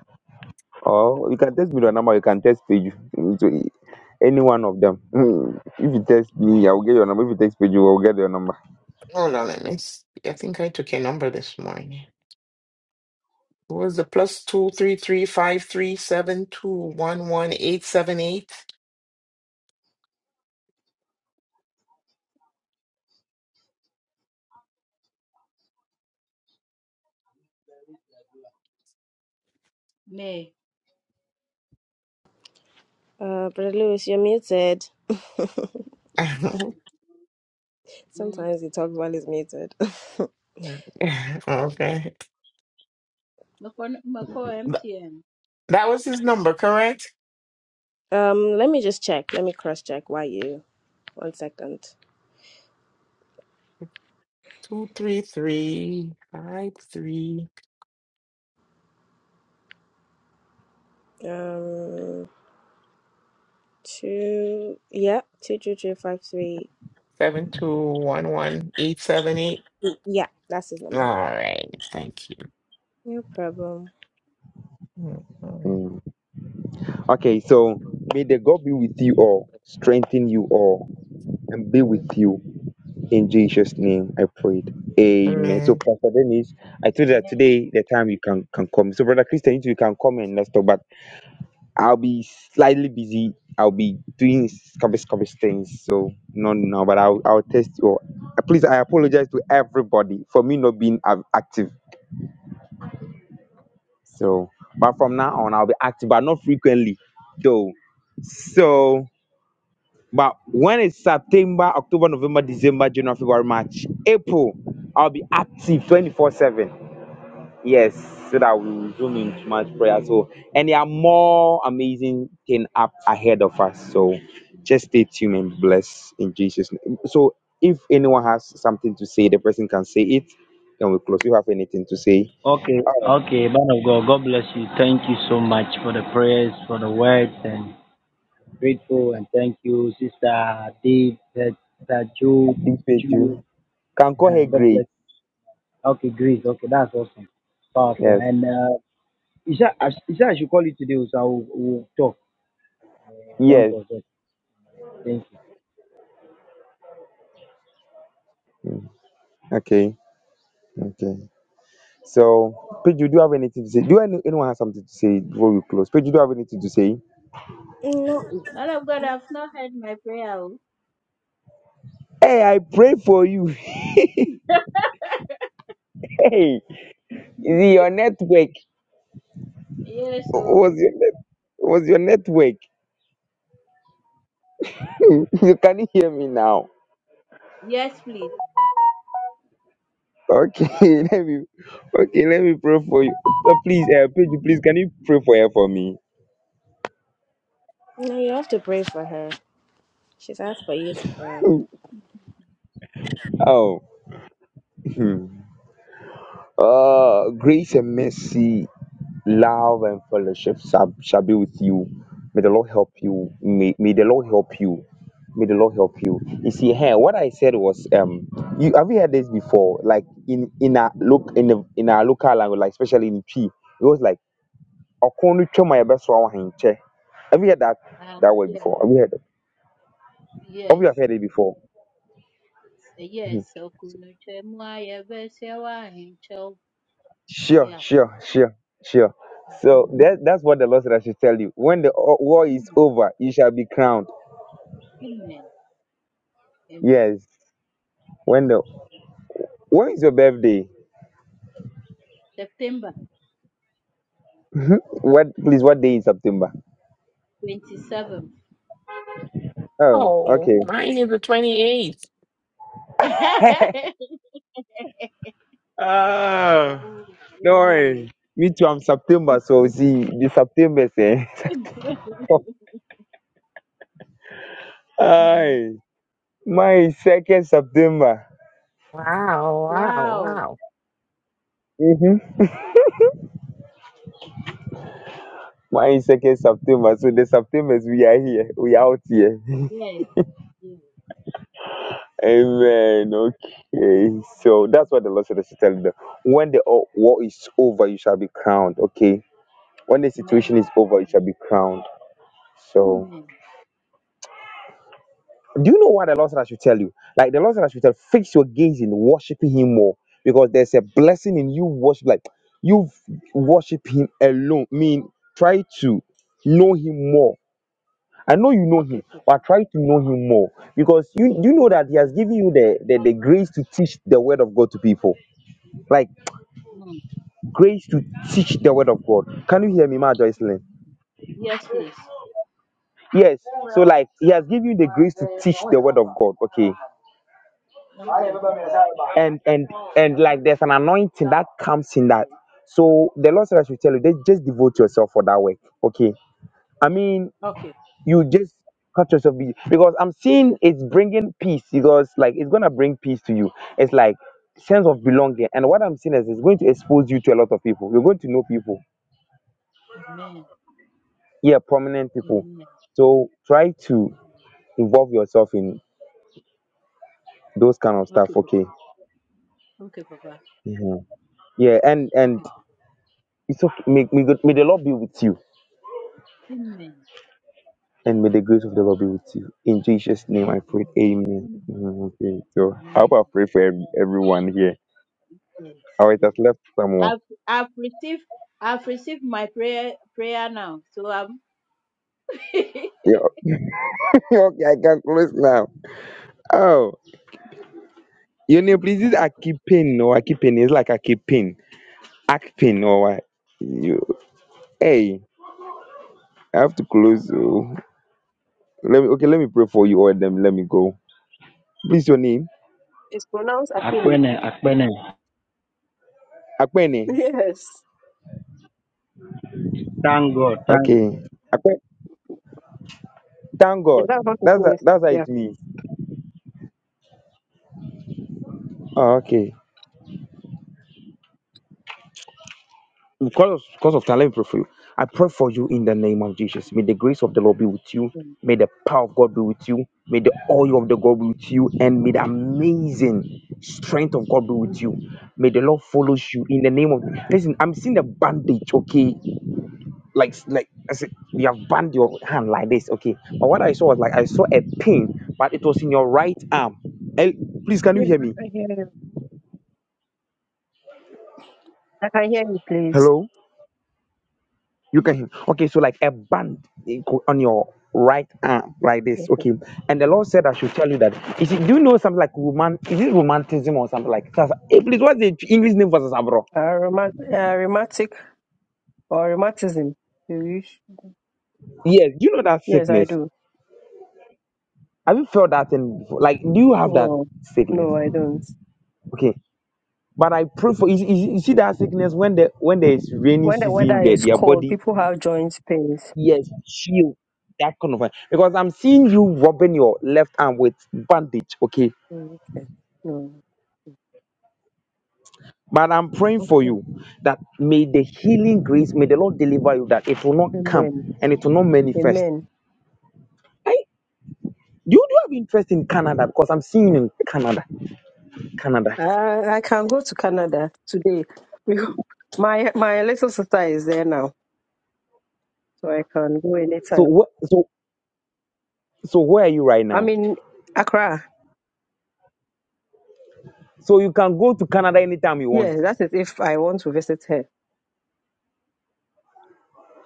[SPEAKER 2] or you can text me the number. You can text Page to any one of them. Mm. If you text me, I will get your number. If you text Page, I will get your number.
[SPEAKER 4] Hold on. Let me. see. I think I took a number this morning. What was the plus two three three five three seven two one one eight seven eight?
[SPEAKER 8] May
[SPEAKER 1] Uh, Brother Lewis, you're muted.
[SPEAKER 8] mm.
[SPEAKER 1] Sometimes he talks while he's muted.
[SPEAKER 4] Okay.
[SPEAKER 8] Mako Mako
[SPEAKER 4] Th-
[SPEAKER 8] MTN.
[SPEAKER 4] That was his number, correct?
[SPEAKER 1] um, let me just check. Let me cross check. Why you? One second.
[SPEAKER 4] Two three three five three
[SPEAKER 1] Um, two. Yeah, two, two, two, five, three.
[SPEAKER 4] seven two one one eight seven eight.
[SPEAKER 1] Yeah, that's his
[SPEAKER 4] All
[SPEAKER 1] number.
[SPEAKER 4] right. Thank you.
[SPEAKER 1] No problem.
[SPEAKER 4] Mhm.
[SPEAKER 2] Mm. Okay, so may the God be with you all, strengthen you all, and be
[SPEAKER 4] Mm,
[SPEAKER 2] with you in Jesus' name. I prayed. Amen. So
[SPEAKER 4] Amen.
[SPEAKER 2] Pastor Dennis, I told you that
[SPEAKER 8] Amen.
[SPEAKER 2] today the time you can can come. So Brother Christian, you too, you can come and let's talk. But I'll be slightly busy. I'll be doing scabies, scabies things. So not now, but I'll I'll test you. Uh, Please, I apologize to everybody for me not being ac- active. So, but from now on, I'll be active, but not frequently, though. So, but when it's September, October, November, December, January, February, March, April, I'll be active 24/7. Yes, so that we will zoom into much prayer. So, and there are more amazing thing up ahead of us. So, just stay tuned and bless in Jesus' name. So, if anyone has something to say, the person can say it. Then we close. You have anything to say?
[SPEAKER 3] Okay,
[SPEAKER 2] Oh,
[SPEAKER 3] okay, man of God, God bless you. Thank you so much for the prayers, for the words, and grateful and thank you, Sister Dave, Sister
[SPEAKER 2] I
[SPEAKER 3] Joe,
[SPEAKER 2] think
[SPEAKER 3] Joe.
[SPEAKER 2] you can call
[SPEAKER 3] uh
[SPEAKER 2] her
[SPEAKER 3] God
[SPEAKER 2] Grace.
[SPEAKER 3] bless you. Okay, great. Okay, that's awesome, powerful,
[SPEAKER 2] Yes,
[SPEAKER 3] and uh, is that I should call it today? So I will, will talk. Don't
[SPEAKER 2] yes.
[SPEAKER 3] forget. Thank you.
[SPEAKER 2] Mm, Okay, okay. So, Pedro, do you have anything to say? Do any, anyone have something to say before we close? Pedro, do you have anything to say?
[SPEAKER 1] No,
[SPEAKER 8] Man of God, I've not heard my prayer. oh.
[SPEAKER 2] Hey, I pray for you. hey. Your network
[SPEAKER 8] Yes,
[SPEAKER 2] was
[SPEAKER 8] so
[SPEAKER 2] your net, was your network. you can hear me now.
[SPEAKER 8] yes, please.
[SPEAKER 2] Okay, let me. Okay, let me pray for you. Uh, Please, uh, Pedro,
[SPEAKER 8] Mhm.
[SPEAKER 2] please, can you pray for her for me?
[SPEAKER 1] no, you have to pray for her. She's asked for you to pray.
[SPEAKER 2] Oh, oh, grace and mercy. love and fellowship shall, shall be with you. May the Lord help you. May, may the Lord help you. May the Lord help you.
[SPEAKER 8] Amen.
[SPEAKER 2] You see, here what I said was, um, you have you heard this before? Like in in our look in the, in our local language, like especially in P, it was like "Ɔko no twam a yɛbɛsoa wo ahenkyɛ." Have you heard that
[SPEAKER 8] Ah,
[SPEAKER 2] that word
[SPEAKER 8] yes,
[SPEAKER 2] before? Have you heard? Have
[SPEAKER 8] yes,
[SPEAKER 2] you have heard it before? Mhm.
[SPEAKER 8] yes. Okunuche mwa yebese wa hincho.
[SPEAKER 2] Sure,
[SPEAKER 8] Yeah.
[SPEAKER 2] sure, sure, sure. So that that's what the Lord said I should tell you. When the o- war is
[SPEAKER 8] Mhm.
[SPEAKER 2] over, you shall be crowned.
[SPEAKER 8] Amen. Amen.
[SPEAKER 2] Yes. when the When is your birthday?
[SPEAKER 8] September
[SPEAKER 2] What please? What day in September?
[SPEAKER 8] 27th.
[SPEAKER 2] Oh,
[SPEAKER 4] Oh,
[SPEAKER 2] okay.
[SPEAKER 4] mine is the 28th.
[SPEAKER 2] Ah,
[SPEAKER 8] oh,
[SPEAKER 2] no
[SPEAKER 8] wow.
[SPEAKER 2] worry. Me too. I'm September, so see the September say.
[SPEAKER 8] Mhm.
[SPEAKER 2] Aye, my second September.
[SPEAKER 4] Wow. Wow,
[SPEAKER 8] wow.
[SPEAKER 4] wow,
[SPEAKER 2] Mm-hmm. My second September. So the September we are here. We out here.
[SPEAKER 8] Yes. Yes. Mhm.
[SPEAKER 2] Amen. Okay. So that's what the Lord said. I should tell you. When the o- war is over, you shall be crowned. Okay. When the situation is
[SPEAKER 8] Amen.
[SPEAKER 2] over, you shall be
[SPEAKER 8] Amen.
[SPEAKER 2] crowned. So.
[SPEAKER 8] Amen.
[SPEAKER 2] Do you know what the Lord said I should tell you? Like the Lord said I should tell, fix your gaze in worshiping Him more because there's a blessing in you worship. Like you worship Him alone. mean, try to know Him more. I know you know
[SPEAKER 8] Okay,
[SPEAKER 2] Him,
[SPEAKER 8] Papa.
[SPEAKER 2] but try to know Him more because you you know
[SPEAKER 8] Okay,
[SPEAKER 2] that He has
[SPEAKER 8] Papa.
[SPEAKER 2] given you the, the the grace to teach the Word of God to people. Like
[SPEAKER 8] Amen.
[SPEAKER 2] grace to teach the Word of God. Can you hear me, Ma Joycelyn?
[SPEAKER 8] Amen. Yes, please.
[SPEAKER 2] Yes. So like He has given you the grace to teach the Word of God. Okay.
[SPEAKER 8] Okay, Papa.
[SPEAKER 2] and and and like there's an anointing that comes in that. So the Lord said I should tell you, just just devote yourself for that work. Okay, I mean
[SPEAKER 8] Okay.
[SPEAKER 2] you just cut yourself busy because I'm seeing it's bringing peace because like it's gonna bring peace to you. It's like sense of
[SPEAKER 8] Amen.
[SPEAKER 2] belonging, and what I'm seeing is it's going to expose you to a lot of people. You're going to know people,
[SPEAKER 8] Amen.
[SPEAKER 2] yeah, prominent people.
[SPEAKER 8] Amen.
[SPEAKER 2] So try to
[SPEAKER 8] Amen.
[SPEAKER 2] involve yourself in those kind of
[SPEAKER 8] Okay,
[SPEAKER 2] stuff.
[SPEAKER 8] Papa.
[SPEAKER 2] Okay,
[SPEAKER 8] Okay, Papa.
[SPEAKER 2] Mhm. yeah, and and
[SPEAKER 8] Okay, Papa.
[SPEAKER 2] it's okay. May, may, God- may the Lord be with you
[SPEAKER 8] Amen.
[SPEAKER 2] And may the grace of the Lord be with you. In Jesus' name I pray.
[SPEAKER 8] Amen.
[SPEAKER 2] Amen.
[SPEAKER 8] Amen.
[SPEAKER 2] Mm, Okay. So how
[SPEAKER 8] Amen.
[SPEAKER 2] about pray for every,
[SPEAKER 8] Amen.
[SPEAKER 2] everyone here?
[SPEAKER 8] Yes.
[SPEAKER 2] Oh, it
[SPEAKER 8] Yes.
[SPEAKER 2] has left someone.
[SPEAKER 8] I've I've received I've received my prayer prayer now. So I'm
[SPEAKER 2] Yeah. okay, I can close now. Oh. Your name, please is Akipin or Akipin. It's like Akipin. Akpin or what? You hey, I have to close. oh. Let me okay, let me pray for you all them. Let me go. Please your name.
[SPEAKER 9] It's pronounced Akpini.
[SPEAKER 3] Akpene, Akpene,
[SPEAKER 2] Akpene.
[SPEAKER 9] Yes.
[SPEAKER 3] thank God, thank
[SPEAKER 2] Okay. Akpen. Thank
[SPEAKER 9] Yeah,
[SPEAKER 2] God.
[SPEAKER 9] that's what it
[SPEAKER 2] That's
[SPEAKER 9] means.
[SPEAKER 2] that's how
[SPEAKER 9] Yeah.
[SPEAKER 2] it means. Oh, okay. Because, because of time, let me pray for you. I pray for you in the name of Jesus. May the grace of the Lord be with you. May the power of God be with you. May the oil of the God be with you. And may the amazing strength of God be with you.
[SPEAKER 9] Amen.
[SPEAKER 2] May the Lord follow you in the name of listen. I'm seeing the bandage, okay? Like like I said, you have band your hand like this, okay. But what I saw was like I saw a pin, but it was in your right arm. Eh, please, can you
[SPEAKER 9] Yes,
[SPEAKER 2] hear
[SPEAKER 9] I
[SPEAKER 2] me?
[SPEAKER 9] can hear you. I can hear you, please.
[SPEAKER 2] Hello? You can hear. Okay, so like a band in- on your right arm, like this.
[SPEAKER 9] Okay.
[SPEAKER 2] Okay, and the Lord said I should tell you that. Is it, do you know something like roman? Is it romanticism or something like? Sasa- Hey, please, what's the English name for Sasabro?
[SPEAKER 9] Uh, rheumat- uh, rheumatic or rheumatism, you wish?
[SPEAKER 2] Yes. Do you know that
[SPEAKER 9] Yes, I
[SPEAKER 2] sickness?
[SPEAKER 9] do.
[SPEAKER 2] Have you felt that thing before? Like, do you have that
[SPEAKER 9] No,
[SPEAKER 2] sickness?
[SPEAKER 9] no, I don't.
[SPEAKER 2] Okay. But I pray for you. You see you see that sickness when the when there is rainy
[SPEAKER 9] When the
[SPEAKER 2] season,
[SPEAKER 9] weather
[SPEAKER 2] there
[SPEAKER 9] is
[SPEAKER 2] their
[SPEAKER 9] cold,
[SPEAKER 2] body
[SPEAKER 9] people have joint pains.
[SPEAKER 2] yes chill that kind of thing. because I'm seeing you rubbing your left arm with bandage. Okay
[SPEAKER 9] Mm, Okay. No.
[SPEAKER 2] But I'm praying for
[SPEAKER 9] Okay.
[SPEAKER 2] you that may the healing grace, may the Lord deliver you that it will not come
[SPEAKER 9] Amen.
[SPEAKER 2] and it will not manifest.
[SPEAKER 9] Amen.
[SPEAKER 2] Hey, do you do you have interest in Canada? Because I'm seeing in Canada, Canada.
[SPEAKER 9] I, I can go to Canada today. My my little sister is there now, so I can go
[SPEAKER 2] So
[SPEAKER 9] anytime.
[SPEAKER 2] what? So so where are you right
[SPEAKER 9] I
[SPEAKER 2] now?
[SPEAKER 9] mean, Accra.
[SPEAKER 2] So you can go to Canada anytime you want.
[SPEAKER 9] Yeah, that is if I want to visit her.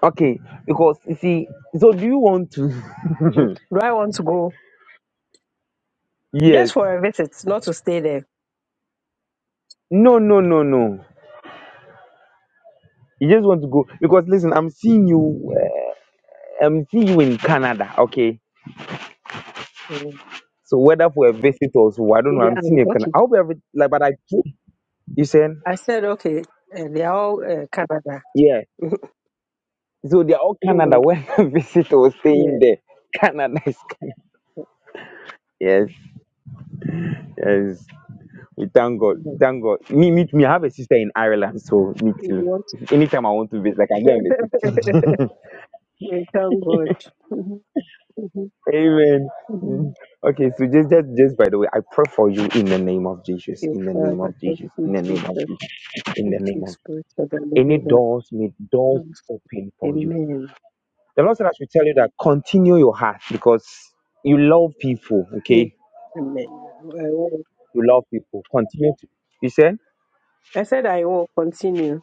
[SPEAKER 2] Okay, because you see, so do you want to?
[SPEAKER 9] Mm. Do I want to go
[SPEAKER 2] yes.
[SPEAKER 9] just for a visit, not to stay there?
[SPEAKER 2] No, no, no, no. You just want to go because listen, I'm seeing you. Uh, I'm seeing you in Canada. Okay,
[SPEAKER 9] Mm.
[SPEAKER 2] So whether for a visit or so, I don't know.
[SPEAKER 9] Yeah,
[SPEAKER 2] I'm
[SPEAKER 9] um,
[SPEAKER 2] seeing a Canada.
[SPEAKER 9] okay.
[SPEAKER 2] I hope every like, but I keep you saying
[SPEAKER 9] I said, okay, uh, they are all uh, Canada.
[SPEAKER 2] yeah. So they're all Canada.
[SPEAKER 9] Mm,
[SPEAKER 2] When I visit or staying
[SPEAKER 9] yeah,
[SPEAKER 2] there, Canada is Canada. Yes, yes. We thank God,
[SPEAKER 9] yeah.
[SPEAKER 2] thank God. Me, me, me. I have a sister in Ireland, so me
[SPEAKER 9] If you
[SPEAKER 2] too.
[SPEAKER 9] want
[SPEAKER 2] Anytime I want to visit, like I go and visit.
[SPEAKER 9] to. Thank God. Mhm, mhm,
[SPEAKER 2] Amen.
[SPEAKER 9] mhm. Thank
[SPEAKER 2] Mm. Okay, so just, just, just by the way, I pray for you in the name of Jesus,
[SPEAKER 9] you,
[SPEAKER 2] in the name of
[SPEAKER 9] Father. Thank
[SPEAKER 2] Jesus, in
[SPEAKER 9] you,
[SPEAKER 2] the name of
[SPEAKER 9] Jesus.
[SPEAKER 2] Jesus, in the
[SPEAKER 9] Thank you,
[SPEAKER 2] name of
[SPEAKER 9] Spirit of the
[SPEAKER 2] any
[SPEAKER 9] living God.
[SPEAKER 2] doors, may doors be
[SPEAKER 9] Thanks.
[SPEAKER 2] open for you
[SPEAKER 9] Amen.
[SPEAKER 2] The Lord said I should tell you that continue your heart because you love people,
[SPEAKER 9] Mm.
[SPEAKER 2] okay?
[SPEAKER 9] Amen. I will.
[SPEAKER 2] You love people. Continue to you said
[SPEAKER 9] I said I will continue.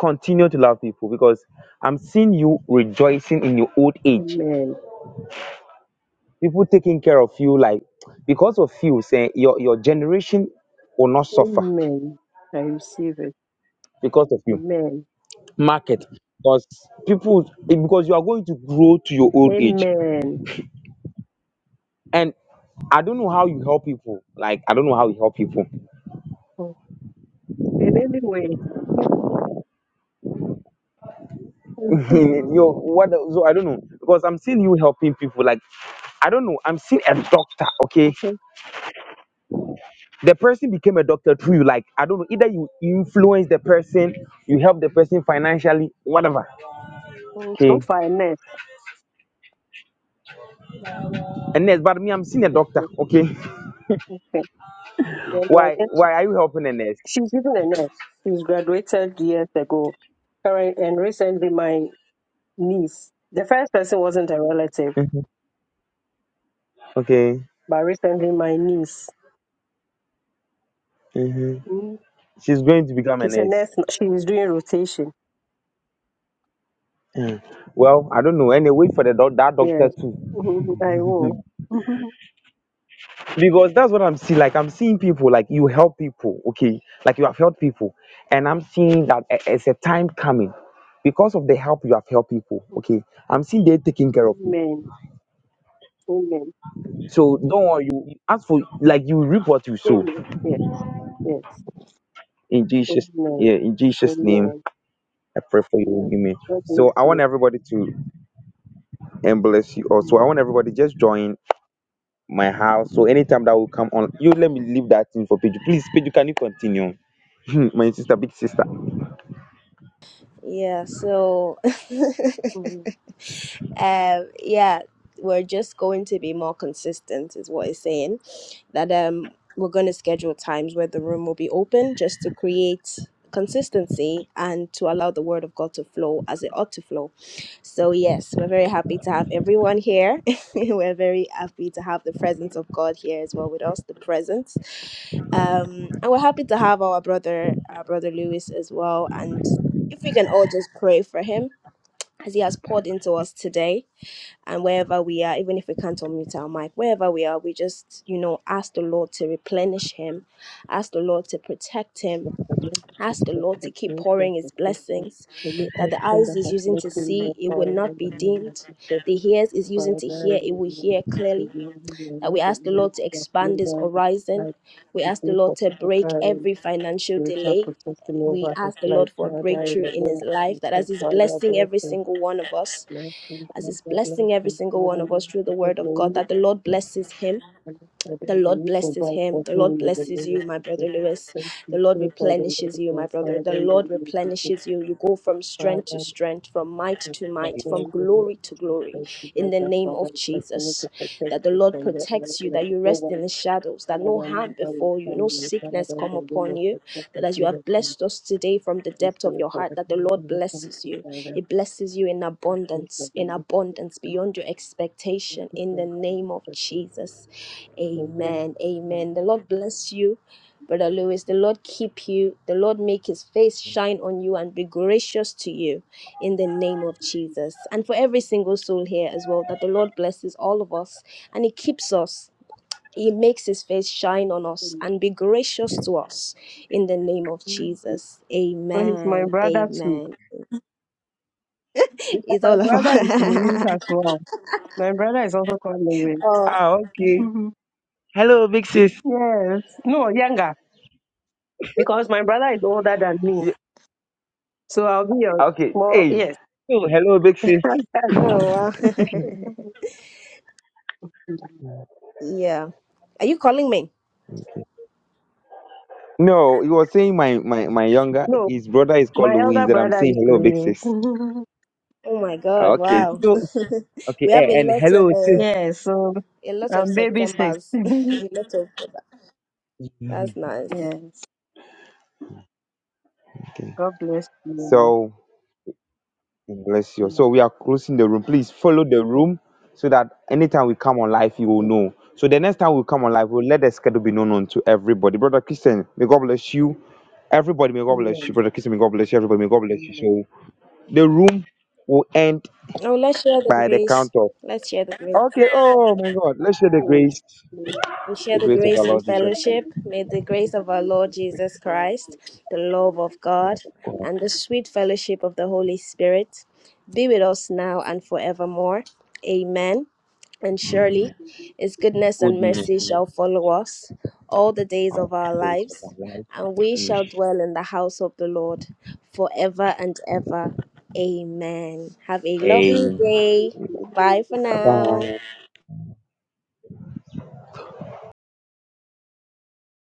[SPEAKER 2] continue to love people because I'm seeing you rejoicing in your old age.
[SPEAKER 9] Amen.
[SPEAKER 2] People taking care of you like because of you, saying your, your generation will not suffer
[SPEAKER 9] Amen. I receive it.
[SPEAKER 2] because of you.
[SPEAKER 9] Amen.
[SPEAKER 2] Market. Because people because you are going to grow to your old age.
[SPEAKER 9] Amen.
[SPEAKER 2] And I don't know how you help people. Like I don't know how you help people.
[SPEAKER 9] In any way,
[SPEAKER 2] Yo, what? the- So I don't know because I'm seeing you helping people. Like I don't know. I'm seeing a doctor. Okay, the person became a doctor through you. Like I don't know. Either you influence the person, you help the person financially, whatever.
[SPEAKER 9] so
[SPEAKER 2] Okay,
[SPEAKER 9] far, a nurse.
[SPEAKER 2] a nurse. But me, I'm seeing a doctor. Okay,
[SPEAKER 9] Okay. Then I
[SPEAKER 2] why?
[SPEAKER 9] guess
[SPEAKER 2] Why are you helping a nurse?
[SPEAKER 9] she's even a nurse. She's graduated years ago. Current and recently, my niece. The first person wasn't a relative,
[SPEAKER 2] Mhm. Okay.
[SPEAKER 9] but recently, my niece.
[SPEAKER 2] hmm
[SPEAKER 9] Mm.
[SPEAKER 2] She's going to become a
[SPEAKER 9] She's a
[SPEAKER 2] nurse.
[SPEAKER 9] nurse. She is doing rotation.
[SPEAKER 2] Mm. Well, I don't know. Anyway, wait for the doc- that doctor
[SPEAKER 9] Yes.
[SPEAKER 2] too.
[SPEAKER 9] Mhm. I will. Mhm.
[SPEAKER 2] because that's what I'm seeing. Like I'm seeing people, like you help people, okay, like you have helped people, and I'm seeing that i- it's a time coming because of the help you have helped people, okay. I'm seeing they taking care of you.
[SPEAKER 9] Amen. Amen.
[SPEAKER 2] So don't worry, you you ask for like you reap what you sow
[SPEAKER 9] Amen. Yes. Yes.
[SPEAKER 2] in Jesus, yeah,
[SPEAKER 9] Amen.
[SPEAKER 2] in Jesus' name.
[SPEAKER 9] Amen.
[SPEAKER 2] I pray for you,
[SPEAKER 9] Amen.
[SPEAKER 2] amen.
[SPEAKER 9] God
[SPEAKER 2] So
[SPEAKER 9] bless
[SPEAKER 2] I want
[SPEAKER 9] you.
[SPEAKER 2] everybody to and bless you also.
[SPEAKER 9] Amen.
[SPEAKER 2] I want everybody just join my house. So anytime that will come on, you let me leave that thing for Pedro. Please, Pedro, can you continue? my sister, big sister.
[SPEAKER 1] Yeah. So,
[SPEAKER 9] Amen.
[SPEAKER 1] Um, yeah, we're just going to be more consistent, is what it's saying. That um, we're going to schedule times where the room will be open just to create consistency and to allow the word of God to flow as it ought to flow. So, yes, we're very happy to have everyone here. we're very happy to have the presence of God here as well with us, the presence. Um, and we're happy to have our brother, our brother Lewis as well. And if we can all just pray for him as he has poured into us today and wherever we are, even if we can't unmute our mic, wherever we are, we just, you know, ask the Lord to replenish him, ask the Lord to protect him,
[SPEAKER 9] Yes, the Lord is
[SPEAKER 1] ask
[SPEAKER 9] just
[SPEAKER 1] the
[SPEAKER 9] the
[SPEAKER 1] Lord to keep
[SPEAKER 9] grace and
[SPEAKER 1] pouring his
[SPEAKER 9] protection.
[SPEAKER 1] blessings,
[SPEAKER 9] The Lord
[SPEAKER 1] that the
[SPEAKER 9] also
[SPEAKER 1] eyes
[SPEAKER 9] that
[SPEAKER 1] is
[SPEAKER 9] has
[SPEAKER 1] using
[SPEAKER 9] let
[SPEAKER 1] to
[SPEAKER 9] him
[SPEAKER 1] see,
[SPEAKER 9] know
[SPEAKER 1] it will
[SPEAKER 9] power
[SPEAKER 1] not
[SPEAKER 9] in the
[SPEAKER 1] be
[SPEAKER 9] name of
[SPEAKER 1] dimmed,
[SPEAKER 9] Jesus.
[SPEAKER 1] the ears is using
[SPEAKER 9] Father,
[SPEAKER 1] to hear,
[SPEAKER 9] in
[SPEAKER 1] it
[SPEAKER 9] the
[SPEAKER 1] will
[SPEAKER 9] name
[SPEAKER 1] hear
[SPEAKER 9] of Jesus,
[SPEAKER 1] clearly,
[SPEAKER 9] the only
[SPEAKER 1] that
[SPEAKER 9] one
[SPEAKER 1] we
[SPEAKER 9] of the
[SPEAKER 1] ask the
[SPEAKER 9] name
[SPEAKER 1] Lord
[SPEAKER 9] of
[SPEAKER 1] to
[SPEAKER 9] God,
[SPEAKER 1] expand
[SPEAKER 9] lay
[SPEAKER 1] his
[SPEAKER 9] down his
[SPEAKER 1] horizon,
[SPEAKER 9] life
[SPEAKER 1] we
[SPEAKER 9] to
[SPEAKER 1] ask the
[SPEAKER 9] do
[SPEAKER 1] Lord
[SPEAKER 9] for
[SPEAKER 1] to break
[SPEAKER 9] physical and
[SPEAKER 1] every financial
[SPEAKER 9] spiritual
[SPEAKER 1] delay.
[SPEAKER 9] protection
[SPEAKER 1] We
[SPEAKER 9] over his
[SPEAKER 1] ask the
[SPEAKER 9] life.
[SPEAKER 1] Lord for a
[SPEAKER 9] Father, in
[SPEAKER 1] breakthrough
[SPEAKER 9] the
[SPEAKER 1] in
[SPEAKER 9] name
[SPEAKER 1] his
[SPEAKER 9] of
[SPEAKER 1] life,
[SPEAKER 9] Jesus,
[SPEAKER 1] that as he's
[SPEAKER 9] Father,
[SPEAKER 1] blessing
[SPEAKER 9] bless
[SPEAKER 1] every
[SPEAKER 9] him.
[SPEAKER 1] single one of us,
[SPEAKER 9] Bless him.
[SPEAKER 1] as he's
[SPEAKER 9] Father, bless
[SPEAKER 1] blessing every
[SPEAKER 9] him.
[SPEAKER 1] single one
[SPEAKER 9] Father,
[SPEAKER 1] of us through the
[SPEAKER 9] bless
[SPEAKER 1] word of
[SPEAKER 9] him.
[SPEAKER 1] God, that the Lord blesses him.
[SPEAKER 9] And for the
[SPEAKER 1] The Lord
[SPEAKER 9] relief of
[SPEAKER 1] blesses him.
[SPEAKER 9] for
[SPEAKER 1] The Lord
[SPEAKER 9] whom in the
[SPEAKER 1] blesses
[SPEAKER 9] name of
[SPEAKER 1] you, my brother
[SPEAKER 9] Jesus.
[SPEAKER 1] Lewis.
[SPEAKER 9] Thank
[SPEAKER 1] The
[SPEAKER 9] you,
[SPEAKER 1] Lord
[SPEAKER 9] pray for the Lord
[SPEAKER 1] replenishes
[SPEAKER 9] of
[SPEAKER 1] you, my
[SPEAKER 9] God,
[SPEAKER 1] brother. The
[SPEAKER 9] Father, in the
[SPEAKER 1] Lord
[SPEAKER 9] name of Jesus,
[SPEAKER 1] replenishes you. You go from strength to
[SPEAKER 9] Father,
[SPEAKER 1] strength, from might
[SPEAKER 9] and
[SPEAKER 1] to
[SPEAKER 9] Father,
[SPEAKER 1] might, from
[SPEAKER 9] in the name
[SPEAKER 1] glory
[SPEAKER 9] of
[SPEAKER 1] to
[SPEAKER 9] Jesus,
[SPEAKER 1] glory,
[SPEAKER 9] thank you,
[SPEAKER 1] in
[SPEAKER 9] Lord,
[SPEAKER 1] the
[SPEAKER 9] that
[SPEAKER 1] name
[SPEAKER 9] Father,
[SPEAKER 1] of
[SPEAKER 9] we continue to
[SPEAKER 1] Jesus.
[SPEAKER 9] protect
[SPEAKER 1] That the
[SPEAKER 9] you
[SPEAKER 1] Lord
[SPEAKER 9] from the enemy
[SPEAKER 1] protects you,
[SPEAKER 9] and
[SPEAKER 1] that
[SPEAKER 9] the
[SPEAKER 1] you
[SPEAKER 9] evil
[SPEAKER 1] rest in
[SPEAKER 9] one.
[SPEAKER 1] the shadows, that no no
[SPEAKER 9] Father,
[SPEAKER 1] harm
[SPEAKER 9] and Father, we
[SPEAKER 1] befall you, no
[SPEAKER 9] come here,
[SPEAKER 1] sickness
[SPEAKER 9] Father, in
[SPEAKER 1] come
[SPEAKER 9] the name
[SPEAKER 1] upon
[SPEAKER 9] of
[SPEAKER 1] you.
[SPEAKER 9] Jesus, thank
[SPEAKER 1] That
[SPEAKER 9] you,
[SPEAKER 1] as you
[SPEAKER 9] pray
[SPEAKER 1] have
[SPEAKER 9] that you
[SPEAKER 1] blessed us today from the depth of
[SPEAKER 9] restore
[SPEAKER 1] your
[SPEAKER 9] for
[SPEAKER 1] heart,
[SPEAKER 9] the
[SPEAKER 1] that the
[SPEAKER 9] kingdom
[SPEAKER 1] Lord
[SPEAKER 9] of
[SPEAKER 1] blesses
[SPEAKER 9] the
[SPEAKER 1] you.
[SPEAKER 9] Father, and the
[SPEAKER 1] He blesses you in
[SPEAKER 9] appreciation
[SPEAKER 1] abundance,
[SPEAKER 9] of the
[SPEAKER 1] in
[SPEAKER 9] living
[SPEAKER 1] abundance
[SPEAKER 9] God.
[SPEAKER 1] beyond your
[SPEAKER 9] Thank
[SPEAKER 1] expectation.
[SPEAKER 9] you,
[SPEAKER 1] In the
[SPEAKER 9] Lord, for the
[SPEAKER 1] name of
[SPEAKER 9] protection.
[SPEAKER 1] Jesus.
[SPEAKER 9] Amen.
[SPEAKER 1] Amen.
[SPEAKER 9] And
[SPEAKER 1] Amen. The Lord bless you. Brother Lewis, the Lord keep you. The Lord make his face shine on you and be gracious to you in the name of Jesus. And for every single soul here as well, that the Lord blesses all of us and he keeps us he makes his face shine on us and be gracious to us in the name of Jesus.
[SPEAKER 9] For he's my
[SPEAKER 1] Amen.
[SPEAKER 9] brother too.
[SPEAKER 1] Amen.
[SPEAKER 9] Yeah,
[SPEAKER 1] It's
[SPEAKER 9] my
[SPEAKER 1] all
[SPEAKER 9] brother is Louis
[SPEAKER 1] about.
[SPEAKER 9] as well. My brother is also called Louis.
[SPEAKER 1] oh,
[SPEAKER 2] Ah, okay.
[SPEAKER 9] Mhm.
[SPEAKER 2] Hello, big sis.
[SPEAKER 9] Yes. No, younger. Because my brother is older than me.
[SPEAKER 2] Yeah,
[SPEAKER 9] So I'll be your
[SPEAKER 2] okay.
[SPEAKER 9] small
[SPEAKER 2] Hey.
[SPEAKER 9] yes.
[SPEAKER 2] Oh, hello, big sis.
[SPEAKER 1] oh, wow. yeah. Are you calling me?
[SPEAKER 2] No, he was saying my, my, my younger,
[SPEAKER 9] no,
[SPEAKER 2] his brother is called
[SPEAKER 9] my
[SPEAKER 2] Louis,
[SPEAKER 9] elder
[SPEAKER 2] and I'm
[SPEAKER 9] brother
[SPEAKER 2] saying
[SPEAKER 9] is
[SPEAKER 2] hello, big
[SPEAKER 9] Louis.
[SPEAKER 2] sis.
[SPEAKER 1] Oh my God!
[SPEAKER 2] Okay,
[SPEAKER 1] Wow.
[SPEAKER 2] so it's- okay,
[SPEAKER 1] we have
[SPEAKER 2] Eh.
[SPEAKER 1] a
[SPEAKER 2] and
[SPEAKER 1] lot
[SPEAKER 2] hello,
[SPEAKER 1] of
[SPEAKER 2] sis.
[SPEAKER 1] uh,
[SPEAKER 9] yes, so
[SPEAKER 1] a lot of
[SPEAKER 9] I'm baby six.
[SPEAKER 1] September's. a lot of. That's nice.
[SPEAKER 9] yes. God bless you.
[SPEAKER 2] So, bless you.
[SPEAKER 9] Yes,
[SPEAKER 2] So, we are closing the room. Please follow the
[SPEAKER 9] yes,
[SPEAKER 2] room so that anytime we come on live, you will
[SPEAKER 9] yes.
[SPEAKER 2] know. So, the next time we come on live, we'll let the schedule be known unto everybody. Brother Christian, may God bless you. Everybody, may God bless you.
[SPEAKER 9] Amen.
[SPEAKER 2] Brother Christian, may God bless you. Everybody, may God bless you.
[SPEAKER 9] Amen.
[SPEAKER 2] So, the room will end
[SPEAKER 1] Oh, let's share the
[SPEAKER 2] by the
[SPEAKER 1] grace.
[SPEAKER 2] count of.
[SPEAKER 1] Let's share the grace.
[SPEAKER 2] Okay, oh my God. Let's share the grace,
[SPEAKER 9] Yes. Amen.
[SPEAKER 1] We
[SPEAKER 2] the
[SPEAKER 1] share the
[SPEAKER 2] grace of our
[SPEAKER 1] grace and
[SPEAKER 2] Lord Jesus Christ.
[SPEAKER 1] fellowship. May the grace of our Lord Jesus Christ, the love of God, and the sweet fellowship of the Holy Spirit be with us now and forevermore. Amen. And surely
[SPEAKER 2] Amen.
[SPEAKER 1] his goodness and
[SPEAKER 2] Goodness,
[SPEAKER 1] mercy
[SPEAKER 2] mercy,
[SPEAKER 1] shall follow us all the days
[SPEAKER 2] and
[SPEAKER 1] of our
[SPEAKER 2] the grace
[SPEAKER 1] lives,
[SPEAKER 2] of our
[SPEAKER 1] and we shall dwell in the house of the Lord forever and ever. Amen. Have a lovely
[SPEAKER 2] life.
[SPEAKER 1] day. Bye for
[SPEAKER 9] Okay.
[SPEAKER 1] now.